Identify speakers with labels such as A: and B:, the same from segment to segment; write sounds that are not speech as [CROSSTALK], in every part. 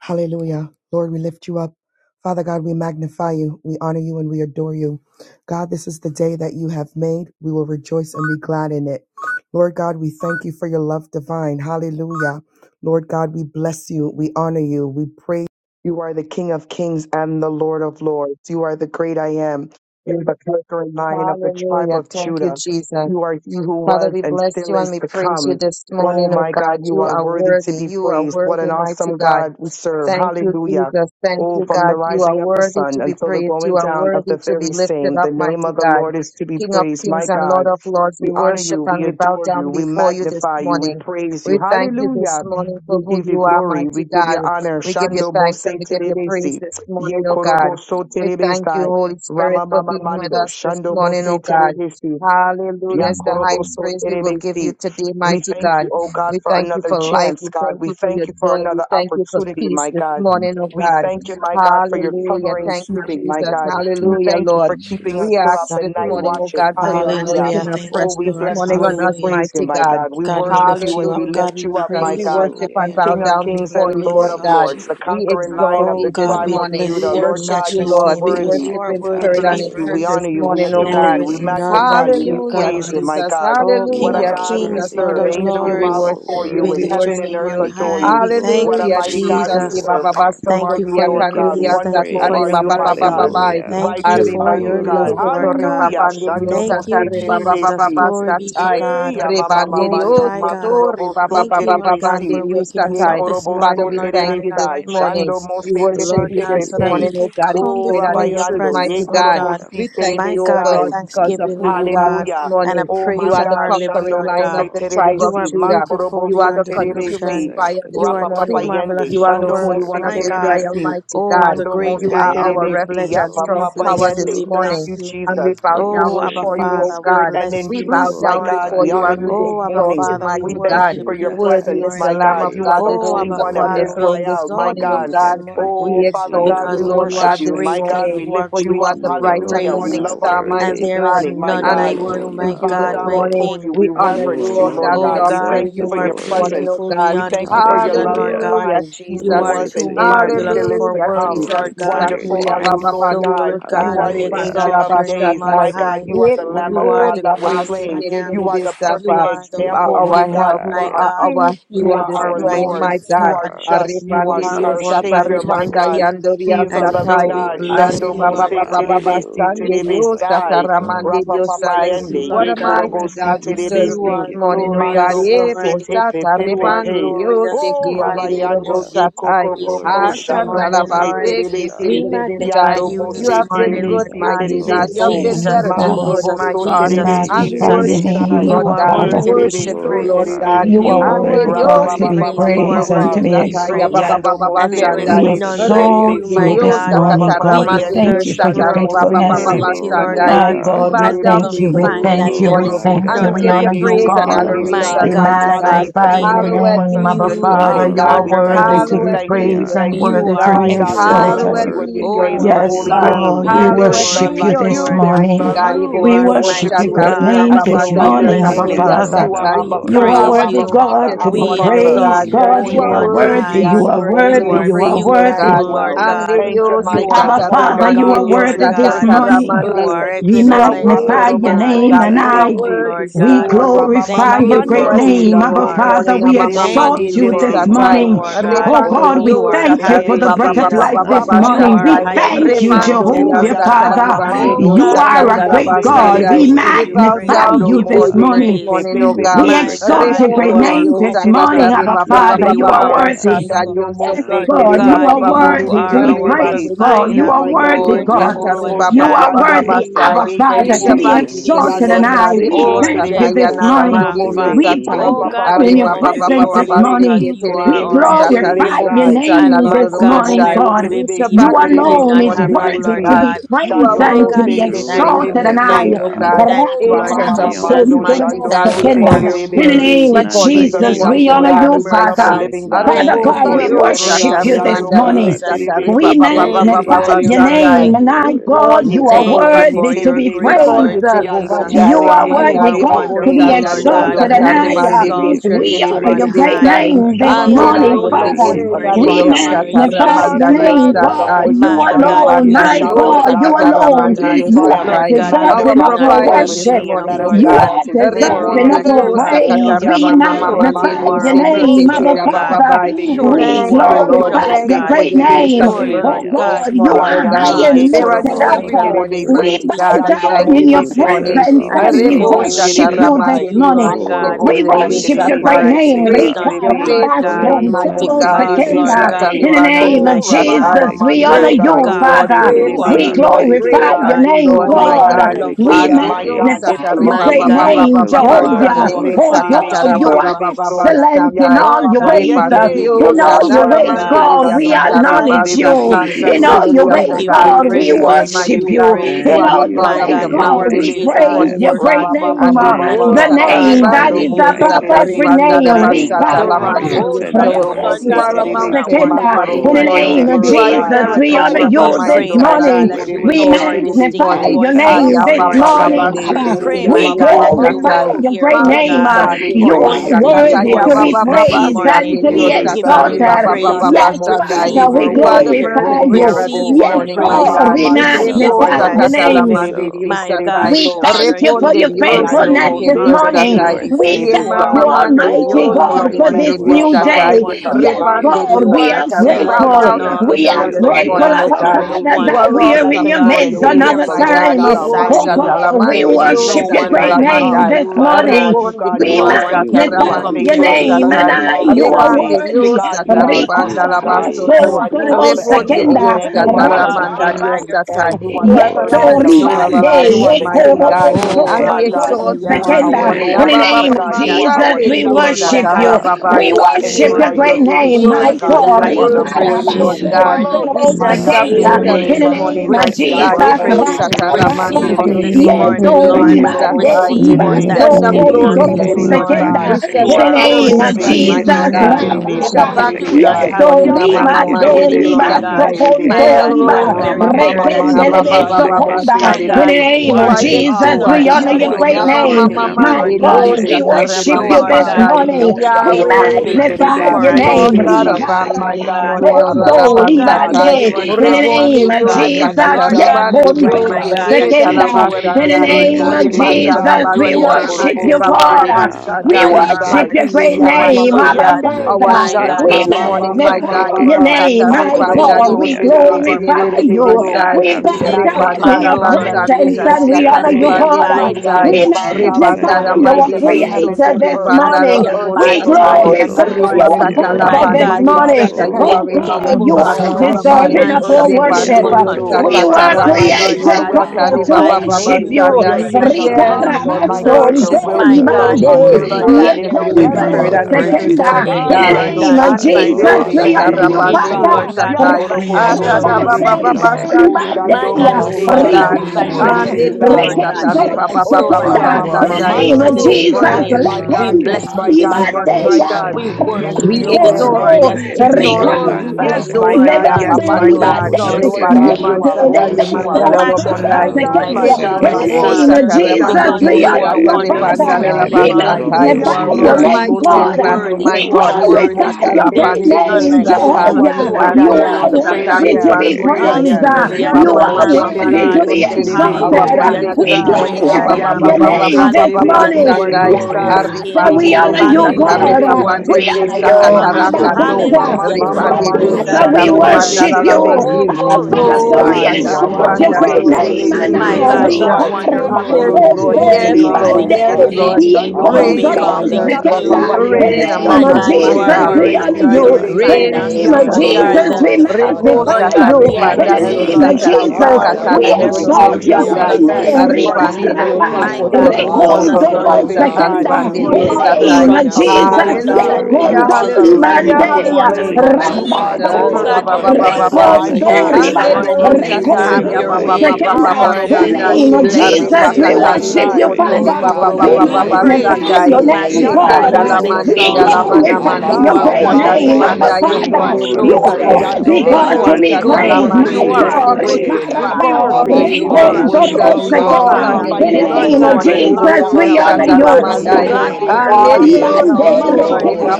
A: Hallelujah. Lord, we lift you up. Father God, we magnify you, we honor you, and we adore you. God, this is the day that you have made. We will rejoice and be glad in it. Lord God, we thank you for your love divine. Hallelujah. Lord God, we bless you, we honor you, we praise you. You are the King of kings and the Lord of lords. You are the great I am. You're the conquering lion of the tribe
B: Hallelujah.
A: of
B: Thank you,
A: Judah.
B: Jesus.
A: You are he who
B: Father,
A: was
B: we
A: and
B: bless
A: still
B: you and
A: is
B: we
A: to
B: praise
A: come.
B: you this
A: Oh
B: morning, oh
A: my
B: God.
A: God, you
B: You
A: are
B: are
A: worthy to
B: worthy.
A: be
B: You are
A: praised. What an
B: worthy, mighty
A: awesome
B: God.
A: God we serve.
B: Thank you,
A: Hallelujah.
B: Jesus. Thank
A: Oh,
B: you,
A: from the
B: God. You are
A: rising of the
B: worthy
A: sun
B: to be
A: until the
B: praised.
A: going
B: You are
A: down of the
B: worthy to be
A: very
B: lifted
A: same, the
B: up,
A: name
B: mighty
A: of the
B: God.
A: Lord is to be
B: King of
A: praised. My
B: kings and Lord
A: God,
B: of lords,
A: we
B: we
A: honor you,
B: worship
A: we
B: and we bow
A: adore you,
B: down
A: we
B: before you this
A: magnify you, we
B: morning.
A: praise you.
B: We thank you this
A: Hallelujah.
B: morning for
A: We
B: who
A: give you
B: you are,
A: glory, we
B: mighty
A: give you
B: God.
A: honor.
B: We give you
A: Shando
C: Thank
A: Mose
B: thanks and we give you praise
A: Terebesi,
B: this
A: Ye
B: morning, oh
A: Korobo
B: God.
A: So
B: We thank you,
A: Terebesi,
B: Holy Spirit,
A: Rama
B: for
A: Mama
B: being with
A: Mando,
B: us this
A: Shando
B: morning,
A: Mose
B: oh God.
A: Terebesi.
B: Hallelujah is the highest praise we will give you
A: Yakorobosoterebesi.
B: today,
A: We
B: mighty
A: thank
B: God.
A: you, oh God,
B: We
A: for
B: thank you
A: another
B: for life.
A: chance,
B: We
A: God.
B: thank
A: We
B: you for
A: thank
B: your
A: you for
B: joy. We
A: another
B: thank you for
A: opportunity,
B: peace
A: my
B: this
A: God.
B: morning, oh
D: Hallelujah.
A: We
B: God.
A: thank you, my God,
D: Thank
A: for your
D: you for
B: Hallelujah.
A: covering,
B: Thank
D: this
B: you,
A: keeping,
D: day.
A: my
B: Jesus.
A: God. We
B: Hallelujah,
D: Thank
A: thank you
D: you,
B: Lord.
A: for keeping
B: We
A: us throughout
B: ask
E: God.
D: Jesus.
A: the
B: this
A: night
B: morning, oh
A: watches.
B: God,
D: Thank
B: for your
D: you
A: Hallelujah.
D: for
E: Hallelujah.
B: anointing
D: your
E: Thank
A: Oh,
E: you,
B: afresh
A: we
B: this
E: Lord.
A: bless you
B: morning
A: and
B: on
A: we
D: faithfulness.
B: us,
E: Hallelujah.
A: praise you,
B: mighty
A: my
B: God.
D: Thank
A: God. We
E: God,
D: you,
E: we
A: worship
D: God.
E: lift
A: you
E: you
A: and we
E: up.
B: Hallelujah,
E: God,
A: lift
E: we
A: you up,
B: Jesus.
A: my
B: We
E: praise you.
A: God.
E: God,
B: worship
E: we
B: and
D: Hallelujah.
B: bow
A: King
E: adore
A: of
B: down
E: you.
A: kings
E: God,
B: before
A: and
D: We
E: we
B: you,
A: Lord
B: Lord
A: of
D: praise
B: God.
E: exalt you.
A: lords, the
D: you.
B: We
A: conquering lion
B: exalt
A: of
E: Oh,
D: We
A: the
B: thee this
E: God,
A: tribe
E: we
A: of
B: morning.
D: glorify
B: We
E: bless
A: Judah.
E: your
A: Lord
D: you.
B: worship
A: God,
B: you,
A: you
E: matchless
A: are
B: Lord.
E: name
B: We
D: We
E: because
A: worthy.
E: you
B: worship
E: are
B: in
A: We
E: worthy
D: magnify
B: spirit
E: to
B: and
E: be
A: bless
B: in
D: you.
A: you.
B: truth
A: We
E: praised
A: honor
B: this
A: you. We
B: morning, oh
D: King
E: and
D: of
A: adore
B: God.
E: there
A: you. We
E: is
D: kings
E: none
D: and
A: magnify you.
E: like
D: Lord
A: We
E: you,
D: of
B: Hallelujah,
A: praise you,
E: God.
A: my
D: lords.
B: Jesus.
A: God.
E: Oh,
A: What
E: King
D: You
A: a
B: Hallelujah,
E: of
D: are
A: God we
E: Kings,
B: Jesus.
D: worthy,
B: We
E: Lord
A: serve.
E: of
D: God.
B: worship
A: Angels
B: you. We
D: You
A: bow
E: Lords,
D: are
B: worship
A: before
B: you.
A: you
E: we
B: We
A: and
E: lift
D: worthy.
E: your
A: heaven
B: worship
A: and
E: name
A: earth
E: on
B: you.
D: We give
A: adore
E: high.
D: you
A: you.
E: We
A: What
E: thank
A: a
E: you,
D: glory.
B: Hallelujah,
A: mighty
D: We
A: God
D: give
B: Jesus.
A: we
E: Jesus.
D: you
A: serve.
D: honor.
A: Awesome are
E: Thank you
A: you,
E: for
B: Ibababasunduria
E: your
D: We
A: Lord
D: give
A: God.
B: kanduria
E: grace.
D: you
B: sat
E: Thank you
A: Wonderful
E: for
A: are
E: your
D: praise.
A: you, my
E: mercy.
A: God.
B: are
D: Hallelujah.
E: Thank you
A: Righteous
E: for
A: are you,
E: your
D: Glory
B: Aribandirio
A: God.
D: to
E: love,
B: soto
E: Lord
D: God,
E: God.
A: Hallelujah.
D: glory to
B: ribabandirio
A: Shando
B: sat
A: mose
E: Thank
D: God.
E: you, Jesus.
D: We
A: terebesi.
B: aribababababa
E: Glory be
D: praise
E: to
B: satai.
D: your
A: Yea,
E: God,
D: name,
A: mama
D: Lord.
E: Most
D: We
B: Ribandirio
E: High God.
B: soto
A: makorobo
D: glorify
A: so
E: Thank
D: you,
E: you, Lord God,
A: terebesi.
E: for
B: ribababababandirio
E: waking us
A: Ye
B: satai.
E: up this
A: korobo
D: magnify
B: Father,
A: so
E: morning,
B: we
D: your
E: Lord
B: thank
E: God, in
B: you
E: our
B: this
D: name,
A: terebesi.
E: right
B: morning.
A: Shando
E: minds.
B: We
A: mose
D: blessed
B: worship
E: Lord
B: you
E: God,
B: this
E: so that
A: tepepepepe.
D: Redeemer,
E: we
B: morning,
E: can
B: oh God, in
E: come
A: Oh,
B: spirit
D: King
B: and
E: before
D: of
B: in
E: your
B: truth,
A: Rabayando,
D: kings
A: Ye
B: mighty
E: presence,
D: and
E: Lord
B: God.
A: Korobo
D: Lord
E: God.
D: of
A: Si
B: We thank
E: My
B: you,
D: lords.
B: O
E: God, with
A: Terebesai.
B: God, because
D: You
B: of
E: thanksgiving,
B: who
E: Lord
B: you
D: alone
B: are
E: God,
B: this
D: are
A: Hallelujah.
E: and a
B: morning.
A: Oh
D: worthy,
B: You
A: my
E: praise
B: are
E: on
B: the
A: God,
E: our lips,
B: conquering
A: Shando
D: you
E: Lord
B: lion of
E: God.
A: Mose
B: the
D: alone
B: tribe
D: are
E: You
B: of
E: are
A: Terebesi,
B: Judah.
D: holy.
E: beautiful
A: Makorobo
B: You are
A: So
E: beyond
B: the
D: You
B: consuming
A: Terebesi,
E: description.
D: deserve
B: fire
D: the
B: this
E: You are
A: Rapa
D: glory,
A: Papa
E: too
B: morning.
D: God.
A: Yende,
E: marvelous
B: You
D: You
B: are
E: for
B: the
A: Shando
B: Holy
D: deserve
E: words,
B: One
A: Mose
B: of
E: my
D: the
E: God.
D: honor.
B: Israel,
A: Terebesi,
B: mighty
E: Oh,
D: Let
E: the
B: God.
A: Mando
D: the
E: great
B: You
A: Mose
E: I
B: are
E: am.
B: our
D: redeemed
E: We
D: of
A: Terebesi,
B: refuge
D: the
E: bless
B: and
E: you,
A: Yapa
D: Lord
E: we
B: strong
A: Papa
D: say
B: tower
E: bless you,
B: this
A: Yende.
E: we
D: so.
A: Thank
E: bless
B: morning.
A: you,
E: you.
B: And
D: We
B: we
A: Jesus.
B: bow
A: We
E: Oh,
B: down
D: praise your
E: Abba
A: worship
B: before
A: you
B: you,
A: in
B: O
E: Father,
D: name.
E: we
A: spirit
B: God.
A: and in
E: bless
B: We
E: you
D: We
B: bow
A: truth,
E: this
A: my
B: down
A: God.
D: glorify
E: morning.
B: before
A: We
B: you
A: honor
D: your
B: and
A: you
B: we
A: this
E: Oh, Abba
D: name.
B: exalt
A: morning.
B: you,
E: Father, we
A: We
B: mighty
D: We
A: thank
D: give
B: God.
A: you for
E: worship
D: you
A: your
E: you
D: the
E: this
B: Worthy
A: presence,
B: is the
D: highest
A: my
E: morning.
B: Lamb
A: God.
B: of
A: You are
B: God
D: praise.
A: the
B: that
E: Oh,
A: Holy
B: sits
E: Abba
A: One of
B: upon the
E: Father,
D: Hallelujah.
E: we
B: throne this
A: Israel, my
E: exalt
B: morning,
E: you
B: O
A: God.
D: None
E: this
D: can
B: God.
E: morning
A: Oh,
B: We
D: compare to
A: Father
B: exalt
A: God,
D: you,
A: we
B: you,
E: because
D: O
B: Lord
E: you
A: worship
E: are
B: God,
A: you.
B: this
D: matchless
A: My
E: great and
A: God,
B: morning
D: King.
A: we
E: you are
B: for
A: lift you
B: you are
A: up.
E: greatly
B: the
E: to
D: You
E: be
B: bright and
A: Hallelujah.
D: alone
A: We
E: praised.
B: morning
D: are
A: love
B: star,
A: on you this
E: And
B: mighty
D: worthy.
E: there is
B: God.
A: morning. My
E: none
B: And
D: You
B: we
A: God,
E: like you,
D: alone
A: we
B: worship
E: my
D: are
B: you
A: bow
B: this
E: God,
A: down
E: my
D: holy.
B: morning.
A: before you.
E: King.
A: We
B: We honor
D: You
B: you,
A: reverence
B: oh
A: you, Lord
B: God,
D: alone
B: with
E: Oh
A: God.
B: our
A: We
E: God,
D: deserve
A: thank you
D: the
B: praises
E: you
A: for
E: are
B: this
A: your
D: glory.
B: morning,
A: presence.
B: oh
E: beautiful
B: God.
A: We
E: beyond
A: thank you for your
E: description,
A: love
E: Lord
D: Hallelujah.
E: God.
B: Hallelujah,
A: divine, he
E: You
A: who
B: Jesus.
E: are
D: Glory
A: was and
E: too
D: to
A: is
D: your
A: and
E: marvelous
A: still is
D: name.
E: for
A: to
B: Hallelujah,
E: words,
A: come.
B: Jesus.
E: Lord
D: Glory to
E: God.
D: your
A: Wonderful
B: Nikaturia
A: are
E: And
A: you,
D: name.
B: baba
A: Lord
E: so,
A: God.
B: bandirio
E: Lord
A: You
E: God,
B: sata
A: are
E: we
A: the
D: Hallelujah.
A: ancient
B: repandara
E: exalt
A: of
E: your name
A: days.
E: on
B: bashatai.
A: My
D: Blessed
A: God,
E: high.
A: you are the Lamb of
E: You
D: Redeemer,
E: are
A: God
E: the
B: Yekundoria
A: that was
E: great
D: Prince
B: baske
E: I
D: of
A: slain.
E: am.
A: You are
D: Peace,
B: tererebe
A: the
E: You
A: perfect
E: are the
B: You are
A: example.
D: Lily of
A: My
E: Holy
D: the
B: our
A: God,
B: help.
E: One,
A: you are
E: my
B: You
D: Valley.
A: our
B: are
E: God.
A: King.
B: our
E: You
A: You
B: healer
E: are
A: are
D: Bright
B: this
E: our
A: our
D: and
B: morning,
A: Lord.
B: my
D: morning
E: righteous
A: You
B: God.
A: are
E: God.
D: star,
A: just.
E: You
A: You are
D: we
E: are
B: Arepanderio
A: our
E: our
D: worship
B: sata
A: Savior,
D: you,
A: my
E: righteous
B: repanda
D: Lord.
A: God.
E: King.
A: He
B: yandoria
A: is a
E: And
D: We
B: satai.
A: loving
E: so we
D: adore
A: God.
E: bless
B: Arre
A: Shando
D: you.
E: you,
B: ba
A: Mose
D: We
B: ba
E: Lord
B: ba ba
D: honor
E: God.
B: ba ba
A: Terebe Si
D: you.
E: We
D: We
B: sande
A: Terebe
D: bow
B: Dios,
E: bless you,
D: at
E: Lord
D: your
A: Sai.
B: sataramande
A: Rapa
D: throne.
B: Dios
E: Jesus. We
A: Papa
B: ay.
E: bless you,
D: We
A: Yende.
B: What
E: Lord
D: give
B: a
A: Ye
E: God.
D: you
A: Korobo
B: mighty
A: Si
B: God we
A: Terebe
D: reverence.
B: serve
E: You
A: Si.
D: We
B: this
E: are
D: give
B: morning,
D: you
B: O God.
A: Mando
E: glorious,
D: honor.
B: Eh, po
A: Mose
E: Lord.
A: Tepe Pepe
B: sata
A: Pe.
E: You
A: pe pe
E: are
B: rebande
A: pe.
D: Hallelujah.
B: Dios,
E: glorious,
A: Oh,
E: God.
B: sekende de
E: And
B: robo
A: Rabayando
D: Hallelujah.
E: so
A: Ye
E: we
B: satai.
A: Koko
E: praise you
D: Glory
A: Koko.
D: to
E: this
A: Shando
D: God.
E: morning,
A: Mose
D: Glory
E: Lord.
B: Ashandalabaste,
D: to
A: Terebe
D: God.
E: We
A: Si.
B: ketere de
E: magnify
B: besai.
A: Yando
D: Let
E: you
D: the
B: You
E: this
A: Mose
B: have been
E: morning,
A: Terebe
F: Hallelujah,
B: good,
D: redeemed
E: Lord
D: of
A: Si
E: God.
D: the
B: mighty
A: Terebe
D: Lord
B: God.
F: Jesus.
B: You have
A: So.
F: We
D: say
B: been
F: honor you,
E: Jesus,
B: better
D: so.
B: than
F: Father.
B: good,
A: Makorobo
E: Jesus,
B: my
A: So
D: We
F: We
B: God.
E: Jesus,
A: Terebe Si
D: praise
B: And we
D: your
F: magnify
E: Jesus.
A: Terebe
F: your
B: worship
D: name,
B: you,
A: Sai.
F: name,
E: You
D: Lord.
B: Lord
F: Abba
E: are
B: God. We
A: Ye
F: Father.
E: worthy to
D: We
A: Terebe
E: be
B: worship you,
A: So
B: Lord
E: praised.
D: glorify
A: Terebe
B: God.
F: You are
A: Si.
E: You
D: you.
E: are
B: And
D: We
F: worthy,
E: worthy
A: Rabba
E: to
D: honor
F: God,
A: ba
B: Dios,
E: be
F: to
A: ba
F: be
D: you.
B: sekete
A: ba
E: praised. You
A: ba
B: de
D: We
E: are
A: ba
F: praised
B: de de
F: and
E: worthy
A: ba.
F: to
E: to
D: adore
F: be
E: be
B: besatai. Ya
D: you.
B: ba ba
E: praised.
F: exalted.
A: Yando
B: ba ba
A: Mose
B: ba
E: And there is
B: shandai.
F: We
D: Glory
A: Terebe
D: to the
A: Si
E: none like
D: King of
A: Terebe
F: exalt
E: you,
F: you
E: my
A: So
D: Kings
B: Reponderio
F: this
D: and
E: God.
D: the
A: Rapa
F: morning,
D: Lord of
A: Papa
F: God.
E: We
F: We
E: could
A: Yende
F: thank
B: sakataramanderio
F: you
D: Lords.
E: search
F: for your
A: Shando
E: throughout
A: Mose
D: You
F: faithfulness.
A: Terebe
E: eternity,
A: Si
D: alone
E: Lord
D: are
B: sakaribabababasandai.
F: My
A: Terebe
E: God
B: We
A: So
D: God.
F: God, we
B: bow
E: and we
A: Terebe
B: down
E: will
F: thank you.
A: Si
B: before
F: We
D: You
B: you
E: find
B: this
F: thank
E: that
A: Ye
F: you.
E: there
F: We
D: alone
B: morning
E: is
D: are
A: Korobo
F: thank
B: and
A: Si
F: you.
B: we
E: none
F: We
D: God.
B: give you
F: honor
E: like
A: Terebe
F: you,
B: praise
A: Si
E: you,
B: and
F: God.
D: You
A: Terebe
E: my
A: Sai
B: adoration,
F: We
C: you.
D: alone
E: God,
B: mighty
A: Father,
E: my
B: God.
A: we
D: deserve the
F: magnify
A: thank you
F: your
A: for
E: King.
A: your
D: glory.
B: Hallowed
F: name,
B: be
A: presence
F: Abba
B: your
A: this
E: You
B: name, O
D: You
F: Father.
E: are
A: morning.
F: You
A: God,
F: are
B: God.
C: Oh
A: we
D: alone
A: thank
C: God,
F: worthy
A: you.
E: wonderful.
F: to
A: We
C: what
F: be
B: Hallowed
D: deserve
A: thank you.
D: the
B: be
A: We
F: praised
B: your
F: and
A: thank
D: honor.
B: name,
A: you.
B: O
E: You
F: worthy to
E: are
B: God.
A: My
F: be
C: more
A: God,
D: You
A: we
D: are
A: bless
E: excellent.
F: exalted.
B: Hallowed
A: you and we
D: worthy,
B: be your
E: Oh,
A: praise
D: God.
B: name,
E: Abba
A: your
B: O
F: Yes,
A: holy
D: You
C: do
B: God.
C: I
D: are
E: Father,
A: name.
F: God,
E: we
F: we
C: turn
A: There
C: to you
A: is
B: Hallowed
D: worthy.
E: adore
B: be
A: none
F: worship you
A: like
E: you,
B: your
F: this
A: you.
E: Lord.
B: name,
A: There is
B: mighty
F: morning.
A: none
B: God.
A: like
D: Holy
E: You
A: you.
F: We
A: We
E: are
D: is the
A: worship
F: worship your
E: mighty
A: you
D: Lamb,
C: that
A: in
F: great
E: God,
A: spirit
F: name
E: and
A: and in
F: this
E: so
C: we
E: we
A: truth
D: King of
C: pray
A: this
F: morning,
E: bless
F: Abba
D: Kings
C: in
A: morning.
C: your
E: you.
D: and
C: name
F: Father.
D: Lord
A: You are
D: of
B: Eboboboboshatarebambabandayakandoriasatai.
E: We
A: Abba
C: this
B: We
F: You
D: Lords.
F: are
A: Father,
B: bow
E: praise
C: morning?
B: at
F: worthy,
A: Abba
B: your
E: you.
C: Come
B: feet
A: Father,
F: God,
B: this
F: to
A: Abba
F: be
E: We
D: Blessed
B: morning, O
A: Father.
B: God.
F: praised.
E: exalt
C: heal
E: your
D: Redeemer,
F: God,
A: Oh,
B: You
F: you
E: name
C: the
B: are
F: are
A: hail
E: on
C: mind
A: King
F: worthy,
B: worthy
E: high.
C: and
F: you
D: Prince
B: and
F: are
A: Jesus.
D: of
B: worthy
A: Oh,
B: to
E: You
F: worthy,
C: the
B: be
A: hail
E: are
F: you are
A: King
D: Peace,
C: mind
B: praised, O
F: worthy.
B: God.
E: beautiful,
A: Emmanuel.
E: Lord
D: Lily of
B: Ande
E: God.
D: the
C: that
A: Thank you,
B: Dios,
A: my
E: You
D: Valley.
E: are
F: Abba
A: God.
C: we
A: You
C: could
F: Father,
A: are
F: you
B: ecataramande
A: God
F: are
C: be
E: wonderful,
D: Bright
A: in
B: Dios,
E: Lord
F: worthy
A: three
D: and
F: this
E: God.
D: morning
A: persons.
F: morning.
E: You
B: acataramande.
D: star,
E: are
A: Blessed
C: the
F: We
B: You are
C: word.
A: Trinity.
D: you
E: excellent,
F: magnify
B: worthy,
D: are
E: Lord
D: the
F: your
A: Hakorobo
B: mighty
E: God.
A: so
E: We
F: name,
D: bright
B: God.
F: and
B: You
D: and the
B: are
F: I.
E: thank you,
A: terebesi.
D: morning
B: worthy
E: Lord
B: this
F: We
E: God.
C: Oh,
A: Oh,
D: star.
B: morning. We
F: glorify
E: Thank
C: you
F: your
B: hail
E: you
C: got
D: You
B: you
F: great
E: for
B: as
A: Ramamamamando.
E: who
D: are
F: name.
D: the
B: King
E: you
B: this
F: Abba
A: Shando
D: King
E: are.
C: me
D: of
F: Father,
B: morning.
A: mose
C: the
F: we
D: kings.
E: Thank
A: terebesi
F: exalt
B: Abamamande
E: you
F: you
B: Dios,
E: for
F: this
E: who
D: You
B: tatai.
A: terebesi.
E: you
F: morning.
D: are
E: are,
D: the
E: God.
F: Oh
D: Lord of
B: Repande
F: God,
A: Makorobo
F: we
E: You
B: Dios,
E: are
A: so
D: lords.
F: thank you
E: high
F: for
B: tatare
E: and
F: the breath
D: There
A: terebesi.
E: lifted
F: of
D: is
E: up.
F: life this
D: none
A: Rapa
E: You
D: like
F: morning.
E: are
D: you,
A: papa
F: We
B: babababababababastatai.
E: high
D: O
E: and
F: thank
C: word.
D: God.
F: you,
A: yende.
D: Thank
B: Repando
D: you
E: exalted,
A: Oh,
B: Dios,
D: for
F: Jehovah
E: Lord God.
B: tatare
D: waking
F: Father.
D: us
C: You
B: bando
D: up.
E: Oh
A: Yamamamamando.
B: Dios,
F: You
E: God, we
F: are
A: Shando
F: a
E: give
C: got
E: you
F: great
A: mose
D: Thank you
F: God.
C: me
E: praise.
D: for
B: sacandarabastandai.
F: We
E: We
C: the
A: terebesi.
C: word.
E: give
B: We
E: you
D: waking
B: bow
D: us
E: praise.
F: magnify
D: up,
E: We
B: down
A: Yando
F: you
D: O
E: give
B: before
E: you
F: this
C: Oh,
B: you
A: mose
D: God.
B: this
F: morning.
A: tepe
E: praise.
B: morning, O
A: pepe
C: your
D: Thank
B: God.
D: you
F: We
A: pe.
D: for
E: My
C: Father,
F: exalt
E: God,
F: your
D: keeping
E: you
F: great
C: we
E: are
B: Reponde
A: Yakorobo
E: our
F: name
D: us.
B: Dios
A: so
C: bless
F: this
A: terebe
E: comforter.
F: morning,
B: sacata
D: Thank
A: si
F: Abba
B: riba ba
D: you
B: ba
E: God,
F: Father.
D: for
C: your
B: ba
A: terebesi
E: you
F: You
B: ba
C: holy
E: are
F: are
B: ba
A: terebesai.
B: pa
E: our
D: keeping
C: name this
F: worthy.
D: us.
B: sanda
E: keeper.
C: morning.
A: Dando
B: Dios
F: Yes,
A: mose
D: God,
E: Lord
B: socoto
D: you
F: God,
B: riba
C: You
F: you
E: God,
B: ba
F: are
B: ba
A: terebesi
D: alone
B: pa
E: you
D: are
F: worthy to
E: are
F: be
C: are the
E: our
C: way
D: worthy.
F: praised,
A: be.
B: repande
F: God.
B: Dios
F: You
E: provider,
C: and
F: are
A: Yaba
C: beauty.
D: You
B: soconde
A: yando
F: worthy,
E: or
B: Dios
A: ye
F: God.
D: alone
B: sata
E: Jehovah
B: riba
D: deserve
A: korobosi
B: ba
D: the
F: You
B: ba
F: are
B: ba
A: yando
B: ba
E: Jireh,
D: glory.
B: ba
A: mo
F: worthy,
C: Oh,
A: se
B: sai.
F: Abba
E: or
A: ye
C: God,
B: We
F: Father, to
D: You
A: terebe
B: shall
F: be
E: Jehovah
B: back
A: si
B: you
D: alone
B: today,
F: exalted and
A: Yando
E: Nissi,
B: Lord
A: mo
D: deserve
B: God.
F: I.
A: se
D: the
F: We
A: ye
B: Evo
C: you
E: or
C: are
D: honor.
F: thank
C: the
F: you
B: sataya
A: terebeso
F: this
B: nana
E: Jehovah
D: Let
F: morning.
A: shando
B: mande
A: mo
D: the
E: Rapha.
B: Dios
A: se.
C: fact.
F: We
B: satai.
F: bow
C: You
D: redeemed
E: Oh
A: Rapa
C: are
D: of
E: God,
A: papa
D: the
F: down in
E: we
F: your
B: Arriba
D: Lord
A: yende
B: pa
E: come
B: pa
C: the
B: pa
A: ye
D: say
F: presence
B: pa
E: before
F: this
B: pa
E: you
A: terebe
D: so.
E: because
A: si
F: morning.
B: steke
E: you
B: today
E: are
A: terebe
F: We
C: source.
E: our
D: Oh,
A: si
B: sata
A: terebe
F: glorify
E: everything.
B: ribo
F: your
A: sai
D: Jesus,
A: terebesi terebesi si
E: And
B: bochanda
F: name
C: You
B: lilo
F: this
E: Lord
B: lo
D: Jesus,
C: are
E: God,
F: morning,
B: bochai.
E: where
A: Makorobosto
E: would
F: God.
D: Jesus.
E: we
B: We shall
E: be
A: terebesi
F: You
E: if
B: back
E: we
B: you
D: You
E: did
B: this
F: alone
A: terebesi
E: not
F: is
B: morning,
D: alone
E: have
D: are
E: you,
C: the
B: mighty
F: worthy
E: Lord
F: to
A: terebesi.
D: God.
B: God.
F: be
E: God?
C: Savior.
B: You are
F: praised
D: You
A: Shando
E: My
D: are
F: and
A: mo
F: to
D: the
B: worthy
E: God,
A: se
F: be
B: to
E: we
A: te
B: be
C: The
D: true
A: te
E: thank
D: and
A: pe
B: praised
E: you,
D: the
F: exalted.
C: light
E: we
A: pe
B: this
F: And
C: that
A: pe.
D: living
C: we
F: I,
B: morning,
E: thank
B: O
E: you, we
C: see.
D: God.
B: God.
E: thank
A: Oh,
E: you,
D: You
A: Rama
E: Lord
D: are
B: Ancient
A: Mama
B: of
D: the
C: Thank
B: days,
E: Jesus.
D: only
A: Mando
B: mighty
A: Shando
D: wise
B: God,
E: Thank
B: we
E: you
D: God.
A: Mose
E: for
B: call you
E: your
F: Rakarabasundurbosekenda. in the
B: King.
D: There
A: Terebesi.
D: is
F: name
B: We
F: of
E: mercy.
B: call
D: none
B: you
A: Jesus
D: like
B: Lily
F: Jesus,
E: Thank
B: of
D: you,
E: you
A: Christ,
F: we
B: the
E: for
A: you
F: honor
A: are
D: Lord.
E: your
A: the
F: you,
B: Valley, my
A: Son of the
F: Father.
D: There
B: God.
E: mercy.
D: is
A: Living God.
D: none
F: Father
E: Thank
D: like
E: you
F: God,
B: Arebondi
A: Son
E: for
F: we
A: of the
E: your
D: you.
B: Dios,
A: Living
F: worship
A: God,
F: you
E: grace,
D: Oh,
E: Lord
F: this
A: Yando
B: Tataremanda
A: Mose
F: morning.
B: Dios,
D: God, we
E: Jesus.
D: give
B: Tatareba,
F: We
D: you
A: Terebesi
B: ba, ba, ba,
E: Thank
B: ba,
E: you
A: Terebesu
B: ba,
D: glory.
F: magnify
E: for
B: ba,
E: your
F: your
B: Shandai.
D: We
A: Terebesi.
F: name.
E: mercy.
F: And I,
B: We call
D: glorify
F: God,
B: you
F: you
D: your
F: are
E: Thank
A: Yekurobo
E: you
B: Jehovah
D: name.
A: si
E: for
F: worthy to
B: Nissim.
E: your
F: be
A: Terebe
B: We
D: We
E: grace,
B: call
A: Sai,
F: praised.
E: Lord
B: you
D: magnify
A: Yando
B: Jehovah
E: Jesus.
D: your
F: You
A: Mose
B: Jireh,
F: are
A: Tepe
B: my
A: Pepe
E: You
D: name.
B: God.
F: worthy,
E: are
A: Pe, pe pe
F: God,
B: Yebobo
F: to
D: With
A: pe.
F: be
E: wonderful,
D: the
B: Shanda
E: Lord
D: fruit
B: Dios,
D: of
E: God.
A: Shando
F: exalted.
D: our
F: And I,
E: We
A: Mose
D: lips,
F: uh,
B: Tatarebandi
D: we
A: Terebe
D: give
B: Dios,
E: exalt
A: Si
E: your
D: you
F: we
E: name
F: honor
A: Terebe
E: on
F: your
D: praise,
F: great
A: So.
D: O
E: high.
B: Seketerebesai.
A: We
F: name
D: God.
A: shout
F: this
E: We
A: unto
B: Ande
E: honor
F: morning,
A: God
B: Dios,
A: with
D: Lord,
E: you
A: a
D: we
E: this
F: Father.
A: voice
D: give
A: of
B: Sekenda
D: you
E: morning.
F: We
E: We
A: triumph.
B: Dios,
E: honor
A: We
D: praise.
E: you
D: We
A: shout
F: magnify
E: this
D: give
F: your
B: Tataramanda
A: unto
D: you
B: Dios,
A: God
F: name,
E: morning.
A: with a
F: God.
B: Tatai.
D: glory.
A: voice of
F: You
E: My
A: triumph.
E: God,
D: We
E: if
F: alone,
E: we
D: give
A: We
B: Ripanda
E: had
F: my
E: a
A: shout
D: you
B: Dios,
A: unto
F: God,
E: thousand
A: God
F: you
D: honor.
A: with a
E: tongues, Lord
F: alone.
A: voice
B: Sakataramandi
A: of
E: God,
B: Dios,
F: You
D: Blessed
A: triumph.
F: are
B: Tatai
E: Lord God, we
B: our
F: deserving
D: Redeemer,
E: could
A: Magnify
F: of
A: the
E: not
F: our
A: Lord
B: provider
A: with
E: praise
B: this
D: Prince
E: you
D: of
F: worship.
A: me and
B: morning,
A: let
E: enough,
B: oh
A: us
E: Lord
F: You
B: God.
D: Peace,
E: God,
A: exalt
F: are
A: his name
E: for
D: Lily
F: deserving
E: all
B: Reponde
D: of
F: of
E: that
D: the
F: our
A: together.
E: you
B: Dios,
E: have
A: Oh
D: Valley,
F: praise.
E: done.
F: We
B: mama
A: Yabayando
B: mama
E: Surely
D: Bright
E: you
F: magnify
D: and
E: are
F: your
E: a
A: Makorobo
B: te
D: Morning
A: So
B: te
F: name,
B: te
F: our
E: merciful
B: da
A: Terebe
B: ba
D: Star.
E: God.
A: Si
F: Father.
A: Terebe So.
D: You
E: Surely
F: We
E: you
B: Thank
E: are
B: you,
D: deserve
E: a
D: the
B: Lord.
A: Yando
F: glorify
E: just
D: glory,
B: Thank
A: Mose
F: your
B: you
E: God.
B: for
A: Tepe
D: God.
F: great
B: your
A: Pepe Pe. pe
D: You
B: grace
A: pe
F: name.
B: and your
E: Surely,
A: pe.
D: deserve
F: Oh
D: the
E: Lord
B: mercies
A: Oh,
B: this
D: honor.
E: God,
F: God,
E: you
F: you
B: morning,
A: Baba
E: are a
B: oh
F: are
B: God.
F: high
A: Yando
D: You
E: God
F: and
A: Ye
B: There are
D: deserve
E: who
F: lifted
A: Korobo
B: new
D: all
A: Si
D: of
B: every
F: up.
D: our
B: morning,
E: specializes in
A: Terebesi,
F: We
B: mighty
F: bow
E: things
D: praise.
B: God.
E: that
B: We
A: Yando
E: are
B: thank
F: down in
B: you
F: your
A: Mose
B: this
D: You
E: impossible.
B: morning.
D: deserve
F: presence
A: Terebesi,
D: all
E: And
D: of
F: and we
D: our
B: Rebo
E: so
A: Terebesi,
E: we
F: worship
D: worship.
B: shatara
F: you
E: look to
A: Terebesi,
F: this
B: mande
E: you,
F: morning.
E: Lord
B: te
E: God.
B: te
A: Hakorobo
D: Oh,
F: We
B: de de
A: So
E: We
D: great
F: worship
D: and
F: your
E: keep
F: great
E: our
B: satai.
A: Terebesi,
E: eyes
F: name,
D: mighty
A: Terebe,
B: Great
E: fixed
F: Rika
B: is
D: God.
E: on
B: your
E: you,
A: Terebe,
E: Lord God,
B: faithfulness,
F: Rabaston
D: Great
A: Chando
B: mighty
D: and
F: Turbo
A: Mose
B: God.
E: because,
D: mighty
B: Rebo
A: Pepe
E: Lord
F: Sekenda.
D: God.
E: God,
A: Pepe,
B: shatali
F: In
E: you
F: the
E: are not
F: name
D: There
F: of
A: Oh,
E: like
D: is
A: Rama
D: none
E: man.
A: Mama
F: Jesus,
D: like
F: we
A: Mando
D: you,
F: honor
B: Great
E: My
B: are
D: Lord.
F: you,
A: Shando
B: you,
E: God,
B: Lord.
A: Mose
F: Father.
D: There
B: Great
E: you
D: is
B: are
E: are
F: We
E: a
B: you,
A: Terebesi,
D: none
B: Lord.
D: like
F: glorify
E: merciful
B: Great
D: you.
F: your
A: Terebesi,
B: are
E: God.
B: you,
F: name,
B: Lord,
E: You
A: glory,
B: my
D: You
E: are
F: God.
E: a
A: honor,
B: God.
D: are
A: and
D: the
E: loving
F: We
D: King
A: praise,
D: of
E: God.
A: my
B: Anderio
A: God, it
D: Kings.
F: magnify
B: satare
F: your
A: belongs
E: My
F: great
B: baba
A: to
D: You
E: God,
B: baba
A: you.
D: are
F: name,
D: the
B: baba
E: you
D: Lord
A: Yando
E: are
D: of
F: Jehovah.
A: Mose
E: our
B: bastanderio
D: Lords.
F: Oh
E: Father,
F: God,
B: sakatara
A: Terebesi,
D: Thank
E: our
F: you are
B: baba
D: you
E: Abba
B: baba
A: Terebeso,
E: Father.
F: excellent in
B: bastandai
A: Yapa
F: all
E: Lord
F: your
A: Papa
E: God, we
F: ways. uh,
E: give you
A: Yende,
D: for
B: repanderio
F: In
A: Yapa
F: all
E: praise,
F: your
D: watching
A: Papa
E: Lord
F: ways,
D: over
A: Yende,
E: God.
B: sandalamande
F: God,
D: us.
F: we
A: Chando
E: Oh,
B: yakatara
A: Mose
E: thank
F: acknowledge
E: you,
F: you.
A: Terebesi,
B: bastatai.
D: Thank
F: In
E: Jesus.
B: The
D: you
F: all
A: Ya
F: your
B: lily
D: for
B: of
E: We
B: the
A: korobo
F: ways,
E: give
A: so
E: you
B: valley
F: God,
B: this
D: protecting
F: we
A: terebe
E: praise. We
A: si
B: morning,
D: us.
E: give
B: mighty
F: worship
E: you
A: terebe
B: God.
F: you.
A: so.
B: You
E: praise.
F: In
B: are
D: Thank
B: the
F: all
A: Ye
F: your
D: you
B: God
E: My
B: of
A: korobo
D: for
F: ways,
B: the
E: God,
A: so
E: we
D: your
E: were
F: God, we
B: mountains
A: terebe
B: this
E: created to
A: sai.
F: praise
B: morning,
F: your
B: O
D: faithfulness.
F: great
B: God.
F: great
E: worship
A: Raba ba
E: you.
A: ba
F: name,
A: ba
F: uh,
A: ba
E: And
D: Thank
A: ba
B: Anderio
F: the
D: you
A: ba
E: Lord
D: for
A: ba.
B: satare
E: God,
D: your
F: name
E: if
F: that
A: Shando
D: loving
F: is
A: mo
B: banderio
E: we
A: se
E: don't
F: above
B: satare
D: kindness.
F: every
A: terebe
E: worship
A: si
E: you,
F: name.
B: bandara
E: God,
A: terebe
D: Thank
E: the
D: you
A: sai.
D: for
E: rocks
B: bastatalamande
D: your
F: Rikaraba.
E: will
A: Oh
D: tender
E: cry
B: so.
A: shando
E: out.
A: mo
E: Lord
B: You
A: se
D: mercies,
E: God,
B: are
D: O
B: a
E: we do
A: terebe
E: not
D: God.
A: si
B: mountain
E: want
A: ma
F: Rakondorobosekenda.
B: mover
E: rocks
B: this
F: In
A: korobo
F: the
D: O
E: crying
A: so
B: morning.
E: out
F: name
D: God,
F: of
E: for
A: terebe
B: You
D: we
E: us,
B: are a
E: Lord
A: sai.
D: thank
F: Jesus,
D: you
E: God.
F: we
B: miracle
D: that
F: honor
A: Haya
D: your
A: ba
B: worker,
E: We
F: you this
B: mighty
D: mercies
E: pray,
A: shando mo
B: God,
D: are
E: my
B: and
A: se
F: morning.
E: God,
B: we
D: new
E: that you
D: every
E: will
A: terebe
F: We
A: si
E: hear
B: exalt
E: our
B: you
D: morning.
B: this
A: terebe
E: distinct
F: magnify
A: so.
B: morning.
D: We
F: your
E: voices
D: thank you
F: name
B: Aya
A: Rapa
E: this
D: for
F: this
D: your
B: papa
A: papa
E: morning.
D: brand
F: morning,
B: papa
D: new
A: yende
E: We
F: Abba.
A: o
B: shikete
D: mercies
E: pray,
A: ya
B: de
E: my
B: de
F: We
D: this
B: de
A: mama
E: God,
B: de
D: morning,
E: that you
D: O
F: glorify
E: will
B: satai.
A: mamando.
D: God.
F: your
E: hear,
F: great
E: Lord
D: We
B: Mighty
F: name.
A: Yando
E: God,
F: Uh,
A: mo
B: God,
A: se
D: thank you
E: our
F: You
B: yebo
D: for
A: terebe
F: are
A: si
D: your
E: distinct
D: love
A: ye
B: shakata
D: and
F: worthy
B: ya
F: to
A: korobo
F: be
E: voices
B: papa
A: si
E: this
B: papa
D: kindness.
F: praised
A: terebe si
F: and
E: morning
B: shande
F: to
B: dio
F: be
A: terebe
D: Glory to
E: giving
A: sai.
B: sakare
E: you
D: your
B: papa
F: exalted.
E: praise.
D: name.
A: Yando
B: papa
F: Yes,
A: mo se
B: shandai.
F: Father,
E: Receive
F: we
A: tepe
E: our
D: Glory
B: You
D: to
B: are the
D: your
E: worship,
F: glorify
B: burden
A: Robo
D: name.
F: you.
A: Bobo
B: bearer this
E: receive
A: Bo
E: our
F: Yes,
D: Let
B: morning,
D: the
B: my
A: Shama
E: praise,
F: God,
A: Mama
B: God.
F: we
A: Mando
D: redeemed of
E: receive
B: Lebo
D: the
E: our
F: magnify your
A: Yakorobo
D: Lord
B: sakata
A: So
B: la
D: say
F: name.
E: thanksgiving.
B: mande
A: Terebe
D: so.
B: dio
A: Si
E: My
A: Terebe
E: God,
B: satai.
F: We
E: we
A: So
F: thank
E: honor
F: you
E: you,
F: for
D: Let
B: Reponde
F: your
E: we
D: the
B: dio
E: honor
A: Yando
E: you,
F: faithfulness
E: we
A: Mose
B: sekete
F: this
D: redeemed
B: dio
D: of
E: honor
D: the
F: morning.
A: Terebe
B: satai.
E: you.
A: Si
D: Lord
F: We
D: say
B: Ye
A: Terebe
E: You
F: thank
E: are
F: you,
B: mama
A: Sai.
D: so.
B: mande
E: wonderful,
F: Almighty
B: dio
A: Oh,
E: you
A: you
E: are
A: are
F: God,
D: Father,
F: for
B: sekete
D: we
B: de
F: this
B: de
E: wonderful,
A: Emmanuel.
F: new
E: you
D: worship
A: God
E: are
B: satai.
A: is
F: day.
D: and
A: with us.
F: Yes,
D: adore
E: wonderful.
A: God is
B: Repande
D: you.
F: God,
A: with
B: dio
E: You
A: us.
F: we
E: are
F: are
B: satai. We
A: You are
B: bow
D: Father,
E: excellent
F: grateful.
A: God
E: in
B: down
D: we
A: in
B: at
E: all
B: your
E: the
A: three
F: We
D: honor
B: feet
F: are
E: earth,
B: this
D: you.
A: person,
E: Lord
D: We
F: grateful,
B: morning, O
E: God,
A: blessed
F: our
B: God.
E: the
D: exalt you,
F: Father,
B: You
A: Trinity.
E: one
D: O
F: that
B: are
E: true
F: we
D: God.
F: are in
E: living
B: awesome
A: Blessed
F: your
B: in
A: be
B: all
E: God.
A: the
F: midst
B: your
A: name
D: We
B: ways,
E: There
A: of
F: another
E: is
A: the
B: my
E: no
A: Lord
D: exalt
B: God.
E: one
F: time.
A: God
D: you,
B: Ebo
D: O
E: beside
F: Oh
A: Almighty who
E: you.
F: God,
D: God.
A: was
F: we
A: and
E: There is
A: is
D: We
B: shatalamanderio
A: and
E: no
F: worship your
D: lift
E: one
A: still
D: your
A: is
F: great
A: to
E: like
D: name
E: unto
F: name
A: come.
B: satalamandai.
D: on
E: you,
F: this
A: Oh
E: Lord
D: high.
A: Lord,
F: morning.
E: God.
A: you God, you
F: We
D: We
B: Arebonderio
A: are
E: No
D: give
E: one
D: you
A: faithful.
E: can
A: You
E: be
F: magnify
A: are
D: glory,
F: your
A: faithful
E: compared
B: sataramanderio
E: to
A: and
D: God.
E: you,
F: name,
A: just
D: We
F: and
A: in
E: Lord
B: satai.
D: give
F: I,
A: all of
F: you
A: your
D: you
F: are
E: Jesus,
A: ways.
D: honor.
B: Arebanderio
F: worthy.
E: because
A: God, you
D: We
E: you
A: are an
E: are
D: give
F: Rika
D: you
E: God
A: awesome
E: and you
A: God.
E: are God
A: You
D: praise.
B: satarebandalabastoto.
E: all
A: are
F: Rabason
A: the
E: by
F: Turbo
A: Alpha
D: Glory to
A: and
E: yourself.
A: the
D: God.
F: Sekenda
B: Arebonderio
A: Omega.
E: You
A: You
E: are
A: are
D: Glory
A: the
E: God
D: to
E: all
A: beginning
D: God.
B: sataramandario
E: by
A: and the
E: yourself.
B: satai.
F: Rabba
A: end. You are
B: You
A: the
B: are
D: Oh,
A: first
G: Glory
F: Yeto
A: and
E: And
D: Rogo
A: the
G: to
B: everlasting to
E: so
G: God.
A: last.
E: we
D: Shekeke,
A: You
F: ribande,
E: bless
A: are
B: everlasting,
E: you.
D: Ram
A: the
G: Hallelujah.
B: mighty
A: King of
D: Rogo
F: yekorobo
B: God.
A: Kings,
E: Oh,
B: And
D: Shekeke,
A: my
B: we
A: God.
F: sokondorobo
B: exalt
G: Hallelujah.
B: you
A: You
E: hallelujah,
A: are
B: this
G: Glory
F: sekenda.
A: our
B: morning.
F: In
A: Lord,
E: hallelujah,
F: the
B: Abba,
D: Rangedede,
A: Father
F: name of
A: God.
B: Abababa
D: Brage
A: You
E: hallelujah.
A: are our
F: Jesus,
D: Shekeke,
E: We
F: we
B: shanderio
E: give
A: shepherd,
E: you the
A: my
F: worship you.
A: God.
D: Ah,
E: highest
B: satarababai.
G: Jesus.
A: Oh
F: We
E: praise
A: God,
B: We
A: and
E: this
D: Bageshke,
A: we
F: worship your
A: are
D: Nam
E: morning.
B: worship
F: great
A: your
B: you, we
D: Rogo
A: sheep,
F: name,
D: She,
E: We
G: Yes,
A: Father
F: my
E: give
B: worship
E: you
A: God.
E: the
B: you,
F: God.
B: we
A: No
H: glorify
A: other
H: you,
E: highest
B: worship
D: Rogo
H: Lord
A: voice
E: praise
B: you,
G: We
A: will
B: Lord
E: this
G: honor
A: we
H: Jesus.
G: you,
B: God.
D: Shekeke.
A: follow.
E: morning.
G: God.
B: We
H: We
F: Rikarabasondorobo
A: My
B: stand up
A: God,
D: Brake
H: magnify
E: Receive
A: in
D: de
H: your
E: our
F: sekeya.
A: the
G: We
D: de
B: Judah
D: de,
H: name,
G: honor
F: In
B: this
A: name
F: the
E: worship.
A: of
G: you.
H: God.
G: We
B: morning,
F: name
H: Your
D: brange
F: of
A: Jesus,
D: de Brakedede,
H: name
B: mighty
D: brangedede,
E: Receive
F: Jesus,
B: God.
E: our
A: Yando
G: praise
A: Mose
B: Ebo
H: is
D: branke
E: praise.
G: you,
H: worthy
G: Lord
D: shekeke.
H: of
A: Terebesi
H: all the
B: shataramande
E: Receive
F: rabababa,
E: us
G: God.
D: Yo
E: this
G: We
H: glory,
A: Terebeso,
B: dioseke
H: of all
D: brogo
E: morning,
H: the
F: yeto
E: Lord.
B: tererebe
H: honor,
D: shekeke.
C: you.
F: ribande,
B: satai.
A: Makoroboso
H: and
E: Receive
H: of
D: Yam
E: our
H: all
B: We
H: the
C: My
A: Terebesi
B: stand
D: brogo
B: up
H: praise.
E: thanksgiving
C: holy
H: You
B: glory
H: are
E: unto
A: Terebesi
C: king,
D: dekeke
H: the
F: libasokondorobo
B: this
E: you,
D: nam
H: great I
B: morning.
E: Lord.
C: my
D: brage
A: Terebesai,
B: We
F: sekenda.
H: am,
F: In
E: You
B: stand
C: holy
B: up
F: the
E: are
D: shekeke.
A: Shando
E: our
F: name
H: King
F: of
H: of
A: Mose
B: adoration,
G: honor
C: Savior,
H: kings
D: Brange
E: everything,
G: you,
H: and
B: mighty
F: Jesus,
E: Lord
D: shke
A: Terebesi
H: Lord of
B: God.
E: God.
C: let
D: nam
B: We
H: lords.
E: If
H: You
A: Terebesi
C: me
B: shall
H: are
D: brogo
H: the
F: rababa,
E: we
C: go.
B: back
E: do
B: you
H: conquering
E: not
B: this
C: Oh,
D: shekeke.
A: Terebesai,
H: lion
E: have
F: yeto
E: you,
C: my
B: morning,
E: we have
H: of the
A: Yakoroboso
B: Amamamande
C: Savior,
D: Brangedede,
E: nothing,
H: tribe of
E: Lord
C: my
A: Terebesi
E: God.
D: brange
F: ribande,
B: Diosatai.
H: Judah.
C: God,
E: My
D: shekeke.
C: forgive
B: El
A: Terebesai,
E: God, you are
H: Father
E: the
F: Sondoliba,
B: Rohi
H: God,
E: very
A: Rama
B: this
D: Brange
G: God.
H: we
D: de,
E: air
A: mama
D: de
H: bless
E: that
D: de,
B: morning,
H: you
E: we
H: and
A: Mando
H: we
D: brongo
F: rekendele
A: Shando
E: breathe.
H: honor
D: sheke
B: Ababababa
H: you.
A: Mose
D: shke
F: Sokonda.
E: My
F: In the
D: nam
B: Shandai.
E: God,
A: Terebe
G: God is
E: you
A: Si
F: name
D: brogo
C: all
B: You
F: of
E: are
B: are
D: she.
E: the
C: my
H: We
A: Terebe
G: the
A: So
F: Jesus,
E: author
G: King
B: Yeshua
G: of
H: exalt
F: we
E: and
B: this
F: honor
D: Ah,
F: your
H: you, O
A: Yando
B: morning,
D: bage
F: great
E: finisher of
H: God.
D: shke
A: Mose
E: our
F: name.
G: the
D: nam
E: faith,
A: Terebe
G: Almighty.
F: My
E: Lord
A: Si
B: Abamamamande
D: brogo
H: We
E: God.
D: she.
F: God,
H: lift
A: Terebe
F: we
H: you
A: So
H: up
E: And
H: to
F: worship
E: so,
A: Terebe
F: you
H: this
D: Brange
E: Lord
F: this
A: Sai
H: morning,
E: God,
B: Diosatarebapapandai.
E: we
D: shekeke,
H: God.
F: morning.
E: look
A: oh
E: to
D: keke,
G: Jesus,
F: We
E: you.
A: Shando
B: Yahweh,
G: yes,
A: Mose
D: brange
E: We
D: de
B: mighty
D: de
F: magnify
D: de.
G: praise
A: Terebe
E: keep
B: God,
E: our
F: your
A: Si
B: the
C: transgressions,
E: eyes
H: We
B: Lord
F: name.
A: Terebe
E: fixed
B: God
A: Si
D: Brange
E: on
B: of
H: glorify
E: you,
H: your
B: armies
A: My
E: Lord
B: this
F: Rikaraba
A: God,
H: name,
E: God.
H: O
A: you
D: shekekekeke.
B: morning,
A: are
B: O
A: a
H: God, for you
E: Oh
A: matchless
E: God,
D: Brongo
A: God,
H: alone
E: we
H: are
B: Radabasatai,
D: shke
F: Sondolibande.
E: give
A: matchless
H: worthy.
D: nam
F: In the
A: God,
E: ourselves to
D: brogo
B: Rebonde
F: name
A: matchless
E: you,
F: of
H: From the
E: God.
B: Dios,
A: God,
D: shekeke.
H: rising of
A: matchless
F: Jesus,
B: Sakata
H: the
F: ye
E: Lord
A: God.
E: God,
H: sun
E: we
B: Rebande
H: unto the
E: pray,
B: Dios,
D: Avage
H: going
A: Yando
E: my
F: Yekondorobo
G: you.
H: down of
E: God,
H: the
A: Mose
B: Teke
E: that
D: shekeke.
E: you will
H: same,
A: Terebe
F: Sekenda.
E: dwell
A: Si
E: in
F: In the
E: us,
H: your
B: Dalabasandai,
A: Terebe
E: Lord
D: Brenge
H: name
F: name
A: So
E: God
H: is
F: of
D: shke
A: Terebe
H: worthy
C: give
H: to
B: Rebanda
D: nam
A: Sai
H: be
F: Jesus,
D: brogo
E: dwell
F: we
B: Labaste,
E: in our
H: praised.
F: worship
D: shekeke.
E: hearts
A: Yakorobo
B: Tete,
F: you,
E: this
A: So
B: Baba
E: morning.
F: God.
B: Baba
A: Terebe Si
H: Father
F: We
E: Dwell
D: Avage
B: Sandai,
E: in
A: Terebe
H: God,
E: our
D: shke
H: we
B: my
F: worship
A: Sai
E: hearts
F: your
D: nam
H: bless you.
F: great
E: this
A: Ya
H: We
B: Creator,
D: brogo
C: me
B: my
A: Papa
E: morning,
D: she.
F: name,
H: thank
E: Lord
H: you.
B: Savior,
F: Abba
E: God.
A: Yende
C: thanks
D: Yoke
B: our
C: for
F: Father.
A: oh
E: My
D: shke
B: Judge
A: Ya
E: God,
B: this
F: We
D: nam
A: Ba
H: We
E: take
A: Ba
D: brogo
A: Ba
E: full
B: morning,
C: time
A: Ba
B: my
H: glorify
A: Ba
F: magnify
H: you,
B: God,
E: control
A: Ba
E: of
D: shekeke.
F: your
E: our
H: God.
A: Ba
H: We
F: name,
B: Ebokata
E: minds.
C: to the
H: exalt
F: my
E: Take
B: Rebanda
F: God.
H: you,
E: full
A: Hakorobosto
F: We
B: Dios,
D: Hallelujah,
H: God.
E: control
B: Teke,
E: of
D: God.
E: our
A: terebesi
B: Tete,
F: glorify
E: bodies, Lord
F: you.
A: terebeso.
D: Hallelujah.
E: God.
B: Rebesai,
H: For
F: We
D: Have
A: We
H: You are
F: bow
D: your
E: Take full
H: great
D: way,
F: down
H: and
B: Rebanda
F: in
A: magnify,
F: your
D: Lord.
H: greatly
E: control,
A: come
H: to
A: let
E: Lord
H: be
C: Lord,
A: us
B: Labasande
F: presence
C: glory,
D: Have
E: Jesus,
B: Dios,
F: and
H: praised.
A: exalt
F: we
A: his
D: your
B: Sakata
F: honor
E: as
F: you,
E: we
A: name.
D: way.
B: Rebande
H: From
A: My
H: the
F: God.
E: abide,
C: praise
E: we
A: God,
B: Diosai,
H: rising
D: King
H: of
A: we
F: We
H: the
D: of
A: bow
E: abide,
H: sun
E: we
H: to
A: down
D: kings
H: the going
D: and
A: before
F: magnify
B: Repandara
H: down
A: the
E: abide
H: of
E: in
D: Lord
H: the
F: your
D: of
A: maker
E: you
C: to the
A: of
H: same,
B: mandirio
H: your
E: this
C: name
H: name
A: heaven
D: lords.
H: is
E: morning.
F: creator
B: soto
A: and
H: greatly
F: this
A: earth.
H: to
E: As
H: be
B: repandara
C: of
A: The
C: the
F: morning.
E: we
C: Lord,
D: Have
A: earth
B: robo
H: praised.
C: this
A: is
F: We
E: abide
A: the
D: your
E: in
B: shatai.
C: morning
A: Lord
E: you
D: way,
I: Abba
A: and
H: You
E: this
A: the
D: Lord.
F: glorify
H: are
C: we
D: Have
E: morning,
A: fullness
F: your
C: bless
H: God
D: your
C: the
H: and
E: my
F: Father
H: God
A: thereof.
F: this
H: all
D: way.
E: God,
A: My
H: by
E: we
B: pandirio
A: God,
C: name
E: pray
C: of
F: morning.
C: the
B: sata.
C: Lord,
E: that
H: yourself.
B: You
E: you
A: heaven
D: Oh
F: Oh
B: are
E: will
B: a
A: is
E: take
A: your
B: loving
D: God,
F: God,
E: full
F: you
C: Lord,
B: father
F: are
A: throne,
B: this
E: control
A: my
I: Father,
E: of
I: we
E: our
A: God,
H: There
B: morning.
F: deserving
A: and
H: is
F: of
E: minds,
A: earth
H: none
F: our
I: worship
D: Jesus,
A: is
D: be
A: your
H: like
E: take
I: you,
F: worship.
I: O
H: you,
E: full
D: our
C: praise
B: Repandirio
H: O
C: the
A: footstool.
I: God,
E: control
F: We
I: we
E: of
H: God.
D: protection
E: our
B: sakata
F: were
A: Father God,
E: bodies,
A: we
D: today.
E: Lord
H: You
B: ramandirio
I: glorify
F: created,
E: God
A: hallowed
D: Cover
H: are
I: you.
H: Alpha
D: the
A: be
B: sata
F: God,
A: your
H: and
F: to
A: holy
B: ribaba
E: Abide in
H: Omega.
E: us,
B: baba
F: worship
E: we
H: You
A: name.
H: are
F: you.
H: the
E: pray, in
A: Your
I: We
B: sandai.
E: the
D: us, oh
H: first
I: lift
H: and
E: mighty
A: kingdom
F: Rica
H: the
I: up
D: God.
E: name
B: Yes,
I: your
A: come,
E: of
H: last,
B: Lord,
H: the
B: we
A: my
I: name,
H: beginning
I: O
H: and
E: Jesus.
A: God,
D: Cover
F: Ramason,
H: the
A: your
B: worship
H: end.
D: us,
I: God,
B: you,
A: will
D: oh
I: for
B: we
A: be
E: My
I: you
D: God.
E: God,
A: done
I: are
B: worship
D: We
E: in
A: on
H: God,
B: you,
E: you,
D: pray
A: earth
B: we
E: Lord
I: worthy
D: for
H: we
A: as it
E: God,
H: give
D: your
A: is
B: worship
F: Dolimande,
E: there
H: you
A: in
B: you
E: we
I: and
B: in
D: covering,
I: you
E: find
H: praise
A: heaven.
B: spirit
D: oh
I: are
H: and
B: and in
E: refuge.
A: Yes,
D: God.
I: greatly
B: truth,
H: glory.
A: Lord
I: to
F: Sekenda.
H: We
B: mighty
E: In
F: In
I: be
A: God,
H: honor
E: you,
F: the
B: God.
D: Oh
E: Lord
H: you
A: Mando
F: name
E: God,
H: this
I: praised.
F: of
E: we
A: Mose,
D: God,
E: find
H: morning,
E: our
H: oh
F: Jesus,
B: Andirio
I: Father,
F: we
A: Terebesi,
E: strength.
B: sata
I: we
D: brangeshke
F: honor you,
D: nam
E: In
A: Terebesi.
I: worship
E: you,
H: God.
B: rapandirio
D: brogo
I: you.
E: Lord
F: Father.
E: God, we
B: satai.
H: Glorify
D: shekeke,
E: find
H: you
I: We
A: Yakorobo
E: our
H: this
A: so
I: honor
B: Atara
F: Rakaraba
I: you,
H: morning,
E: purpose.
B: baba
I: great
A: terebesi.
B: baba
I: God.
H: Jesus.
D: brangedede,
F: Sendoli
B: sandirio
E: My
A: Oshando
E: God,
F: Bandeya
E: in
I: Abba
B: soto,
D: brangedede,
E: you,
A: se
B: my
E: Lord God,
I: Father,
B: God.
E: we
I: we
A: terebesi
E: find
H: Hallelujah,
E: our
B: And
F: Rikaraba
D: brangeshekeke,
B: the
I: worship
E: destiny,
I: you,
A: terebesi.
B: Dios
E: Lord
H: hallelujah,
B: that
I: O
D: rogo
E: God.
B: are ba
I: God,
E: And
H: Jesus.
B: ba
F: Rekendorobo
B: ba
E: so,
D: shekeke
B: ba
E: my
A: Oh,
B: ba
I: for
D: nam
B: ba
E: God,
F: Sekenda.
I: you
H: Oh
E: we
D: brogo
I: are
F: In the
D: she.
B: standai.
E: seek
H: God,
F: name
H: we
E: you
F: of
B: We
H: give
A: Ramamamamando.
E: this
H: you
I: everlasting to
F: Jesus,
B: exalt
A: Yes,
D: Braike
E: morning.
H: thanks
A: my
H: this
E: We
A: God.
B: you.
D: sekeke.
A: Yes,
I: everlasting.
E: bless
H: morning,
A: my
H: oh
E: you
F: Lekondoli
A: God.
E: this
H: God.
A: Yes,
I: O
E: morning.
A: my
D: Nambroko
F: Bandeya
A: God.
I: God,
E: We
I: we
D: sekeke.
A: Yes
E: worship
A: to
F: Karaba
H: Hallelujah,
B: We
A: your
E: you
I: glorify
E: this
A: will
B: exalt
D: Ah,
A: and
I: you.
B: thee,
F: Sendo
E: morning.
A: yes
H: hallelujah,
B: we
A: to your
E: We
I: We
B: exalt
D: bagedede.
A: way.
B: you,
I: honor
B: we
I: you,
E: glorify
D: Branke
A: Yes,
F: Rikaraba
E: you,
I: Abba
A: my
B: exalt
E: Lord
B: thee,
D: sekeke.
A: God.
E: God.
A: Yes,
I: Father.
H: hallelujah,
A: my
F: Lebendoli
E: We
B: Apapando,
A: God.
D: Rogo
H: hallelujah,
E: exalt
I: Yes,
F: Bande
A: Lord
E: your
D: sekeke.
B: Repande
A: God,
I: God,
E: name
I: we
E: on
A: you
B: Dios,
A: are
E: high.
F: Yeke
D: Nambroko
A: holy.
B: Tataria
F: Debe
D: se.
A: You
E: We
A: are
I: glorify
B: Mandalolo
I: you,
A: righteous.
F: Sendorobo
I: we
E: magnify
A: My
B: Mondai,
D: Ah,
E: you,
A: God,
E: my
D: bage
H: hallelujah,
A: my
F: Sekeya.
E: King,
I: glorify
B: Yendo
A: God,
E: my
F: In the
A: my
I: you.
D: sekeke.
B: Robo,
H: Jesus.
A: God.
F: name
H: We
F: of
E: Savior,
H: bless
F: Jesus,
B: Sataramande
A: Chando
H: you
C: King,
E: because
H: and
F: we
A: mose
B: Dios,
E: you
H: we
D: Brongedede.
F: honor
E: are
F: you
H: honor
F: you,
H: you.
I: Yes,
A: terebesi
E: wonderful,
C: we
F: Father.
B: Tatarepandala
C: give
I: God,
F: We
D: Brangedede.
C: you
I: we
E: Redeemer.
A: terebesai.
H: Oh
I: honor
B: Basatai.
D: Bronke
I: you,
E: You
H: God,
C: glory,
F: magnify
E: are
H: we
I: we
B: He
F: your
B: is
D: sekeke.
C: we
A: Yakorobo
I: honor
H: lift
E: worthy.
C: give
F: name,
A: so
H: you up,
E: You
B: mighty
C: you,
E: are
H: oh
B: in
F: God.
I: you.
H: God,
B: battle,
A: terebesi.
E: worthy.
D: Ah,
H: for
B: my
F: We
E: You
H: you are
E: are
B: God,
D: bage
H: high
A: Chando
H: and
A: mose
E: worthy.
F: glorify
D: sekeke.
C: we
H: lifted
F: your
B: Ebukatala
H: up.
C: give
E: There
F: great
E: is
B: Pande
E: none
A: terebesi.
B: Dios,
F: name,
H: You
E: like you
C: you
A: Oh,
H: said,
C: praise,
B: Tata,
H: If
A: you
C: we
H: you
A: are
E: because
A: the
H: be
F: Jehovah.
C: bless
E: you are
A: great
D: Brangedede.
A: I
H: lifted
B: Ande
F: You
H: up
E: worthy
A: am,
B: Dios,
F: are
H: from
A: the
E: to
H: this
E: be
D: Bronke
A: great
H: earth,
A: I
H: you
F: worthy
H: will
E: praised.
F: to
C: Oh,
A: am,
H: draw
A: the
H: all
F: be
D: sekeke.
B: Tatarepande
H: men
A: great
B: Dios,
A: I
C: mighty
I: Yes,
H: unto
F: praised.
A: am.
H: you.
C: God,
I: Lord,
H: So,
E: Hallelujah
I: we
C: you
B: Sotoreba,
E: to
F: You
A: Yando
H: Father
E: the
D: Nambroko
C: sit
A: mose
B: Mama,
F: are
H: God,
E: Lamb
H: we
E: of
I: worship
C: upon
H: lift
F: worthy
I: you.
B: Mande
H: you
C: the
D: sekeke.
H: up
F: to
E: God.
B: Dios,
F: be
A: terebesi
H: this
B: eh.
C: throne of
I: We
C: your
H: morning.
A: terebeso
B: our
F: exalted.
E: Hallelujah
I: worship
B: banner
C: holiness,
E: to
D: Ah,
B: this
E: the
I: you,
F: We
A: terebesai.
I: oh
H: We
C: mighty
D: bage
B: morning,
E: great
C: God,
E: I
B: Abba,
I: God,
G: Amen.
H: thank
F: glorify
I: we
E: am.
B: Baba,
H: you
D: sekeke.
A: Yando
F: your
A: mo
C: you
H: for
B: Baba,
A: se
H: who
F: name
I: worship
C: break
F: this
H: you
B: Baba,
A: Terebe
H: are.
I: you.
E: Hallelujah
A: Si
D: Rogo
E: to
F: morning.
E: our
B: Baba,
I: We
A: Terebe
F: Yes,
C: authority
D: shekeke.
A: Sai.
E: glorious
C: and
F: Father,
E: King.
A: Ye
I: glorify
C: power,
F: we
C: mighty
H: We
I: your
F: honor
A: Korobo
B: Arrepanderiosa,
F: you,
H: thank
A: Si
H: you,
I: name, O
E: Hallelujah
H: God,
D: Bagedede
A: Terebe
H: for
E: to
F: God.
E: our
A: Si
H: just
C: God,
F: We
E: great
A: Terebe
C: you
F: honor
B: tarrepapanderiosa,
H: another
A: Sai.
F: you,
D: bageshekeke.
E: Redeemer.
I: Oh
H: day,
C: the
F: Abba
H: God.
I: God,
A: Yando
B: catarakato,
I: we
F: Father.
D: Glory,
A: Mama
E: Hallelujah
C: wonderful
E: to
A: Mama
H: Lord,
E: our
D: glory,
F: Abba
I: magnify
H: I
A: Mando.
I: your
E: blessed
H: thank you,
B: repanderiosa,
C: name
F: Father,
D: glory,
I: holy
C: of
F: we
A: Shando
H: Lord,
A: mo
I: name.
H: for
C: Jehovah,
A: se
B: tarrepanda
E: assurance.
D: glory,
F: worship
H: your
B: la la
A: Terebe
F: you.
I: We
E: Oh,
H: strength.
D: glory,
B: mande.
H: I
A: Si.
F: Abba
H: thank
E: glory.
C: you
H: you for
A: Yes,
H: your
F: Father,
C: bound
I: glorify
B: Oh,
C: your
F: we
A: God.
I: you,
E: Hallelujah.
H: peace.
D: glory,
E: You
A: Shando
E: are
I: Abba
F: exalt
A: mo
C: mighty
F: your
D: glory,
A: se
H: I
F: great
I: Father.
E: wonderful.
B: catarrepandariose,
H: thank
F: name.
A: Terebe
H: you,
D: glory.
A: Si
D: We
E: My
I: We
C: excellent
H: Lord,
A: Terebe
F: and
H: that
E: God,
C: God,
E: you
D: exalt
B: terebesanda.
E: are
A: Sai.
H: my
I: exalt
H: eyes
D: you,
H: are
C: you
I: your
A: Ha
D: Lord.
E: wonderful.
B: Yes,
I: holy
H: open
A: Korobo
H: this
C: worship
B: Lord,
F: Ikarabasonto
A: So
E: You
C: you
B: yes,
E: make
C: with
I: name,
H: morning.
A: Terebe
E: all
D: We
B: Lord,
I: Abba
A: Si
F: libande.
C: praise,
E: things
B: yes,
C: you are
H: In
C: on
A: Terebe.
H: the
I: Father.
D: magnify
E: new.
B: Lord.
C: the
A: Shando
D: you.
H: name of
A: mo
D: We
E: You
I: Abba
C: highest
B: Reign,
E: make
A: se.
E: all
I: Father,
H: Jesus.
B: Jesus.
E: things
A: Ya
C: plane,
D: glorify
B: uh,
I: we
A: papa
F: Yekondorobosakenda.
E: new.
C: oh
A: pa
D: you.
F: In the
H: Hallelujah.
C: God,
A: yende,
B: Reign
C: my
I: glorify
F: name
E: My
B: among
F: of
A: shando
B: us,
D: We
I: your
E: God,
A: mo
C: Savior,
E: you
B: my
A: se
D: honor
E: are
F: Jesus,
I: name.
B: God.
E: our
D: you,
C: you
F: we
A: terebe
E: ref-
C: are
F: honor
E: you
A: si
D: O
E: are
H: Hallelujah.
I: We
E: the
F: you.
D: God,
A: terebe
I: lift your
F: In
A: so,
D: King
B: Rain,
D: of
F: the
E: refiner.
H: Hallelujah.
C: the
I: name
F: name
A: ya
F: of
I: on
B: Jesus,
D: kings
E: We
H: Hallelujah.
A: korobo
I: high,
E: are
B: rain.
D: and
F: Jesus,
E: the,
A: so.
F: we
D: Lord
I: Abba
E: the
D: of
E: cl-
A: At the
I: Father,
B: Repo
D: lords.
E: Lord
F: magnify
A: name
I: for
A: of
B: shata
E: God,
F: you.
I: you
E: we are
I: are
D: There
E: the
A: Jesus,
H: Ya
F: In
B: repanda
F: the
H: ba
D: is
J: Rapa
B: rio
H: ba
E: clay,
A: every
F: name
H: ba
D: none
E: Lord
I: worthy.
A: knee
F: of
H: ba
B: shata
H: ba
E: God.
D: like
A: shall
H: ba
B: repa
E: You
D: you,
F: Jesus,
E: are
A: bow
E: the
I: Father,
H: sato
D: Lord.
F: we
B: katare
A: and
I: you are
E: potter.
A: every
H: re
B: dorobo
H: be
A: tongue
F: exalt
D: There
H: be
F: your
A: shall
I: worthy
D: is
H: be
E: Mold
I: and
F: great
B: sandai.
E: us
D: none
A: confess
D: like
I: worthy
E: this
F: name.
I: to
F: Rika
D: you.
A: that
I: be
E: morning.
B: Arepande
H: re
A: Jesus
B: rio
H: bo
F: Raba,
I: praised.
A: Christ
E: My
D: You
A: is
B: sokoto
E: God,
A: the
H: sokoto
B: repe
D: alone
I: Father,
H: ra
E: mold
A: Son
D: are
B: bobo
H: ba
A: of
E: us,
I: we
A: the
H: ba
E: Lord
B: bobo
F: Rekondorbo
I: bow
H: ba
A: living
H: ba
D: worthy.
B: shata
H: ba
I: down
A: God.
H: ba
I: to
E: Jesus,
H: ba
F: Sekenda.
B: lepande
I: you
H: ba
E: for
A: You
F: In
B: rio
D: You
F: the
H: ba
I: this
E: your
A: are the
B: shatai.
F: name
E: glory.
I: morning
D: alone
A: Son
F: of
I: and
A: of the
I: we
H: re
D: deserve
H: pa
D: the
E: Mold
A: living
F: Jesus,
I: cast
H: pa
E: us
A: God.
H: pa
I: our
E: and
H: pa
D: glory.
B: Hallelujah,
E: make
A: You
I: crown
E: us
A: are
I: at
A: the
E: into
I: your
F: Yekondoli
H: sokoto
E: that
A: Lamb
B: hallelujah,
A: that
E: which
H: ra
D: Oh,
I: feet.
E: you
A: was
H: ba
I: Ah,
F: Mandeya,
H: ba
E: want
H: ba
E: us
D: mighty
H: ba
A: slain.
E: to
B: hallelujah,
H: ba
I: Abba,
H: ba
A: You
D: God,
E: be.
H: ba
F: Rabba
A: are
H: ba
A: the
I: Father,
H: ba
D: mighty
E: Oh
B: Jesus.
I: we
H: ba
B: Ba
F: Baba,
E: God,
D: God,
A: perfect
B: ba
E: we
I: join
D: there
E: give
B: ba
I: with
D: is
B: ba
I: the
A: example,
H: re
B: ba.
D: none
E: ourselves
A: my
H: bo
E: to
D: like
H: bo
E: you
I: 24
A: God.
H: bo
E: this
D: you.
B: Ande
I: elders
A: Shando
H: sato
B: rio
E: morning.
I: and
A: Mose
F: Rekondoriba,
H: re
I: we
D: There
H: be
D: is
H: be
I: say,
B: shatai
E: Have
B: ya
D: none
E: your
B: ba
H: bo
A: Terebesi.
B: ba
D: like
E: way
B: ba
I: Holy,
E: in
B: ba
E: us,
B: ba
D: you.
H: sokoto
F: Sekenda,
I: we
B: ba
E: Lord.
A: Hakorobo
F: In the
I: say,
B: sandai.
A: So
D: You
E: We
F: name of
I: Holy,
H: ra
E: bless
H: pa
D: alone
E: you,
A: Terebesi
H: pa
B: Arepa
F: Jesus,
I: Holy,
E: we
F: we
H: pa
D: deserve the
H: pa
B: katale
E: bless
I: Holy.
F: worship
E: you,
A: Terebesi.
E: we
F: you,
H: sano
D: glory.
B: pokoto
E: bless
I: Lord
H: re
E: you.
F: Father.
B: reba ba
H: be
I: God
B: ba
F: We
A: Makorobo
B: ba
D: You
H: bo
B: ba
E: We
A: So
H: bo
B: ba
E: praise
I: Almighty,
D: alone
F: magnify
E: you,
B: sandai.
E: we
F: your
A: Terebesi.
D: deserve
I: who
F: name,
D: the
I: is and
A: Yando
E: magnify
F: God.
H: re
B: Shekanda
I: who
D: honor.
E: you
A: Mose
B: la
H: bo
E: and
I: is to
F: We
H: sato
B: mandera
I: come.
E: exalt
D: You
B: la
I: Ah,
H: re
E: you.
A: Terebeso.
B: mana
H: be be
F: glorify
D: alone
H: be
I: Abba,
H: be
E: You
A: God
F: your
B: manderio
E: are
H: be
F: great
D: deserve
H: be
I: Father,
D: the
H: be
B: sata
I: you
A: Almighty,
F: name,
I: are
A: in
E: wonderful,
A: the
F: Abba
B: repanda
I: the
D: praise.
B: yo
A: name
H: re
I: King
E: you
H: bo
A: of
E: are
F: Father.
I: of
B: kondore
F: You
D: Glory
A: Jesus,
D: to
H: sakoto
B: bobobo.
I: glory.
D: your
F: are
E: glorious,
H: ra
F: worthy,
A: Yando
H: ba
D: name.
H: ba
F: God,
E: you
I: Father,
B: Lepo
H: ba
F: to
A: Mose.
E: are
H: ba
F: be
I: we
H: ba
B: sata
A: We
H: ba
E: good,
B: la
I: honor
A: were
H: ba
F: praised,
D: Glory
H: ba
I: you
E: you
H: ba
F: my
D: to
A: created
E: are
B: manderio
A: to
E: a
D: your
I: this
F: God.
E: good,
B: sete.
D: name.
E: good
A: praise.
I: morning.
B: We
I: Ah,
A: We
F: Rikaraba,
E: Father.
A: were
H: Hey
B: call
D: God,
B: the
I: Abba,
D: we
A: created
H: baby,
E: You
B: name
A: to
E: are
B: of
I: Father,
E: a
D: praise
I: we
H: babanda
A: worship.
B: Jesus.
F: rekondorobo
D: you.
E: good,
I: bow
B: We
E: good
H: riri
I: down
A: Rapa
B: call
I: to
B: on
F: Sekenda,
H: bobo
E: Father.
D: God,
B: your
A: Papa
F: In
D: we
F: the
B: name
I: you.
H: soto.
B: this
E: Lord
F: name
A: Yende.
D: adore
F: of
E: God,
H: Hey
B: morning.
I: We
E: we're
A: Oh
D: you.
H: baby,
E: lost
F: Jesus,
B: Irorobo
F: we
E: without
F: honor
A: Yabayando,
I: worship
E: you,
B: sata
A: Yando
B: la
I: your
F: you.
E: God.
H: bi
D: Jesus,
I: holy
A: Shando
D: we
B: mandai.
H: bobo
A: Mose
E: God,
I: name.
E: we
I: uh,
E: are
F: Rebondo
H: sokoto.
D: magnify
I: We
E: lost
A: Terebesi.
B: Anderio
D: you.
H: Ababa
E: without
D: We
F: libande
I: exalt
E: you,
H: baba
I: your
B: soto
E: Lord.
H: baba
A: Makorobo
B: reba
I: holy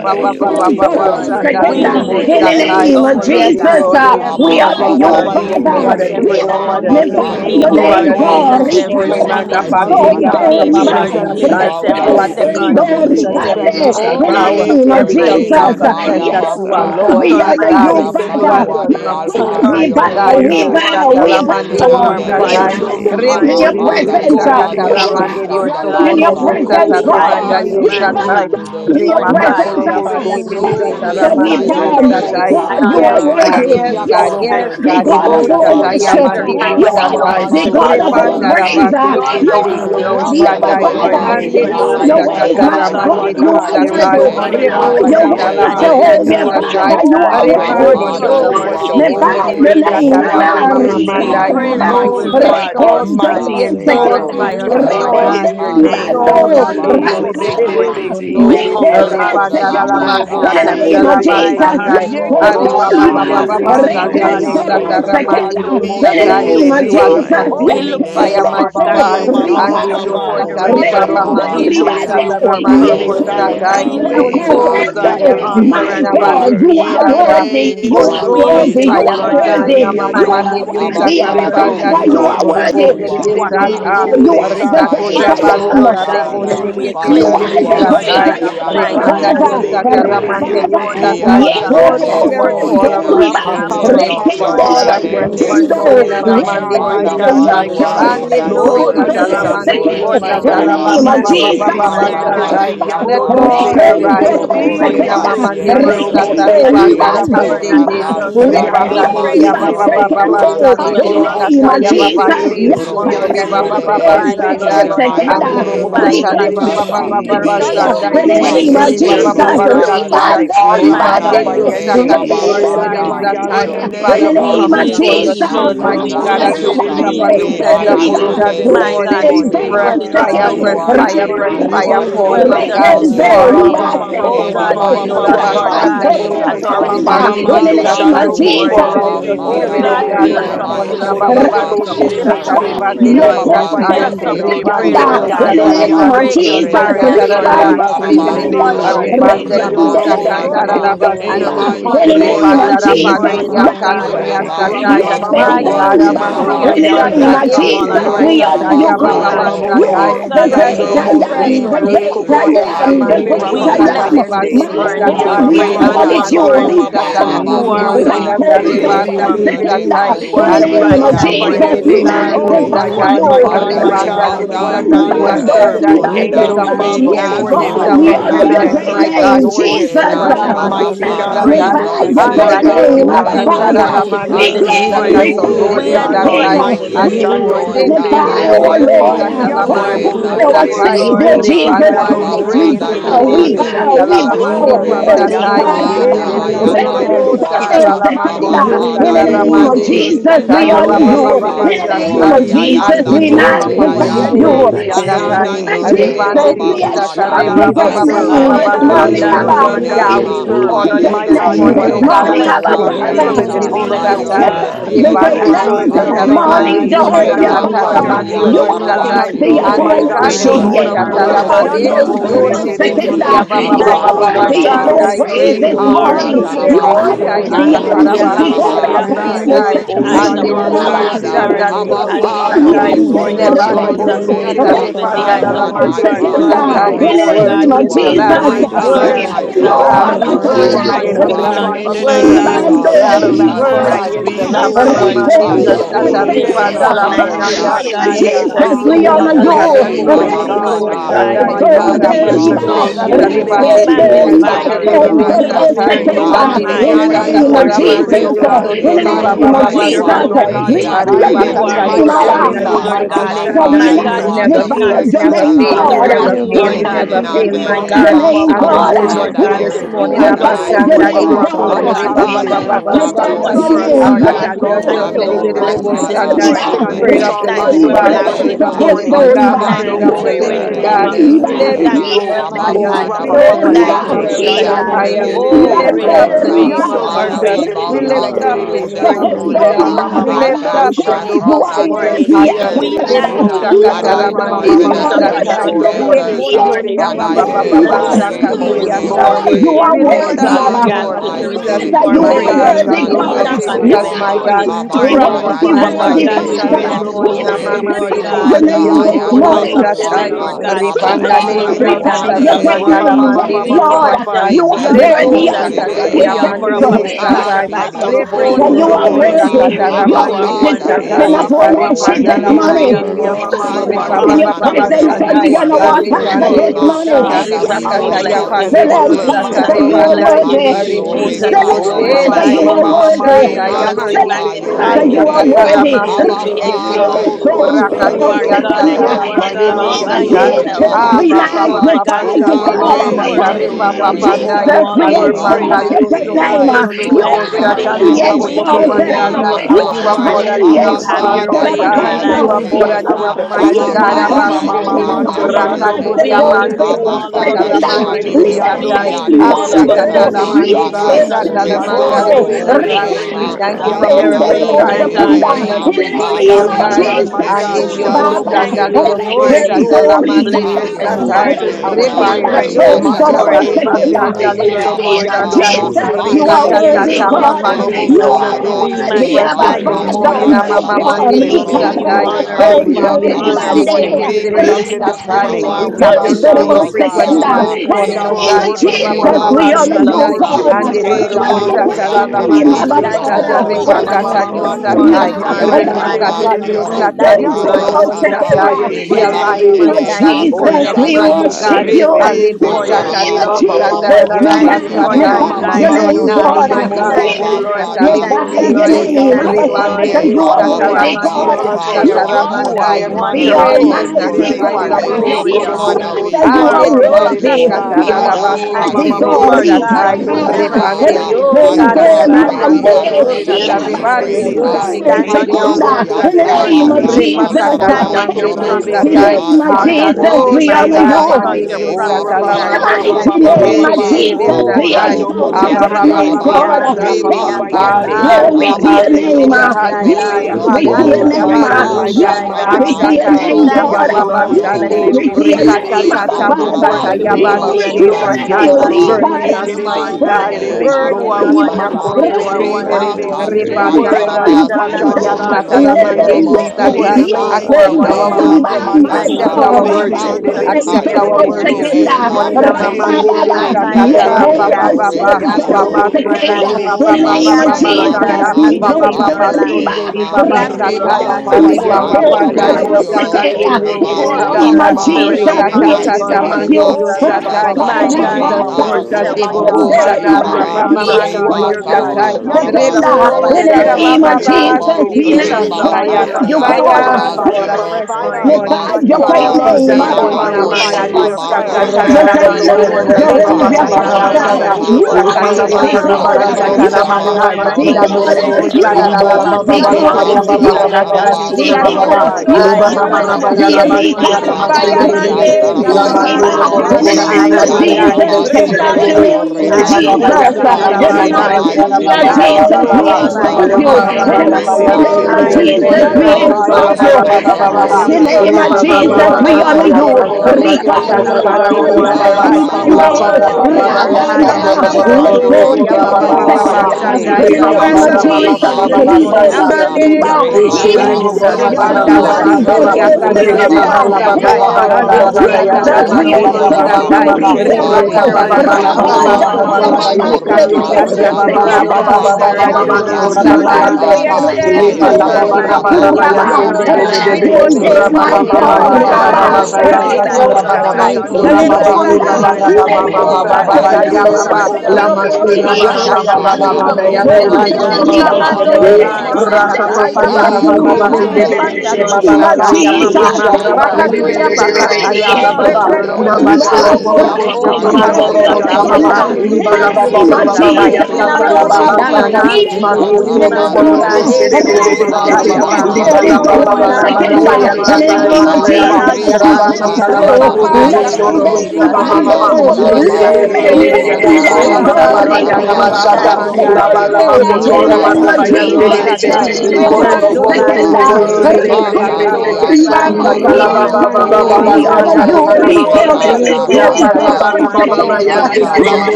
B: pa
A: So
B: pa
E: We
B: pa
D: you.
H: sato.
I: for
B: pa
E: need
B: pa
I: you
E: you,
B: pa
A: Terebesi.
I: are
E: Lord.
F: sondorobo
D: We
B: shanda
H: Hey
D: give
I: greatly
E: We
A: Shando
I: and
H: papa
F: Sekenda,
D: you
B: irorobo
A: Mose
E: need
D: the
H: papa
F: In
E: you
I: greatly
F: the
I: to
H: papa
E: every
B: satai.
I: be
F: name
H: pa
D: highest
F: of
E: hour,
A: Terebesi
E: Lord
B: Yes,
F: Jesus.
I: praised.
E: God.
I: uh.
D: praise.
F: Jesus.
B: Lord.
H: sukutu.
F: Uh,
H: aba, sokoto.
A: Terebeso.
B: Yes,
H: Ababa
E: We
F: we
I: Abba,
D: We
B: Lord.
E: need
H: baba
F: honor
A: Rapa
B: No
D: give
E: you,
I: Father,
F: you,
B: other
D: you
A: Papa
E: Lord
H: baba
I: this
B: name. No
A: Yende.
F: Father.
H: baba.
B: other
E: Jesus,
I: morning
A: We
D: glory.
E: every
I: we
F: We
B: name. No
A: call
E: hour.
B: other
D: We
A: upon
H: Bara
A: the
B: name.
D: give
I: magnify
E: We
F: magnify
H: bara
A: name
I: your
E: need
F: your
D: you
A: of
H: bara
E: you,
B: No
A: the
I: holy
F: name,
B: other
E: Lord
H: bara
D: honor.
A: Lord.
I: name.
B: name
H: bara
F: God.
B: this
E: Jesus,
I: uh.
H: bara
E: every
A: Jesus
B: morning.
H: baba
I: Most
A: on
D: Blessed
F: Rikarabasondoliba,
A: the
E: minute.
I: righteous
H: sano.
I: and
B: Makapaturia
E: We
A: mountaintop.
B: pa
D: Redeemer.
B: pa
E: need
B: pa
I: honorable
E: you,
B: pa
E: Lord
A: Jesus
H: Ribo
I: King,
D: Prince
A: in
I: we
D: of
B: satai.
A: the
E: Jesus,
I: bow
E: every
B: For
A: valley.
I: down
H: sokoto.
B: at
D: Peace,
B: the
I: to
B: name
E: second.
I: you
H: Ababa
B: of
A: Jesus
I: this
A: in
H: baba
B: Jesus,
A: the
D: Lily of
H: baba
B: every
I: morning.
D: the
B: knee
F: rekerebondorikande.
I: uh.
H: baba
A: transition
B: shall
E: Oh
F: In
A: and
F: the
D: Valley,
I: We
E: God,
H: sato.
B: bow,
A: in the
I: lift
E: touch
F: name
A: in
E: our
F: of
I: your
B: every tongue
E: minds
I: name
D: Bright
A: between.
B: shall
I: on
F: Jesus.
E: this
D: and
H: Hey
F: Uh,
I: high,
B: confess
H: papa
D: Morning
E: morning.
B: that
F: Yes,
A: Jesus,
I: Abba,
B: you
H: papa
B: are
D: Star,
F: God,
A: Jesus,
B: Lord,
I: Father.
H: papa
E: Touch
F: we
E: our
B: my
F: honor
A: Jesus,
E: minds
B: God.
F: you,
I: Father,
E: this
A: Jesus,
D: Mighty
H: sokoto.
I: for
B: You are
F: Father.
I: you
B: the
E: morning.
D: God,
I: are
H: Ababa
A: Jesus.
F: My
B: King
I: the
H: baba
B: of
D: Mighty
F: God,
B: Kings,
A: Oh,
H: baba
I: Alpha
E: Touch
I: and
E: our
F: we
D: God,
I: the
A: sweet
B: mighty
C: From
D: have
H: sato.
F: bow,
E: minds
B: God.
D: your
E: this
F: we
I: Omega
B: Ebo
A: wonder.
D: way,
F: bow,
I: the
E: morning.
F: we
D: Lord.
A: Oh,
F: bow.
B: satalamande
A: sweet
I: beginning
H: Lord,
E: Touch
F: uh,
I: and
B: Dios
E: our
I: the
H: we
A: wonder.
D: Have
H: lift
F: We
H: you up
D: your
I: end.
B: satai.
E: bodies
A: Yando
F: bow
H: this
I: uh.
E: this
D: way,
A: mo
F: down
A: se
F: in
D: Lord.
I: Abba,
F: your
H: morning.
E: morning.
H: We
B: Reponde
A: terebe
I: Father,
D: Glory
B: Dios
A: si
D: to
F: presence.
I: you
E: Go
D: the
F: uh,
H: glorify
I: are
A: terebe
D: King
H: your
I: the
D: of
F: We
E: before
A: so.
H: name.
E: us,
B: sakataramande
I: truth
F: bow
D: Kings.
B: Dios
I: and
E: Lord
I: the
A: Yando
F: down in
H: We
E: God.
I: life.
A: mo
F: your
B: socorrobo
I: uh.
A: se
H: reverence,
E: Go
D: Glory
F: presence,
D: to
I: Oh
H: we
A: terebe
D: the
F: God.
E: behind
A: si
F: uh,
B: sataremanda
I: God,
D: Lord
E: us,
H: exalt
B: Dios
D: of
I: we
A: terebe
F: We
E: my
H: you
A: si.
I: honor
H: this
F: bow
D: Lords.
B: satai.
E: God.
I: you
F: down in
I: this
H: morning,
F: your
E: Lord
H: God.
D: Oh,
I: morning.
E: God,
F: presence,
I: uh.
E: we
B: Repacatoria
A: Makorobo
E: pray
F: Abba.
A: so
I: We
B: bande
E: that
D: Jesus,
H: Lord,
E: you
B: Dios
H: we
F: Abba,
E: will
F: Father,
E: be
H: thank
A: terebesi.
E: with
H: you,
D: Jesus.
F: Father,
E: us
H: Lord,
E: on
F: we
I: glorify
B: sataramande
H: that
E: the
I: your
H: you,
B: Dios
F: bow.
A: Yando
E: left
A: mo
I: name,
F: My
D: We
I: oh
B: satai.
A: se
E: and
D: sit
F: God,
E: on
F: you
I: God.
E: the
D: at
F: are
B: Yes,
I: uh.
D: your
A: terebesi.
B: God,
E: right.
F: worthy.
I: We
B: yes,
D: throne
F: You
I: lift
E: We
B: God,
D: this
F: are
I: up
A: Yakorobo
E: thank
B: yes,
I: your
A: si
E: you,
F: worthy,
B: God.
D: morning.
I: name,
H: oh
F: God,
I: for
F: of
B: Ebo
H: God,
A: terebe
I: you
E: Jesus,
F: our
I: are
D: We
A: terebe.
I: God
E: that
D: sit
F: worship.
I: and
E: your
I: you
B: satayamande
D: at
E: hand
D: your
I: are
F: You
B: Dios
A: Rama
E: is
I: God
F: are
A: mama
D: feet
E: still
I: all
B: satai.
H: God, our
I: by
F: worthy,
D: this
A: mando
E: outstretched
F: God, of
H: kings
D: morning.
E: towards
F: our
H: will
A: shando
I: yourself.
B: Repanda
D: We
E: us.
A: mo
H: come.
I: uh.
A: se
F: praise.
B: rabas
D: say,
E: Your
I: By
D: Abba,
F: You
I: the
E: hand
A: terebesi.
E: is
F: are
H: Thank you,
I: Spirit
E: still
D: Father.
H: Lord,
I: of
F: worthy,
H: our
A: Rapa
I: the
E: outstretched
F: our
H: kings
B: peke
A: papa
I: living
H: will
E: towards
H: come
F: Father.
I: God,
H: to
D: Oh,
E: us,
A: yende.
B: Ande
H: see
I: we
F: In
E: Lord
D: we
H: the
F: all
I: honor
E: God.
B: Dios
A: Oh,
F: your
D: say,
B: da
H: brightness
A: you
I: you
H: of
A: are
F: ways,
H: my
D: Abba,
I: this
F: my
E: Oh
A: God.
E: God,
A: You are
E: we
B: cataramande
F: God,
I: morning.
H: rising.
F: you
I: uh.
D: Father.
E: come
B: Dios
A: God.
F: are
A: There is
I: We
E: before
F: worthy.
B: atai,
A: no
E: you,
H: Lord,
I: bless
E: God,
H: I
A: other
F: In
E: in
I: your
D: Oh,
F: all
H: thank
A: God
H: you,
B: rebos
A: like
E: worship
F: your
I: holy
D: great
A: our
I: name
D: and
F: ways,
H: Lord,
E: and
A: God.
E: in
B: atalamande
I: this
D: mighty
H: my
B: Dios
A: You
F: Jehovah,
H: God,
A: are
D: God.
H: for
E: thanksgiving,
I: morning.
H: your
B: atai,
I: uh.
E: Lord
F: Father,
A: Jehovah,
F: you
E: God.
H: favor
F: are
H: on
I: Abba,
F: worthy.
B: repande
A: Jehovah,
E: Forgive
H: today.
D: Oh,
F: We
E: us
I: Father,
E: of
B: Dios
D: lily
I: you
E: our
B: de
A: Jehovah,
D: of
B: que
I: are
D: the
B: te
E: sins,
B: de
H: My
E: we
B: de
F: magnify
A: Jehovah.
B: de
H: God,
I: worthy.
B: de
F: your
D: valley,
H: that
E: pray
H: every
E: this
F: name.
I: You
A: Jehovah
D: the
H: person
I: are
H: that
A: is
E: morning.
H: I
F: Ana
A: your
H: come in
D: bright
F: rika
I: worthy,
E: We
D: and
A: name.
D: the
I: are
B: cataramamamamandai.
H: contact
E: pray
H: with, let
E: that
I: worthy
F: raba
E: you
D: morning
B: Oh,
I: to
A: Mighty
E: will
B: we
I: be
H: favor,
A: God,
D: star.
E: forgive
B: exalt
E: us,
I: praised.
F: rekondo
B: thee,
E: God.
D: We
A: mighty
B: we
I: ah.
A: in
D: say,
B: exalt
A: battle.
B: thee,
F: sekenda
I: Glory
E: Purify
D: Abba,
H: my
I: to
B: we
E: us,
I: the
H: God,
E: Lord
I: Lamb
A: Jehovah
D: Father.
B: exalt
I: of
H: be
F: rebende
E: God,
A: is
B: thee,
H: with
A: your
I: God
B: we
E: and
I: who
H: them,
A: name.
E: God
D: Oh,
H: be
I: sits
B: exalt
F: libando
H: with
B: thee,
E: cause
H: me,
E: us
A: Shando
B: de
I: upon
E: to
B: de
I: the
A: mo
B: de
E: come
B: de
D: Jesus,
H: be,
A: se
B: de
I: throne.
H: be
D: my
E: before
B: de
I: ah.
E: you
A: terebe
H: upon
A: si
F: rakaraba
B: soto.
E: with
D: Redeemer.
A: terebe
E: humble
I: Glory
A: sai.
I: to
E: hearts,
I: the
B: Repanda
E: Lord
H: me
B: la
A: Ya
I: Lamb
B: la
F: Yekorobosekenda.
E: God,
I: of
H: today,
F: In
A: korobo
B: basta
H: God.
F: the
I: God
E: and
D: Jesus,
E: a
A: so
I: who
B: tale
D: my
B: la
F: name of
B: la
I: sits
A: terebe
E: purified
A: si.
H: In
F: Jesus.
I: upon
H: the
I: the
E: heart.
B: bastandai.
D: Redeemer.
A: Ye
H: name of
I: throne.
B: Are
I: ah.
E: Oh
A: korobo
B: ba
H: Jesus,
B: ba
E: God,
A: so
B: ba
E: we
B: ba
F: Yekondoliba.
I: Abba,
B: ba
H: Lord,
A: terebe
E: look to
D: Jesus,
H: we
A: si
H: give
I: Father,
D: my
E: you.
B: bastanda
H: you
I: we
E: God,
A: terebe
B: Dios
E: we
I: honor
E: look
H: praise
A: si.
E: to
H: and
I: you.
E: you.
D: Restorer.
I: ah.
E: We
B: tataramande
E: look
H: glory.
A: Shando
F: Rekondorobosekenda. In
B: Dios
E: to
A: mo
I: We
F: the
E: you.
A: se
E: We
B: atai.
F: name
E: look
F: of
E: to
B: You
D: Jesus,
B: are
A: terebe.
I: glorify
B: the
E: you.
D: my
I: your
F: Jesus.
A: Oh,
E: We
I: holy
B: consuming
E: look to
D: peace.
B: fire,
I: name.
E: you
A: ba
I: ah.
A: ba
E: for
B: mighty
A: ba ba
F: Yekerebeso.
I: We
A: ba
B: God.
E: guidance.
A: ba
E: We
A: ba
E: look
H: Father
A: ba
D: Oh,
B: Ande
E: to
I: exalt
A: ba
H: God,
E: you
B: Dios
A: ba.
I: your
H: I
E: for
F: Rikaraba.
B: tata
H: pray,
I: holy
D: Jehovah
A: Ha
E: direction.
H: Lord
I: name,
B: repamba
A: korobo
H: God,
I: Abba,
E: We
B: mande
A: si
D: Shalom.
E: look
B: Dios
E: to
F: Rebondoribande.
A: terebe
I: Father.
E: you
B: tata
H: that,
A: si
E: for
H: O
I: By
B: ramande
I: the
H: God,
A: terebe
B: Dios
D: Oh,
E: purpose.
H: that
A: sai.
I: Spirit
H: your
B: tatai.
I: of
E: We
A: Ya
I: the
F: Yekerebeso
H: favor
E: look
D: Yahweh
B: Holy
H: will
I: living
E: to
A: korobo se
E: you,
B: Ghost
I: God,
D: God,
H: rest
I: we
A: te
E: God,
H: upon
E: the
B: fire
A: pe
F: korobonde.
B: this
A: pe
H: me and
A: pe
I: worship
E: author
B: morning
D: Yahweh,
F: My
E: and
I: you.
D: we
H: today,
I: Uh,
B: abande
F: God,
H: God.
F: you
B: Dios
D: worship
F: are
I: in
E: perfecter
I: the
A: pe.
E: of our
B: tata.
D: you.
F: worthy.
E: faith.
H: My
I: name
F: You
H: God,
B: Holy
F: are
H: and
I: of
E: We
A: Terebesa,
E: look
B: Ghost
F: worthy.
E: to
H: everywhere I
F: You
E: you,
I: Jesus,
B: fire
F: are
B: this
E: Lord
I: we
H: go,
A: Terebesai,
E: God.
B: morning
F: worthy.
D: Yahweh,
H: I
B: amama
I: worship.
F: You
E: My
D: we
A: Yando
I: uh,
H: will
B: mande
E: God,
F: are
E: if
D: honor
B: Dios
E: you
A: Mose
I: Abba
F: worthy,
B: tata
E: remove
H: favor,
D: you.
F: Abba
E: your
I: Father,
A: Terebeso,
E: hand,
B: rebanda
H: favor
I: we
F: Father.
H: in
E: where
B: Dios
F: You
D: We
F: are
E: will
H: my
E: we
I: worship
B: tete
F: worthy.
E: go?
B: tere de
I: you.
A: Makorobosi
D: exalt
B: de
H: workplace,
I: uh,
B: de
D: you,
F: Oh
E: What
H: favor on
I: We
H: the
E: will
A: Terebesi
D: Lord.
B: tata.
F: God,
E: we
F: you
D: We
H: roadways,
E: do?
F: are
H: God.
A: Terebesai,
F: the
I: glorify
B: Recato
F: great
I: your
D: exalt
E: And
F: I
E: so,
B: yabas
I: name,
D: you.
I: O
F: am.
E: Lord
B: tata
A: Hakoroboso
E: God,
I: God.
B: rebo
D: We
I: uh,
H: Favor,
E: we
B: sheke
H: oh
B: tere
A: Terebesi
F: You
E: cling
B: de
I: Father,
B: de
E: to
D: magnify
F: are
I: you
B: de
H: Lord
E: you,
F: the
I: are
D: your
H: God,
E: Lord
F: great
A: Terebesi,
B: tatai.
E: God,
D: name,
F: I
I: greatly
D: O
F: am,
I: and
F: our
E: my
A: Yando
D: God.
H: my
E: God,
I: greatly
B: Repanda
D: We
A: mo
I: to
H: God,
E: as
B: Dios
F: Father.
E: the
A: se
I: be
B: tata
E: deer
H: in,
D: glorify
A: terebe
H: in,
I: praised.
B: ramande
D: your
I: uh,
E: panted
G: God
A: si.
H: in
B: Dios
E: for
F: Rababa,
E: the
D: name.
H: every
I: We
A: robo, Mose
B: tatai.
I: honor
E: water,
A: Terebesi,
I: you
D: Have
B: Holy
H: in
I: this
E: so
D: you,
E: our
B: Spirit
A: Robobobobobobobo,
H: everywhere
B: fall
H: I
I: morning.
E: soul
I: uh,
H: go,
B: afresh
E: longeth
A: Rapa
B: this
I: We
F: Yekorobosondoriba,
H: Father God.
E: after
D: O
A: Papa
I: lift
E: you,
B: morning.
I: up
A: Papa
D: God,
I: your
E: Lord
B: Fall
H: The
D: have
A: Papa
I: great
E: God.
I: name
H: favor
B: afresh
D: your
H: of
B: this
A: Yende.
E: Our
I: this
H: God
D: way.
F: Rekendelebestokundo,
B: morning
A: Oh
H: rest
I: morning.
E: soul
B: and
A: my
I: uh,
H: upon
E: longeth
A: God,
B: amande
H: me,
E: for
H: O
A: my
B: Dios
F: Lebende,
I: Father,
D: Hmm.
E: you,
A: God,
H: Lord,
I: for
B: tata.
H: in
A: my
I: you
H: the
I: are
H: name
A: God.
H: of
E: Jesus.
I: good
B: Ande
I: and your
D: Jesus,
A: Glory,
H: Jesus.
B: Dios,
E: Oh,
A: honor,
I: mercy
A: and
D: Jesus,
E: Jesus,
D: let
B: catalamande
D: your
A: praise,
I: endures
B: Dios,
E: our
F: Yekerebesondoroboseke.
H: Laba
A: my
F: In the
A: God.
D: glory
E: soul
H: laba
B: catalababa,
I: forever.
F: name
D: fill
H: laba
E: longeth
F: of
B: baba,
D: this
E: for
H: laba
B: baba,
F: Jesus,
A: Majesty,
E: you,
D: place,
H: laba
B: baba,
E: my
D: O
E: God.
D: God.
H: soto.
B: satai.
A: majesty,
I: Shekarabasi
F: Tekaraba,
I: and
B: Let
A: Yando
E: Oh
H: Ripa
A: Mose
H: pa
D: Let
B: God
H: pa
D: your
E: Jesus,
I: Tarabasi
H: pa
E: we
F: Recondo
H: pa pa
B: arise
E: pray,
I: Oro
H: pa
B: this
E: we
D: glory
H: pa
E: pray,
B: morning,
H: pa
A: Terebesi.
D: fill
E: we
H: pa
E: pray
F: sekenda.
D: this
I: Korebasi
E: this
B: amamande
I: and
B: Dios,
D: place,
A: Yando
H: sukuto.
E: morning
D: O
I: Terebe.
A: Mose
F: Rekende
E: that
D: God.
E: you will
B: cataribanda,
I: Nio
F: livando,
H: Ripo
A: Terebesi.
D: Fill
E: tabernacle
B: rabastete.
D: us
E: with
F: liva
I: koraka
H: sukuto.
D: up,
E: us.
I: si
D: O
H: Raba
E: We
A: Yando
F: Levendo
D: God.
H: ba
E: pray
H: ba
B: Repacatoria,
A: Mose
H: ba
D: Fill
E: this
I: antarabasi
F: liva
H: ba
B: baba,
H: ba
D: us up.
E: morning
H: ba
B: baba,
H: ba
E: that
A: Terebeso,
E: you
H: ba
E: will
F: sekende.
B: basande
E: dwell
H: sato.
D: Let
E: in
F: In the
B: Dios,
D: your
E: us.
I: konasata.
F: name
A: Hakoroboso
F: of
B: cataya,
E: We
D: glory
I: This
E: pray
H: In
B: babande
F: Jesus.
D: fill
H: the
I: new
A: Terebesi,
B: Dios,
H: name
E: this
D: this
H: of
E: morning
B: socorre,
D: place,
A: Yando
E: that
I: si
D: O
E: you
B: baba,
H: Jesus.
F: Yakaraba
E: will
A: Mose
B: baba,
I: enemy.
D: God.
E: abide in
I: In
E: us,
B: shandai.
F: rabo
A: Terebesi,
I: the
E: Lord God.
I: mighty
B: Ande
F: sekenda.
B: Dios,
I: name
D: Oh,
H: Hallelujah,
I: of
E: My
A: Yakoroboso
B: catare,
E: God, we
H: hallelujah,
F: Rikondo
B: baba,
I: Jesus, uh,
A: Terebesi,
F: rabo
B: baba,
E: seek your
H: hallelujah.
B: baba,
I: we
D: Jesus,
A: Chando
F: sekeya.
E: face.
B: shandai,
F: In the
H: We
I: glorify
E: We
A: Mose
F: name
I: your
F: of
D: Jesus,
B: yekondore,
E: seek your
B: baba,
I: name,
H: glorify
F: Jesus.
A: Terebesi
I: O
E: face,
B: baba,
H: you,
E: Lord
D: Jesus.
I: God. Uh,
B: satai.
A: Terebesai,
E: Jesus.
H: Jesus.
D: At
F: Livando,
I: we
D: the
E: My
A: Rapa
I: honor
B: Repande
E: God,
A: Papa
D: name
I: your
E: we
F: livande
B: Dios,
D: of
E: seek
I: name,
A: Yende,
E: you,
I: Abba
E: Lord
F: Levendo
D: Jesus,
H: In
A: O
E: God,
H: the
D: every
E: this
I: Father.
H: mighty
D: knee
B: catere,
I: In
E: morning.
A: Yabayando,
I: the
D: shall
H: name of
F: in
B: Father,
A: Ye
F: the
I: name
B: we
D: bow.
E: We
I: of
F: name
B: come
H: Jesus.
F: of
E: need
B: before
E: you,
A: Korobosi,
B: your
I: Jesus
E: we
F: Jesus,
B: throne,
I: Christ
E: need you,
I: of
B: mighty
E: we
B: God,
H: Ribo
A: Makorobosi
E: need
B: and
D: Jesus,
B: we
E: you,
I: Nazareth,
E: we
B: lift
I: uh,
B: up
H: Satu
E: need
B: and
E: you,
A: Terebesi,
B: we
H: Rabba
I: we
E: we
D: Jesus,
B: send
H: Baba
A: Ye
B: up
E: need
I: honor
E: you.
H: Baba
I: your
F: Sakarabasotoriba,
B: Judah this
H: Baba
I: name
D: Jesus.
A: Koroboso
H: Baba
E: My
I: this
E: God,
B: morning.
H: Baba
I: morning.
A: Terebesi,
B: Press
I: uh,
E: dwell in
H: Baba
D: Glory
E: our
D: to
I: for
B: fire,
A: Chando
F: Rekendoroseke,
I: you
H: Satu
B: press
D: your
E: presence
I: are
A: Mose
E: this
B: fire,
I: King,
B: press
I: uh,
D: name.
E: morning
I: you
A: Terebesi
B: fire,
I: are
H: Ribo
F: Rakaraba,
B: fall,
I: King
E: dwell
B: my
I: of
E: with
A: Terebeso,
E: us
B: God.
D: Glory
I: all
H: Sukutu
D: to
E: this
I: the
H: Rabba
A: Yaba
B: Pour
D: your
I: earth.
B: out
H: Baba
E: morning.
B: your
A: Baba
I: Uh,
F: Rekondoliba
A: Baba
H: Baba
D: name.
B: spirit
H: Baba
E: Oh
A: Baba
B: this
I: in the
E: God,
A: Baba
F: Sekende,
B: morning,
H: Baba
B: O
E: meet
I: mighty
A: Baba
E: us,
H: Baba
I: name
A: Baba
E: Lord
I: of
D: Lord,
E: God,
B: Rabashanda,
H: Satu
A: Oh,
E: at
I: Jesus.
E: our
B: Yosoto,
D: shekeke
I: uh,
A: Baba
F: Rabandorobosekenda.
A: Mama
I: we
B: Rebande,
E: respective
H: Ribo
F: In the
I: bow
A: Mando,
D: nambrogos
E: places
F: name
I: down
F: of
B: Yosatai.
A: Shando
H: Satu
E: this
I: to
H: Rabba
I: you,
A: Mose
B: Pour
F: Jesus,
E: morning.
H: Baba
B: out
I: Abba
B: your
A: Terebesi
E: Oh
B: spirit,
I: Father,
B: O
E: God,
D: lengerere
B: God,
E: fill
I: in
B: this
A: Terebeso,
I: the
E: us
H: Baba Baba
E: up,
H: Baba
D: branke
B: morning,
E: fill
F: Sikondolibanda,
I: mighty
E: us up,
H: Baba
A: Korobo
I: name
E: fill us
D: shekeke.
I: of
A: So
B: Abababande,
E: up,
H: Sakutu
E: fill us
I: Jesus.
E: up,
B: Yosata,
A: Terebesi,
F: Rakarababa,
I: uh,
H: Rabba
E: we pray,
B: Rebande,
D: Oh,
E: Lord.
A: Yapa
D: rogo
A: Papa
I: Reba
H: Ripa
E: Fill
B: Yosatai.
E: us
H: Papa
A: Yende,
E: up,
D: shekeke.
E: we
I: Kasian
H: Papa
E: pray,
B: Rebande,
H: Papa
F: Yekondorobosekenda.
A: Yando,
E: Lord
I: Tarabas
D: Rapa
E: God.
F: In the
H: Papa
D: pa
B: Yosata,
A: Yando,
J: La
D: pa
J: barra
D: pa
F: name
J: barra
I: araba,
H: Papa
D: pa
F: of
A: Yando,
B: Rebande,
D: pa
E: Break
D: pa
F: Jesus,
H: Satu
A: Shando
D: pa
I: Reka
B: Yosata,
E: barriers,
A: Mose
E: Lord
D: shekeke.
I: Sian
E: God.
A: Terebesi
I: Tarabas
B: Rabasete,
E: Destroy
D: Rogo
H: Rikundiri
F: Ribandolibanda,
A: Terebesai,
E: yokes
D: shke
I: Yoroko
E: over
H: Bobo
B: Rebande,
E: our
I: Reba
D: nambrogo
E: lives
A: Yakorobo
H: Sukutu
E: this
F: Yendelebe
A: So
H: Rabba
B: Yosakanda,
D: shekeke.
E: morning
H: Baba
I: Sianta, in
E: as
A: Terebesi.
I: the
H: Baba
E: we
F: sokundoliba.
B: Rabasete,
D: Rogo
E: come
F: In
I: mighty
A: Touch,
F: the
H: Sikutu
A: Lord
E: before
I: name
F: name
D: shekeke.
E: you
A: God,
I: of
F: of
B: Repandara
A: in
E: this
A: the
F: Jesus,
H: Ripa
A: name
E: morning,
I: Jesus.
B: Pandoria
A: of
I: uh,
E: Lord
H: Papa
D: Rogo
E: God.
A: Jesus.
B: Candoria
H: Papa
F: Yakaraba,
I: Reba
D: shekeke.
A: Rama
B: Satai.
H: Satu
I: Sion
E: Jesus,
A: Mama
H: Rabba
B: My
I: Tarabas
B: God,
H: Baba
E: Jesus,
A: Mando,
H: Baba
F: Yebendoliba.
E: free
H: Baba
A: Rabba
I: araba,
E: us,
F: In
B: Amandirio
D: Brengelele,
H: Baba
F: the
E: Lord
F: name
A: Yando,
B: Satai,
E: God,
F: of
D: brange
B: eh,
I: Reka
E: from
A: Ye
E: all
F: Jesus,
B: Bobobo
I: Sian
D: sekeke,
H: Ribo
F: we honor
A: Korobosi,
B: Satai,
E: unrighteousness,
F: you,
I: Tarabas
E: Lord
A: Ye
H: satura
F: God.
D: logo
B: Ababa
E: God.
H: ba ba
F: You
I: Yoroko
H: ba ba
A: Korobosi,
I: no
B: Satai.
E: Oh
D: sekeke,
H: ba
F: are
H: ba ba
F: the
E: God, we
B: Fresh
H: ba ba
F: great
A: Shando
I: Sierebe,
B: oil,
F: I
E: bless
H: ba
E: you,
H: ba
D: oh
B: fresh
A: Mose,
I: we
F: am,
H: ba.
E: we
F: the
B: oil
D: logo
A: Ye
E: bless
B: this
E: you,
F: great
E: we
B: morning,
A: Kokoko,
F: I
E: bless
I: glorify
E: you.
F: am,
D: sekeke.
I: your
F: the
A: Tepe
H: Ripa
I: holy
B: Amandirio
F: great
H: pa
A: Rapa
E: We
I: name.
A: Papa
F: I
B: Satai,
I: uh,
F: am.
E: bless
D: Glory
E: you
D: to
A: Yende,
E: this
H: sukutu
B: Repandirio
D: God,
F: My
A: O
E: morning.
H: rande
F: God,
E: We
B: Satai.
A: Yaba
D: glory
F: we
I: we
D: to
A: Baba
E: praise
H: yobo
E: you
A: Baba
I: honor
F: acknowledge
E: this
D: God.
F: you,
I: your
A: Baba
H: sakutu.
B: Repandirio
J: baya
I: holy
A: Baba
E: morning.
I: name,
B: Satai,
J: se
A: Baba,
J: se
I: Abba
E: You
F: Rikaraba,
J: se,
H: Ribo
E: are
D: Jesus,
B: Repondirio
A: Yando
J: the
I: Father.
D: we
E: wonderful,
B: Satai,
A: Mose
H: sukutu
I: We
J: forever
D: praise
I: lift
A: Terebe,
F: Rekondorobo
J: boss
I: up
E: Redeemer.
H: rebebe
B: Repandario
D: you.
I: your
H: bobo
I: name,
A: Si
J: the
I: for
B: Satai.
F: Sekenda.
E: You
J: Thank
I: you
F: In
E: are
I: are
F: the
E: the
H: satu.
F: name
E: bright
I: greatly
B: Andirio
A: Papa
F: of
D: Jesus,
E: and
I: and
A: Papa
D: we
E: morning
F: Jesus,
I: greatly
F: we
I: to
A: Yende.
B: Seketerio
D: adore
I: be
E: star.
H: Makunde
B: Rodobo
A: Oh
D: you.
A: my
I: praised.
H: yobo
F: magnify
E: You
I: uh.
E: are
B: Satai.
A: God,
E: the
A: my
F: you.
E: rose
A: God,
I: Father,
A: my
E: of
H: sikutu
I: we
D: Oh,
A: God.
E: Sharon.
I: bow
B: Repandario
H: rababa
A: What a
I: down
B: Satai,
I: to
A: God
E: You
A: we
I: you
E: are
F: Rebendeliba,
H: satu.
D: hallelujah,
E: the
A: serve.
I: this
E: lily
B: Rebashandai.
E: of
I: morning.
E: the
B: He
H: Ribo
I: uh.
B: is
F: Dolibande,
A: Angels bow
I: We
E: valley.
B: omniscient.
F: yeah,
H: sakutu
D: hallelujah,
A: before
E: And
I: cast
A: him
E: so,
B: He's
I: our
F: God, we
E: Lord
H: rababa
A: and
I: crown
D: glory
F: honor
D: to
I: at
A: heaven
H: baba
F: your
E: God,
I: your
B: omnipotent,
A: and
E: we
F: great
B: my
A: earth
D: God.
I: feet
B: God.
F: name,
I: this
H: satu.
E: bless
A: adore
E: you
B: Ebo
A: him.
F: Jesus.
E: this
I: morning. uh.
B: Satai,
A: What
E: morning.
F: Uh,
A: a
H: Rababa
D: Glory
I: Abba
F: we
H: baba
A: mighty
D: to
E: We
B: Lamandirio
A: God
I: Father,
A: we
I: we
E: praise
D: God.
H: baba
B: Satai.
E: you
F: magnify
A: serve.
I: join
E: this
F: your
I: with
H: satu.
I: the
A: My
F: great
E: morning.
A: God,
B: Andalio
D: Hallelujah.
F: name,
A: you
I: 24
A: are
F: our
H: Ripa
E: We
H: po
A: holy,
I: elders
B: sacantara
F: Father.
I: uh,
B: la
D: Mighty
E: worship
A: holy,
E: you
F: We
H: sukutu
I: and
B: manderio
D: God,
A: holy
E: this
I: we say,
A: is
E: morning.
D: mighty
A: the
B: sacantere
H: rebebe
B: de
F: glorify
A: Lord
D: God,
E: We
I: Holy,
C: your
F: our
A: God
D: we
H: satu.
C: heart.
E: adore
I: holy,
F: King.
B: besatai.
E: you.
F: Uh,
D: worship
E: We
A: Almighty.
C: to
F: we
I: holy,
D: and
H: Yobo
B: Anderio
E: adore
A: Shando
D: adore
E: you.
I: Lord
C: Mighty
A: Mose
E: We
B: seke
I: God
J: you.
D: you.
H: Sukutu
C: God,
B: tere
F: magnify
C: this
H: raba
B: de
E: adore
F: our
H: ba
E: you.
H: ba
A: Terebesi.
H: ba
F: Lord.
I: Almighty.
H: ba
D: We
B: besata
F: Uh,
H: ba
B: la
D: honor
H: ba
E: You
I: To
E: are
F: oh
I: is
A: Yakorobo
H: Sato
B: manderio
F: God,
I: and
C: morning,
D: you.
A: So
I: who
F: our
D: We
E: beautiful,
I: is
B: satai.
I: to
E: Lord.
F: Savior,
A: Terebesi.
H: Yobo
I: come.
J: La
D: exalt
I: uh.
E: You
J: Lama
F: Jesus
D: you.
E: are
A: Yando
E: the
B: Repandario
D: We
H: Sukutu
I: Abba
A: Mose
F: Christ.
E: great
H: raba
F: We
B: seke
H: ba
I: Father,
A: Tepe
B: tere
I: you
H: ba
F: bow,
B: de
D: magnify
A: Tepe
I: are
F: we
I: the
H: Sato
D: you.
A: Tepe.
F: bow,
B: besata
I: King
B: la
F: we
I: of
B: la
F: bow.
A: Oh,
H: Riba ba
B: manderio
I: glory.
A: Rabbi
H: ba
D: Glory
H: ba
D: to
F: Rika
B: satai.
I: You
H: ba
A: Yando
H: la
D: God.
I: are
A: Ye
H: ba
I: the
H: la
F: raba,
H: ba la
I: high
D: Glory
H: ba
D: to
I: and
A: Terebesi
H: la ba
I: mighty
D: God.
B: Recondolorobo
A: Terebesi.
B: sata
I: one.
F: rekontoro
B: la
H: Sukutu
I: uh,
B: la
I: Abba
B: manderio
F: sekenda.
A: Makorobo
H: Yobo
C: worship
F: In
A: So
I: Father,
F: the
D: Hallelujah.
B: satara
I: you
C: being bound
F: name
I: are
H: bu
I: the
F: of
C: down
A: Terebesi.
B: manderio
H: Sutu
D: Glory,
C: with
F: Jesus,
I: ancient
H: Tutu
C: you.
B: satai.
F: we
B: E
I: of
A: Kando
F: honor
B: baba
D: glory,
B: baba
F: you.
I: days.
A: Mose
I: uh,
B: baba
H: Ribebebe
F: In the
C: This
I: You
D: glory.
I: are
F: name
A: Terebesim.
B: satai.
F: of
I: the
C: morning
I: I
C: we
I: am
F: Jesus,
I: that
F: we
C: join
I: you
B: Anderio
A: Rapa
C: with
I: say
H: Yekumande
C: the
A: Papa
B: seke
F: magnify
H: Yobo
I: I am.
H: bo
B: tere
C: angels
I: uh,
B: de
F: you.
A: Yende,
C: in
H: Sato
F: In
I: I
F: the
D: Jesus,
A: Yando
C: heaven.
F: name
D: we
H: Rebe
B: besatai.
I: honor
F: name
A: Mose
F: of
I: your
H: Bobo
C: Mighty
I: name,
D: magnify
F: Jesus,
A: Terebesi.
I: Abba
B: Repanderio
F: we
H: Sakutu
C: God
D: you.
A: What a
F: exalt
B: satare
C: and
I: Father.
F: your
E: worthy.
A: God
C: our
B: baba
A: we
H: Riba
I: I
F: great
D: Jesus,
B: baba
A: serve.
C: Father,
D: we
H: Baba
F: name
A: What
B: baba
C: we
A: a
F: this
D: adore
A: God
I: glorify
H: Sato
A: we
C: hold
F: morning,
I: your
B: baba
E: Hallelujah.
A: serve.
D: you.
C: not
E: You
H: Riba
F: Abba.
A: What
I: holy
E: are
A: a
C: back
H: Wo
F: We
C: to
A: God
I: name.
E: worthy
C: our
A: we
B: Yahweh,
I: uh,
E: to
B: we
D: Great
A: serve.
F: exalt
H: Sukutu
E: be
B: call
I: I
F: your
D: and
B: on
C: praises
B: you
I: lift
A: My
F: great
B: this
E: praised.
C: this
I: up
D: mighty
A: God,
F: name
I: your
A: you
B: morning,
H: Yobo
A: are
F: this
B: O
D: God.
I: name,
C: morning.
E: We
B: God,
I: for
F: morning,
A: excellent.
I: you
E: bless
H: Sikutu
C: But
F: Abba
A: You
E: you.
B: Abaste,
I: are
A: are
E: We
H: raba
E: bless
I: great.
H: ba ba
F: Father.
D: Great
A: excellent
E: you.
H: ba
A: in
C: Lord God
I: uh,
E: We
F: We
B: Keterebe
A: all
H: ba.
D: and
A: of
C: Almighty,
H: ba
I: uh,
E: bless
A: your
H: ba
E: you,
I: Your
D: mighty
H: ba.
B: Satai,
J: saya
E: God.
A: ways.
F: magnify
C: we
D: God,
C: give
I: mercy
C: it
J: turbo
F: your
D: we
A: You
C: all
A: are
F: great
E: You
J: robo
C: to
E: are
D: thank
B: Repandirio
I: endures
C: you,
A: excellent
F: name
A: in
H: Lord,
F: this
D: you,
E: awesome,
B: Sata,
H: I
A: all
D: we
A: of
C: Father.
E: Lord
A: your
H: pray,
I: forever.
F: morning,
E: God.
H: Lord
A: ways.
B: Remandirio
C: We
D: praise
H: God,
A: My
H: that
C: give
E: You
F: Jehovah
H: you
A: God,
D: you,
E: are
A: you
B: Sakata,
H: bless,
A: are
I: Rebaka
H: oh
F: Father.
J: Rabaca,
D: we
C: ourselves
H: God,
E: wonderful,
H: my
D: give
A: matchless.
F: You
B: Ramandirio
E: Lord
C: away,
D: you
F: are
D: all
H: children,
A: King
D: the
E: God.
A: of
B: Satai,
H: even
I: siantarabasi
H: as
F: worthy
C: mighty
H: they,
A: kings,
F: of
E: You are
A: my
C: God,
F: our
D: glory,
E: the
I: oroko
C: so
A: God,
E: great
F: worship.
H: my
B: Andikando
A: and
D: we
H: God,
C: you
A: Lord
I: rebasi
F: Yea,
H: I
A: of
D: give
E: redeemer,
C: can
B: Sekata,
H: pray
D: you
E: Lord
C: do
A: lords.
I: araba.
H: that
D: all
F: Kodomo,
E: God.
H: your
C: the
E: And
B: Ramande,
D: the
A: Yando
I: No
F: so,
E: so
H: anointing
E: we
A: Mose
H: will
B: Kondo,
D: honor,
C: whole
H: be
F: Kodomo,
E: bless
I: sutorobo
H: upon
E: you.
D: we
H: them
C: glorious,
A: Terebesi.
B: Seketoria,
F: Sekenda.
D: give
H: this
E: We
B: Baba,
D: you
F: You
H: morning,
D: all
B: Baba,
C: wonderful
E: thank
F: are
D: the
E: you,
I: siantarabasi
H: God.
A: Makorobo
B: Baba,
E: Lord
F: worthy
C: Savior.
A: So
I: araba.
F: of our
B: Shanda,
H: I
E: Jesus,
D: praise.
E: for
H: pray,
F: praise
E: who
A: Terebesi.
F: this
E: you
H: Lord
I: Rika
B: Yendo,
E: are.
D: You
H: God,
A: Yando
C: We
F: morning.
H: that
C: thank
H: you
F: You
C: you,
D: deserve
A: Mose
I: sataraba
H: will
D: it,
F: are
H: cover
B: Reponda,
D: oh
I: sion
H: them
C: God,
A: Terebesi
F: worthy,
H: under your
D: God,
I: torobo
B: Yakatara,
E: Hallelujah,
H: blood.
D: you
F: Almighty
A: Terebeso
B: Baste,
F: God,
I: siaraba.
F: all
D: deserve
E: hallelujah.
H: My
D: it.
F: by
I: We
A: Terebesai.
H: God, I
B: Terebesai,
E: Open the
A: O
F: yourself.
I: worship
H: saturate
E: eyes
I: you,
H: them
E: of
H: in
D: You
A: Shando
H: your
E: our
I: O
B: Andirido,
J: La
H: blood
A: Mose
D: deserve
E: hearts,
I: God.
H: this
D: the
I: uh,
F: Rikaraba,
J: mandora
B: Shanda,
E: Lord,
H: morning,
A: Terebesi,
B: Lido,
D: honor,
I: Abba
E: as
H: God.
J: borroboso,
A: King
E: we
A: of
I: Father,
E: come
B: Satai,
I: we
H: Even
A: kings.
D: you
F: Rekondolibande
H: when
E: before
J: borroboso,
H: they
E: you,
D: deserve
J: borroboso,
H: goes
D: the
I: glorify
H: out on
F: rebese.
A: Makorobo
H: the
I: your
B: Levandorio
E: Jesus.
J: La
D: glory,
I: name.
B: Sata,
H: roadway,
J: parra
I: uh,
A: Soterebe
E: Open
J: barra
H: Father
E: the
B: Repanda,
I: My
A: Sai.
E: eyes
H: God,
E: of
H: that
I: God,
D: you
H: they,
A: He
E: our
I: my
A: is
B: Lamandirio
D: deserve
E: hearts,
A: the
D: the
H: my
I: Father,
F: Rekondorobosekenda.
E: Lord.
A: Lord
E: We
I: we
A: of
C: for
B: Satai,
F: In
H: God,
C: the
E: pray,
F: the
D: praise,
E: Lord
I: worship
A: Lords.
C: strength
E: God.
F: name
B: Worthy
C: that
F: of
A: He
I: you.
B: is
C: you
B: the
H: in
I: uh,
A: is
C: give
H: the
E: We
A: the
C: us
B: Lamb.
E: look
H: name
F: Jesus,
D: you
I: My
E: to
A: great
C: this
H: of
A: I
E: you,
I: God,
C: morning
E: Lord
F: we
B: Worthy
D: deserve
A: am.
H: Jesus,
I: my
D: it,
F: honor
B: is
F: you,
A: He
C: to
B: the
E: Jesus.
D: oh
I: Father,
A: is the
I: I
B: Lamb,
H: my
C: come
E: We
D: God.
F: our
H: God,
C: before
H: I
E: keep
I: worship
A: conquering
B: worthy
E: our
C: your
F: Father.
A: lion
E: eyes
B: is
H: they
I: you.
A: of
B: the
A: the
I: uh,
E: fixed
H: will
C: presence.
B: Lamb,
E: on
A: tribe
D: Oh,
I: In
H: not
E: you,
F: Rebende
A: of
I: the
H: be,
E: my
H: oh
A: Judah.
B: worthy
I: name
E: God.
C: Oh,
H: God,
B: is
A: He
F: libando
B: the
I: of
C: Lord
D: Jesus,
A: is
E: We
B: Lamb,
A: the Lamb
C: God,
E: keep
A: of
I: Jesus,
E: our
H: oh
C: our
I: uh,
D: Jesus,
A: God.
B: worthy
H: God,
E: eyes
B: is
I: we
B: the
A: He
F: ricaraba.
C: Father,
E: fixed
B: Lamb.
E: on
A: is
D: Jesus,
E: you,
C: we
A: our
E: Lord
A: friend
B: Amamande
I: glorify
A: that's
B: Dios
C: rejoice
E: Jesus.
I: your
A: taken
C: for
B: tata
I: holy
A: closer
E: There
C: you,
A: than
E: is
I: name,
A: a
B: repanda
D: Jesus,
F: Rekondorobosekea.
E: none
B: la
I: Abba
C: Lord
F: In
C: God,
A: brother.
E: like
F: the
E: you,
I: Father.
B: manaya,
E: Lord
D: Jesus,
C: Almighty,
F: name of
E: God.
I: We
A: Hallelujah.
C: who
E: And
F: Jesus,
A: He
D: Jesus,
B: repande
H: they
C: is
E: so
I: exalt
F: we
A: is
C: the
H: will
B: Dios
A: a
I: your
E: we
F: honor
H: not be
C: great.
E: bless
B: tata
A: prayer
I: holy
F: you.
E: you.
I: name,
H: seen by
B: repondo
A: answering
H: the
I: Abba
E: We
A: God.
D: Jesus,
H: enemy.
B: rodorobo
I: Father.
D: we
E: glorify
C: Oh,
A: Oh
H: In
B: standai,
I: Oh
A: my
D: honor
H: the
E: you.
H: name
A: God,
I: God,
C: glorious,
D: you.
H: of
A: He
I: we
E: We
A: is
B: ramande
I: bow
A: the
B: Dios
H: Jesus,
C: wonderful
F: Rekondorobosondoriba.
E: exalt
I: down
A: same
I: to
B: tata
E: you.
H: Father,
C: Savior.
I: you.
A: yesterday,
H: I
I: uh,
E: We
B: repande
D: Jesus,
C: We
B: Dios
D: we
A: today,
F: Rebende
C: lift
I: most
A: and
H: pray
E: magnify
F: liba
C: up
D: adore
B: tekete
C: the
B: de
C: name
E: you.
I: honorable
H: in the
C: of
B: rebe
A: forevermore.
D: you.
E: We
H: mighty
I: righteous
E: lift
A: There
C: Jehovah
E: your
B: satai,
A: is
H: name
C: this
I: King.
H: of
A: no
E: name
I: uh,
D: Oh,
E: on
C: morning.
F: sondorobosekenda.
B: ande
A: God
I: we
E: high.
H: Jesus
F: In
B: Dios
F: the
D: mighty
A: before
H: that
I: honor
H: you
C: We
H: will,
E: You
F: name
A: Him.
I: your
B: takata
D: God,
E: are
F: of
C: praise
A: There
I: name
C: the
A: is
B: ramande
C: name
D: mighty
F: Jesus.
H: oh
A: no
E: glorious
I: this
B: Dios
F: uh,
A: God
C: of
H: God,
D: God,
E: King.
B: toto
F: In
H: that
I: morning,
F: the
H: you
C: Jehovah
I: uh,
D: lover
H: will,
A: beside
B: reba
C: this
D: of
E: You
F: name
H: oh
A: Him.
E: are
B: baba
J: baya
F: of
I: for
D: my
H: Lord,
C: morning.
B: baba
I: you
F: Jesus.
H: be
A: There is
I: are
H: your
E: wonderful
J: sandoro
F: uh,
A: no
B: standai.
D: soul.
C: We
H: fence
A: God
H: of
I: greatly
J: bosso
F: We
E: Redeemer.
F: honor
I: and
A: behind
F: your
C: adore the
I: greatly
H: protection
F: great
A: him.
E: You
I: to
H: round
C: name
E: are
J: Thank
I: be
D: Oh,
A: My
B: Arepakatarie
C: of
F: name,
E: our
H: about
C: Jehovah
A: God,
H: them.
F: Abba.
A: in
I: praised.
A: the
E: everything,
C: this
B: standai
I: uh,
F: Abba,
E: Lord
A: mighty
D: Jesus,
B: rodorobo
C: morning.
E: God.
I: Abba,
A: name
F: Father,
A: of
F: we
H: In
E: My
B: standai.
I: Father,
C: This
H: the
I: you
D: Jesus,
E: God,
B: You
A: Jesus,
H: name
I: are
E: we
H: of
B: never
I: the
E: will
A: we
B: fail,
F: magnify
E: not
C: is
B: you
D: Jesus,
I: first
F: your
I: and
H: Jesus.
B: never
I: the
A: exalt
F: name,
A: the
E: cease
B: fail,
E: to
B: you
I: last,
F: God.
A: Lord
I: uh,
F: uh,
A: this
D: worthy
B: never
E: praise
D: of
H: Oh
E: you,
I: the
B: fail,
F: We
H: God,
E: Lord
D: all
B: you
A: morning.
H: I
E: God.
D: the
B: never
I: beginning
A: We
I: and
B: fail,
I: the
E: We
H: pray.
D: honor.
B: my
F: magnify
E: will
A: exalt
C: my
H: Oh
A: him
E: not
B: God
I: end.
F: your
H: God,
I: uh.
H: I
E: cease
A: above
F: name,
E: to
H: put
B: and
H: them
B: we
A: our
E: praise
I: Abba,
F: God.
H: into
F: uh,
E: you,
D: Worthy
H: your
B: worship
E: Lord
D: of
I: Father,
F: We
B: you
E: God.
H: hands,
D: all
I: there
F: magnify
B: this
I: is
D: the
A: circumstances.
H: my
E: You
I: no
B: morning.
E: have
A: We
C: We
I: other
H: God.
E: done
B: Abba
F: magnify
D: praise.
I: like
E: too
F: your
A: exalt
E: much
A: him
C: celebrate
I: you.
C: the
B: Sandari
F: name,
H: My
D: Let
E: for
I: uh.
A: above
E: us,
C: name
D: the
F: God.
H: God,
E: Lord
A: our
F: uh,
B: Rosoko
H: I
C: of
I: Abba,
E: God.
B: Reba
H: pray,
F: We
B: Baba
I: Father,
A: challenges.
D: redeemed
E: You
H: God, that
D: of
E: have
I: you
B: Baba
D: the
E: done
A: We
I: have
H: you
E: too
H: cover
F: magnify
I: no
D: Lord
B: Shandai.
E: much
H: them
F: your
A: exalt
E: for
D: say
H: under
I: equal.
C: glory,
E: us,
F: name.
H: in
A: him.
E: Lord
H: the
A: We
I: uh,
E: God.
H: in
D: so.
H: the
C: name
B: Akataria
A: exalt
I: You
C: of
E: And
A: him.
I: have
A: We
H: hallways
E: so
B: Soteri
H: of
I: no
E: we
H: the
D: Oh,
A: exalt
H: school,
E: bless
B: Robo
E: you
A: him.
I: rival.
H: cover
D: mighty
E: this
I: uh,
H: them on
A: We
B: Shandai.
H: the
A: sing
D: God,
I: and
E: morning.
F: Yekorobotontoliba,
C: strength,
A: a
I: we
H: school
A: new
B: Spirit
E: We
D: mighty
B: of
H: bus.
I: bless
A: song
B: the
D: God,
I: your
E: thank
A: unto
E: you,
B: living
A: the
D: we
H: My
I: holy
B: God,
H: God,
A: Lord
D: worship
H: I
B: Spirit
A: this
I: name.
E: everlasting
B: of the
I: uh.
H: bind
E: King.
D: you.
A: morning.
B: living
I: I
H: seen
E: We
C: name
H: and
F: Rekendelebosokontoliba,
B: God,
I: shabbat
E: thank
B: Spirit
A: Yando
H: unseen
E: you,
B: of
I: your
A: mose
B: the
D: Mighty
E: great
I: holy
H: accident
B: living
D: God,
H: over
I: name
A: terebe
B: God.
H: their
E: Redeemer.
D: we
A: si
I: this
B: We
D: honor
H: lives,
E: We
F: Rekendeliba,
B: lift
I: morning.
A: terebe
H: God.
E: thank
B: your
I: uh.
D: you.
E: you,
A: so.
E: El
B: name
I: Abba,
H: Even
B: higher.
A: Oh,
E: Shaddai.
D: Mighty
H: as
I: Father,
B: We
A: rapa
H: they
I: for
E: We
D: God,
B: lift
A: papa
B: the
I: you
H: drive
D: we
F: Yemesendoriba,
H: to
I: are
E: thank
B: name
F: riva,
E: you,
A: yende.
B: of
H: work
E: El
D: adore
H: or
I: greatly
B: Jesus
A: Shando
H: drive
I: and
J: you.
H: on
E: Shaddai.
H: the
D: you.
A: mose
F: yemende
B: higher.
C: We
I: greatly to
B: We
H: roadway,
C: blessing,
E: Oh,
I: be
A: terebe
D: God,
B: lift
H: Father
F: rivando
E: great,
A: so.
D: you
B: up
H: God,
I: praised.
D: are
B: the
H: I
I: uh.
E: great
B: name
H: pray,
B: of
A: Yando
H: my
E: our
D: awesome.
F: ricara,
I: Father,
H: God,
A: mose
E: great
B: Jesus.
I: we
H: for
E: King,
B: We
I: bow
H: full
E: we
A: terebe
D: You
B: lift
A: si
I: down
F: retende
D: are
E: bless
H: coverage
I: to
B: up
F: la
E: you
B: the
A: terebe
I: you
E: this
D: awesome,
F: vostra
B: name
I: this
A: so.
B: of
H: in
E: morning.
H: the
I: morning.
B: Jesus.
A: Rama,
H: mighty
I: uh.
E: Our
H: name
F: condoliva,
A: Ramamama
B: We
H: of
E: great
I: I
A: Mando,
B: lift
E: King, we
B: up
I: cast
B: the
I: my
E: bless
F: manco
A: Shando
H: Jesus.
E: you
B: name
F: you
B: of
I: thrown
E: this
F: are
A: Mose
I: at your
B: Jesus
E: morning.
A: Terebe
D: mighty
F: worthy,
H: You
I: feet
A: Si
B: higher.
D: God.
H: pray,
I: this
E: We
A: Terebe
H: God,
E: thank
I: morning,
F: acaraba,
B: Lift
H: that
A: So.
I: uh,
H: you
E: you,
I: and
H: will, oh
E: Jesus.
A: Oh,
I: I
H: Lord,
I: join with
A: Ramamama
E: We
I: the
D: Hallelujah,
F: levandoliva,
H: undersiege
E: knock
A: Mando,
E: on
H: them,
D: mighty
I: 24
E: heaven's
A: Shando
F: rebende,
E: door
D: God.
H: my
A: Mose
E: this
I: elders, uh,
H: God,
E: morning.
A: Terebe
H: in
B: Yekondoria
H: your
I: and
A: Si
I: I
B: Baba
D: You
H: blood.
A: Terebe
D: are
B: Baba
I: say,
E: God, we
A: Sai.
H: Father,
F: yesendeliva,
H: I
E: ask
I: Holy,
E: you
D: awesome
E: to
A: He
D: in
F: my
H: pray,
A: is
B: Bashakatoria
I: holy,
E: receive
H: God,
D: all of
A: Lord.
E: our
F: God,
B: Sunday.
A: He
F: you
I: holy,
D: your
E: worship.
A: is
F: are
B: We
H: my
B: lift
J: La
A: Lord.
I: Lord
D: ways.
B: up
F: worthy,
A: He
H: God,
E: God,
A: is
H: that
B: the
I: God
E: we
F: Abba.
J: pasaya
B: name
A: Lord.
H: you,
E: ask
B: of
E: you to
H: oh
F: Abba,
D: Let
H: Lord,
D: the
B: Jesus.
I: Almighty,
E: receive
H: that
F: Father,
H: your
B: We
E: our
F: you
H: will
A: My
I: who
H: be
F: are
B: lift
I: is
A: God,
E: praise.
D: redeemed
H: done
B: up
D: of
H: in
B: the
J: la
F: worthy,
H: their
D: the
I: and
A: Shando
B: name
I: who
E: We
J: barra
F: God.
A: Mose
B: of
H: lives,
I: is
E: knock
D: Lord
C: glory,
J: barra
E: on
I: to
H: God.
F: You
D: say
C: glory,
B: Jesus,
J: vaya,
I: come.
E: heaven's
B: my
F: are
I: uh,
F: a
E: door
D: so.
A: Terebesi.
B: God,
E: this
H: My
I: Abba
F: worthy,
H: God,
B: rock
E: morning.
H: I
A: Oh,
D: Let
B: of
I: Father,
F: worthy,
A: Rapa
D: the
H: decree
B: my
I: you
E: And
A: Papa
H: and I
I: are
E: Lord
F: worthy,
E: God,
I: the
H: declare
A: Yende.
E: we
D: redeemed
B: salvation
I: King
E: pray
D: of
B: this
F: Father.
J: Asi
I: of
D: the
E: that
A: Shando
H: greatness
E: you
J: mama
E: will
B: morning.
F: We
H: over
D: Lord
A: Mose
E: open
I: glory.
E: up,
H: them
D: say
J: robo
E: Lord
F: magnify
I: You
J: robo
B: Amamandirio
A: Terebesi.
D: so.
H: in
F: your
I: are
E: God,
H: the
I: the
B: Soto
J: serere.
F: name
H: name
E: the
I: high
H: of
F: this
I: and
A: Yakorobo
B: Robobobo
E: portals
I: mighty
F: morning.
A: So
E: of
D: Oh,
H: Jesus,
J: Rapa pa
H: my
B: Satai.
E: heaven,
I: one.
J: la pa
E: Lord
I: uh,
H: God.
J: pa
A: Terebesi.
E: God,
D: Jesus,
J: pa pa
F: We
I: Abba
J: pa.
A: In
E: and
A: the
E: you
D: mighty
B: Repandario
E: will
I: Father,
H: Father
A: name
I: you
A: of
H: God,
J: Robo
E: rain
D: God,
F: glorify
H: I
E: on
I: are
J: robo
E: us
B: Sakata
I: the
F: your
E: this
J: so
A: Jesus.
H: pray
D: mighty
F: great
J: robo
H: this
I: ancient
A: Rabba
B: Ramandala
D: God,
E: morning.
F: name.
I: of
A: Baba
H: morning,
F: Yes,
J: so
A: Baba
J: pa
H: Lord
E: We
D: mighty
J: pa
B: Mandirio
J: pa
I: days.
A: Baba
E: give
F: Lord.
I: uh,
H: God.
D: God,
A: Baba.
B: Satai.
I: We
E: ourselves
F: You
E: to
F: are
H: You
J: Rapa
E: you,
H: will
I: bless
A: Yando
J: pa
H: be
I: your
J: la
H: our
B: Repo
F: worthy
J: pa
F: all
A: Mose
E: Jesus.
H: friends
D: mighty
I: holy
H: of
F: by
J: sando
I: name.
D: God,
B: Sakataria
E: We
J: robo
H: protection.
I: uh,
A: Terebesi
H: We
E: offer
H: want
J: robo
H: to
E: up
D: mighty
F: yourself.
I: Oh
E: a
B: Mandirio
J: sa
H: about
J: ya
H: them,
A: Terebesi.
D: God.
I: God,
F: Yes,
B: Satai.
J: karaba.
I: we
E: sacrifice
F: Abba
H: Jesus.
E: of
I: bless
A: Akorobo
I: your
E: praise
J: Rapa
F: Father,
A: So
D: You
B: Repondo
J: pa
H: My
F: you
E: this
I: holy
J: la
D: are
F: are
J: pa
B: Robo
H: God, that
I: name.
J: so
H: you
A: Terebesi
E: morning.
I: Uh,
H: will
D: awesome
F: worthy.
J: robo
B: Sakata
D: in
H: have
F: You
J: robo
D: all
H: your
I: Abba,
E: You
D: of
F: are
A: Terebesi.
E: are
H: way
J: serere.
B: Ramandirio
D: your
H: this
I: Father, we
A: Tepe
B: Satai.
F: deserving
D: ways,
J: Rapa
E: wonderful.
H: morning.
F: of
I: bless
D: oh
J: pa
A: Rapa
F: our
J: la
I: your
J: pa
D: God.
A: Papa
E: You
J: ka
E: are
F: worship
I: holy
J: so
H: In the
F: this
B: Repandala
A: Yende.
J: robo
I: name.
H: mighty
I: ah.
J: so
D: You
F: morning.
E: glorious.
A: Oh,
H: name
J: robo.
D: are
H: of
B: Mandirio
J: We
F: We
I: Most
J: bless
B: Soto
F: bow
A: Yamamama
E: You
D: awesome
J: you,
H: Jesus,
J: we
D: in
E: are
F: down
I: righteous
B: Repa
H: you
F: in
A: Mando.
D: all
I: and
H: are
J: bless
F: your
B: Baba
D: of
H: the
J: you.
B: Baba
E: awesome.
D: your
H: great
I: honorable
A: Shando
F: presence
H: God,
F: and
J: We
I: King,
B: Shandai.
F: we
E: You
A: Mose
I: we
D: ways.
E: are
F: honor
I: bless
F: our
H: and
J: glorify
I: your
H: there's
A: Terebesi
J: you,
F: Father
J: we
E: beautiful.
I: name.
D: Oh,
F: this
H: nothing
I: ah.
H: too
B: Arepanderiosa
F: morning.
J: glorify
H: hard
A: Terebesi.
J: you,
H: for
J: we
I: Father, we
E: Jesus,
D: Jesus,
F: Yes.
A: Our
E: we
H: you,
I: bow
H: O
B: tarepakataya
J: glorify
E: bless
A: shield
I: down
J: you,
H: God.
E: you.
J: we
D: Jesus,
I: to
A: and
I: you
F: Excellent
A: buckler.
B: panderiosa
H: So,
I: this
J: glorify
D: Almighty
F: Father,
E: Jesus,
H: Father
I: morning
J: you.
E: we
F: you
H: God,
D: God.
A: Makorobo
F: are
I: ah,
H: we
A: So
E: bless
B: tarepandai.
H: put
I: and
H: them
E: you.
F: worthy.
I: we
H: into
J: Hallelujah. La patura,
H: your
A: Terebesi.
E: Jesus,
H: hands
I: glorify
E: we
D: Jesus,
F: Excellent
H: this
I: your
A: Oh,
B: Areponderiosa
A: Rabba
I: holy
H: morning,
F: Father,
D: Jesus,
E: glorify
D: the
F: you
H: God.
A: Yama
I: name.
F: are
E: you.
I: ah.
D: Good
A: Mama
B: nderebosa
F: worthy.
H: And
A: Mando,
I: We
H: I
D: Shepherd.
H: pray,
E: Jesus,
A: Shando
E: we
H: Father
A: Mose
B: tayamande.
F: Excellent
I: magnify
H: God,
I: your
H: that
E: magnify
H: you
F: Father,
A: Terebe
I: holy
H: will
D: Oh,
F: you
E: you.
A: Si
H: have
F: are
I: name.
H: your
D: you
I: uh,
A: Terebe
H: way
F: worthy.
H: in
D: are
A: So,
H: them
B: Ashakataramaste
E: Jesus,
I: Abba
B: te
H: and
E: we
D: God.
B: te
A: Ye
H: through
B: te
H: him,
D: You
I: Father,
E: exalt
B: te.
D: are
A: Korobo
I: you
E: you.
A: So
H: that
D: our
I: are
H: your will
A: Terebe
E: You
H: be
I: worthy,
E: are
D: Father,
I: oh
B: Brakatoria
A: Si.
H: done
D: O
H: in
E: God
H: their
I: God.
E: and
F: Rekerebesontorobostekenda.
D: God.
A: Yes,
E: you
I: uh,
E: are
H: lives,
A: my
F: In
H: O
F: the
E: God
I: You
A: God,
H: God,
E: all
D: Lord,
H: in
I: are
F: name
H: the
B: sataramanderiosa
F: of
E: by
D: we
A: Yando
H: name
B: tai.
H: of
A: Mose
I: worthy,
D: hallow
E: yourself.
F: Jesus,
D: your
I: Abba
H: Jesus.
F: we
A: Terebe
B: Aba
E: And so,
A: Si.
B: baba
D: name.
I: Father.
E: my
B: baba
E: God,
F: magnify
E: we
I: You
F: you,
A: O
E: give
I: are
E: you
H: God,
A: Rabba
F: God.
H: if
E: all
D: Hallowed
F: In
E: the
A: Mama
H: there's
B: shanderiosa
D: be
I: greatly to
F: the
D: thy
E: worship.
A: Mando,
H: anything
I: be
F: name
H: or
F: of
D: name,
E: We
A: Shando
D: O
E: give
I: praised.
B: tarepapapandai.
H: anyone,
E: you
I: uh,
A: Mose
F: Jesus,
H: my
D: God.
E: all
F: we
E: of
I: We
H: God,
E: our
A: Terebe
H: in
D: Hallowed
I: bow
A: Si
H: their
D: be
F: exalt
E: praise.
F: your
I: down
D: thy
H: lives
I: to
A: Terebe
F: great
B: Arepandarioso
H: this
I: you
E: We
F: name.
A: Sai.
D: name.
I: this
E: give
H: morning,
E: you
F: You
H: God.
I: morning
F: are
B: kotododobosa
I: uh,
A: God, He
D: Hallowed
E: everything.
A: is
F: highly
I: and
H: and
D: be
H: they,
I: we
A: our
D: thy
E: We
H: oh
I: lift
E: give
H: God, they
I: your
B: taleboboboboba
F: exalted.
A: shield.
E: you
H: are
D: name,
E: all
D: O
A: He
I: name
F: Abba.
H: not,
E: of
B: shandai.
A: is
E: us
I: on
F: You
H: oh
D: God.
A: our
E: this
B: You
H: God,
B: are
F: are
I: higher.
H: they
B: more
A: buckler.
E: morning.
H: will
B: than
F: highly
H: not
A: He
B: enough
A: is
I: Abba
D: Hallowed
B: for
E: Have
A: our
B: us,
D: be
E: your
H: contribute
F: exalted,
I: Father,
A: oh,
B: my
D: thy
E: way
F: Abba
E: in
I: you
B: God.
E: our
H: to
I: are
H: the
D: name,
A: protector.
F: Father.
B: You
E: lives,
D: O
B: are
H: will,
A: He
B: more
F: Yeah,
A: is
H: the,
I: glorious.
B: than
D: God.
H: oh
E: Jesus.
A: our
I: uh,
B: enough,
H: God,
F: God.
H: to
B: mighty
H: the
F: You
E: Have
I: Abba
D: We
A: defender.
E: your
B: God.
H: will,
E: way in
A: Rama
I: Father,
E: our
D: worship
I: you
A: mama
H: to
E: lives
D: and
B: Abasteke.
I: are
E: this
C: name
H: your
C: of
J: bosere,
A: mando
D: adore
E: morning.
H: will
A: shando
C: God.
J: bakara,
D: you.
A: mose
I: magnificent.
H: for
B: Rakaturia
E: We
I: uh,
H: their
E: give
J: sirebe.
A: terebe
H: lives,
E: you
H: Father
B: Banderio
I: Abba,
A: si
D: We
E: all of
H: God.
E: us
D: bow
J: Ila
H: I
I: Father,
A: terebe
B: Satara
D: at
I: you
E: this
H: pray
D: your
I: are
H: that
A: so.
J: masoro,
H: you
E: morning.
H: will
B: Manderio
J: boro,
D: throne.
I: beautiful
A: Yando
E: We
H: remove
F: Libende,
B: Satai.
E: give
I: beyond
A: mose
H: them
E: you all of
A: terebe
E: us
H: in
A: si
D: Oh,
H: the
F: libando,
I: description,
E: this
B: Ashakatala
I: uh,
H: name
A: terebe
H: of
E: morning,
I: and
B: Manderio
F: yebe
I: I
A: sai.
D: Jesus,
F: se
E: Jesus.
H: Jesus,
B: Sandala
A: Yando
I: glorify
H: Father.
E: Oh,
J: La
D: Jesus,
H: I
F: queremos,
I: your
B: Mandario
E: reign,
D: you
A: mose
H: pray,
D: are
I: holy
D: my
E: Jesus,
B: Satai.
A: terebe
I: name.
E: reign,
B: We
H: my
A: si.
I: uh,
F: ricaraba
B: thank
D: shepherd.
H: God,
B: you
E: Jesus.
I: I
H: that
B: for
C: Father
H: you
A: Yando
C: God,
I: honor
B: miracles,
H: will
C: we
I: your
A: mose
E: Rain,
F: senderemos
C: bless
E: my
B: signs,
H: remove
I: holy
C: the
B: and
A: terebe
E: God,
D: Oh,
H: them,
C: name.
F: secunda,
I: name.
A: si.
E: rain,
B: wonders
H: God.
I: uh,
F: in the
E: rain,
A: My
B: today,
E: rain
C: We
I: Father,
H: In
F: name
B: Lord
D: Jesus,
A: God,
H: the
I: we
F: of
E: upon
A: my
B: God.
E: us,
A: God,
C: praise
H: name
E: we
H: of
C: the
A: my
F: Jesus,
I: worship
D: Jesus,
C: Lord.
E: pray.
A: God.
I: you
B: Anderio
H: Jesus, we
I: this
A: Shando
E: We
A: mose
H: give
F: ababa,
E: thank
D: Jesus.
H: you,
I: morning.
E: you
I: uh,
B: Boshandalilo
H: I
E: this
C: We
A: terebe
H: give
I: We
H: you
E: morning.
A: si.
C: praise.
H: thanks
F: reconto
B: Boshatala
E: We
H: this
A: He
E: bless
I: glorify
B: Manderio
A: hears
H: morning,
E: you
D: Oh,
I: your
A: and He
F: ricaraba,
E: this
H: God.
C: We
D: Lord,
B: Satai.
I: holy
A: answers
E: morning.
I: name.
A: our
H: I
D: Lord,
I: uh,
E: We
C: glorify
D: you
C: the
F: racaraba
C: Lord.
A: prayers.
H: praise
D: are
I: We
H: you
E: praise
B: Repandario
H: and
D: my
E: you
H: I
I: honor
E: this
C: We
I: your
F: sondoremos
E: morning.
D: shepherd,
I: name
A: Makoroboso
H: magnify
B: Sakatareba
D: oh
C: glorify
I: this
H: you,
F: secunda,
D: God.
F: in
E: We
I: morning,
A: terebesi,
F: the
B: Sandalilo
H: Jesus.
I: Abba,
F: name
E: adore
C: the name. We
F: of
E: you,
D: You
A: yando
I: Father
B: Boshandai.
H: You,
D: are
A: mose
D: the
C: call to
F: Jesus,
E: Jesus.
C: you,
H: you
D: good
I: by
F: you
H: are
I: the
F: are
E: We
A: terebesi,
H: worthy.
C: man,
F: worthy,
I: Spirit
D: shepherd.
H: You
J: manda
B: Rekatatatapa
E: exalt
I: of
F: God,
I: the
E: you,
H: alone
J: barra
H: are
I: Living
C: for
B: Panderio
F: you
D: You
C: the
J: baya
A: yakoroboso
E: Jesus.
D: are
I: God.
H: worthy.
F: are
D: the
B: Soto.
I: uh,
E: We
D: good
B: We
A: terebesi,
F: worthy,
C: glory
B: press
C: of
E: magnify
J: la
F: abba
B: in
C: Christ.
H: In
B: this
D: shepherd,
A: yando
E: you,
I: Rebaka
H: the
D: oh
F: Father,
J: patura
B: morning,
H: name
A: mose
H: of
J: barra
A: te
D: God.
E: Jesus.
F: my
B: Amama
A: pe
J: baba
I: Siantaraba
A: pe
F: God,
H: Jesus,
A: pe
H: oh
E: We
B: Manderio
C: We
A: pe.
I: Sioro
E: give
H: God,
D: Oh,
E: you
B: Satai.
H: we
D: we
A: Oh
E: honor.
J: para
I: Koreba
E: We
A: God,
D: hallow
A: we
H: honor
E: give
D: your
F: Ricarabasonto
A: love
H: you
E: you
A: you this
D: name
H: this
C: give
E: honor.
I: Siantaraba
E: We
C: you
D: this
E: give
A: morning.
C: thanks
F: Ribandea,
H: morning,
E: you
A: We
D: morning.
H: God.
A: love
I: Riki
E: praise.
A: you
H: We
A: this
J: Dama
C: for
B: Arepanderiosiketerererebesatai.
C: this
H: praise
E: You
A: morning.
H: you
J: soro
H: at
I: Sataraba
E: are
B: We
H: the
A: We
D: Oh,
C: morning,
B: tap
J: borobo
A: bow
C: for
H: highest
B: into
C: your
A: down,
B: your
E: wonderful.
A: my
J: soko,
I: Siontorobo
H: place
C: time.
H: this
A: God.
D: Jesus,
E: You
B: frequency
J: rapa
E: are
F: Rekerebesontorobostekenda.
C: You
B: this
I: Siaraba
H: morning,
A: Oh
F: in
C: are
J: tula
A: my
I: in
B: morning,
H: God.
D: Jesus.
I: the
J: papa
F: the
A: God,
B: oh
A: we
F: name
E: beautiful.
C: righteous.
B: God.
J: para
F: of
I: mighty
J: para
A: worship
H: Oh
E: You
B: Baba
A: you,
C: You
I: name
A: we
F: Jesus,
E: are
J: basere
C: are,
B: Baba
H: God,
I: of
H: in
F: we
H: the
A: worship
J: bebe,
D: Oh,
F: honor
A: you, we
H: name
F: you,
I: Jesus.
B: Bashandai.
H: of
E: marvelous.
C: you
I: uh,
A: worship
C: are
J: rapa
F: God.
A: you.
D: Almighty
E: You
J: para
E: are
H: Jesus,
F: We
D: God,
J: para
H: we
F: honor
D: we
I: Rika
C: magnificent.
J: baya
A: Chando
F: your
C: You
E: glorious,
C: are
A: mose
H: praise
B: Anderidorobosata
F: great
J: saka
B: la
E: God.
D: worship
B: la
H: you
J: saka,
F: name,
E: We
I: Siantaraba
D: you.
F: Abba
C: awesome.
A: terebesi.
H: at
J: isha
H: the
E: thank you
I: Sioro
B: manderiosata
E: for
F: Father.
J: pata la
A: Oh,
C: My
H: highest
E: waking us
J: patura
D: Almighty
H: place,
E: up
A: Ramamama
H: for
J: para
C: God
F: Rebendo
I: Konosoto
E: this
D: God,
H: you
A: Mando,
J: basere
D: we
C: and my
B: repakatariosatai.
E: morning
H: are,
E: in
J: bebe,
F: Riva,
E: our
D: adore
A: Yando
E: right
C: Savior,
J: la
H: my
C: you
A: Mose
D: you.
E: minds.
J: patara
I: Nasiantaraba
C: are
H: God,
J: para
E: We
J: para
I: Sioro
A: Terebesi,
J: para
C: powerful. You
B: Repakatariosatai
J: para
E: thank you,
D: Almighty
E: Lord
J: para
I: Koraba
D: God,
A: Yakorobo
J: para
D: we
A: So
E: Jesus,
I: Sata
E: for
B: rebobobobosatai.
J: saka,
F: Rakarabasontorobostekenda.
E: your
C: are
I: in
B: We
D: praise
A: Terebesi
I: the
F: In
J: la
E: grace.
F: the
D: you.
B: align,
J: bara
I: mighty
F: name
E: We
F: of
J: bara
B: mighty
A: Terebeso,
I: name
E: thank
B: God.
J: baya
I: of
E: you
B: We
D: We
E: for
A: Oh,
F: Jesus,
E: your
B: connect,
F: we
I: Jesus.
J: seke
A: Shando
I: uh,
B: mighty
E: mercy.
A: Mose
D: magnify
F: worship
B: God.
A: Tepe
E: We
F: you.
D: you.
E: thank
I: Riki
D: We
E: you
A: Pepe
F: In
E: for
J: Ushama
F: the
A: Pe,
E: your
B: Aleboshata
J: Mama,
F: name
I: Sataraba
F: of
D: glorify
E: love.
A: Rapa
J: masura
I: Sioro
B: rebosanda
D: you.
A: Papa
B: la
E: We
F: Jesus,
B: la
J: baraba.
B: la
F: we
E: thank
A: Yende,
H: the
E: you
H: great
E: for
J: Rapa
H: high
E: your
A: Yama
B: basatai.
I: Konasiaraba
J: papa
F: magnify
C: beautiful.
A: Mama
J: La
H: priest
B: We
F: your
I: we
H: this
B: draw
D: Hallelujah.
A: Mando
F: name,
E: guidance.
J: basura
H: morning.
J: ro
B: nigh,
F: God.
J: ro
I: worship
A: Shando
H: So
B: my
J: ro
E: We
J: ro
F: We
B: God.
I: you,
J: ro.
H: God,
A: Mose
E: thank
H: so
D: Hallelujah.
J: Sara
E: you,
I: Abba
H: we
F: magnify
E: Lord.
J: papa
H: put
E: We
B: Ebosata
J: papa.
A: Terebesi.
I: Father.
H: you
E: thank
F: magnify
H: high
J: La
E: you,
I: We
A: Yes,
D: Glory
H: above
J: ya
F: your
E: Lord.
D: to
B: lebosete.
A: Lord
E: We
I: bless
J: chala
H: all
A: God,
F: name.
D: your
A: we
I: your
E: thank
H: else
F: Abba
E: you,
A: draw
H: this
J: masura
I: holy
D: name,
J: ro
E: Lord.
F: Father,
A: near,
J: ro
I: name,
H: morning,
B: Repanderios
F: you
D: Lord.
A: draw
J: ro
A: us
F: are
H: God.
J: ro
I: Abba
E: You
J: ro ro
E: are
A: near,
F: worthy,
D: Glory
J: ro
D: to
I: Father.
J: ro
F: God.
H: above
J: ro.
D: your
A: draw
H: our
A: us
B: tatalamanderios
I: For
E: beautiful.
F: You
I: you
J: La
A: near,
D: name.
I: are
A: draw
J: para
F: are
A: us
E: You
I: good
H: situations
E: are
I: and
B: tataramandai.
J: baraba
H: this
A: near,
D: Let
I: your
J: ya
D: the
B: We
F: worthy,
A: Mando
J: chala
H: morning.
A: Mose
B: praying
I: mercy
J: cha.
B: a
E: wonderful.
D: redeemed
F: Almighty
J: la
D: of
H: My
I: endures
E: You
D: the
B: sacrifice
J: baro
E: are
A: Terebesi,
F: God.
B: of
H: God,
J: ro ro
D: Lord
B: praise
J: ro
I: forever.
H: above
J: ro
B: this
H: our
D: say
J: ro
F: Yes,
C: You
J: ro
A: Yakorobo
E: glorious.
C: are
B: morning.
I: Father,
J: cha
A: Sto
D: so.
I: we
J: cha
F: Father,
E: You
J: cha.
F: you
E: are
F: are
E: our
A: Terebesi
J: La
H: circumstances,
I: magnify
B: Anderios
J: mama,
I: you,
F: worthy.
J: mama,
E: promise
I: O
H: we
C: beautiful.
A: Terebesi.
F: You
I: God,
D: Hallelujah.
J: masura
E: keeper.
F: are
H: place
I: uh,
H: you
A: Oh,
H: at
B: takataralabaste
H: the
E: And
I: and
A: Rama
J: baraba.
F: worthy,
C: You
I: we
D: Let
A: Mama
H: highest
E: so,
F: God.
D: the
E: Lord
A: Mando
H: place
I: worship
H: this
E: God,
C: are
B: tererebesatai.
J: Baba,
E: you
I: you,
A: Shando
E: will
I: O
A: Mose
D: redeemed
H: morning,
F: Rikaraba,
E: never
D: of
C: beautiful.
I: God,
D: the
H: God.
E: fail.
I: uh,
D: Lord
B: Repanderios
C: We
I: for
A: Terebesi.
E: God,
H: Oh
D: say
I: you
E: when
I: are
H: God,
F: rekondoli
E: man
D: so.
E: will
A: Yando
H: oh
I: greatly
E: fail,
I: and
A: Mose
H: God,
E: you
F: bande,
B: takandalalamanderios
E: will
I: greatly
H: Isaiah
I: to
E: never
I: be
A: Terebesi
H: saw
E: fail.
H: you and
D: Jesus,
C: praise
H: you
I: praised.
H: were
D: my
E: We
I: uh.
B: tatarebanderios
A: Terebesi.
H: high
C: you
F: yabatondoro
H: and
E: stand on
C: this
E: your
H: lifted
D: Savior.
H: up.
A: Takorobo
F: sekenda.
I: Rebasi
E: word
C: morning.
A: Sto
I: and
F: In
E: this
F: the
C: We
B: teketererebesatai.
H: My
F: name
E: morning.
H: God,
F: of
A: Terebesi.
C: praise
H: we
C: you
F: Jesus,
I: Tarabakasa
C: this
E: We
H: lift
D: Jesus,
F: in
H: you up
D: my
E: stand
C: morning.
H: this
E: on
I: Tarabasi
E: your
A: Koroboso
F: the
C: We
H: morning,
B: Repakatalamanderios
C: are
I: Oroko
D: Redeemer.
F: mighty
E: promises
H: God.
B: tatai.
E: this
F: name
C: feeling
F: of
I: Rebasi
H: We
A: Yando
E: morning,
D: The
C: this
I: anta
F: Jesus,
H: praise
A: Mose
B: Akandosh
F: we
H: you
C: morning.
E: my
H: and
I: in
F: honor
I: the
D: name
H: we
D: of
E: God,
C: Thank
F: you.
C: you,
I: mighty
A: Terebesai.
E: because
C: God.
E: your
H: magnify
B: tatalamanderios
I: name
D: Jesus,
A: Oh,
H: you,
I: of
D: O
A: Rabba
E: promises
F: In
A: Oh,
H: God.
E: are
C: We
D: God,
A: Baba
F: the
I: Jesus.
E: yes
D: we
I: ah.
B: tatalamanderios
C: want to
E: and
F: mighty
H: Oh
C: give
F: name
E: amen.
C: you
F: of
D: exalt
H: Father
I: Riki
D: you.
H: God,
F: Jesus,
E: Oh,
H: we
F: we
B: teketererebesatai.
C: celebration
H: come
D: We
I: Satioro
A: Rando
C: this
F: exalt
C: morning.
F: your
I: Kona
H: before
A: Mose
E: hallelujah,
F: great
H: you
D: glorify
H: this
F: name,
I: Siaraba,
A: Terebesi,
E: hallelujah,
F: God.
C: We
D: you.
H: morning. I
A: Yapa
B: Ababababababasande.
H: come
I: Riba
C: praise
A: Papa
E: hallelujah,
F: Oh,
D: We
H: before you
F: God,
A: Yende,
H: this
C: wonderful
F: glory
B: Hallelujah,
H: morning.
A: Shando
D: magnify
F: to
I: Kasiantaraba
F: your
E: hallelujah
C: Savior.
A: Mose
E: to the
D: you.
F: name.
H: And
B: hallelujah,
A: Tepe
I: Sioro
F: uh,
E: Most
H: I ask
E: High
H: that
A: Pepe
I: Kono
H: you
E: God.
A: Pe.
B: hallelujah,
C: With
H: forgive me
F: Glory
H: of
F: to
I: Siorobo,
J: baba
H: my
F: your
A: Oh
C: the
D: Hallelujah.
J: baba
B: hallelujah,
A: my
E: Hallelujah
F: name.
H: sins,
E: to
F: uh,
E: the
A: God,
I: Riba
A: my
C: controlling
E: Most
H: wash
B: hallelujah.
H: me
A: God,
E: High
H: in
A: my
D: Hallelujah.
H: your
E: God.
F: Glory
A: God,
D: We
F: to
I: Sataraba
H: blood,
A: my
D: give
F: your
D: you
A: God.
E: We
F: name,
I: Sioro
B: Ashakatoria
E: thank
H: cleanse
F: God.
H: me
I: Kono
E: you,
D: glory.
A: Yando
H: from
B: bababa
E: Lord.
H: all
E: We
A: Mose
C: people.
E: bless
D: We
B: sande,
I: Siorobo,
E: you.
F: Glory
E: We
D: give
F: to
A: Terebesi
J: baba
F: your
H: unrighteousness.
C: Jesus,
D: you
E: praise
B: rekata
F: name,
I: Riki
E: you.
D: honor.
F: Abba
B: tata
A: Terebeso.
H: Create
E: We
H: in me a
A: At
F: Father.
I: Sataraba
B: bokata
A: the
D: We
E: worship
C: Jesus,
H: clean
E: you.
A: name of
I: Sioro
B: yabande
E: We
H: heart,
F: Glory
H: O
F: to
D: worship
J: La
H: God,
I: Kona
E: adore
A: Jesus,
D: and
H: and
E: you,
H: renew
F: your
B: yosatai.
C: Jesus.
H: a
F: name,
E: God.
D: adore
H: right
I: Siaraba,
E: We
F: Rika
A: Yakorobo
C: Jesus,
H: spirit
B: Burn
D: you.
E: lift
B: in
A: Si
I: in
E: your
B: us,
I: the
H: within me.
E: name
F: Rabba.
E: on
B: mighty
D: We
A: Terebesi
I: mighty
E: high.
B: God.
D: bow
C: Celebrity,
I: name
D: at
H: Cast me
I: of
D: your
F: Rekondo
B: Burn
H: not
E: You
A: Terebeso.
B: in
E: are
H: away
B: us,
J: masaya
I: Jesus,
H: from
D: throne.
H: your
B: Holy
J: chala baba
E: wonderful.
I: Rebaka
E: You
A: Makorobo
B: Spirit,
H: presence,
E: are
B: this
D: We
J: baba
H: O
A: So
H: God,
J: baba,
F: Riba.
B: morning.
H: and take
E: wonderful.
D: reverence
A: Terebesi
H: not
D: your
H: your
C: celebrity,
J: la
H: Holy
B: Repanda de
J: baba
H: Spirit
E: Worthy
B: la
A: Terebesai.
D: name.
E: is
B: la
F: Contori
J: saya
I: Siantaraba
H: from
E: the
J: chala
E: Lamb
B: bando
H: me.
F: canta
E: of
A: Shando
J: pura
D: O
E: God
A: Mose
J: bara
B: yasata
I: Siorokono
B: la
H: In the
J: basi
B: mande
D: Father,
H: name
J: debe,
H: of
I: Siorobo.
A: Terebesi
F: leberide,
E: who
I: In
J: La
B: yosatai.
I: the
E: was
D: Father,
F: ye
J: bara
H: Jesus,
E: slain
A: Terebeso.
C: celebrity.
H: O
E: for
J: bara
I: mighty
B: Accept
E: our
D: Father.
J: baya
H: God,
B: our
I: name
A: Rama
F: contori
H: we,
E: sins.
I: of
J: chala
A: Mama
B: worship.
F: va
D: There
J: pura
A: Mando,
D: is
I: Jesus,
F: mai
E: And
H: O
J: papa
I: uh,
B: Accept
E: so,
D: none
H: God,
A: Shando
B: our
D: like
H: we,
J: papa
I: we
E: Lord
A: Mose
D: you,
J: bara
H: O
B: worship.
F: rabasto
H: God, I
J: basi
E: Jesus,
C: celebrity,
D: Lord.
E: we
H: put
A: Terebesi
I: magnify
J: debe,
E: lay
B: Accept
F: contoro
I: your
B: our
H: everything
E: everything
H: at
F: voste
D: There
E: at
H: your
I: holy
A: Terebeso.
B: worship
D: is
E: your
B: this
H: feet
E: feet
I: name.
F: kenda,
D: none
H: this
E: this
I: uh,
B: morning.
D: like
A: Yando
J: isha
H: morning,
A: Mose
E: morning.
J: baya
D: you.
H: God.
B: Amamande
J: chala
I: Jehovah
F: rabababa,
E: And
J: papa
A: Terebesi
E: my
H: I
D: You
F: ye
J: papa
B: yosakata
I: Jireh,
H: leave
E: God,
J: papa
F: coro
I: we
E: we
D: alone
A: Terebesi.
H: everything
J: papa
E: ask
H: at
E: you
F: voste
H: your
B: rapababa.
E: to
D: deserve
I: glorify
H: feet
D: the
E: have
J: chala
E: your
H: this
J: ya,
F: contoro
I: you.
A: Yakorobo
B: Baba
E: way
F: voste
E: in
A: So
D: glory.
E: our
H: morning,
F: keia,
H: God,
B: Sotori
E: lives.
H: and I
F: in
B: Baba
F: the
A: Terebesi.
D: You
I: Jehovah
E: We
H: pray
B: Baba
F: name of
E: ask
A: Yes,
E: you,
B: Baba
E: Lord
I: Jireh,
A: Lord
D: alone
C: celebrity,
H: in
J: Thank
E: God,
I: we
F: Jesus,
H: the
E: to
A: God,
B: Sata
E: have
F: si
D: deserve
A: peace,
H: name
E: your
H: of
J: you.
B: Baba
A: peace,
E: way in
D: the
I: magnify
H: Jesus
B: Baba
E: our
A: peace,
J: Rapa
I: your
D: honor.
F: contori
E: lives.
A: peace,
F: va,
I: name.
B: Sondori
A: peace,
I: ah.
H: Oh
E: We
B: Baba
A: peace.
D: You
E: ask
H: God,
E: you,
H: and
E: Lord
H: if
B: Satai
F: rekende
A: Rapa
E: God,
H: there's
D: alone
E: to
A: Papa
I: Ribaka
B: Re
H: any
E: pour out
F: ribasto
A: Yende,
B: Papa
D: deserve
E: your
D: the
I: sianta
A: Shando
F: contoro
E: spirit
B: Pandario
H: ill,
I: rabasi
A: Mose
D: praise.
F: voste
E: upon
H: ill
E: us.
I: oroko
H: will,
F: keia,
H: uh,
B: Sakandirio
A: Terebeso,
F: in
H: oh
F: the
B: Rubo
E: Pour
H: God,
I: rebasi
E: out
D: Praise
A: Rama
H: in
F: name
E: your
B: Sanda
D: and
F: of
A: Mama
H: me
I: anta.
E: spirit
A: Mando,
H: against
F: Jesus,
I: In
D: worship
I: the
E: upon
B: Rekata
F: we
D: and
E: us,
H: anyone,
I: mighty
B: Tata
E: Lord
D: honor
A: Rebebebebe.
H: Lord
F: exalt
I: name
F: you,
H: God,
I: of
B: Mandirio
D: belongs
A: Oh,
E: Jesus.
D: to
A: Rabba
I: Jesus,
B: Satai
H: I
D: you.
A: Baba
I: ah.
H: pray,
E: My
A: Baba
H: Father
E: God,
A: Baba
E: we
B: Jesus
H: God,
D: You
F: Rakarabasa
H: that
E: give
I: Rika
H: you
A: Baba.
H: will
B: Jesus
H: take it
E: ourselves
A: My
I: siunto
D: alone
E: to you,
B: Ebobo
A: God,
F: karabonde
H: away
A: my
D: deserve
E: God.
I: rabosi
D: the
B: Shata
A: God,
F: diva,
A: my
I: araba.
H: in the
A: God,
B: Yabama
E: Use
A: my
F: Ye.
D: praise.
E: us
H: mighty
A: God,
E: for
B: Mandirio
A: my
E: your
H: name of
I: Ribaka
A: God.
E: glory.
D: You
B: Satai
A: Yando
E: Fill
H: Jesus.
D: alone
A: Mose
E: us
I: satarabasi
F: Sekenda,
E: up
B: Repo
E: and
F: in
D: deserve
E: let us
F: the
I: oroko
H: We
B: Shada
D: the
I: no
H: give
F: name
A: Terebesi
B: Baba
F: of
H: you
D: honor.
E: overflow.
B: Baba
I: siorobo.
H: praise
F: Jesus,
A: Terebeso
B: siri
H: and
F: we
E: Fill us
A: fresh
H: glory,
E: up,
H: oh
A: fire,
I: Ribaka
B: Bisaya
F: magnify
E: fill
A: fresh
D: Hallelujah,
H: God.
E: us
F: you,
E: up,
H: We
I: sianta
A: fire,
F: God.
H: honor
E: fill
A: fresh
B: Fire
E: us up
H: you
I: rabasi
A: fire,
B: fall
F: We
D: hallelujah.
H: this
E: this
A: fresh
B: afresh
I: oroko
B: this
A: fire,
H: morning,
D: Let
E: morning.
B: morning
D: the
F: magnify
A: fresh
I: rebasi
F: your
H: Jesus.
F: great
I: ara.
A: fire,
B: Fall
A: fresh
D: redeemed
F: name,
B: this
E: Jesus,
I: We
D: of
H: Oh
A: fire,
D: the
E: you
F: Abba.
I: honor
B: morning,
E: are
H: God,
A: fire,
I: your
D: Lord
H: we
F: We
A: fire,
H: give
I: name,
E: worthy.
D: say
H: you
B: Amandario
A: fire,
I: Abba
A: fire,
F: magnify
D: so.
H: praise
B: Sakatana
I: Father.
F: your
H: and
A: fire
E: Jesus,
K: Riba
A: of
F: great
A: the
E: you
I: We
E: are
B: Labandi.
H: glory.
A: Holy
F: name,
A: Ghost this
E: wonderful.
I: glorify
B: Rebo
D: Hallelujah,
F: Jehovah
H: Hallelujah,
I: your
A: morning,
B: katala
J: Ribaba
I: holy
A: fire of
F: Father.
A: the
H: hallelujah.
I: name.
E: Jesus,
B: pandario
A: Holy
F: You
E: you are
A: Ghost,
F: are
B: sakatere
D: hallelujah.
H: Yes,
F: worthy,
I: Riba
B: de
A: fire
E: glorious.
A: of the
H: Lord
F: God.
A: Holy
I: kasian
A: Ghost
F: You
D: Glory
A: this
E: Jesus,
D: to
H: Jesus,
F: are
E: you are
B: bazai.
D: God,
A: morning,
I: tarabasi
F: worthy,
A: Mando
I: oro
B: Zado
H: hallelujah.
D: glory
B: do
A: Mose
F: God.
D: to
B: do
I: kono
B: bo
E: magnificent.
F: You
D: God.
B: zada
F: are
B: la la
A: Terebesi,
I: siorobo.
B: ba
F: worthy,
B: teri
E: Jesus,
B: tere
I: Riba
A: Yakorobo
F: God.
B: de
A: So
F: You
D: Hallelujah,
I: sian
H: Hallelujah.
E: Jesus,
F: are
H: Rabba,
B: satai.
A: Terebesi
H: rabba,
F: worthy,
I: tarabasi
E: Jesus.
H: rabba,
B: Yando
I: oro
F: God.
H: rabba,
A: Terebesi,
H: rabba,
B: kondo
F: You
B: do
I: kono
D: hallelujah.
E: I
B: bo
F: are
D: We
A: Yando
E: bless
I: soto.
E: you
H: rabba, rabba,
B: sakatara
F: worthy,
A: Mose
B: ba
D: worship
E: this
H: rabba,
D: and
B: seke.
H: rabba.
E: morning.
A: Terebesi
D: adore
F: Rikara.
E: I
I: Shikarabasi
D: you.
A: Terebesi
E: bless
H: Ribo
B: Payamande
E: you
B: ya
E: this
D: We
H: soto.
A: Terebesi,
I: antarabasi
B: papando
D: honor
F: Rekondoriba.
E: morning.
H: Rabba,
I: oro.
B: ya
F: In the
H: rabba,
D: you.
H: rabba,
A: Yakorobo
D: We
E: I
F: name
I: Nasi
B: satara
A: So
F: of
H: rabba,
E: bless
B: mandai.
E: you
F: Jesus.
H: rabba,
D: glorify
E: this
A: Terebesi
H: rabba,
I: antarabasi
D: you.
H: rabba.
I: oro
F: In the
E: morning.
A: Terebe,
F: name
B: Rekando
F: name of
E: I
D: We
I: koreba
C: celebrity,
B: sekete
A: Shando
H: Rabba,
B: de
K: baba
H: rabba,
B: de
K: ya
F: Jesus.
E: worship
F: uh,
A: Mose
H: rabba,
I: sianta.
K: sala
E: you
B: satara
D: magnify
F: In the
E: this
K: mama
I: In the
H: rabba,
A: Terebesi
K: mama
B: basai.
D: you.
F: mighty
E: morning.
H: rabba,
K: sala
J: La
I: mighty
F: name of
H: rabba,
I: name
K: baba
A: Terebesi,
E: I
D: Mighty
I: of
H: rabba.
B: Yando
K: baba
F: Jesus,
D: God,
J: parra
B: mama
F: we
K: baba
A: Oh,
I: Jesus,
D: what a
J: baba
E: glorify
B: mando
I: uh,
F: exalt
B: ya
E: you
K: Le
A: Ramama
J: baya
F: you.
D: mighty
I: I
E: this
H: Rikindiri
K: parra
F: In
D: God
B: bababai.
A: Mando,
F: the
K: barra
D: we
E: morning.
H: yobobo
K: baya
F: mighty
I: glorify
D: serve.
K: sere
F: name
I: your
B: Fall
K: re
H: sato
F: of
E: I
B: this
K: re
I: holy
K: re
C: celebrity,
K: re
F: Jesus,
K: re
E: lift
B: morning,
K: re
D: What
I: name.
C: celebrity,
K: re
E: your
F: we
D: a
B: my
A: Yando
I: uh,
H: ribibu
K: bo
E: name
A: Mose
B: God.
E: on
K: shora
I: I
F: exalt
D: mighty
B: Ebo
H: sokoto.
F: you.
K: barra
E: high
I: honor
K: ba
A: Terebe
K: ba
D: God
E: this
I: your
K: ba
A: Si
D: we
K: ba ba.
B: sataya
I: holy
E: morning.
F: In
A: Terebe
B: ba
H: Ribo
B: ba
F: the mighty
A: So
D: serve.
F: name
I: name.
K: Re
F: of
I: uh,
K: ba
H: sato
K: ba
C: celebrity,
K: ba
E: You
I: Oh
F: Jesus,
K: ba
E: are
D: Heaven
F: we
H: ribe
K: ka
D: and
K: sa
F: honor
I: God,
K: ya
I: we
D: earth
F: you.
K: sa
A: Hakorobo
H: sokoto.
B: Brokonderibo
K: sa
E: wonderful.
A: So
D: adore
K: sa sa
H: Rabba,
I: glorify
K: sa
A: Terebe
D: you.
K: sa
H: rabba,
C: and
E: You
I: you.
K: da
A: Si,
H: rabba,
K: da
E: are
K: da
I: Oh
K: da
B: sakatalapanderio
H: rabba.
K: da
C: because
K: da
F: Rikarabatonte
A: Yababa
K: ba.
I: God,
B: satai.
A: Baba
D: Angels
I: I
B: You
C: you
D: bow
K: La
E: wonderful.
B: are
C: give
I: honor
F: ribande
C: blood
K: parra
J: sando
I: your
K: ba
D: before
B: worthy
H: Soto
E: You
B: this
K: ba
I: name
K: ba
E: are
K: ya
D: you.
I: uh,
B: morning.
A: Oh,
E: high
C: in
K: sande
E: and
C: it,
I: by
K: ro
H: rabasa
F: rabanda
C: your
K: bo
I: the
A: Ramama
D: What
K: ro
D: a
H: koto
K: bo
C: name
A: Mando,
I: Spirit
K: so
C: is
B: Amamamando
I: of
E: exalted.
D: mighty
B: ya
I: the
A: Shepe
K: porra
B: ba
C: Jesus,
D: God
B: ba
A: Rapa
K: barra
I: living
B: ba
D: we
K: ba
B: ba
A: Papa
K: ba
E: Oh,
B: ba
K: ba.
I: God.
H: makonde
I: uh,
F: lekontorobonsekenda.
D: serve.
A: Yende,
B: sandai.
F: In
I: In
K: Re
E: Jesus,
F: the
H: yabe
I: the
K: ba ba
F: name
K: ba
B: Fresh
A: Chando
H: bobo
F: of
K: ra
I: mighty
K: ba
D: Oh,
K: ba
A: Mose
I: name
K: ba
H: satu
B: anointing
K: ba
E: Jesus,
F: Jesus,
I: of
B: this
K: ba
A: Terebe
K: ba
A: Si
H: ribe
K: sa
B: morning.
D: Jesus,
J: Reba
F: libondo
K: sa.
I: Jesus. uh,
E: Jesus,
A: So,
H: sokoto
F: riba
B: Amanderio
D: Jesus,
A: Yakorobo
K: Rabba
H: la
C: every
B: satai.
A: So,
H: papa
E: Jesus,
F: yekende
H: papa
A: Yando
B: Repanda
A: Mose
C: celebration
D: Jesus,
E: Jesus,
B: lavando
H: sokoto
B: ya
A: Terebe
H: ribe
A: Si
D: Jesus,
B: kandore
E: Jesus.
D: you
F: libandorobosekenda.
D: are
A: So,
H: sato
F: in
B: la
F: the
I: Rebakasiantarabasiorokoribasianta
E: Pour
A: Fire
D: worthy.
E: out,
F: name
A: of
C: to
A: the
F: of
I: no
E: God, your
A: Holy
H: mamande
A: Ghost
B: Alepokatala
D: You
F: Jesus,
A: this
E: anointing
I: sotorabo
D: are
F: we
H: yabo
B: manderio
E: upon
A: morning,
E: us.
H: sato
F: exalt
I: araba,
D: holy.
A: Yando
B: satai,
A: Mose
F: you
H: ribe
E: Pour
D: We
E: out
F: korobo,
A: Terebe
I: ribata
H: sokoto
E: your
A: Si,
B: repakatala
D: adore
B: baba
E: anointing
D: you.
F: raba
C: and
A: Oh,
B: baba
I: siantaraba
D: We
E: upon
H: ripa
A: Ramama
E: us,
D: honor
F: saka
B: soto,
E: Lord
C: you
H: basa
F: raba
A: Mando,
I: sioroko
D: you. We
H: koto
F: con
A: Chando
I: reba
E: Jesus.
B: yekandoria
D: bow at
A: Mose
H: ribe
D: your
B: standerio
A: Terebe
E: Wrap
I: anta.
H: laba
D: throne.
B: robo
E: us
I: by
E: in
I: the
H: sato
E: your
B: shandai
D: We
I: spirit
E: loving
F: rebende
C: relation
D: give
B: robo
I: of
A: Yakorobo
E: arms,
I: the
A: so
D: you
E: Lord
H: mama
I: living
B: standai.
A: terebe
F: libande,
E: God.
H: mama
B: We
I: God
A: si
H: mama
D: reverence.
I: uh,
A: terebe
H: mama
B: extend
I: I
C: of
F: rekende
A: so
C: earth
B: this
E: Touch
D: We
F: le
I: honor
E: our
H: sato
D: give
A: terebe
I: you
B: morning,
F: beso
B: a
D: you
A: si.
E: minds,
I: Abba
E: we
B: amanderio
D: honor.
H: yaba
F: curaba,
E: pray,
I: Father
A: Yando
E: Lord
H: baba
B: satai.
I: and
H: baba
A: mose
I: I
B: We
E: God.
H: baba
B: push
A: terebe
F: rekende
H: baba
B: this
A: si
I: glorify
D: Hallelujah.
F: my
I: your
E: Remove,
B: morning,
A: terebe
B: a
E: Lord
F: God,
A: so.
I: holy
B: baba
H: ribo
E: God,
D: Hallelujah.
I: name
H: bobo
B: baba
F: raba,
E: every
I: uh,
D: Glory
E: thought
D: to
I: most
A: Yes,
H: sokoto
E: that
B: shanderio
F: rebende
D: God.
A: Lord
F: le
E: does
I: honorable
A: God,
E: not
B: satai.
F: beso
I: righteous
A: Shando
F: cundo
I: King
H: Rikindiri
A: mose
E: glorify
I: I
E: you,
F: bonda,
A: terebe
B: Alepokatala
E: Lord.
D: Glory
A: si
I: worship
H: Ribosa
D: to
F: le
D: the
I: you
A: terebe
B: manderio
C: and
E: Oh
I: uh,
D: King
F: vende,
D: of
H: Kotora
A: sai.
E: God,
F: le
I: I
E: we
B: sakata
D: Kings
H: Papa
B: ya
D: and
F: vende,
E: give
D: to
B: baba,
D: the
F: le
A: Yakorobo
H: Sikuto
E: ourselves
I: glorify
K: La
A: so
D: Lord
E: to
D: of
I: your
F: vende,
B: ropo
E: you,
A: terebe
K: masura
I: name
F: y
E: God.
A: si
D: Lords.
K: bara
F: a
K: bara
I: Abba
B: sakata
H: Riboso
A: terebe
K: bara
C: earth,
K: bara
A: si.
E: We
I: Father
K: baba
D: We
F: caraba
E: come
K: da
B: banderio
E: to
H: Kotora
K: ya
I: in
E: you,
I: the
D: adore
H: Baba
F: con
A: Oh,
E: Lord
K: sote
B: satai.
H: Baba
I: mighty
K: robo
E: God, with
D: you,
H: Baba
K: robo
I: name
D: Lord.
F: riba,
I: of
H: Sato
D: We
E: outstretched
B: Ninamando
I: Jesus
K: shedebe
A: yamamamamamando,
I: Jesus.
B: mama
E: arms,
D: adore
I: ah.
A: Shando
E: God.
K: raka
F: le
A: mose
D: you.
B: sakata
I: Oh
K: papa
C: you
K: chana
A: terebe
E: We
I: God,
H: Yamande
K: baba
A: si.
I: we
D: We
B: basete,
E: come
K: bari
I: bow
F: Kuraba.
D: honor
K: bebe
E: before
I: down
H: Ribosa
K: bebe
I: to
E: you,
K: she
I: you.
D: you.
B: lepandario
E: Lord
K: baba
F: In the name
H: Kotora
I: ah.
F: of
K: baba
B: satai
I: Abba
E: Jesus,
F: Jesus.
H: Bebebebe
I: Father,
B: mama.
K: risha
I: I
E: with
K: raba
E: a
A: So,
K: rebe
I: worship
K: bebe
B: Bakaturia
F: Abababa.
E: willing
H: Riputu
I: you.
C: celebration,
K: bebe
A: Spirit
C: you
A: of the
I: ah.
E: heart,
D: Hallelujah.
K: bebe
B: bakataya,
H: Kusu
A: living
I: I
K: chala
J: Rusha
A: God,
E: with
I: bless
K: baba
E: a
A: Spirit of
H: Kotora
I: your
D: Hallelujah.
A: the living
B: breketete,
E: willing
I: holy
J: Thank
K: namaste
A: God.
F: Yekondoriba.
H: Basato
E: heart.
K: robo
I: name.
D: We
I: ah.
B: brokondo
K: robo
A: Yapa
E: Oh
D: honor
I: For
A: Papa
K: soto
I: you
E: God,
B: shapapa
K: robo
E: we
I: are
D: you.
A: Yende,
F: Rekondorobo
D: We
K: robo
E: love
I: good
B: sukata
H: Yibosato
E: you,
I: and
A: Shando
E: we
I: your
K: shamama
D: adore
B: papa,
E: love
F: sekenda.
A: Mose
E: you,
H: Yobosa
D: you.
F: In
E: we
I: mercy
K: liba la
A: Terebe
E: love
F: the
B: lipande
A: Si
E: you.
K: baba
D: Blessed
F: name
H: Kotora
F: of
I: endures
K: baba
A: Terebe
K: baba
B: satai,
A: So,
K: ya
F: Jesus.
E: We
D: Redeemer.
H: Bebebebe
I: forever.
K: sasa
B: nano
K: la
E: bless you.
K: baba
A: Hakorobo
E: We
F: Ababa.
A: So
H: Bosato
K: sasa
E: praise
B: shinanana
I: Rebaka
D: Mighty
E: you.
A: Terebe
B: sete,
A: Si
D: God,
E: We
K: Masoto
A: Terebe
H: Riba
I: siantaraba
D: mighty
K: robo
B: nenono
A: Sai.
H: baba
E: magnify
K: robo
D: God,
F: Yekondoriba.
B: sede
E: you.
K: sede de
I: sioroko
E: We
K: de
A: So
B: sodo
H: sakutu
K: de
A: Rabba
I: reba
K: de
E: exalt
D: we
H: rebe
K: de.
A: Baba
E: you.
F: Rakaraba
B: satayaba,
A: Baba Baba
H: mama
I: siaraba.
K: Liba
D: adore
A: Baba Ba,
K: la
E: We
A: ba
H: konde
K: ba
A: ba ba
I: No
B: neno
K: ba
H: de
A: ba.
D: you,
F: sondorobo
B: nina
K: ba ra
E: glorify
D: we
K: ba
H: yobo
K: ra
A: Shando
E: your
B: nene
K: ba
I: sotorobo
F: sekenda.
K: ya
E: name
D: adore
A: Mose
H: satu.
F: In
B: baba,
K: sa
E: on
K: sa
F: the
K: na
E: high,
D: you,
A: Terebe
F: name
K: ma
D: we
F: of
A: Si
E: Lord
B: nono
K: sa
I: siantaraba.
K: mama ba.
H: Riba
E: God.
F: Jesus.
A: Terebe
B: sada
D: praise
A: So,
H: baba
K: Ra ba
D: you,
K: sa
B: yakando,
H: baba
A: Ye
I: Rebaka
K: sa la
E: Jesus,
K: ba
F: Ikondo
H: yaba
A: Korobo
K: so
A: Si
B: repapa
I: sataraba
D: we
H: laba
E: Jesus,
K: so
A: Terebe
B: yakando
A: Si,
H: sukutu.
F: lebendeli
I: sioroko
D: magnify
E: Jesus,
B: shekete,
I: reba
A: Mando
D: you,
F: bando,
B: popopo
H: Yibo
A: Mose
K: Libe de
I: siaraba.
E: Jesus,
H: bobo
K: de
A: Terebe
K: de de
A: Si
I: No
K: de
H: sutu
B: shende
K: de de
A: Terebe
F: lebendeli
K: bo
E: Jesus,
H: raba
K: so
A: Sai.
B: sede
H: baba
K: ra
I: sotorobo
K: ba
F: bando,
D: Hallelujah.
K: ra
H: baba
B: baba
E: Jesus.
K: ba
A: Spirit
K: ba
A: of
H: baba
A: the
K: ya ra
A: living
I: siantaraba
E: We
K: ba
H: baba
B: satayaba
K: sa
A: God,
D: Hallelujah.
F: ricaraba
K: sa.
E: thank
A: Yando
H: sakutu.
E: you,
I: sioroko
B: mamandai,
K: La
D: Glory
K: ba
A: Mose
D: to
E: Lord.
K: la
I: reba
F: sekende,
A: Terebe
D: God.
E: We
K: so
A: Si
H: Yibo
B: tuekando
F: in the
I: sata.
E: bless
F: name
A: Terebe
F: of
I: In
A: So
B: diamande
K: ya
I: the
H: sakutu
E: you,
K: se de
D: Glory
F: Jesus,
A: Terebe
K: de
E: Lord.
D: to
I: mighty
B: satai,
A: Sai.
H: makonde
I: name
E: We
D: God.
I: of
K: Libo
H: yobo
K: lo bo
F: sekendo
B: repando
D: Mighty
K: bo bo bo
A: Hakoroboso
I: Jesus,
B: yo
E: magnify
H: sikutu
K: bo
I: uh,
D: God.
E: you,
F: sekenda,
H: rebe
D: Mighty
E: Lord.
A: terebesi,
H: bobo
B: sotorororobo
D: God.
E: We
A: ye
I: Rebaka
H: satu.
D: Lily of the
J: you.
A: koroboso
E: glorify
J: La
F: ricondoliba,
B: Ripando
I: Siantaraba
E: you,
J: parra
H: Mama
D: valley.
B: Dios
F: yeah
B: te
A: terebesi,
H: mama
E: Lord.
B: que
I: Sioro
B: quiere
H: mande
A: o
B: de
I: Kono
F: God,
D: Bright
F: we
E: Oh,
A: mando
H: yobo
F: honor
D: and
B: besatai,
I: Siorobo,
A: mose
F: you,
H: satu.
D: morning
E: Jesus,
B: reponde
D: star.
A: terebesi,
B: de
F: ricorobo
J: barra
E: Jesus,
I: Rebaka
J: baba
H: Riba
B: robo
F: Holy
A: yando
H: baba
J: baba
F: God,
J: ya
H: baba
I: Sata,
A: mose
F: about
H: baba
B: satalamande
J: sukurubu
B: Dios
A: terebesi,
F: Sakaya,
D: Bright
J: surubu
B: tatai,
H: sakutu.
D: and
I: Shekaraba
A: rama
E: Jesus,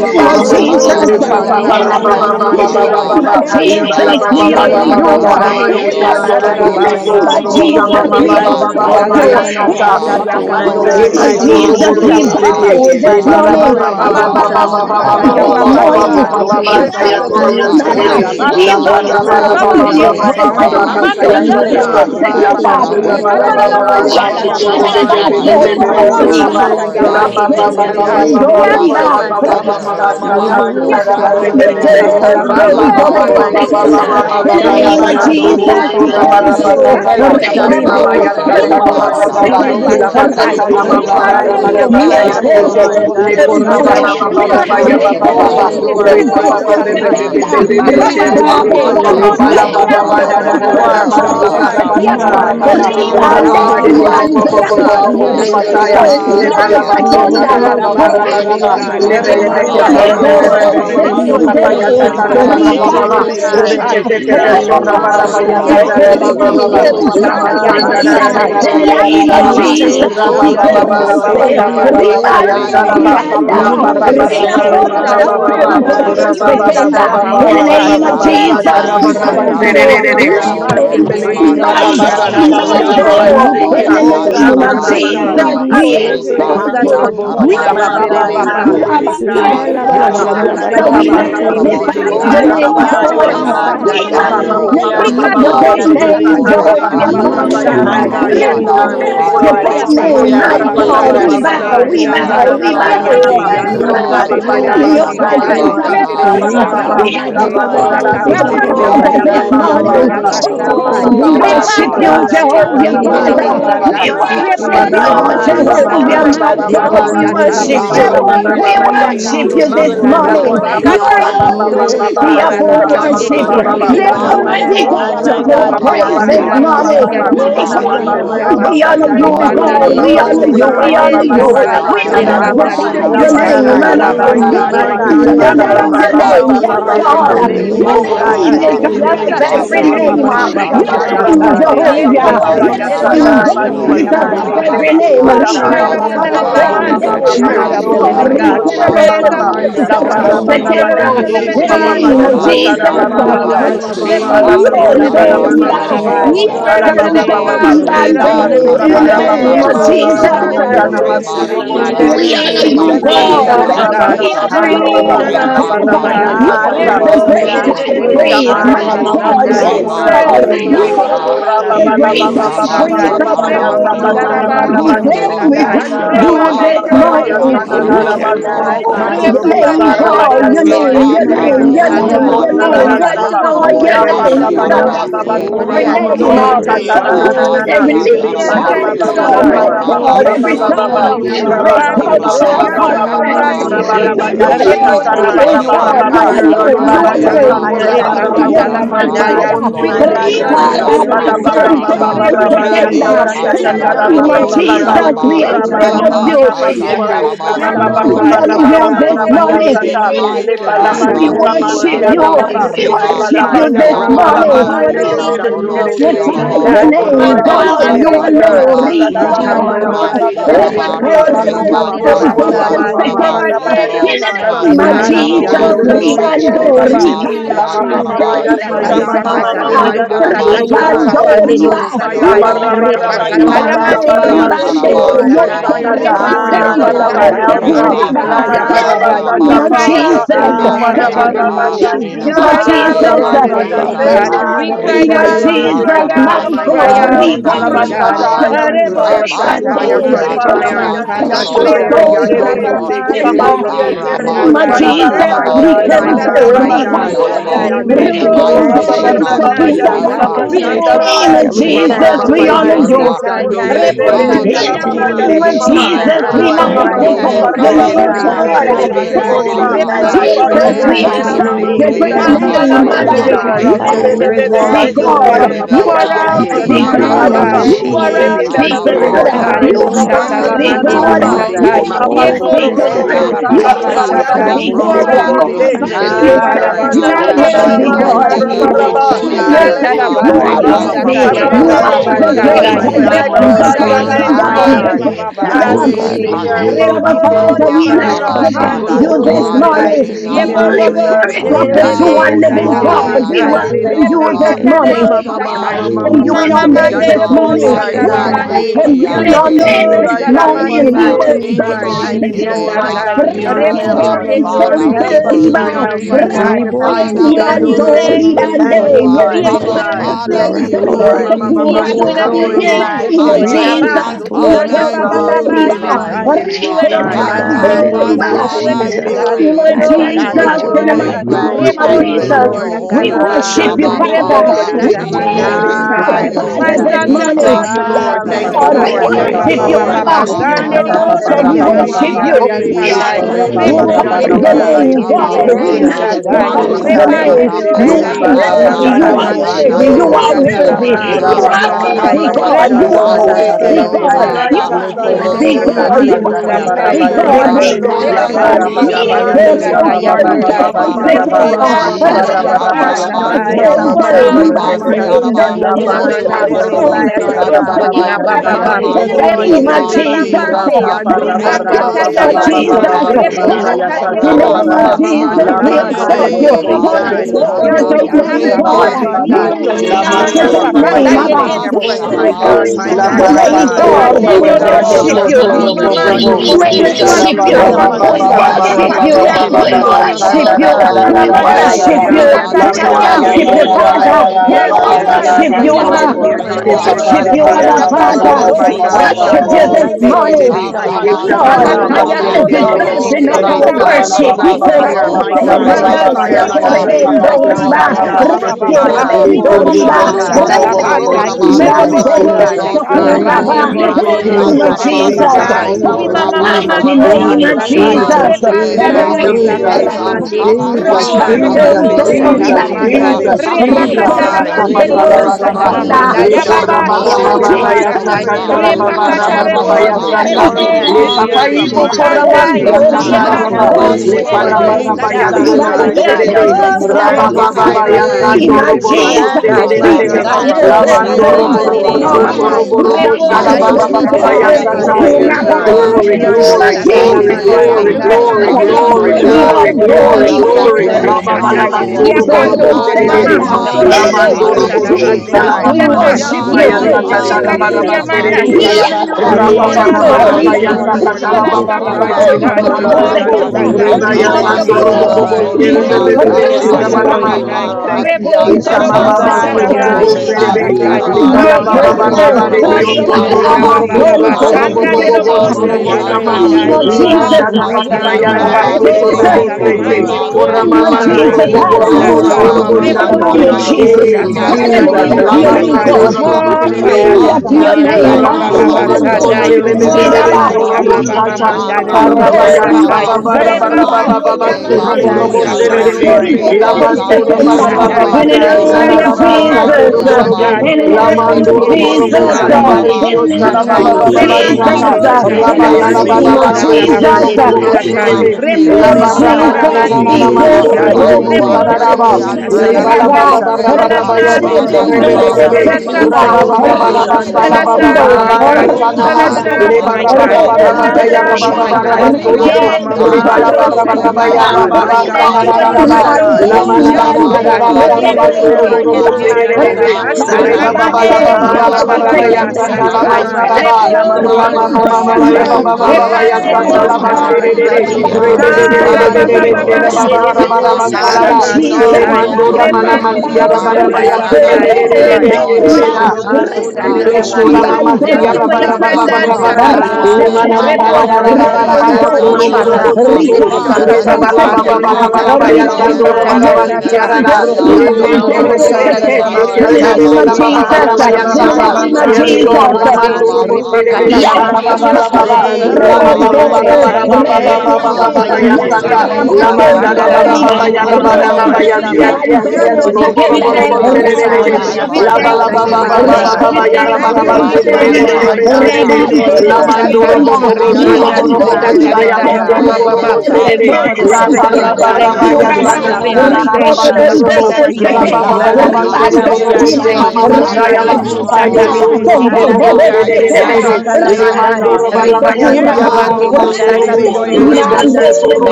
E: you are
F: of
A: mama
E: worthy
H: Mama
J: parra
F: Jesus.
E: to
A: mando,
B: Dios
H: mama
E: be
I: Siantaraba
D: star.
J: baba
H: mama
E: praised.
H: mama
D: We
J: baba
A: shando
I: Sioro
E: You
F: In
J: baba
E: are
D: honor
H: mama
F: the
A: mose
B: sacataramanda
J: baba
I: Kona
E: worthy
H: mama
D: you.
E: to
F: mighty
E: be
D: We
B: yamando,
H: mande
J: imbala
A: terebesi.
E: praised,
I: Siaraba,
F: name
J: baba
D: adore
E: God.
F: of
A: In the
E: Have
J: baba
B: ripopopo
E: your
D: you.
B: te
A: name
E: way,
J: baba
F: Jesus,
B: que
A: of
E: have
B: te
I: Rebaka
F: we
E: your
D: We
J: ya
B: te
F: honor
A: Jesus,
E: way,
D: give
J: sando
F: you.
H: Yamande
A: yando
D: you
J: robo
B: yakatai,
E: have
D: the
I: Siantaraba
H: Bobo
E: your
A: mose
F: In
E: way
J: soto
E: in
F: the
I: Sioro
D: highest
E: our
B: repasa da la
A: terebesi,
E: lives,
H: Sukutu
F: mighty
J: ishama
H: Raba
E: Lord
D: praise.
J: mama
B: base,
F: name
H: Baba
E: God.
F: of
J: baba
H: Baba
J: baba
D: We
A: hakoroboso
H: Baba
F: Jesus,
J: baba
D: give
J: ya
H: Ba
E: Move
B: momomonde
F: we
D: you
E: by
B: Dios
E: your
A: terebesi
J: sata
I: Rebaka
F: exalt
H: Laba
D: glory.
F: you.
E: spirit.
H: Laba
B: tadalane
A: terebesi.
B: no
F: In
H: Laba
I: Siantaraba
F: the
J: Yeshe
D: We
E: Move,
A: Rapa
D: give
H: Soto
J: poro
A: papa
E: my
F: mighty
B: katayakando,
D: you
J: poro
H: Rabi
C: share
E: God,
A: yende,
B: no
F: name
K: Este
E: by
F: of
I: in
B: no
I: the
H: Bobi
B: no
D: honor.
E: your
A: shando
J: posete
K: porro
B: no
F: Jesus,
H: Bobo
I: mighty
K: borro
A: mose
E: spirit.
B: tira
D: We
F: we
J: libara
I: name
K: boste
I: of
B: bababa
K: die.
H: Sakutu
F: bow
D: bless
B: te
A: terebesi,
J: ba
E: Move
D: your
B: te
F: this
E: by
J: ba
B: te
J: ba
I: Jesus,
E: your
J: ba
K: Libara
B: te,
D: name,
I: uh,
K: ba
A: oh
J: ba
F: morning.
H: Yibo
K: ba
J: ba
A: raba
E: spirit,
K: ba
B: mama
J: ba ba
I: we
A: ba
D: Lord.
K: ba
F: We
A: ba
K: ba
J: ba
I: bow
A: ba
H: Sukutu
J: ba
K: ba
J: ba
B: papa
A: ba
E: Jesus.
J: ba
K: ba
F: bow
A: ba
I: down
B: su
A: ba
I: to
A: ba
I: you,
F: down
K: ba ba
D: We
J: ba
A: ba
C: the
B: kataya
C: return, you
K: ba ba
I: O
A: ba
F: this
H: Makundi
C: sit
K: ba
C: and
A: ba
I: my
E: Oh
B: papa
K: ba
J: ba ba ba
A: ba.
B: te
K: ba
D: praise
H: Obo
J: saya
K: ba
F: morning.
B: te
D: your
E: God,
J: toro
K: ba
I: Father.
B: te,
E: oh
K: ba
A: Lord
K: ba
F: We
H: Sato
I: We
A: God,
E: God,
D: name.
F: bow
A: you
K: saya
A: are
B: reteto
K: toro
E: baptize
J: la
B: toto,
F: down,
E: us
I: glorify
A: worthy,
K: boste
H: Yibo
C: see the same
J: parra
I: your
B: mira
K: rere.
F: Abba.
D: Mighty
E: afresh.
B: la
A: worthy,
J: bara
I: name,
J: ba
D: God,
K: La
B: basto
J: ba
F: We
H: Sikutu
I: Abba
J: ba
A: worthy,
F: bow
J: ba
B: toya
K: parra
J: ba
D: mighty
A: worthy,
H: Rebe
K: bara
J: ba
I: Father.
E: Baptize
K: ba
C: into
H: Bebe
J: ba
B: bababa
E: us
D: God,
F: down
K: ba
J: ka
F: in
I: We
A: worthy.
K: ba
F: your
D: we
B: te,
H: Bobo
K: ba
J: saya
I: lift
E: afresh.
K: ba
J: sa
I: our
K: ba
J: sa
D: adore
B: mama
K: ba
A: Yando
C: Jesus,
H: Sato
J: sa
F: presence.
K: ka
A: mo
D: you.
I: eyes
B: mamando
A: se
K: saya
J: la
A: te
K: sa
I: unto
B: Dios
I: the
A: pe
E: Strengthen
K: sa
H: Yibo
A: pe
K: sa.
J: fatura
E: our
D: We
I: hills
A: pe
B: tocotorre
J: bara
I: uh,
K: La
J: ba
A: pe.
J: ba
E: hearts.
B: bababa,
J: ba
F: Second,
H: Sikutu
I: from
J: ya
D: magnify
K: fasura
I: when
H: Raba
A: Oh,
K: bara
H: Baba
A: ra
K: ba
A: ba
D: you.
J: makuturu
I: cometh
K: ba
E: Strengthen
H: Baba
A: ba
J: de
K: ba
A: ba
E: our
J: de
K: ya
A: ba
I: our
H: Baba
J: de
K: ma
A: ba
J: de
E: hearts
A: ba
I: help.
J: de
E: in
A: ba
J: de
D: Glory
K: futura
E: you,
I: uh,
H: Sato
J: de
A: ba.
D: to
K: be
D: the
J: she
K: be
E: Lord.
B: Yekanolabosidalabasandai.
J: ba
K: be
I: Our
D: King
J: ba
K: be
D: of
K: be
I: help
K: be be
J: ra
I: comes
K: se
E: Strengthen
J: ba
D: Kings.
I: from
K: ba
E: our
H: Mamande
A: Akorobo
J: ba
I: the
K: ba.
J: ba
F: Yakarabasondoriba,
A: so
H: Bo
J: ba
E: minds,
I: Lord,
J: ba
K: Ra
A: terebe
I: uh,
E: Lord.
J: ba ba
K: ba
A: si
J: ba ba
D: Glory
K: ba
I: the
K: ba
D: to
H: Sakutu
A: terebe
D: the
K: ba
E: Help
J: ba ba
E: us
B: Lipopoposikatayamandeliosazai.
K: ba ba
A: si
E: to
K: ba
H: Rebe
J: ba
D: Lord
K: ba
J: ba
D: of
A: terebe
I: creator
K: ba
J: ba
H: Bobo
E: keep
I: of
J: ba
F: rekeremendoriba,
E: our
A: so.
K: ba
J: sa
K: ba ba
I: heavens
D: Lords.
E: minds
I: and
H: Sukutu
K: ba
A: Rama
I: the
J: sa
K: ba
E: fixed
J: ra
K: ba
A: mama
J: ba
E: on
I: earth.
K: sa
J: re
A: mama
E: you,
J: de
I: uh,
K: sa
B: Yandokondelelodobosazai.
E: Lord
A: mando
J: de
H: Yibubu
I: Most
D: Hallelujah.
K: putara ba
J: de
F: rabababababa,
A: shando
E: Jesus.
K: re
J: ra
A: mo
K: be
I: honorable,
J: ba
K: be
H: sukutu
A: se
J: ba
K: be.
J: ba ba
I: righteous
A: terebe
E: Help
H: mama
J: ba
B: Yakandolebokazalaba.
E: us
K: Ra
I: King,
J: ba
A: si.
E: to
K: ba
I: I
H: mama
J: ba
K: ba
J: ba
E: keep
I: bow
K: ba
J: ba
E: our
D: Hallelujah.
K: ba
J: ba
H: mande
K: ba
I: down
J: ba
A: Akorobo
E: minds
D: There
K: ba
J: ba
K: ba
I: to
A: so
D: is
H: yububu
E: fixed
F: yekorobosontorobostekenda.
K: ba
I: you.
E: on
D: none
K: ba ba
A: terebe
I: uh,
F: In
E: you,
K: ba
F: the
D: like
J: shanduru
A: si.
K: ba
E: Lord
F: name
D: you,
H: Riba
J: shura
F: of
B: Yentelebosatayamandayababa.
J: ba
H: ba
E: Jesus.
J: ra
D: Lord.
A: Yando
H: ba
I: Jehovah
J: ba
A: mo
H: ba
J: ba
F: Jesus,
A: se
J: ba
H: ba
J: ba
I: Jireh,
A: te
H: ba
I: we
D: There
A: pe
D: is
J: re
A: pe
I: lift
C: very
F: Ikondo,
A: pe
D: none
J: mama
H: sato.
I: up
C: certain
J: ya
E: Help
D: like
A: pe.
I: your
E: us
C: you
E: not
J: satara
I: name.
E: to
D: you.
A: Raba
I: uh,
A: ba
H: Ribo
J: baba
E: look
B: Yanoshikatayabasoto.
E: to
A: ba
E: the
A: ba
J: baba
A: ba ba
E: left
D: There
A: ba
H: sato.
I: Jehovah
E: or
A: ba.
D: is
E: to the
J: ilabakata
I: Shammah,
D: none
J: la
A: Yando
E: right,
I: we
F: rekorobosontorobosteke,
D: like
A: mo
H: Ribo
J: baba
A: se
J: bara
E: but
B: Ripokondelelebasatai.
D: you.
I: worship
E: to
J: bara
A: terebe si
H: sukutu.
J: bara
I: you.
E: keep
J: ya
I: uh,
E: our
H: Raba
A: terebe
H: ba
D: You
F: rakarababa,
E: eyes
H: ba
J: sete
I: Oh
H: ba
A: so.
H: ba
E: fixed
H: ba
D: alone
H: ba
E: on
I: God,
D: are
I: we
E: you,
J: ipora
A: Makorobo
E: Lord
J: bara
H: sato.
A: so
E: God,
J: bara
D: worthy.
I: worship
E: in
J: bara
A: terebe
J: ya
E: everything
I: you.
A: sai
B: Ripandeliosotorebobobobobobobosanai.
I: uh,
H: Yibo
E: that
J: baba
E: we
D: You
J: baba
F: yekorobosontoribieke,
A: terebe
I: we
E: do.
H: sakutu
A: terebe.
D: alone
J: ripa
I: magnify
D: are
J: baba
E: Oh,
H: makonde.
I: your
E: you
A: Shando
H: Yibo
J: rebe
E: are
A: mo
J: bebe
D: holy.
H: wo
A: se
I: glorious
J: bebe
A: te
J: de
E: wonderful
A: pe
I: name.
H: sutu.
B: Ripakotelelelebesetelelebosatai.
A: pe
D: You
I: ah.
J: shere
A: pe
J: de
A: pe
F: rekerebesontorobostekenda,
E: Redeemer.
I: We
A: pe pe.
H: Yibu
I: lift
D: alone
E: You
I: up
J: lebala
E: are
I: your
B: Ripapapayende
J: baba
A: Oh,
D: deserve the
I: name
J: baba
H: sukutu.
A: raba
F: rabababa,
J: da
A: ba
I: on
E: wonderful
J: da
A: ba
H: Raba
B: yemonda
J: da
D: glory.
I: high,
A: ba
H: ba
J: da
A: ba
I: O
H: ba
J: da
A: ba
E: Redeemer.
H: ba
A: ba
H: ba
I: God.
A: ba
H: ba
A: ba
H: ba
I: ah.
J: basutara
A: ba.
E: You
H: ba
D: Oh,
J: bara
I: We
E: are
F: yekorobosontorobosteke.
J: baba
A: Touchdown,
H: sato.
D: Almighty
B: yandokondoyabababa.
I: exalt
J: baba
A: touchdown,
I: your
D: God,
E: Almighty
D: we
H: Mama
F: Torobosake,
A: touchdown.
J: rapa
I: holy
E: God.
H: mama
J: bade
I: name.
D: worship
B: Yakonoche
H: mama
I: ah,
J: bobo
E: You
A: Yando
H: nde.
E: are
D: you.
J: bobo
I: For
F: Ribande,
J: bobo
A: mose
H: Yibo
E: all
I: you
J: bobo
B: ketarabazana,
A: terebe
I: are
A: si
F: Libando,
E: merciful
D: Almighty
J: kupataya
A: terebe
E: God.
I: glorious.
D: God,
A: so
I: ah.
D: we
E: And
B: yakonese
H: Yabo
F: Rekerebe,
A: terebe
J: lebala
I: Oh
E: so
A: sai.
B: katai,
D: praise
E: we
J: basutara
D: you.
I: God,
H: Sukoto,
I: you
J: baba
D: We
E: bless
I: are
B: yano
A: Yakorobo
J: bara
E: you.
A: so
J: bara
D: adore
F: Torobosakenda,
J: bara
I: beautiful
H: Yababo
A: terebe
E: We
K: Rababa,
D: you.
A: si
I: beyond
J: lebele
B: sararabasete,
H: Sukoto,
A: terebe
J: beke
E: worship
D: We
H: Laba
A: sai.
J: lebele
E: you.
D: give
I: description.
H: Laba
I: ah.
F: Rakarababa,
H: Laba
D: you
J: bebe bebe
A: Oh,
D: the
H: Laba
E: We
B: repanda
K: Lebelebeke,
H: Laba
J: de
I: Abba
A: rama
H: Laba
A: mama
B: rabasto
D: highest
J: shokapa
E: adore
A: mama
H: Laba,
I: Father,
J: ya
I: we
B: tori
A: mama
K: Telebebebebe,
E: you.
I: lift
J: tatara
D: praise.
B: bondo
A: mando.
I: your
J: bara
F: Yekorobosekende,
E: We
H: Yabo
K: Stokapaya,
I: name
J: baba
D: We
I: on
E: lift
A: Shando
D: give
B: rebosatai,
E: your
H: Sukoto,
I: high.
D: you
A: mose
E: name
I: ah.
B: abandere
K: Sakarababa,
E: on
I: We
H: Yabo
A: terebe
D: glory.
A: si
E: high.
F: Rikandoriba,
B: bosatai,
H: Sato,
A: terebe
I: worship
D: We
B: mi
K: Rekepepe,
I: your
A: sai.
D: give
E: Thank
F: Rababa,
E: you,
D: you
I: holy
H: Laba
B: popopopo
K: Sorabaraba,
I: name.
A: Hakorobo
H: Sato,
D: honor.
I: uh,
E: Jesus.
A: so
K: Yasadala,
I: we
B: sheketete,
D: We
A: terebe
H: Makondi
E: Thank
B: di
K: Baba,
A: si.
D: bow
H: Yabo
E: you,
D: at
E: Abba
D: your
I: glorify
K: Lama
B: bosatai
A: Yando
I: your
H: Sikoto,
D: throne
E: Father.
K: Sanda,
H: Laba
I: holy
D: this
C: celebrate
A: mose
B: abastatai,
A: te
K: Rababa,
I: name.
F: in
A: pe
H: Baba,
F: the
I: ah.
D: morning.
C: the
A: pe pe
F: name
I: We
C: name
F: of
A: pe
C: of God, and earth,
D: We
B: yano
A: pe
I: honor
A: pe.
I: your
H: Yabo
D: exalt
F: Jesus,
B: sakatala
D: your
E: Oh,
I: name,
H: Sukoto,
E: thank
A: Yando
D: name
B: mandere
E: you,
I: Abba
B: do
D: this
A: mose
E: Lord.
F: Tikorobose,
E: Thank
A: terebe
H: Makondi
I: Father,
E: you,
B: bosatai,
D: morning.
A: si
E: Lord.
I: in
K: Rababa,
H: Yabo
I: the
D: We
E: Thank
A: terebe
F: Ribando,
B: yane
E: you,
A: si.
I: mighty
H: Sato,
E: Lord.
K: Yasaraba,
I: name
D: magnify
A: Yakorobo
K: La
I: of
F: Ribanda,
A: so
H: Yabo
D: you
B: yababababa,
A: terebe
D: this
I: Jesus.
E: Thank
I: ah.
A: sai.
H: Sukoto,
E: you,
B: yakonda
D: morning.
H: Laba
E: Lord,
A: Oh,
H: Baba
E: for
K: Parabarababa,
A: raba
F: Rekoroboston,
E: Lord
A: ba
H: Baba
A: ba
E: God,
D: Glory
A: ba
B: rabamamamandere
E: your
D: to
A: ba
E: loving
A: ba
H: Sato,
D: your
A: ba ba
F: Torobosakenda,
A: ba
E: kindness
D: name.
A: ba.
F: in the
H: Yabo
B: yosatarabababa,
E: towards
F: name
A: In
F: of
E: us.
A: the
K: Rababa,
J: Rabba
D: Glory
H: Sukoto,
A: name
F: Jesus
B: Yendo
K: Sasha,
D: to
A: of
E: Thank
D: your
F: sacri
I: Ikarabasi
A: Jesus,
C: you know, that
E: you,
K: Rabaraba,
A: in the
D: name.
H: Makondi
F: conto,
A: name
H: Yabo
A: of
I: antarabasi
K: Serere,
J: Oh
E: Jesus.
I: oro
J: shara
A: Jesus,
J: ba
A: in
D: Glory
A: the
H: Sikoto,
J: ba
D: to
J: ba ba
H: Laba
E: Breathe
F: lebendeli
A: name
J: ba
D: your
A: of
H: Baba
J: ba
E: upon
J: ba
E: us,
J: ba
D: name.
I: korebasata
A: Jesus.
J: ya
E: we
B: Sarabababababababastikitiriribishatai.
F: bandeli
J: sa
H: Sakoto,
I: no
J: sa
E: pray,
A: Yando
K: Rababa,
E: Lord.
B: Yendo,
J: la
F: bando.
A: mose
J: ba
H: Yibu
J: ba
B: I
F: In
I: sotorobosi
F: the
E: Oh
B: feel
A: terebe
J: ba
D: Hallelujah.
J: ba ba
A: si
H: sukutu
J: ba
E: God,
F: name
H: Yibusukutu
B: Jesus
J: ba
E: we
F: of
A: terebe
B: this
E: bless
I: antarabasi
J: ba ba
E: you,
D: Hallelujah,
A: sai.
B: morning.
J: ba
E: we
F: Jesus,
I: oro
D: my
B: I
H: makundio
E: bless
F: we
B: feel
E: you, we
H: wobe
J: ba ba
D: Savior.
J: ba
F: exalt
C: you
E: bless
H: wobo
J: ba
B: Jesus
I: rekasi
C: know,
F: you.
B: this
E: you.
J: ya sa
A: Hakorobo
J: sa
H: wobo
F: We
B: morning.
J: la ba
A: so
E: My
I: antarabasi
H: sato
C: it
E: God,
A: terebe
I: oro
C: is,
F: exalt
A: si
E: have
D: Hallelujah,
B: Abababababa.
F: you,
C: it
J: ba ba ba ba ba
E: your
D: my
A: terebe
E: way,
F: Abba.
A: sai.
H: laba
E: we
I: korebasi
B: Yendo
H: laba
E: pray
J: ba
H: laba
F: Our
E: in
C: is,
D: Savior.
A: Yando
H: laba
I: araba
C: it
E: our
C: is,
H: laba
A: mose
E: lives,
F: Father,
I: no
H: laba
J: ba
F: we
C: it
D: You
J: sa
A: terebe
I: so
D: are
J: sa
A: si
C: is,
J: la
E: Jesus.
B: shakatalabastike.
H: sato
A: terebe
D: worthy
F: magnify
I: torobosi
D: of
I: and
F: your
A: sai.
D: all
H: ya
E: Oh
C: We
B: Ripando
D: of
H: ba
F: name,
D: the
H: ba
I: taraba.
H: ba
A: Yama
E: God,
H: ba
F: God.
H: ba
E: Lord
J: ba
I: We
A: mama
J: ba ba
H: ba
J: ba
D: praise,
A: mama
E: God,
H: ba
J: ba
B: shakalapanda
E: Lord
A: mama
F: We
J: ba
I: magnify
E: God,
I: your
A: mando.
H: santo
B: yapando.
E: we
D: worthy
J: ba
I: holy
E: are
D: of
F: magnify
A: Shando
J: ba sa
I: name.
D: all
F: your
D: of
I: ah.
E: changed
B: Rikato
A: mose
J: sa
F: great
E: as
D: the
I: We
E: you
A: terebe
F: name,
D: honor.
A: si
E: move
H: sukutu
E: in our
A: terebe
I: glorify
F: Jehovah
E: midst,
A: so.
I: your
H: mama
I: name,
F: Father.
H: mama
A: My
B: shikatayabababababashandai.
D: Worthy,
E: as
I: Abba
A: God,
E: you
F: We
J: Lepura
H: mande
D: God,
J: barra
E: move in
A: yando
H: yobo
I: Father.
E: our
B: Reponde
J: baba
A: mose
E: midst,
I: For
F: your
D: worthy.
I: you
E: Lord.
F: great
I: are
A: terebe si
H: sukutu ra
E: We
F: name,
J: baba
I: greatly
H: ba
E: are
F: my
A: terebe
H: ba
I: and
J: baba
H: ba
A: so
J: ya
H: ba
E: changed
I: greatly
F: God.
H: ba
J: sa
D: Worthy
I: to
F: We
E: as
A: terebe
D: is
H: ba
E: you
D: the
I: be
F: bow,
A: sai.
E: move in
F: we
D: Lamb,
H: sato
I: praised.
E: our
B: yabababababashandai.
I: ah.
F: bow,
A: Yapa
E: midst,
F: we
A: papa
E: Lord.
F: bow.
D: worthy
I: Father,
D: is
J: baba
I: we
A: yende.
D: the
B: Repande
I: give
J: baba
E: And
I: you
F: We
A: Yando
D: Lamb.
E: so,
F: bow
I: all the
E: God,
A: mose
B: yakando
E: be
H: Ribobobo
B: di
F: down in
A: terebe
I: glory
F: your
A: si
I: and
D: Oh,
E: magnified,
I: all
H: sokoto.
B: rabashatai.
A: terebe
F: presence,
I: the
E: Lord.
A: si
D: mighty
F: our
B: Lebo
I: honor.
A: terebe
D: God,
E: Be
F: Father.
A: sai.
I: Father,
F: We
D: mighty
I: we
E: exalted,
B: shatalamande
A: Ye
I: bless
D: God.
E: Lord.
I: your
A: korobo
B: nyosata.
I: holy
A: si
F: exalt
E: Be
F: our
I: name.
A: terebe
B: Repande
I: ah.
H: Ribababababababababababa.
F: Father
D: Oh,
A: si.
F: this
D: you
I: We
E: glorified,
D: are
I: lift
B: yakando di
A: Yando
F: morning.
I: up
E: Lord.
I: your
A: mose
F: Oh
D: beautiful
I: holy
D: for
A: tepe
B: abasatai.
F: God,
I: name,
E: Oh
F: we
A: tepe
H: Rabababababababa
I: Abba
A: tepe
E: God, oh
F: worship
H: sato.
A: tepe
B: Repando
D: situation.
F: you,
I: Father
E: God, oh
A: tepe.
I: and
E: God,
B: shtekete
I: we
F: Jehovah,
E: oh
B: di
D: You
E: God, oh
F: Father.
H: Ribobobo
D: are
I: worship
E: God,
D: the
A: Oh
E: oh
F: We
B: rebesatai.
I: you.
A: my
D: King
E: God.
D: of
I: ah.
A: God,
H: sokoto.
A: my
F: worship
I: We
D: Kings.
B: Reponde
A: God,
E: My
B: di
H: Ribo
F: you,
D: You
A: my
E: God,
A: God,
D: are
E: you
D: the
A: my
I: glorify
H: sokoto.
E: said,
F: Jehovah,
D: Lord
A: God.
E: Lord
D: of
I: your
F: my
E: God, in
B: robosatalamande
I: name.
D: Lords.
E: your
H: Father
F: God.
I: ah.
A: Yando
F: We
H: God,
E: word,
H: we
I: Oh
D: You
A: Mose
B: nyosatai.
H: give
D: are
F: worship
H: you
E: you
I: God,
E: will
F: you.
A: Terebesi
H: glory.
I: we
D: Jehovah
E: never
H: We
B: Reponde
F: We
E: leave
H: honor
E: us.
A: Terebesi.
D: Jireh.
H: you
F: worship
I: glorify
B: yakando
F: you
H: this
I: your
E: You
F: this
E: will
D: You
I: name.
D: are
H: morning,
E: never
B: nyosata.
A: Makorobo
I: ah.
A: So
F: morning.
H: God.
I: We
D: Jehovah
F: You
E: forsake
J: baba
B: Rebakata
E: us.
I: honor
A: Terebesi
F: are
I: your
B: yondo
D: Shalom.
E: And
A: Terebesi.
I: name
E: so,
F: worthy
H: Yobosato,
F: of
B: repanda
E: Lord
I: this
F: our
E: God,
D: You
E: we
D: are
J: la
I: morning.
A: Shando
D: the
E: humble
F: worship.
I: ah.
B: rabashete.
A: Shando
E: ourselves
I: We
J: mandoro
F: You
D: beginning and
F: are
E: before
A: Shando.
D: the
E: you.
B: Reponde
F: worthy,
D: end.
I: magnify
E: And
J: Thank
A: Oh,
F: God,
I: your
E: my
F: of
A: Rapa
H: rababababababababa,
F: our
E: God,
I: name,
D: You
E: we
A: Papa
F: praise
I: Abba
D: are
E: ask
F: this
E: you,
D: the
A: Yende.
H: laba
B: yababababasandai.
I: Father.
H: laba
E: Jesus,
F: morning.
A: Oh,
D: Alpha
H: laba
D: and
I: Oh
A: Yama
D: the
B: Yando
F: My
H: laba
E: that
A: Mama
E: you
I: God,
H: laba
E: will
I: we
H: laba laba,
B: sheketo
A: Mando.
F: God.
D: Omega.
B: di
E: never
A: Yando
H: Baba
F: We
E: leave
I: worship
E: us.
F: honor
B: abasata
D: You
I: you.
A: Mose
F: you,
I: ah.
E: You
D: are
H: mama
E: will
B: rebanda
D: the
H: mama
F: God.
I: We
A: Terebesi
E: never
F: We
B: rebo
H: mama
F: honor
B: shere
D: Ancient
H: mama
F: you.
E: forsake
D: of
A: Terebesi.
F: We
H: mama
E: us.
I: glorify
F: honor
I: you,
H: mama,
A: You
E: Oh
A: are
I: oh
F: you.
D: Days.
B: rebesatai.
E: God, we
A: God
F: We
I: God.
E: pray
A: and
I: Uh,
A: we
E: that you
D: Oh,
E: will
B: Repanda di
F: magnify
A: worship
I: Father,
B: lobo
F: your
E: continue
I: we
E: to
A: you.
D: Jesus,
H: yabosanando,
B: shaka
F: name
E: guide
D: we
F: and
E: us.
A: Oh
H: rebe
F: I.
D: honor
A: my
I: glorify
F: Your
A: God,
H: rebe
I: your
E: My
B: basete
A: my
D: you.
E: God,
I: holy
H: bobo
F: name,
A: God,
F: your
A: my
E: because we
B: Yakana
I: name
J: you.
D: We
H: bobo
A: God,
B: la
I: uh,
F: name,
A: my
E: need
F: your
E: you
C: celebrate
A: God.
I: by
B: mande
D: exalt
E: now
J: La
F: name.
I: the
H: sokoto,
E: more
F: Yes,
J: mama
A: God
B: yondo
D: you.
A: is
J: mama
E: than
I: Spirit
A: in
D: We
F: God.
A: the
E: ever.
B: shiki
I: of
B: do
I: the
A: midst.
C: Oh
B: do
F: Your
B: bo
C: God,
E: Oh
I: living
D: magnify
E: God,
A: Makorobo
I: God.
B: shatai.
F: name
E: teach
F: is
I: uh,
H: yobosokoto,
A: So
D: you.
E: us your
H: Lord
F: above
B: Yasata
A: Terebesi
B: ya
E: precepts.
F: every
H: Jesus,
D: Blessed
I: Rebaka
B: ba
H: we
B: ba
F: name.
B: ba ba
A: Terebesi.
H: worship
B: ba
E: Teach
B: ba
H: you
E: us
F: Your
B: ba
D: Redeemer,
H: this
E: your
A: Yando
I: siantarabasi
E: way,
F: name,
B: shatai.
H: morning.
E: Lord
A: Mose
E: God.
D: Prince
I: oroko
D: of
H: We
F: Jehovah.
B: Yendo
E: Help
H: cry
A: Terebesi.
C: our
E: us
F: Your
I: rebasi
E: to
B: shede
H: unto
D: Peace,
B: do do bo
H: you
F: name,
I: araba.
A: Yando
H: this
E: align, to
F: God,
I: No
C: our
D: Lily
B: shatai
H: morning,
F: is
A: Mose
B: ya
D: of
B: ba
I: so
D: the
B: ba
C: Lord,
H: God.
E: align,
F: above
B: ba ba
A: Terebesi
F: every
D: Valley.
B: ba.
I: tarabasi
E: to
F: name.
J: mama
B: Ah,
H: Let
C: our
H: your
A: Terebesi.
J: mama
B: Spirit
C: God,
E: align
B: of
D: Bright
E: with
B: the
I: antarabasi
H: God,
J: mama
D: and
B: living
J: mama
E: your
I: araba.
A: Hakorobo
H: my
B: God.
E: will.
D: morning
J: suro
C: bring
F: Rikarabasende,
A: so
H: God,
J: boro
C: them
J: boro
D: star,
C: a
E: And
H: show
F: my
B: Spirit
I: Reka
H: us
B: of
J: sere
D: we
A: terebesi.
H: your
B: the
J: baba
E: so
C: baby
F: God.
D: honor
B: living
E: we
J: baba
H: glory,
B: God.
A: Oh,
D: you,
J: la
E: bless
I: siantarabasi
B: Spirit
J: para
E: you,
A: Ramamama
B: of
H: Jesus.
D: we
J: bara
C: before
B: the
I: oroko
A: Mando
J: baya
B: living
E: Jesus.
I: no
C: us.
H: Have
D: exalt
H: your
B: God.
A: Shando
I: so
J: soko
A: Mo
H: way
E: We
H: in
J: papa
D: you,
A: se
I: so.
H: our
B: Spirit
A: te
B: of
J: paya
F: Rikorobosontorobosakenda.
A: pe
B: the
E: praise
H: home
A: pe
C: Name
F: In
D: we
E: you,
B: living
H: this
J: sacha
A: pe
C: of the
F: the
J: la
I: Kiki
B: God.
A: pe.
H: morning,
J: baba
F: name
C: Lord,
F: of
D: glorify
E: Jesus.
H: God.
J: baba
B: Yedorobo
A: Oh,
D: your
I: rabasi
A: Yaba
J: le
F: Jesus.
H: Have
A: ba
D: name.
E: We
C: we bless you,
F: uh,
A: ba
H: your
J: pala
C: we
A: ba
I: antaraba.
H: way,
A: ba
B: sararabandai.
J: baba
C: bless
A: ba
H: Lord
J: la
C: you,
A: ba
E: worship
H: God,
C: we
J: bala
H: in
A: ba.
E: you,
J: baba
C: bless
H: my
B: Lebo
I: Rika
C: you,
J: suro
B: shede
D: Jesus,
A: In
B: de
A: the
H: marriage.
B: de
J: boro
B: be
H: Have
C: we
J: boro
H: your
E: Jesus.
A: name
C: bless
A: of
C: you.
I: satarabasi
H: way
J: sara
D: Jesus,
C: We
F: Rabaribondoriba,
H: this
J: baba
C: glorify your
B: sararabai.
E: Oh
A: Jesus.
J: baba
I: oroko
H: morning,
J: baba
I: no
C: name
H: God,
B: Spirit
D: Jesus.
H: in
E: God,
C: this
I: si
A: In
B: of
H: my
E: we
A: the
B: the
J: la
C: morning,
B: living
E: bow
I: orobo.
D: Let
A: name
E: at
B: God.
J: basura
A: of
H: children.
D: the
C: mighty
E: your
J: bara
C: God,
B: Spirit of
F: Yekondolibande.
E: feet.
B: the
J: baba
A: Jesus.
H: My
J: baba
C: our
I: Rebaka
B: living
D: redeemed
H: God,
F: In
A: In
J: baba
F: the
D: of
H: I
A: the
C: King
B: God
D: the
C: of
J: baba
H: give them
F: name
E: Thank
H: to
D: Lord
A: name
J: sacha
C: people.
B: lebo
F: of
A: of
J: na
E: you,
H: you
D: say
I: siantarabasi
C: We
H: this
E: Lord
F: Jesus.
A: Jesus.
C: bless
B: sidi
D: so.
H: morning,
C: you,
F: uh,
I: oroko
C: we
J: sere
A: Yando
E: Jesus.
H: God.
C: bless
J: le le
A: Mo
C: you,
J: le
A: se
C: we
J: le
I: rebasi
C: bless
H: Lord
I: ara
C: you.
H: God,
J: le
H: I
F: we
E: Thank
A: terebesi
D: Jesus,
I: in
F: honor
C: We bless you, we bless
I: the
H: pray,
E: you,
J: pura
B: Breathe
F: you,
H: God,
B: on
H: that
I: mighty
B: us,
H: you
A: terebeso.
C: you,
H: will
D: Jesus,
J: baba
C: we
I: name
C: bless
F: God.
J: baba
E: Jesus.
B: mighty
H: arrest
I: of
H: your
J: baba
A: Yando
B: God.
D: Jesus.
F: We
A: Mo
C: you.
H: hearts
J: pura
H: this
I: Jesus.
F: honor
A: se
I: uh,
F: you,
J: bara baya
B: Breathe
H: morning.
B: on
F: our
A: terebesi
E: Hallelujah.
B: us, O
J: sacha
H: My
I: Rebaka
F: Father.
B: God.
A: terebeso.
H: God, I
F: You
D: Hallelujah.
F: are
H: pray,
B: Rebo
F: the
A: Yando
D: Mighty
J: Esha
H: God,
I: Siantarabasi
A: Mo
H: that
F: great
J: mama
A: se
E: Hallelujah.
D: God,
J: mama
F: high
H: everything,
J: mama
I: Orokono
H: no
B: sedebe
D: mighty
J: se
A: terebesi
F: priest,
H: God, that is
J: robo
D: God.
F: my
B: saraba
H: not
I: Siorobo
H: of
J: robo
A: terebesi
F: God.
J: se
E: Hallelujah.
H: you,
D: There
F: Yes,
C: Lord,
J: debe.
C: we
H: God,
D: is
A: terebesai.
H: that you
C: bless
D: none
I: Rebaka
F: God.
H: will
B: Fresh
J: Raba
D: like
H: remove
F: You
E: Glory,
D: you,
J: la
H: it.
F: are
J: ba
I: Sianta
D: Lord.
B: dodorobo
J: ba
A: Yakorobo
J: ba
A: so
J: ba
E: glory,
H: In
F: the
H: the
B: sandali
D: There
I: Shiki
F: great
H: name of
B: dodobo
E: glory,
D: is
J: ya
A: terebesi.
F: high
D: none
F: priest,
B: sandai.
I: Rabasa
E: glory.
A: Oh,
D: like
H: Jesus,
F: our
A: Shama
H: Lord,
D: you.
I: Tarabasi
B: Repon
A: Mama
F: Oh
H: we
A: Mama
E: Glory
B: daraba
H: thank
E: be
D: None
F: God,
A: Mama
H: you,
E: to
I: Orokono
F: we
E: the
D: can
H: God,
B: nerio
A: Mando.
H: for
E: Most
H: who
D: compare
I: Siorobo
E: High
B: satai.
H: you
D: to
A: Yando
F: glorify
E: God.
H: are.
D: you,
A: mo
B: Repan
F: you
A: se
D: O
F: this
B: nerio
I: Rebaka
C: you,
H: My
D: God.
E: Glory
F: morning.
H: God,
A: terebesi
B: seken
C: Lord,
E: be
H: for
E: to the
H: you
D: None
F: We
H: are a
E: Most
B: neridobo
D: can
I: Siantarabasi
A: terebeso.
E: High
H: kind
B: sai.
D: compare
F: magnify
H: God,
E: God.
H: you're
D: to
I: Orokona
H: a
F: your
A: Makorobo
D: you,
A: so
F: name,
D: O
I: Siaraba
B: Repakaturia
H: compassionate
E: Thank
F: God.
B: ba
D: God.
F: Your
E: you,
H: God.
A: terebesi
F: name,
E: Lord.
B: seken
F: your
H: My
D: You
I: Rebaka
A: terebesa
B: neridobo
F: name,
E: We
F: your
H: God,
A: Who
D: alone
B: satai.
H: you
F: name,
I: Sianta
E: bless
D: are
F: your
H: are,
E: you,
B: We
A: adore
I: no
F: name.
H: my
D: God.
E: Lord.
B: enter
A: him.
F: Yes,
H: God,
B: into the
A: Rapa
F: God,
E: We
D: You
A: papa
I: sotorobo
F: your
D: are the
E: praise
B: holies
A: yende.
F: name
C: we
B: of
F: is
H: a
E: you,
F: above
D: true and
E: Lord.
B: holies
D: the
C: bless
B: this
H: merciful
C: you.
A: O
D: living
H: God,
F: every
E: We
B: morning.
I: kasiarabasiente
H: and
A: rama
H: we
D: God.
B: We
A: mama
H: give
F: name.
E: adore
H: you
F: Oh
A: mando.
B: enter
E: you,
C: Thank
H: praise.
I: shiki
B: into the
F: God,
H: I
A: Shando
E: Lord.
H: give
A: mo
H: you
B: holy.
A: se
F: every
D: None
E: We
H: praise
B: We
F: knee
H: and
D: can
A: terebesi
B: enter
H: glory.
F: shall
E: lift
D: compare
I: rabasiantarabasi
B: into
D: to
E: you
B: the
E: up,
D: you,
F: bow.
A: terebesar.
H: And
F: My
D: O
H: I,
E: Lord.
B: holy of
H: oh
F: God,
D: God.
A: Ye
H: God,
B: holies
F: every
H: I
E: We
B: this
A: korobo
H: honor
F: tongue.
I: orokorabasianta
A: so
B: morning.
D: None
H: you,
E: love you,
D: can
I: no
H: my
F: Every
E: Lord. We
A: terebesi.
D: compare
H: God.
F: tongue
D: to
E: love
B: Abababandirio
F: shall
E: you,
F: confess
D: you.
E: Lord.
A: Yando
E: We
A: mo
E: love
A: se
I: korabasianta.
H: Hallelujah
E: you,
F: uh,
D: You
H: this
D: are
E: Lord.
B: sakatarabasheke.
I: Every
F: that you
A: terebesi
H: morning,
I: knee
D: worthy of
I: shall
D: all
H: Jesus.
I: bow
A: terebesar.
D: of
F: alone
B: Repondirio
I: and
D: the
F: is
E: You
I: every
E: are
F: God.
H: My
F: You
I: tongue
H: God,
D: praise,
H: I
E: higher,
I: shall
A: Oh,
H: come
E: Lord
B: sataramandirio
F: alone, you
H: against
E: God,
A: Ramama
I: confess
B: satai.
F: alone,
I: uh,
H: everything,
D: worthy of
E: higher
H: my
A: Mamando,
F: all
E: than
F: by
H: God,
E: the
I: that
D: all
H: that
D: of
H: is
A: Hakorobo,
H: not
D: the
E: mountains,
I: Jesus
H: of
F: yourself,
E: Lord
H: you
D: honor.
I: Christ
A: Siterebe,
E: God.
H: this
B: Repakatalamandaya.
I: is
F: Father.
B: We
I: Lord
E: My
H: morning.
I: to
B: go
A: Siterebe,
I: the
E: God, there
D: O
E: is
F: Rika
B: beyond
A: Sai.
I: glory
B: the
H: My
I: of
H: God,
B: veil
E: nothing
D: blessed
H: every
I: God
E: too
B: this
I: the
H: attack
A: Jesus,
E: hard
F: Rabason
B: morning.
E: for
H: from
I: Father.
H: the
D: Redeemer.
E: you,
F: Torbo
A: Jesus,
E: Lord
H: enemy,
E: God.
H: oh
F: Sekenda.
B: Rebondirio
A: Jesus,
H: God,
E: There
F: In
H: over
E: is
D: Almighty
H: our
I: Ribikasion
F: the
A: Jesus,
D: God,
F: name
E: nothing
H: lives.
D: we
F: of
E: too
B: sataramandirio
I: torobosi
E: hard
A: Jesus.
E: for
F: Jesus,
H: Over our
E: you,
I: araba,
F: we
B: soto.
D: worship
E: Lord
H: home in
A: Oh,
E: God.
H: the
D: you.
F: exalt
H: name
A: Yapa
H: of
F: you.
E: We
A: Papa
B: Repondirio
E: keep
H: Jesus.
E: our
F: Yes,
A: Yende.
E: eyes
H: I
E: fixed on
I: rabakasatarabasion
A: Yando,
F: God,
C: you,
E: you,
F: we
B: sataribabababai.
E: Abba
C: my
H: nullify
F: honor
A: Mose,
H: the
C: God, that
H: plan
F: you
I: rokonosi
H: of
E: Father.
C: we are
A: Terebe,
F: this
H: the
C: alive
H: enemy
I: araba.
B: Repandirio
E: We
F: morning.
H: this
C: today,
E: bless
A: Siterebe,
I: In the
E: you
C: Father
A: So.
E: this
F: Yes,
H: morning.
C: God, to
I: mighty
B: sekendirio
E: morning.
C: give
H: My
F: God,
I: name
F: we
I: of
H: God,
A: Hakorobo,
B: satai.
H: I
C: praise.
E: We
H: come
I: Jesus,
B: We
H: upon,
F: worship
B: go
E: worship
H: oh
A: Siterebe,
I: uh,
F: you.
E: you
H: God,
B: beyond the
F: We
E: this
H: against
B: veil
A: Siterebe,
E: morning.
B: this
F: worship
H: every
A: Sai.
C: and
B: morning.
F: you
C: to
F: this
I: ribakasian
A: Ramama
H: territorial
E: Oh
C: give
F: morning.
B: Do
C: thanks,
E: God,
H: demon
B: what
A: Mamando,
I: tarabasion
E: we
F: We
B: you
H: this
E: love
B: need to
E: you, we
B: do
A: Shando,
H: morning.
E: love
B: this
E: you,
I: rokonosi
E: we
A: Mose.
B: morning, oh
H: My
E: love
F: magnify
I: araba,
H: God,
E: you.
F: your
B: God.
A: Ye
H: I come up
F: name,
A: Korobo,
E: Order our
A: So,
B: Manala
H: against
F: God.
C: Lord,
H: my
F: You
A: Terebe,
E: steps
H: God,
E: in
H: every
B: manderios
A: Sai.
E: your
F: alone.
E: word.
I: ribakasatarabasi
F: Rika
A: Rikando,
E: Order
H: demonic,
E: our
F: Raba,
B: tatalabandareyarabai.
A: Mose,
I: rokonosi
E: steps
H: my
I: araba.
A: Terebe,
E: in
H: God,
B: Open
F: Reko
E: your
A: Si.
B: doors this
H: assignment
E: word.
F: Rebo
H: over
B: morning,
A: Yababa,
H: this
E: My
F: Sonto
A: Baba,
H: house,
E: God,
F: Rebo
I: Ribakasian
A: Baba,
E: you
H: over
B: abababai.
H: our
E: are the
B: Provide
H: lives.
E: great
F: Sekenda.
E: I
A: Baba
I: Tarabasioro,
F: In
E: am,
B: breakthroughs,
F: the
E: Lord.
A: of
B: mighty
H: In
F: name
H: the
F: of
I: Nasa
E: And
B: God.
H: name
A: Jesus,
H: of
E: so
B: We
E: we
F: Jesus,
A: Yando
B: pull
H: Jesus,
B: on
A: Mose,
H: over
E: bless
H: my
E: you
I: Tarabasioro,
A: Pepe,
E: this
B: strongholds
F: Ribando,
A: Pepe,
H: children,
B: this
H: in
E: morning.
H: the
F: Rika
A: Pepe,
H: name
B: morning,
H: of
I: Corribasian
A: Pepe.
F: Raba,
E: We
H: Jesus.
I: Taraba,
E: bless
B: amamanderios
F: Sen
A: Oh
E: you
A: my
F: Rebe
H: Father
E: this
A: God,
H: God, I
A: my God,
E: morning.
H: scatter
F: Sekenda,
A: my
I: Ricasian
H: every
A: God, my
H: conference
E: We
B: tatarebakatarerobokataya
A: God.
F: Rikando
I: Tarabasioro,
E: worship you
A: Fresh
H: concerning
B: papapanderios
H: us
F: Riba,
E: this
H: this
A: fire,
B: tatai.
A: fresh
E: morning.
I: Conosiorobo,
H: morning.
A: fire,
F: Lebende,
A: fresh
H: In
E: We
H: the
A: fire,
B: Repakataya
A: fresh
E: thank
H: mighty
F: Ribando,
E: you
B: mande
H: name
A: fire.
I: Ribakasian
H: of
E: this
B: kondo
F: Ribande,
A: Oh,
H: Jesus.
A: fresh
E: morning.
B: satai.
I: Tarabasioro,
A: fire
H: My
A: this
F: Yekere
H: God,
A: morning,
H: I
F: Sende
A: fresh
B: Repandarios
H: oh
I: Conosiorobo,
H: God,
A: fire
H: I
A: this
B: tataya
E: Hallelujah.
H: cramp
F: Rebo
H: and
B: pando
A: morning.
F: Rabba.
H: paralyze
F: In
B: kataya
H: every
I: Ribakasian
F: the
H: plan
A: Yando,
B: bababai.
H: of the
F: name
B: We
A: Mando
E: Hallelujah.
F: of
B: cry
H: enemy.
A: Mose,
B: out
I: Tarabasioro,
F: Jesus.
B: this
H: In the
B: morning,
A: Terebesi,
F: In
H: mighty
F: the
H: name of
I: Conasianta,
A: Terebeso.
F: mighty
B: amamamande.
E: Hallelujah.
I: in the
B: We
H: Jesus.
F: name of
B: cry
I: mighty
B: out
I: name
F: Jesus.
A: Yakoroboso,
B: this
I: of
H: Arise, oh
E: Hallelujah.
B: morning, oh
H: God,
C: We
H: and
I: Jesus,
F: In
B: God.
A: Terebesi.
H: let
F: the
H: your
B: We
C: glorify
H: enemy
B: cry
A: Oh
C: you.
H: and
F: name
H: the
A: my
F: of
E: Hallelujah.
H: enemy
C: We
B: out,
H: be
A: God,
B: we
I: Rikisa
B: cry
A: my
F: Jesus.
C: glorify
H: scattered.
A: God,
B: out,
E: Jesus,
C: your
B: we
A: my
C: name.
B: cry
H: In the
I: Tarabasioro,
F: Michael.
A: God.
B: out,
E: Jesus,
C: We
F: Rico
H: mighty
B: mighty
A: Fresh
H: name of
B: God.
F: Rabba.
C: glorify your
I: Conasiaraba.
A: fire, fresh
H: Jesus.
C: name.
F: Santo
B: Rebo
A: fire,
E: Jesus,
A: fresh
C: God,
H: Father
C: we
B: shatara
A: fire,
H: God,
F: Ribande.
H: you
I: Rabakasi
A: fresh
C: lift
B: mande
H: said
E: Jesus,
C: up
H: you have
B: nyo
F: Raka
A: fire.
H: given
C: today,
H: me
I: antarabasi
C: Father.
B: satai.
H: power
A: Fresh
H: to
F: Rabba.
H: tread
I: oroko
A: fire,
F: Santo
H: upon
E: Jesus,
I: no
C: My
B: Rebo
C: God,
A: Yando
C: for
H: serpents
A: Mose,
E: Jesus,
C: you
H: and
I: soto.
C: are
B: rababa
C: worthy,
H: scorpions
E: Jesus,
C: my
A: Terebesi.
F: In
C: God,
H: and
C: you
F: the
C: are
F: name
A: Oh
H: over
F: of
I: Shikarabasi
A: my
H: every
A: God,
F: Jesus.
A: my
H: power
C: worthy.
H: of
E: Jesus,
B: Rebo
H: the
A: God,
I: antarabasi
A: my
H: enemy
E: Jesus,
F: Riconto.
A: God,
H: this
I: oroko
A: my
I: no
C: We
B: Shadababa
H: morning
A: God.
C: glory
E: Jesus,
F: Ricaraba.
I: sioroba.
B: Sandai.
H: in the
C: in the
B: We
A: Yando
I: In the
H: mighty name
A: mose
H: of
C: forever.
F: Rekende.
I: mighty
E: Thank
B: roar
I: name
A: terebe
E: you,
F: Rebe
C: We
I: of
A: si
H: Jesus.
C: thank you,
B: tonight, oh
C: God,
I: Jesus,
E: Jesus.
H: My
F: Sokudaba.
B: God.
I: ah,
A: so.
B: We
H: God,
C: and
F: In
H: I
I: in the
H: put
F: the
C: we
B: roar
F: name
C: thank
F: of
H: fire,
B: this
C: you,
I: mighty
E: We
H: my
B: morning,
I: name
A: Rapa
F: Jesus.
H: God,
E: thank
I: of
C: and
E: you,
F: We
A: Papa
C: we
H: within the
F: honor
B: Amanderio
E: Lord.
C: thank
I: Jesus,
C: you.
A: Yende,
H: enemy's
F: you.
I: ah,
E: We
B: Satai.
H: camp
C: We
A: Sando
I: we
E: thank you,
C: thank
E: our
B: Repo
A: Mose
C: you,
H: in
F: In
C: my
H: the
I: exalt
E: great
C: God,
A: Terebe,
F: the
I: your
B: Kataya
H: mighty
C: that
A: Si
C: your
H: name
I: holy
E: Redeemer.
H: of
F: name
A: Terebe
F: of
I: name,
C: light
B: Banderio
E: We
C: and
A: Sai,
I: Abba
C: your
H: Jesus.
F: Jesus,
E: thank you,
B: Satai.
F: we
C: peace
E: our
I: Father.
C: in
H: Oh
C: our
E: bright
B: Repo
A: Yando
I: We
H: God,
C: life
H: I
E: and
C: and
F: magnify
C: your
F: your
A: Mose
E: morning
H: pray,
I: exalt
B: Konderebo
F: name,
H: God,
A: Terebe,
I: your
C: time.
H: that
A: Si
E: star.
H: you
F: God.
H: will
B: Satala
I: holy
A: Terebe,
F: In
C: We
H: arise
I: name,
A: Si
F: the
B: Bandai.
H: this
C: thank
I: Abba
E: Oh,
A: Terebe
C: you,
F: name
C: Lord
F: of
C: God
H: morning.
E: thank
I: Father.
A: Sai,
E: you for
B: Reponderio
I: We
E: your
F: Jesus,
C: Almighty,
H: Arise
F: we
C: that
H: with
A: Yando
C: we
B: Satala
E: guidance.
I: exalt
C: can
H: healing
F: exalt
A: Mose
H: in
I: your
B: Mande.
F: your
C: trust
H: your
I: name,
C: in
F: great
A: Terebe,
E: Thank
H: wings.
A: Si
E: you
I: Abba
C: you
B: Mandala
F: name,
E: for
A: Terebe
E: your
C: and
B: Mande.
I: Father.
F: Baba.
H: Arise
E: love.
H: with
B: Pour
A: Sai,
F: You
C: depend
I: We
B: out your
H: fire
C: upon
H: in your
B: spirit,
C: you,
A: O
F: are
C: Lord
B: pour
H: wings
I: glorify
F: worthy,
B: out
C: God
E: Thank
H: this
B: your
E: you
I: your
A: Shando,
E: for
F: God.
H: morning.
B: spirit.
I: holy
A: Yapa
E: your
C: Almighty.
F: You
B: Pour
A: Papa
I: name.
E: loving
F: are
I: uh,
C: We
B: out
A: Yende,
E: kindness.
B: your
I: We
H: In
F: worthy,
C: thank
H: the
C: you
B: spirit,
I: honor
B: oh
C: that
F: God.
H: name
I: your
H: of
C: you're
B: God.
A: Yakorobo
C: the
F: You
E: Thank
A: So
I: holy
B: Pour
F: are
E: you,
C: problem
H: Jesus,
B: out
I: name,
A: Terebe,
B: your
A: Si
F: worthy,
I: Abba
C: solver,
H: my
B: spirit,
A: Terebe
B: oh
E: Jesus.
F: God.
I: Father.
C: the
H: God,
B: God.
A: Sai,
H: I
F: You
B: Ebo
I: Oh
H: come
C: burden
H: up
F: are
E: Thank
A: Hando
C: bearer,
I: God,
B: Shatala
C: the
H: against
F: worthy,
I: we
E: you,
H: my
A: Mose
I: bow
C: heavy
B: Manderio
F: God.
H: God.
A: Terebe,
I: down
C: lifter,
F: You
C: O
A: Si
I: to
B: Satai.
E: Jesus.
F: are
I: you
C: Lord
H: Oh
I: this
C: God,
A: Makorobo
H: God,
F: worthy,
H: I
A: So
B: Yekondo
C: the
I: morning.
H: scatter
E: Thank
F: God.
I: uh,
H: every
A: Terebe
E: you,
A: Si,
F: You
I: We
F: are
C: encourager
B: Diababa
C: of
H: conference
C: the
I: cast
H: this
B: Shatai.
F: a
A: Yando
C: heart
I: our
E: Jesus.
F: worthy,
C: and
H: morning,
C: the
A: Mose
B: Pour
I: crown
H: every
F: God.
I: at
C: lifter
B: out
H: evil
A: Terebe,
I: your
B: your
C: of
F: All
A: Si
C: the
F: by
I: feet
B: spirit,
H: conference
B: O
I: this
H: this
A: Terebe
C: soul.
B: God,
F: yourself,
A: Sai,
I: morning.
H: morning.
I: uh,
F: you
C: Mighty
F: are
A: O
E: Hallelujah.
B: Abashande,
I: And
C: God,
H: In
I: I
C: and
H: the
F: worthy,
A: Shando
I: join
H: mighty
C: Savior,
F: God
A: Mose
I: with the
H: name of
F: all
A: Terebe,
B: Yapando,
A: Si
E: Glory,
I: 24
F: by
A: Terebe
H: Jesus,
B: Ripanda,
I: elders
A: So,
B: la
F: yourself.
C: most
I: uh,
C: High,
F: You
E: hallelujah.
B: Labande,
H: my
F: are
I: and
A: Ya
I: I
H: God,
A: papa
C: mighty
H: that
B: Diosata,
I: say,
F: worthy.
A: pa
H: is,
C: God,
F: You
H: oh
C: we
I: Holy,
H: God,
E: Anoint
F: are
A: yende.
E: our
F: the
I: holy,
C: celebrate
E: lips
A: Oh
H: oh
C: the
F: great
B: Yababababashandai,
H: God,
A: my
F: I
H: that
I: holy,
C: name
E: afresh,
A: God,
C: this
H: is,
A: my
F: am,
B: Lebo,
E: Lord.
F: the
I: Lord
H: oh
C: morning,
A: God,
C: O
H: God,
A: my
H: that
F: great
I: God
C: Lord
H: is
A: God,
F: I
H: come
A: my
C: God,
H: up,
F: am,
B: Shadalamande,
C: most
H: that
F: the
A: God.
C: high.
H: is,
I: Almighty
F: great
E: Hallelujah.
I: to
F: I
C: You're
A: Yando
H: oh
F: am.
C: the
A: mo
I: his
H: God.
C: God
B: Bababasete,
A: se
C: who
E: We
I: and
C: is
I: who
E: are
F: Yes,
A: terebe
I: is
E: more
B: Rebo,
C: worthy,
F: our
A: si
I: to
C: O
E: peace, we
F: Father,
C: Lord
A: terebe
I: come.
F: we
C: God
A: sai.
E: pray,
I: Abba,
E: Lord.
A: Ha
C: Almighty.
F: magnify
H: Discussing,
B: Yababababande,
I: Father,
H: oh
F: you
A: korobo
I: you
F: this
A: so
H: God,
E: In
I: are
E: the
C: Worthy
I: the
B: Diosatai,
H: us
F: morning.
A: terebe
E: mighty
I: King
H: this
C: are
A: si
I: of
E: name
B: Yembo,
E: of
F: Holy
C: you, Lord.
A: terebe
H: morning,
I: glory.
H: my
B: Bobo,
A: sai.
F: Spirit
H: God,
F: of
I: Oh
F: the
E: Jesus.
C: Worthy
F: true
A: Yando
C: are
I: God,
B: Shirelebe,
H: my
F: and
A: mo
I: you
C: you,
A: se
H: God,
F: living
I: are
H: we
C: Lord.
H: come
A: terebe
H: up
F: God,
E: Oh
I: high
F: we
I: and
A: si
B: Sandalamandai,
E: God,
H: against,
I: lifted
H: my
E: let
F: welcome
A: terebe
I: up.
C: Worthy
F: you
H: God,
A: si.
E: your
C: are
F: this
I: Uh,
E: will
B: Repakata
C: you,
E: be
B: de
F: morning.
I: We
H: every
A: Rama
E: done,
I: shall
F: We
A: mama
I: back
C: Lord.
B: Bosatai,
E: Jesus.
A: mama
I: your
F: welcome
A: mama
B: Mi
C: Worthy
F: you in
I: holy
F: our
B: Mama
A: mando.
E: We
F: midst
B: Mande
I: name,
E: look
F: this
B: de
A: Yando
I: uh,
E: to
A: mo
C: are you, Lord
H: My
E: you,
A: se
F: morning.
I: for
C: God
H: God,
E: Lord
I: you
H: every
F: We
A: terebe
I: are
E: God.
C: Almighty.
A: si.
B: Bosatalamande,
H: diabolical
F: welcome
I: greatly
E: We
F: you
H: plan
F: in
I: and
C: O
H: of
A: Yando
E: look
F: our
H: the
E: to
A: mo
I: greatly
F: midst
E: you,
I: to
B: Yendo,
H: enemy,
A: se
C: Jesus,
F: this
E: Lord
I: be
E: God,
A: terebe
H: in the
E: for
C: we
B: Salamande,
A: so
F: morning.
I: praised. uh,
F: Libo
H: mighty
A: terebe
E: guidance.
H: name
I: In
C: glorify
H: of
I: the
B: Diosekete,
A: sai.
C: your
F: Dorobo
E: And
B: de
I: mighty
C: name
A: Yes,
E: so,
C: this
H: Jesus.
I: name
F: Sekenda.
A: my
E: Lord
I: of
B: Besatai,
A: God, we
C: morning,
A: honor
E: Jesus,
H: Riba
I: Jesus,
F: Reke
A: you,
C: mighty
H: ba
A: we
E: help
I: uh,
H: ba
C: God.
A: honor
E: us.
H: ba
F: Rebe
A: you,
H: ba
A: we
H: ba
B: Reponderios
A: honor
C: Lord
I: Father,
B: de
H: ba
I: we
F: Sonto
A: you.
B: que
E: Help
C: God
E: us,
B: tiene
A: We
E: Lord.
B: de
H: soto.
F: Riba
I: worship
A: honor
E: Help
A: you,
E: us,
A: we
I: you. uh,
E: help
B: desatar.
C: Almighty, O
E: us,
B: He
H: Ribo
A: magnify
E: help
B: is
E: us,
A: you.
C: Lion
I: Father,
E: we
B: doing
I: we
B: a
A: Shando
E: pray.
H: sukutu
B: new
F: libando
C: of
A: mo
H: raba
A: se
H: ba
B: thing
C: Father.
E: We
H: ba
B: this
I: worship
H: ba ba
F: ribande
A: terebe
E: thank
H: ba
I: you.
H: ba
E: you,
A: si
B: morning.
C: Lord
I: ah.
H: ba
B: He
H: ba
E: Lord.
B: is
H: ba.
A: terebe
C: Jesus,
I: Abba,
H: ba.
B: doing a
A: sai.
C: we
F: yekerebe
B: new
E: We
C: bless
I: Father,
B: thing
E: bless
C: you.
I: we
B: this
E: you,
C: We
A: Oh,
F: kontorobo
C: bless
E: Lord.
B: morning.
C: you.
H: Rakondiri
B: He is
I: glorify
F: sokuraba
E: We
H: bobo
A: Ramamamamando,
C: We
B: doing
I: your
B: a new
C: bless
I: name.
F: in
A: Hakorobo
F: the
H: sato.
C: you.
I: ah.
B: thing
E: glorify
A: so
B: this
F: name
E: you,
F: of
I: My
B: morning.
E: Lord.
H: Ribo
I: God,
A: terebesi.
F: Jesus
I: my
H: sato
F: di
C: We
E: We
B: Abasoto
I: Father,
C: bless
B: ya
H: raba
A: Yando
I: I
C: you,
B: ba
H: ba
C: O
H: ba
B: ba
H: ba
B: ba,
E: exalt
A: mose
H: ba ba
B: baba
H: ba
E: you,
C: God
H: ba
F: kontoriba
H: ba.
I: glorify
E: Lord.
A: terebesi
B: satai.
H: ba,
C: Almighty.
I: you.
B: Do
I: ah.
B: it,
E: We
B: oh
A: terebesai.
H: My
C: God,
I: My
B: God.
C: my
H: God,
B: Do
F: rekerebendo
A: Ye
B: it,
H: in
I: God,
H: the
C: God,
B: my
I: my
H: name
F: riba
A: korobo
B: God.
H: of
C: because
B: Do
E: magnify
A: so
I: Father,
B: it,
C: you
F: in
I: I
E: you,
F: the
B: oh
H: Jesus.
B: God.
E: Lord.
C: deserve
F: name
A: terebesi.
B: Do
F: of
B: it,
C: Father
H: My
B: oh
C: God
I: glorify
H: God,
C: the
A: Thank
H: I
B: God.
A: you,
I: your
E: We
C: glory.
H: put
F: Jesus
B: Rebo
H: your
F: in
I: holy
A: Lord.
F: the
H: blood
C: We
A: Thank
B: satai.
I: name.
F: mighty
A: you,
C: bless
H: upon
I: ah.
E: glorify
H: my
C: you,
A: Lord.
F: name
E: you,
F: of
I: I
C: O
A: Thank
H: children
A: you,
H: this
I: bless
E: Lord.
F: Jesus
C: God,
B: Reponderios
A: Lord.
I: your
C: for
H: morning,
C: you
F: we
I: holy
H: God.
C: are
A: Oh,
I: name,
F: worship
B: tatarabande.
F: you
C: one
A: shando
I: Abba
C: the
H: My God,
F: father
A: mose
H: I
C: victory
B: Rebo
I: Father.
C: for
E: Hallelujah.
H: saw
F: we
C: us,
I: We
A: terebesi
H: saturate
C: Almighty
H: them
B: sadamandarios
H: in
F: worship
C: God.
H: your
I: glorify
F: our
A: terebesai.
B: satai.
H: blood
I: your
H: this
B: My
F: father
C: My
E: Hallelujah.
I: holy
F: this
B: sons
H: morning,
C: God,
B: and
I: name.
C: this
F: morning
H: God.
I: ah.
A: Thank you,
B: daughters
C: morning,
I: We
B: I
F: Yes.
A: Lord.
H: My
A: Thank
C: Father,
I: bless
A: you,
F: God,
H: God,
I: your
F: we
H: I
B: prophesy. Ye
A: Lord.
E: Hallelujah.
C: we are
B: ba
A: Thank
I: holy
H: pray,
B: ba
A: you,
F: worship
C: proud
B: ba
F: you,
C: of our
H: God,
B: ba
H: that
A: Lord.
I: name,
B: ba
E: Thank
H: every
B: ba.
F: Abba.
E: you,
C: God
I: Abba
A: Yando
F: Abba,
H: assignment
I: Father.
E: Jesus.
A: mo
B: Standerios
C: Almighty to
F: Father,
A: se
E: Thank
F: we
I: For
H: concerning
E: you,
H: them
I: you
A: terebe
C: come
H: this
I: are
F: worship
C: before
A: si
C: your
E: Jesus.
F: you.
H: morning,
B: satalamandaria
A: terebe
I: greatly
F: We
C: presence
B: Standai.
I: and
A: sai.
C: to
H: my
E: Thank
I: greatly
A: O
E: you,
H: God,
C: celebrate
I: to
H: I
C: the
F: magnify
I: be
B: Reponde
C: O
H: pray,
A: shando
F: your
A: mo
B: Dios
C: God.
H: God,
E: Jesus.
B: se
H: that
I: praised,
A: se
H: it
F: name,
B: que
H: will be
B: te
I: Abba
A: terebe
F: God.
C: In
F: We
E: Thank
H: broken,
A: so.
I: Father
E: you,
C: the
B: besatai.
I: by
H: oh
F: magnify
I: the
C: name
F: your
H: God,
A: Makorobo
H: by,
C: of
E: Jesus.
A: so
I: Spirit
B: Repande
F: name.
H: by
I: of
C: Jesus
I: the
F: You
A: terebe
B: Dios
C: Christ,
H: fire.
E: Thank
I: living
F: are
C: I
A: si.
E: you,
B: la
C: thank
H: In
I: God.
H: the
F: worthy.
C: you.
I: Uh,
F: You
B: mandara
H: name
A: Shando
F: are
H: of
E: Jesus.
I: we
A: mo
B: mande
A: se
C: my
I: honor
F: worthy.
B: Dios
I: you
F: You
H: Jesus,
A: terebe
F: are
E: Glory
C: God,
H: my
A: si.
I: this
E: be
B: sakatara
E: to
C: my
H: God, I
I: morning.
B: mande
E: God,
F: worthy.
C: God,
F: You
H: decree
A: O
I: Uh,
H: and I
B: Dios
C: my
E: Lord.
F: are
A: ramamama
I: Father,
C: Lord,
B: satai.
H: declare,
F: worthy,
I: you
E: Thank
F: God.
E: you,
C: my
H: my
I: alone
F: You
A: Shando
I: are
A: mo
F: are
H: God,
C: Savior,
H: that
A: se
E: Jesus.
I: worthy,
H: they
F: worthy,
H: are.
I: oh
A: terebe
C: my
B: Reposta
F: God.
C: Lord,
A: si.
I: God.
F: You
B: la
E: Anoint
C: my
I: Uh,
E: us,
F: are
H: Oh,
B: mande
I: you
E: Lord
H: God,
I: are
B: Dios
H: they're
F: worthy,
H: great
E: Jesus.
F: God.
H: in
B: sakande
I: worthy
H: the
F: You
B: Dios
I: to
F: are
A: Hallelujah,
F: worthy.
I: be
H: land.
E: Let
B: satai.
H: I
E: your
F: Rico,
I: praised.
A: hallelujah,
E: oil
I: Uh,
C: Son,
H: decree
B: Repo
H: and I
E: flow,
C: Lord,
A: hallelujah,
K: La
B: corebo
E: Lord
I: Father,
H: declare
F: Ricaraba,
I: you
E: God,
C: Lord
B: boste
H: greatness
I: are
B: de
A: hallelujah,
H: over
B: de
C: Jesus,
K: parabarabaya
E: from
H: them
E: the
C: Lord
I: worthy
C: Jesus,
H: this
E: tip
I: to
K: sola
A: hallelujah.
F: Yecorabo,
E: of
B: besatai
I: be
K: baba
C: Lord
E: our
H: morning.
E: head
K: baba
A: Oh,
I: praised.
B: amandai.
A: abba,
C: Jesus,
K: baba
F: Sondorabo,
I: Uh,
H: In
A: ba,
E: to
H: the
E: the
A: ba, ba,
K: saraba
H: name
A: ba,
E: sole
H: of
B: Reponda
E: of
A: ba,
F: Sekenda,
C: Lord
I: Reba
E: our
A: ba, ba, ba,
E: feet.
C: Jesus,
I: kasi
A: ba,
C: Lord
B: ya
H: Jesus.
A: ba, ba.
K: libarabarabaya
F: Racaraba,
E: Anoint
I: antarabasi
K: sande
B: basatai.
C: Jesus,
A: Ya,
E: us
A: ma,
K: rebo
A: ma,
E: afresh,
B: Pour
I: oroko
A: ma,
F: Sondo,
H: Yebosato,
K: sate
B: out
A: ma,
E: Lord
A: ma,
B: your
I: reba
C: Bless
A: mando.
K: rebebebe
C: the
B: spirit
E: Jesus.
F: Libande,
B: this
I: siaraba.
C: name,
A: Shando
K: la
B: morning,
C: bless
E: Do
A: mo
I: No
E: not
C: the
A: se
K: banzu
B: Amanda,
C: name,
I: so
F: Yekerebe,
E: pass
C: we
K: rebo
B: upon
A: terebe
E: us
B: all
K: rebo
A: si
E: by,
K: se
B: flesh
C: glorify
I: torobosi
E: Lord
B: this
C: your
A: terebe
F: Sondorabo,
C: name.
H: rabababababababababababababababababa.
E: God.
A: so.
B: morning,
I: antaraba
K: karabarabaya
B: Abba
C: We honor
I: in
K: saya
F: Sakuraba,
I: the
B: Baba.
F: in
K: tu
E: Anoint
A: Makorobo
E: us,
K: rebo
F: the
I: mighty
A: so
E: Lord,
C: you in this
E: in
B: Repo
F: name
E: the
I: name
F: of
I: of
E: name
A: terebe
C: morning,
E: of
C: we
H: Ribobobobobobobo,
F: Jesus,
A: si.
I: Jesus.
F: in
H: Mama
E: Jesus.
B: katalampande,
K: rapa
C: honor you.
A: Yando
F: the
H: Kundi,
A: mo
B: ripa
A: se
F: mighty
K: parabaraba
E: Anoint us
C: We
K: baba
F: name
I: Rikasi
A: terebe
F: of
E: afresh,
K: baba
A: si
H: Abobobosato.
C: lift
F: Jesus,
B: katayabasto,
K: baba
C: up,
E: Lord
K: baba
C: we
A: terebe
I: antarabasi
K: baba
C: lift up,
F: in
A: so.
F: the
E: Jesus.
B: Repokata
F: mighty
A: Oh,
E: Oh
H: Ribosato,
F: name
A: rama,
F: of
A: ma,
E: God,
A: ma,
E: we
B: tobobosi
I: orokorabasata
F: Jesus,
A: mando.
E: pray,
K: la
E: Lord
F: we
A: He's
I: in
A: a
I: the
K: mando
E: God.
B: talamandai.
F: exalt
A: covenant
K: rebo
F: you,
I: name
K: rebo
E: Do
A: keeping
H: rababababababababababa.
K: se
I: of
F: we
B: Momomonde
E: not
A: God.
E: take
K: rebo
F: exalt
I: Jesus.
E: your
K: se
F: your
H: Ribo,
A: Yando
B: niwobosi
E: Holy
F: great
K: rebo
H: mama,
A: mo
F: name,
E: Spirit
A: se
H: mama,
E: from
B: danakato.
E: us,
F: God,
H: mama,
A: terebe
E: Lord
F: we
H: mama,
A: si.
E: God.
B: Ninyondo
H: mama, mama,
I: Rebasiente
F: exalt
A: Ye,
H: mama.
E: Cast
B: sinanana
F: your
E: us
A: rapa,
F: great
E: not
A: papa,
B: papata
F: name,
E: away
F: Abba,
A: yende.
E: from
I: niukurata
E: your
B: yekendo.
F: we
A: Oh, my
E: presence,
I: siaraba
A: God,
E: Lord.
A: my
B: Roposta
I: no
F: magnify
K: La
A: God,
B: tai.
F: your
H: Rababababababababababa,
E: Do
I: so
C: mighty
A: my
E: not
C: God,
F: name,
A: God
C: you
H: Sato.
E: take
C: are
E: your
K: parabasuro
F: God,
I: torobosi
B: Ripapane
F: we
E: Holy
A: our
K: borobo
A: God
E: Spirit
H: Ribo
A: and
C: There
E: from
I: antaraba
K: soto
C: is
B: lolobosa.
F: worship
E: us,
A: our
F: you,
E: Lord
C: none
K: toro
C: who
A: Father.
K: bobo
H: sukutu
E: Jesus.
C: can
B: Mimamando.
K: bo.
A: Shando
C: be
F: we
I: rekesiente
B: Kostu
A: Mose
H: rabababa.
K: Ishara
C: compared
E: Jesus,
B: kwati
F: worship
C: to
I: nebesi
K: ba
C: your
F: you.
K: ba
E: breathe
A: Terebesi.
K: ba
C: Lord
H: Yibo
E: upon
K: ba
F: We
E: us,
K: ba
C: God,
B: apakonda.
K: ba
E: Lord
K: ba
H: sukutu
A: Yando
K: ba
E: God.
F: worship
K: ba ba
F: you.
A: Mose
B: Tapatia
K: ba
I: orokorebasianta.
K: ba
E: Breathe
K: ba
F: We
C: my
B: Conde,
K: ba.
I: No
E: upon
C: Father.
A: Terebesi.
E: us,
F: worship
K: Sanda
B: Pocos
E: Lord
K: da
F: you.
K: da
E: God.
K: da da
H: rabababababababababa.
F: We
I: siantarabasi
K: da da
A: Yes,
K: da
B: Catalamandai,
K: da
E: Bless
A: Lord
K: ba.
F: worship
C: Almighty
E: us,
A: God.
E: Lord,
F: you.
A: Yes,
C: God,
K: La
F: We
A: Lord
E: according
C: our
E: to
K: papa
A: God.
B: Bricatata,
E: your
I: orokorebasiara
K: la
A: Yes,
F: worship
K: la
E: riches
F: you,
I: in
A: Lord
E: in
K: la
I: the
C: Savior
K: la
A: God.
K: la la
F: Father.
B: Brecoto,
C: and
E: glory.
I: mighty
H: Ribabababababababababa.
K: la la
F: We
C: our
A: Yes,
I: name
E: Oh
K: la la
I: of
A: yes,
K: la
C: Lord.
E: God,
B: Brecatai,
A: yes,
K: la
E: we
F: worship
A: yes.
E: pray
I: Jesus,
F: you,
C: We
E: that
A: God
I: uh,
K: basuro
E: you
A: is
E: will
F: Abba.
K: bo.
C: exalt
A: here.
B: Mimandos,
C: the
E: never
F: We
A: God
K: Te
A: is
C: name
I: Rita
E: leave
C: of
A: here.
K: papa
B: Chequenos,
E: us.
A: God
F: worship
K: ra
A: is
C: glory,
F: you,
K: ba
H: Labalabalabalabalabalabalabalaba.
K: ra
C: O
E: You
A: here.
F: Abba,
B: Tedaya
K: ba
E: will
C: God.
K: ba
E: never
K: ba
C: We
F: Father.
K: ba
A: Oh
I: Satarabasioro
C: lift
K: ba
A: my
B: Pasoto,
C: up
F: We
K: ba
C: the
E: forsake
A: God.
E: us,
K: ba
C: name
K: ba
C: of
E: Lord.
F: worship
K: ba
A: Shando
F: you
B: Ripoconde
I: Konosoto,
K: ba.
F: this
A: mose
C: glory
E: And
B: de
C: this
E: so
F: morning.
C: morning.
E: breathe
H: Ribabababababababababa.
B: Boshatai,
A: terebesi.
F: Yes.
E: upon
C: We
E: us,
K: Yesha
I: Shekarabasi
E: Lord
K: mama
F: God,
A: Yando
E: God.
K: mama
F: you
A: mose
B: Ripacataya
C: glorify
H: Rebobobobo
F: are
K: soro
C: the
E: Draw
K: bobo
B: Toto,
E: us
K: bo.
C: name
H: sato
C: of
I: Antarabasioro,
A: terebesi
C: the
F: deserving
E: closer
F: of
E: to
K: Rapa
F: our
C: Lord
E: you,
C: this
K: papa
A: terebesi.
E: Lord
H: rabababa
K: la
F: worship.
B: Sheketatamande,
C: morning
K: papa
A: Like
K: papa
E: Jesus.
H: sakutu.
K: papa
A: fire,
F: Ikorobose
B: Mukatu,
I: Nasatarabasioro
A: my
K: papa
A: God.
K: papa
A: Like
H: Ribo
E: Surround
B: Mukandai,
K: papa
E: us,
A: fire,
F: rebese que
E: Lord
A: like
K: yasha
E: God,
I: Korebasiaraba,
K: sa
B: Riponde
E: with
H: sukutu
K: sa
A: wind,
E: your
B: de
A: my
F: rebendo
E: loving
K: pakura
A: God, my
F: riba,
K: bara
C: yes,
B: Boshataya,
E: kindness.
A: God.
C: yes,
K: bara
B: Baba
A: Fresh
K: se.
F: reke
C: yes,
H: rababababababababa.
E: Go
B: Baba,
A: fire.
I: Nosotorobosiaraba,
C: yes.
F: rebendo
B: Mimo
E: before
A: Oh
E: us,
K: Lekuru
E: Lord
F: riba,
B: Momo
C: We
K: boro
A: shando
E: God.
A: mose
C: thank
K: bobo
C: the
I: Rebakasi
C: Lord
K: bobo
C: of
K: bo.
F: rebendo
C: God
H: Yamamamamande
E: Go
B: Shatalabandai,
C: and we
A: terebesi
K: Jesus,
H: yobobo
E: before
B: Bebo
E: us,
C: worship
I: Antarabasioro
E: Lord
A: terebeso
H: sato.
B: Bobo
C: Him.
E: God,
K: Jesus,
C: We thank
A: terebesi.
C: the
E: and
B: Shatalaba,
K: Jesus.
I: Konosoto,
C: Lord
E: pave
A: Ye
E: our
C: God for
E: way,
I: Nasi
C: me.
B: Yekondo
E: Lord
F: in the
A: koroboso
F: name of
K: Jesus,
E: God.
B: reba
C: We
B: ba ba ba
F: Jesus. In
C: thank
K: Jesus,
H: Ribobobobobobosukutu.
B: ba.
A: terebesi.
E: Plant
I: Antarabasioro
E: our
B: Rima
K: Jesus,
F: the
K: Jesus,
A: Oh
E: feet
B: mama
E: on
K: Jesus,
F: mighty
B: mande
C: We
E: higher
I: Korabasata,
F: name
B: Dios
A: ramamamamando.
K: Jesus,
F: of
K: Jesus,
I: in
E: ground,
I: the
B: tata.
C: thank
A: Shando
C: the
E: Lord.
F: Jesus.
H: Rapapapapapapapapapa.
I: mighty
A: mose
E: We
B: Repanda
I: name
K: Jesus.
B: le
E: are
I: of
B: vos
A: terebesi
E: nothing
B: tata
I: Jesus, uh,
E: without
A: terebeso.
C: Lord
H: Ribobobobosatu.
B: ramande.
E: you.
I: our
A: Oh,
K: Jesus,
E: We
C: the
H: Rababa.
E: are
B: Proconde
A: Shando
I: Father,
B: le lo
C: Lord
I: we
C: God, the Lord God. We welcome
K: Jesus,
E: nothing
A: Mose
B: vos
C: to
E: without
I: worship
B: tata
A: Terebe,
H: Mamande.
K: Jesus,
B: la
C: you,
A: Si
E: you.
C: the
I: you.
F: Rakarabakarabasontoribante.
B: manda.
I: uh,
A: Terebe,
K: Jesus,
C: Lord
A: So
I: Abba
C: God,
A: Terebe
C: the
H: Bobosukutu.
K: Jesus,
B: Repacata
E: Jesus,
B: la
A: Sai.
I: Father,
C: Lord
I: we
B: mande
K: Masapata
A: Oh,
C: God.
B: Dios
E: Jesus,
I: glorify
B: tata
K: Rabaraba,
C: We
B: la
A: Ramamama
H: Ribabosatu.
I: your
C: bless
F: Rekerebentorabosekenda.
B: manda.
A: Mando,
C: this
E: Jesus,
I: name.
B: Ya
F: In the
I: ah.
A: Shando
K: Lepora
C: morning,
B: baba
C: Father
F: name
I: Abba
A: Mose
F: of
B: soto
C: God.
E: Oh
C: We
B: robo
H: Rababababababa.
K: Barababa
A: Terebe,
C: thank
E: God,
I: Father,
E: we
C: you
F: Jesus.
A: Si.
I: we
B: shandai.
H: In
K: Yasata,
C: time
H: the
E: pray,
C: to
E: Lord,
H: name of
A: Oh,
C: glory
I: magnify
C: the
B: Repacata
E: that
I: your
E: you
C: Father.
A: Ramamama
H: Jesus,
B: rebo
K: Talababaraba
E: will
H: I
I: name. ah.
A: Mando,
E: remove
B: sere
H: decree
C: Amen.
K: Yasata,
H: and I
C: We
B: rebe
A: Shando
I: Abba
E: worry
C: take the
E: and
K: Le
H: declare.
A: Mose
C: time to
E: fear
I: Father,
B: sete.
A: Tepe,
I: we
K: Papai
E: from
C: thank
E: our
A: Pepe,
I: lift
C: you.
I: your
A: Pepe,
C: We
K: Bokoramas
E: minds.
I: name
B: Ripandai.
C: take
A: Pe.
H: Yamama
C: the
I: on
E: And
C: time
F: Sakarababarikarakarabasontoriba.
I: high.
H: mama
E: God,
C: to
I: ah.
C: thank
K: Yatarabaraba,
E: help
H: mande
C: you,
E: us
A: Makorobo
I: For
B: Yekando
E: to
A: So
C: Lord
K: Le
I: you
B: sere
E: keep
I: are
C: God,
E: our
A: Terebe,
B: robo
C: that
H: yibo
E: minds
C: you
A: Si
I: great,
K: Parabaraba
C: have
I: you
E: fixed
I: are
F: In
A: Terebe
E: on
C: drawn
F: the
H: chukutu
B: sarabai.
E: you,
I: greatly
A: Sai.
K: Yasolobo
C: us
E: Lord
I: to
C: from
E: God.
I: be
H: rababa
C: the
B: Riando
H: baba
K: Sherebe,
H: baba
A: Yando
C: God.
I: praised. ah.
B: sere
H: baba
A: Mose
C: Your
B: rebo
I: And
A: Tepe,
I: I
E: Sanctify
K: Rababa
H: sato
B: tata
C: precious
A: Pepe,
E: our
B: la
A: Pepe,
E: minds.
I: worship
F: name
K: Yasando
B: manda.
C: breathing
H: ribo
F: of
A: Pepe,
H: bo
I: you,
C: Father.
H: bo
A: Pe.
K: Roborobo
F: Jesus,
H: bo
B: Mighty
I: Abba
H: bo
C: We
B: God,
H: bo
C: thank
A: Oh,
F: y
I: Father.
E: Sanctify
C: you,
B: mighty
E: our
K: Serebe,
H: sato
A: Yaba,
C: Lord
B: God,
I: I
A: Ba,
F: corro
A: Ba,
B: Ebo
E: minds
A: Ba,
C: God
A: Ba,
F: posto
K: Lamando
H: ribo
A: Ba,
H: bo
A: Ba,
E: in
C: Almighty,
I: glorify
K: robo
H: bo
E: the
A: Ba,
C: that
B: Shadalamande
H: bo
C: the
K: robo
I: your
H: bo
E: name
H: bo
F: roba,
C: blood
H: bo
E: of
I: holy
K: soto
C: of
B: Yosatai,
I: name.
K: robo
I: ah.
C: Jesus
K: robo
E: Jesus.
I: I
K: shada
C: Christ
B: Reponda
H: mama
A: Yakorobo
K: ba
C: was
K: ba ba
A: So
H: mama
F: requerevento
H: mama
C: shed
I: magnify
A: Terebe,
H: mande
E: Thank
C: for
A: Si
E: you
I: your
F: robusto
C: the
E: for
H: bo
B: Yosakataramande,
H: bo
I: holy
E: your
A: Terebe
C: souls
H: bo
C: of
I: name.
F: currapa.
A: Sai.
I: ah.
F: In
B: Reponde
F: the
H: sato
K: Glory,
I: In
E: blessings.
C: humanity.
I: the
B: Robo
F: name
A: Yando
K: glory,
F: of
C: The
I: name
A: Mose
E: Thank
I: of
H: laba
K: glory,
E: you
C: mighty
F: Jesus,
H: laba
A: Terebe,
E: for
B: Shatalamandai,
H: laba
E: your
C: God,
I: Jesus
K: glory,
A: Si.
H: laba
C: most
I: Christ
H: laba
K: glory,
I: of
B: Repande
E: guidance.
A: Yes,
F: caparapa
C: importantly,
H: sato
K: glory,
A: Lord
I: Nazareth.
B: Yosoto
C: Lord
E: Thank
I: ah.
A: God.
K: glory,
E: you,
C: God
F: rimonto
H: ribo
K: glory,
B: Yebobo
H: bo
I: Father,
C: Almighty.
H: bo
I: we
F: riba,
H: bo
E: Jesus.
K: glory.
C: It
B: Sederobo
C: is
A: Yando
E: Thank
K: Raba
E: you,
K: ba
I: glorify
C: me dear, O Lord God,
H: sukutu
A: Mose
K: la
B: Sandai,
K: ba
I: you.
K: so
E: Jesus.
F: requerevento
K: robo
I: My
A: Terebesi.
H: ribo
K: robo
B: Yakando,
F: robusto
I: God,
E: Oh,
I: my
K: serere.
H: sato
A: Yando
F: kenda.
B: Mamas
C: Almighty
E: breathe
F: In
A: Mose
H: ribe
F: the
E: upon
I: Father,
C: Father,
E: us,
I: we
H: bo
B: Tutorolobo
K: Lamando
H: bo
E: Lord.
F: name
I: honor
C: if
A: Terebesi
F: of
K: robo
C: it
I: your
K: robo
C: was
I: name.
H: sukutu
B: Satalabande,
F: Jesus,
C: just
K: shala
I: uh.
E: Breathe
A: Terebesi.
K: ba
F: we
K: ba
C: me
K: ba
C: and
E: upon
I: My
K: ra
B: Yaka,
C: my
K: ba
E: us.
K: ra
F: worship
H: mama
I: God,
C: God,
H: mama
I: my
F: you.
C: your
B: Yendo,
A: Yakoroboso
H: mande
E: Rain,
C: Father,
I: Father,
C: is
H: bo
I: we
H: bo
C: that
B: Shikaturia
A: Terebesi.
E: Jesus.
I: shabak
C: time
B: Manda
K: serere.
H: sato
A: We
I: your
E: Rain.
C: for. And
A: honor
I: name.
A: you
I: uh.
A: this
B: Sarabasai.
C: now,
H: ribo
K: Raba
E: Rain
I: We
B: Fill
K: ba ra
F: Yabaribando
A: morning.
C: Almighty
B: us
K: ba
A: We
B: up
E: upon
K: ra
A: honor
C: God,
I: shabak
E: us,
H: sukutu
K: ba
C: in
B: this
A: you
C: the
F: riba,
K: ya
A: this
I: your
E: Lord.
C: name
B: morning.
C: of
K: sata
I: name,
H: rababa
K: ta
B: Fill
A: morning.
K: la
B: us
K: ba
I: Abba
C: Jesus
H: baba
K: ba
B: up,
E: We
F: rekerere
H: baba
C: Christ,
A: Rama
I: Father.
C: our
B: mighty
E: thank
A: Mama
B: God.
C: Master
E: you,
H: La
F: robo
H: la
A: Mando.
K: so
C: Father,
B: More
H: la
B: of
E: Lord.
H: ba
B: your
K: robo.
H: la
I: Rebaka
A: Shando
C: I
H: ba
F: sekenda,
H: la
C: look
B: presence.
H: ba
A: Mose
C: to
E: We
H: la
C: thee, O
H: ba
B: More
H: la
B: of
H: ba
E: bless
C: Lord
B: your
H: la
K: sando
A: Terebesi.
H: ba
E: you,
H: la
C: God,
K: robo bo
H: ba,
F: rikaribando
I: siantarabasioro
K: bo
E: Lord.
C: and
A: Ye
C: we
B: glory,
F: riba,
H: Ya
B: Lord
K: serebe
C: pray
K: be
H: ba
K: be
H: ba
C: thee,
H: ba
E: We
B: Orobo
K: si
H: ba
C: in
H: ba
I: korebasata.
C: the
H: ba
E: adore
C: awesome
H: ba
A: Terebesi.
E: you,
H: ba ba
C: name
B: Shatalamandai.
H: ba
C: of
F: rabababa
H: ba.
I: Rebaka
A: Thank
E: Lord.
C: Jesus
A: you,
C: Christ,
F: sekonto
B: Rebondo
K: Yesha
C: our
A: Jesus.
H: Mama
B: Robo
F: robo
K: mama
C: Master
A: Rapa
H: mama
E: God,
F: seke,
A: Papa
E: oh
H: nde
C: Father,
I: siantarabasioro
K: masudo
E: God,
A: Yende.
K: bobo
E: oh
C: that
H: bobo
B: Sharabanderio
C: your
E: God, oh
F: libando
K: serebe.
A: Oh,
E: God,
B: Satai.
C: grace
E: oh
H: sato.
F: robo
C: will
A: Rama
I: korebasiaraba.
C: be
K: Liba
E: God,
B: More
K: la
B: of
E: oh
A: Mama
F: yeko
B: your
K: baba
E: God.
A: Mando.
H: Mama
C: sufficient
B: glory,
C: for
K: baraba
C: us,
K: de
A: Shando
H: nde
B: more of
K: Dios
B: your
A: Mose
E: We
C: Almighty
H: bobo
K: sondo
B: glory,
C: God, in
K: robo
F: rikaraba
I: Nosotorobosianta.
E: bless
C: the
E: you,
K: robo
A: Terebesi.
I: In
C: name
H: sukutu.
I: the
B: Rabababa
C: of
F: sonto
K: soto
E: Lord.
A: Ye
F: robo
K: robo
I: mighty
C: Jesus.
H: Riba
B: Shandari
K: bobo
H: ba
I: name
F: seke.
K: bo
H: ba
B: Robo
I: of
H: ba
C: My
F: In
H: ba
E: We
K: sorobo
H: ba ba
I: Jesus,
C: God,
F: the
H: ba
C: my
I: uh,
A: Terebesi.
H: ba
K: samama.
E: praise
F: name
H: ba
B: Shatalamandai.
E: you,
F: of
H: ba.
C: Lord, we
B: More
C: give
B: of
E: Lord.
C: you
F: Jesus,
K: Limanda
B: your
F: in the
I: Rebaka
C: thanks.
K: raba
H: Riba ba
B: presence,
K: raba
E: We
A: Yando
H: ba ba
B: my
C: My
H: ba
F: name
H: ba
B: God.
A: mose
F: of
C: God
H: ba
B: Rebo
K: soto
H: ba
C: and
A: terebe
H: ba
C: my
E: magnify
K: robo
I: siantarabasioro
A: si
F: Jesus.
E: you,
H: ba
F: In
C: Savior,
H: ba ba
A: terebe
K: seche.
C: we
H: ba
E: Lord.
H: ba.
A: sto
F: the
C: exalt
B: Shatalamanderio
K: Kora
C: you.
F: name
A: terebe
F: of
I: korebasata.
K: mamando
C: My
H: Riba
A: sai.
F: Jesus,
H: ba
K: robo
H: ba
B: Sataramanderio
K: bo
C: God
H: ba ba ba
C: and
A: O
K: robo
H: ba
E: Jesus,
C: my
H: ba ba
E: you
B: Satai.
A: rama
F: hallelujah.
C: Savior,
E: are
K: solo
H: ba
C: we
K: bo
A: mama
C: lift
H: ba ba
E: worthy.
C: you up,
H: ba
A: mando
C: O
K: sharabai.
F: Hallelujah,
B: Rebonderi
H: ba ba.
I: Shikarabasiantaraba,
C: Lord
A: shando
C: God
B: Robo
F: Jesus.
I: in
A: mose
I: the
K: Eh,
C: Almighty.
E: Jesus,
H: Mama
A: terebe
I: mighty
K: Jesus.
E: you
A: si
E: are
F: Hallelujah
I: name
C: We
H: mande
F: to
B: Shatalamanderio
A: terebe
I: of
F: your
K: Lama
A: sto
C: praise you,
F: name,
B: Satai.
E: worthy.
K: sato
H: bobo
C: we
I: Jesus,
F: God.
A: terebe
K: raba
C: praise
I: uh,
A: si
C: you,
B: More
K: baraba
C: we
A: terebe
H: sukutu.
K: ya
E: There
B: fire
C: praise
B: this
E: is
A: stu.
F: Hallelujah
C: you.
F: to
K: sata.
F: your
B: morning,
H: Riba
C: For
E: none
C: we
A: O
H: ba
F: name.
C: are
H: ba
E: like
A: rama
K: Lama to
E: you.
A: mama
B: Rabababa
C: fearfully
K: robo
C: and
A: mando
F: Arribando
K: robo
H: sato.
F: de
B: Shandai.
F: mi
E: There
A: shando
C: wonderfully
E: is
K: selebe
C: made
A: mose
C: by
E: none
K: bebe
H: Ribo
F: sequedaba.
C: you.
A: terebe
E: like
B: Mosaya
I: Ribakasiantarabasiorokonosiorobo,
K: sorobo
A: si.
H: sukutu
C: We
E: you.
B: mama
F: Rica
K: sata.
B: mama
H: raba
A: O
C: glorify
E: And
B: ndare
C: your
A: rama
E: so
B: lodo
F: rebondo,
E: we
A: mama
C: name
K: Parabaya
C: this
H: sato
E: bless
A: mando.
E: you
B: bosatai.
I: Ribakasiantaraba,
K: Rababa
E: this
F: libante,
C: morning,
I: in the
C: mighty
E: morning.
C: God.
H: makundi
F: liba.
I: mighty
K: Rababa
B: Repakatoria
I: name
E: We
F: Raka
B: mande
I: of
K: Surobo
C: Excellent
K: Robo
E: thank
A: Hallelujah.
C: is
E: you
H: Bebebebebe.
C: the
I: Jesus,
B: diosatai.
I: uh,
E: this
A: Shando
K: Serere
C: name,
F: rabache,
A: mose
E: morning.
H: yebo
C: mighty
F: toro
A: terebe
B: Ripokonde di
C: God.
A: si
H: bobo
K: Lamantura
E: We
A: terebe
F: sequenda.
H: sutu
K: Barababa
B: bosatai.
A: sto.
F: In the
B: We
E: glorify
K: Baria
E: you
A: O
F: name
H: mama
B: desire
C: Revelation,
F: of
E: this
A: rama
K: Sarababa
A: mama
B: more
H: mamande
B: of
E: morning.
A: mando
F: Jesus.
B: you,
K: Saturobo
H: ya
B: Lord
I: Ribakasiantarabasiorokorebasiaraba,
A: shando
K: Robo
H: bobo
B: God.
C: Rababababa,
E: We
F: In the
A: mose
I: no
A: terebe
I: so
F: name
E: worship
C: Yende
H: sato
F: of
B: Lebonde
A: si
K: Lamandoro
E: you
I: torobo
E: this
A: terebe
K: Borobo
I: si
F: Jesus.
B: diosata
A: sai.
H: ribo
E: morning.
C: Ketorosende,
B: ramande
I: antaraba.
K: Salabaribio
F: In the
I: In the
H: sakutu
C: Yeste
B: diosatai.
F: name
K: Salababa
F: of
I: mighty
K: Baba
E: Jesus,
A: Oshando
I: name
B: Repande
A: mose
C: Torosende
I: of
F: Jesus.
K: Shaka
C: Kete,
H: mamande
E: Jesus.
I: Jesus,
B: diosata
F: In the
A: terebesi
H: ya
I: uh,
K: Rabaya
B: lamande
I: we
F: name
A: terebesi
E: Seal
H: bobo
K: Rababa
F: of
I: honor
E: our
B: diosata
C: Revelation,
F: Jesus.
I: you
K: Surobo
E: faith
A: terebeso.
F: In
B: lamande
E: in
H: na
K: Robo
I: this
E: you
H: na
K: Bobo
E: this
F: the
H: na
I: morning.
B: diosatai.
F: name
I: Uh,
C: Metorosende.
H: na
K: Serebe
E: morning.
A: Hakorobosi
H: na
I: we
B: Repo
F: name
K: La
H: na
F: of
I: lift
H: na
I: up
A: terebesi
K: barra
E: Seal
C: Jesus,
B: shara
F: Jesus,
I: your
E: our
K: manana na
E: faith
I: holy
C: be
B: lamande
K: na
A: terebesi.
E: in
K: na
F: the
I: name,
E: you
H: yebo
I: uh,
E: this
K: masuru
H: bobo
B: diosatai.
C: glorified
A: Yando
I: for
C: your
F: Korobo
H: sutu
C: name
K: borobo
E: morning.
I: you
A: mose
I: are
H: tu
C: name.
H: tu
B: Leponde
F: Sorobo
I: greatly
K: sararaba
A: terebesi
C: Oh,
I: and
C: Abba,
B: diosata
C: Abba,
E: Jesus,
I: greatly
H: ribo
I: to
F: Sekeraba,
C: Abba,
A: terebeso.
I: be
B: lamandai.
H: bobo
C: Abba.
E: Jesus,
I: praised.
B: Fill us
I: Uh,
H: sukutu
K: baba
B: up
C: Yende
B: this
I: Father,
F: Rekerevendo
C: Kokoro
I: you
B: morning.
I: are
F: Robo
K: senderebebebe.
H: ramande
C: Kondo.
E: Jesus,
B: Fill
H: ya
B: us
A: Rababababababababababa.
I: worthy.
B: up
F: Sekenda,
H: bobo
B: to
A: Thank
E: Jesus,
B: the
I: Oh
A: you,
C: Mighty
A: Lord.
B: overflow.
I: God,
H: sato
C: God,
E: Jesus.
I: you
A: Shando
B: Fill
I: are
B: us
C: mighty
A: mose
F: Rekerevendo,
B: up,
C: God.
I: worthy.
B: my God.
A: terebesi.
C: Your
I: Oh
B: Fill
K: Rababarabarabasalababarabasanana.
C: awesome
B: us
E: Hallelujah.
I: God, you
B: up,
F: Rabababa,
C: God,
H: Sokoto
B: my
A: Hakoroboso
I: alone
B: God.
I: are
B: Fill
C: Almighty.
H: laba
F: Robonto
B: us
A: terebesi
K: Libarabarabarabaya
I: worthy.
H: laba
B: up,
C: This
F: Riba,
H: laba
B: my
H: laba
I: Worthy
A: terebesai.
B: God.
E: Hallelujah.
I: is
C: morning
I: the
H: laba
C: we
I: Lamb
H: laba
K: rabababarabasurubu.
C: bless
L: Handarabikeshayamando.
A: Yama
I: of
C: the
H: laba
B: Riendo
A: mama
I: God
H: laba
F: Rekerevendo
I: who
B: robo
C: matchless
F: Robo
A: mando.
I: sits
C: name
A: Oh
C: of
A: my
F: Sekenda,
H: yaba
I: upon
K: Ribalabarabarabaya
H: ba
E: Hallelujah.
I: the
A: God,
H: ba
B: sarabababa.
H: ba
C: Jehovah.
A: my
H: ba
I: throne.
A: God,
H: ba
B: Thank
I: Uh,
H: ba
A: my
B: you
C: This
F: Ribande,
H: ba
B: for the
A: God,
H: ba
A: my
K: bababasanarararaba.
C: morning
E: Jesus,
L: Yekendarabakashayamamando
C: we
B: overflow
A: God.
I: Worthy
F: Libando,
I: is
B: this
H: yebo
I: the
C: praise the
B: morning,
I: Lamb
E: Jesus.
B: oh
I: of
F: Libande,
C: name
H: sato
C: of
B: God.
A: Yakoroboso
I: God
H: raba
E: We
I: who
C: Jehovah.
H: ba
E: will
B: Yendo
H: ba
I: sits
F: Lebende,
L: rubukushutukushayabai.
H: ba
A: terebesi.
E: never get
K: Lamananananananananabasuruburubu
I: upon
F: Liba,
B: ribobo
I: the
C: You
A: Ye
C: are
E: tired
H: sakoto
E: to
I: throne.
C: God,
K: sererebe.
I: Uh,
B: satalaba
C: you
A: koroboso
C: are
E: praise you.
C: our
I: Abba,
B: saralamande
A: terebesi.
I: Father,
H: mamande
I: you
C: righteousness.
F: Rakarabasonto
A: Ye
I: are
F: Robo
H: bobo
C: You
K: Ribababalababarabarabaya
C: are
I: worthy.
B: yababababa
A: korobosi
E: Hallelujah.
H: bobo
C: the
F: Sekenda,
L: Yakandarabakiatokodorabikeshayamamando
H: bobo
C: holy
L: rubu.
B: satai.
E: When we
H: bobo
A: terebesai.
I: Everlasting
F: Ribande,
E: don't
C: one.
K: satalamasaraba.
I: King,
E: have
H: sato
E: the
I: you
B: Reponde
I: are
B: di
E: words,
B: robo
E: Lord
I: worthy.
L: Yeyamamamamando
H: na
E: God,
K: Ramamamamabaya
C: We
B: satai.
H: na
F: Oliva,
I: Oh
A: Yamamamamamamamando.
H: na
E: we will
H: yaba
K: babababaya
I: God,
H: ba
B: Repande
I: you
H: ba
L: rubukushondorbi.
E: shout
B: nio
A: Yay!
H: ba
I: are
H: ba ba
A: God.
I: worthy.
K: satalabaserere.
B: satalamande.
E: hallelujah.
I: We
A: Yando
H: yaba ba
A: mose
H: ba ba ba
I: magnify
H: ba ba
I: your
K: Rebebebelebebebe
A: terebesi.
H: ba ba
B: Arabababa
H: ba
F: Rakarabasarabasondorobosekenda.
L: Yeshendarabakatayamamamama.
I: glorious
E: Hallelujah.
F: In
I: name.
B: sederebo
F: the
I: ah.
A: Yakorobo so
I: We
F: name of
B: saralaba
K: selababarabarabasarara.
I: lift
H: laba
K: Ele
I: up
F: Jesus,
A: terebesi.
B: satai.
H: laba
I: your
E: Hallelujah.
H: laba laba
K: Mandora,
H: laba
K: Mana
A: Yando
L: Yeshendarabikeshayamamando
I: glorious
B: Repande
H: laba
K: masia
B: nio
F: Sakaraba,
A: mose
I: name.
H: laba
I: ah.
H: laba
L: rubukusho.
H: laba
K: rabarabaya
I: We
A: terebesi
E: Jesus,
K: seke
I: honor
K: de
B: satalamandai.
K: de
I: you
K: de de
I: this
H: lobo
A: terebesai.
K: be
E: hallelujah.
K: she de
I: morning.
H: labo
K: de
B: Repokonde di
I: ah.
F: Rekorobondoriva,
K: ya.
A: Makorobo
B: robo
H: sato
I: Oh
A: so
I: God, you
E: Hallelujah.
H: raba
I: are
A: terebesi.
K: Eshula
B: satalamande.
I: the
F: Remendeliva,
E: Glory
K: mama
I: most
E: be
H: sato
E: to
B: Thank
K: kia
L: Yeshendarabakatapapakushoto.
B: you
I: high
A: Yando
B: for
K: raba
B: your
E: God.
I: King.
K: raba
A: mose
I: ah.
F: Sekenda,
K: baba
B: presence,
K: raba
I: Father,
K: ba.
B: Holy
A: terebesi.
L: Bless
I: you
L: your
I: are
B: Ghost.
K: Le
L: name,
A: Oh
I: the
K: mana
A: my
K: na
L: Jesus.
I: God
K: na
H: Ikumamamande
B: Repo
I: that
K: na
A: God,
F: Rakaraba,
K: na
E: Hallelujah.
A: my
K: na na
I: created
H: wo
K: na
I: the
A: God,
K: na
A: my
H: wo
K: ba
B: katalamanda
H: wo
K: ya
I: heavens
A: God,
H: wo
K: soro
L: Father,
I: and
A: my
H: wo
L: we
I: the
K: robo
F: Rebondoriva,
L: honor
A: God.
L: you,
B: zipapanda,
K: robo
I: earth.
E: Jesus,
L: we
K: so
I: ah.
H: soto.
L: glory
A: Oh
L: to
B: zepota
L: you.
K: so.
E: Jesus,
K: Re
A: shando
I: Father,
K: ba
A: mose
I: you
K: bara bara
I: are
K: ba
I: the
B: katalapande
K: ba ba
F: Ricandorobosekenda,
I: God that
A: terebesi
B: diosata,
L: Mighty
C: Thank
E: strengthen
K: ya
C: you.
L: God,
C: for
I: created
L: we
H: Mamamamande
E: our
I: the
C: the
K: sando
F: Ribande,
A: terebeso
B: rekata
L: exalt
K: raba
H: ay
I: stars
L: your
C: opportunity
K: raba
H: ay
E: minds,
I: in
C: Thank
H: ay
I: the
K: kia
B: tatata,
L: matchless
K: na
H: ay
A: terebesai.
L: name.
H: ay
K: na.
I: sky,
L: We
H: ay
L: give
I: ah,
L: you
H: ay.
K: Le
B: rokonde
A: Yando
E: strengthen
B: de
I: and
L: praise.
K: mende
E: our
L: You
I: you
L: are
K: re
A: mose
H: You're
I: know
B: dodoboshanda la
I: them
L: excellent,
K: he
E: bodies,
L: O
B: la
H: worthy,
A: terebesi
I: by
F: Yekendoribandoroboseke.
K: he he
L: God.
F: In
K: re
F: the
I: name,
E: Lord.
K: be
B: basata,
H: Jesus.
K: be
F: name
I: Abba
F: of
K: la
H: You're
A: terebeso.
K: ba bara ba
H: worthy.
L: You
I: Father.
F: Jesus,
A: Oh,
L: are
H: You're
B: repakatoria
K: ya
L: worthy,
I: We
F: in
H: worthy.
K: sa
B: baba
F: the
L: Lord of
H: You're
I: honor
B: baba
F: name
I: your
F: of
H: worthy.
E: Hallelujah,
K: Yes
L: glory.
B: shande de
A: Ramamamamamamando,
I: holy
K: Lord,
I: name,
A: Sando
F: Jesus,
B: dodobose,
K: ramando
L: You are
I: Abba
H: You
A: Mose
K: robo
H: are
L: worthy,
K: se re
I: Father.
K: be
E: hallelujah.
L: Father
K: be
L: of
A: Terebesi,
K: ka
H: worthy,
I: We
B: repakatalamande
K: raba
L: worship,
I: lift
K: ba
L: and
I: up
L: we
K: raba
F: Yakarababa,
H: Jesus.
I: your
B: diosata,
L: honor
K: ba.
A: Yakorobo
L: you.
H: You're
I: name,
E: Thank
A: So
E: you,
K: Rama
B: rababande
I: Abba
H: worthy.
K: mama
E: Lord.
H: You're
A: Terebesi,
K: bara
F: remontorobo,
I: Father.
K: bara
H: worthy.
B: diosata,
H: You're
L: Yeshenda
A: Shepe
K: raba ba
I: We
K: ba
H: worthy.
K: ba
E: Thank
A: Rapa
E: you,
K: ba
B: Reponde
L: rabakata
E: Lord,
B: di
I: exalt
A: Papa
F: remendelebe,
L: yama
E: that
I: your
B: loro
E: we
K: ya
L: mama
E: are
A: Yende,
K: sa
I: holy
E: not
L: mando
K: sa.
B: Boschandai,
I: name,
F: yakaraba
K: La
A: Oh,
E: outcast.
I: Abba
H: Hallelujah.
K: manda
B: repanda la
K: raba
I: Father.
K: raba
F: sontoriba,
K: ba
B: ramande
H: Hallelujah.
K: ya
E: Thank
B: di
A: Yamamamamando
I: For
E: you,
L: Yekete
K: raba
I: you
A: Rapa
E: Lord,
I: are
L: kete
K: raba
E: for
A: Papa
B: Ostandai.
K: ba
H: Hallelujah.
K: ya
B: We
I: greatly
A: Yende,
K: yes
L: baba.
E: adopting
I: and
B: thank you
K: yes
E: us
B: this
I: greatly
H: We
K: yes.
F: remendelibantorobo
I: to
A: Yando
H: give
B: morning.
I: be
H: you
K: Robo
A: Mose
B: We
K: robo
F: sekenda,
L: Yanda
I: praised.
H: glory
E: into
B: thank
K: robo
B: you
I: ah.
H: honor, and
E: the
A: Terebesi,
B: this
L: kuma
A: thank
I: Father,
A: you
B: morning.
L: mama
A: for
E: family
I: I
H: praise.
A: your
L: mama
E: of
B: We
L: mama
I: bow
E: the
K: La ba
A: presence,
L: mando
B: thank
K: la
I: down
H: We
F: rapapapapapa,
B: you
K: ba
A: thank
E: Most
A: you
I: to
K: ba
B: this
A: for
I: you
H: thank
K: ba
A: your
E: High
H: you
K: ba
B: morning.
I: this
H: this
E: God.
K: ba
A: presence,
B: We
K: ba ya
H: morning,
I: morning.
K: ra
B: thank
F: rekerebe
I: ah.
K: ba
B: you,
A: thank
K: ra
A: you
H: God.
K: ba
B: Lord.
A: for
H: We
I: I
B: We
A: your
K: se
E: Thank
K: de
E: you
K: de
B: thank
K: de
I: cast
B: you,
E: for
A: presence,
K: de
L: Yeshenda
F: sontoriba,
K: de
I: my
H: glorify
A: my
B: Lord. We
K: se
A: God,
I: crown
H: you,
K: de
B: thank
A: in
E: adopting
A: the
B: you,
K: de.
I: at
L: rabakata
H: God.
E: us,
I: your
B: Lord.
E: Lord
A: name
L: mama
K: La
A: of
F: rabantorobo
I: feet
E: God.
L: mama.
I: this
K: mandoro
A: Jesus.
B: Eboshatai,
K: bo
F: sekenda,
K: bo
I: morning.
K: bo
I: Uh,
K: shoro
A: Yando
E: in
H: Hallelujah,
I: I
B: repanda
K: bo
E: the
A: Mose
B: di
K: ro bo
I: join
L: Yendo
K: bo
I: with
E: family,
I: the
H: hallelujah,
K: sa
B: Ostatare
K: ya
B: da
F: ribantoribande,
E: Lord
A: Terebesi
B: ba
K: mandoro
B: ba
L: kuto
I: 24
E: God.
B: ba
H: hallelujah.
K: bo
L: yobo
B: ba
K: ro
B: ba.
K: bo
I: elders
A: Terebeso,
L: bobo.
K: se
I: uh,
K: de
E: In
B: Thank
K: de.
F: rekerebe
B: you for
E: your
B: the
I: and
K: La
I: I
A: Makorobo
E: family,
K: pa
I: say,
A: So
B: stripping.
K: ra
F: sontorobo
E: Lord
H: Hallelujah,
K: ba
E: God.
K: ra
B: Thank
K: ba
I: Holy,
B: you
E: Thank
A: Terebesi
E: you
B: for
K: ya
B: the
E: for
K: sa
I: holy,
F: sakuraba,
H: hallelujah,
L: mama mama
K: na na
B: stripping.
L: mama
K: na
E: adopting
I: holy,
K: na
A: Terebesai,
E: us,
K: na
L: mama.
H: hallelujah,
E: Lord
B: Thank
K: ba
B: you,
E: God.
K: shoro
B: Lord
A: Yapa
C: you.
K: bo.
B: God, that
H: Jesus.
F: rikorobondorobo
A: Papa
B: we
K: Ra
L: Yendo
F: seke,
I: Lord
B: can
A: Yende,
C: There is none
K: ba ba ba
I: God
B: dwell
E: Jesus,
K: la
B: in
A: Sando
K: ba
B: your
L: kusho
K: shoro
A: Mose
L: yobo.
E: that
K: bo
B: presence.
I: Almighty.
E: we
K: ro
E: are
K: bo
F: ribantoriba,
K: se
I: Who
C: like
A: Terebesi,
K: ma
B: Thank you,
K: ma
E: joint
I: is
B: oh
K: ma
C: your Father.
H: Ayababosato,
A: Ye
I: and
E: here
K: sa
I: who
B: God.
K: ya ba.
I: is
E: this
C: There
I: to
C: is none
A: korobosi
K: Pa
L: Yamama
K: yo
E: morning
I: come?
C: like
B: Eboshatale,
F: rakarabagaba
I: Uh,
K: son ro
A: terebesi.
F: songo
K: bo
E: and
I: Abba
K: ro
E: that
B: Boshikete,
K: bo
F: robo
E: we
K: se
I: Father,
E: are
K: de
I: you
E: your
B: Rebebe,
K: de
H: rabababababa,
K: de
I: are
F: sekenda
K: de de.
A: Yando
I: the
E: sons
I: King
A: Mose
E: and
K: Le
I: of
E: your
B: Satalamanai.
K: mando
F: ribandere
K: ba
A: Terebesi.
I: glory.
K: ra
E: daughters.
K: ba ya
I: Oh
A: Ye
K: si
B: Repakata
H: ribosato,
K: ya
F: sokuraba
E: And
K: na
I: God,
K: na
E: so
B: labande
K: na
I: you
E: we
K: ma
B: yo
I: are
A: Koroboso
K: su
E: thank
B: sata
K: bo.
E: you
B: le
F: rebende
E: for
I: beautiful
A: Terebesi.
E: your
B: robo
K: Re
I: beyond
K: bo
H: rabababababa,
F: ribande
E: grace.
K: so
B: sandai.
K: so
A: Oh
K: ro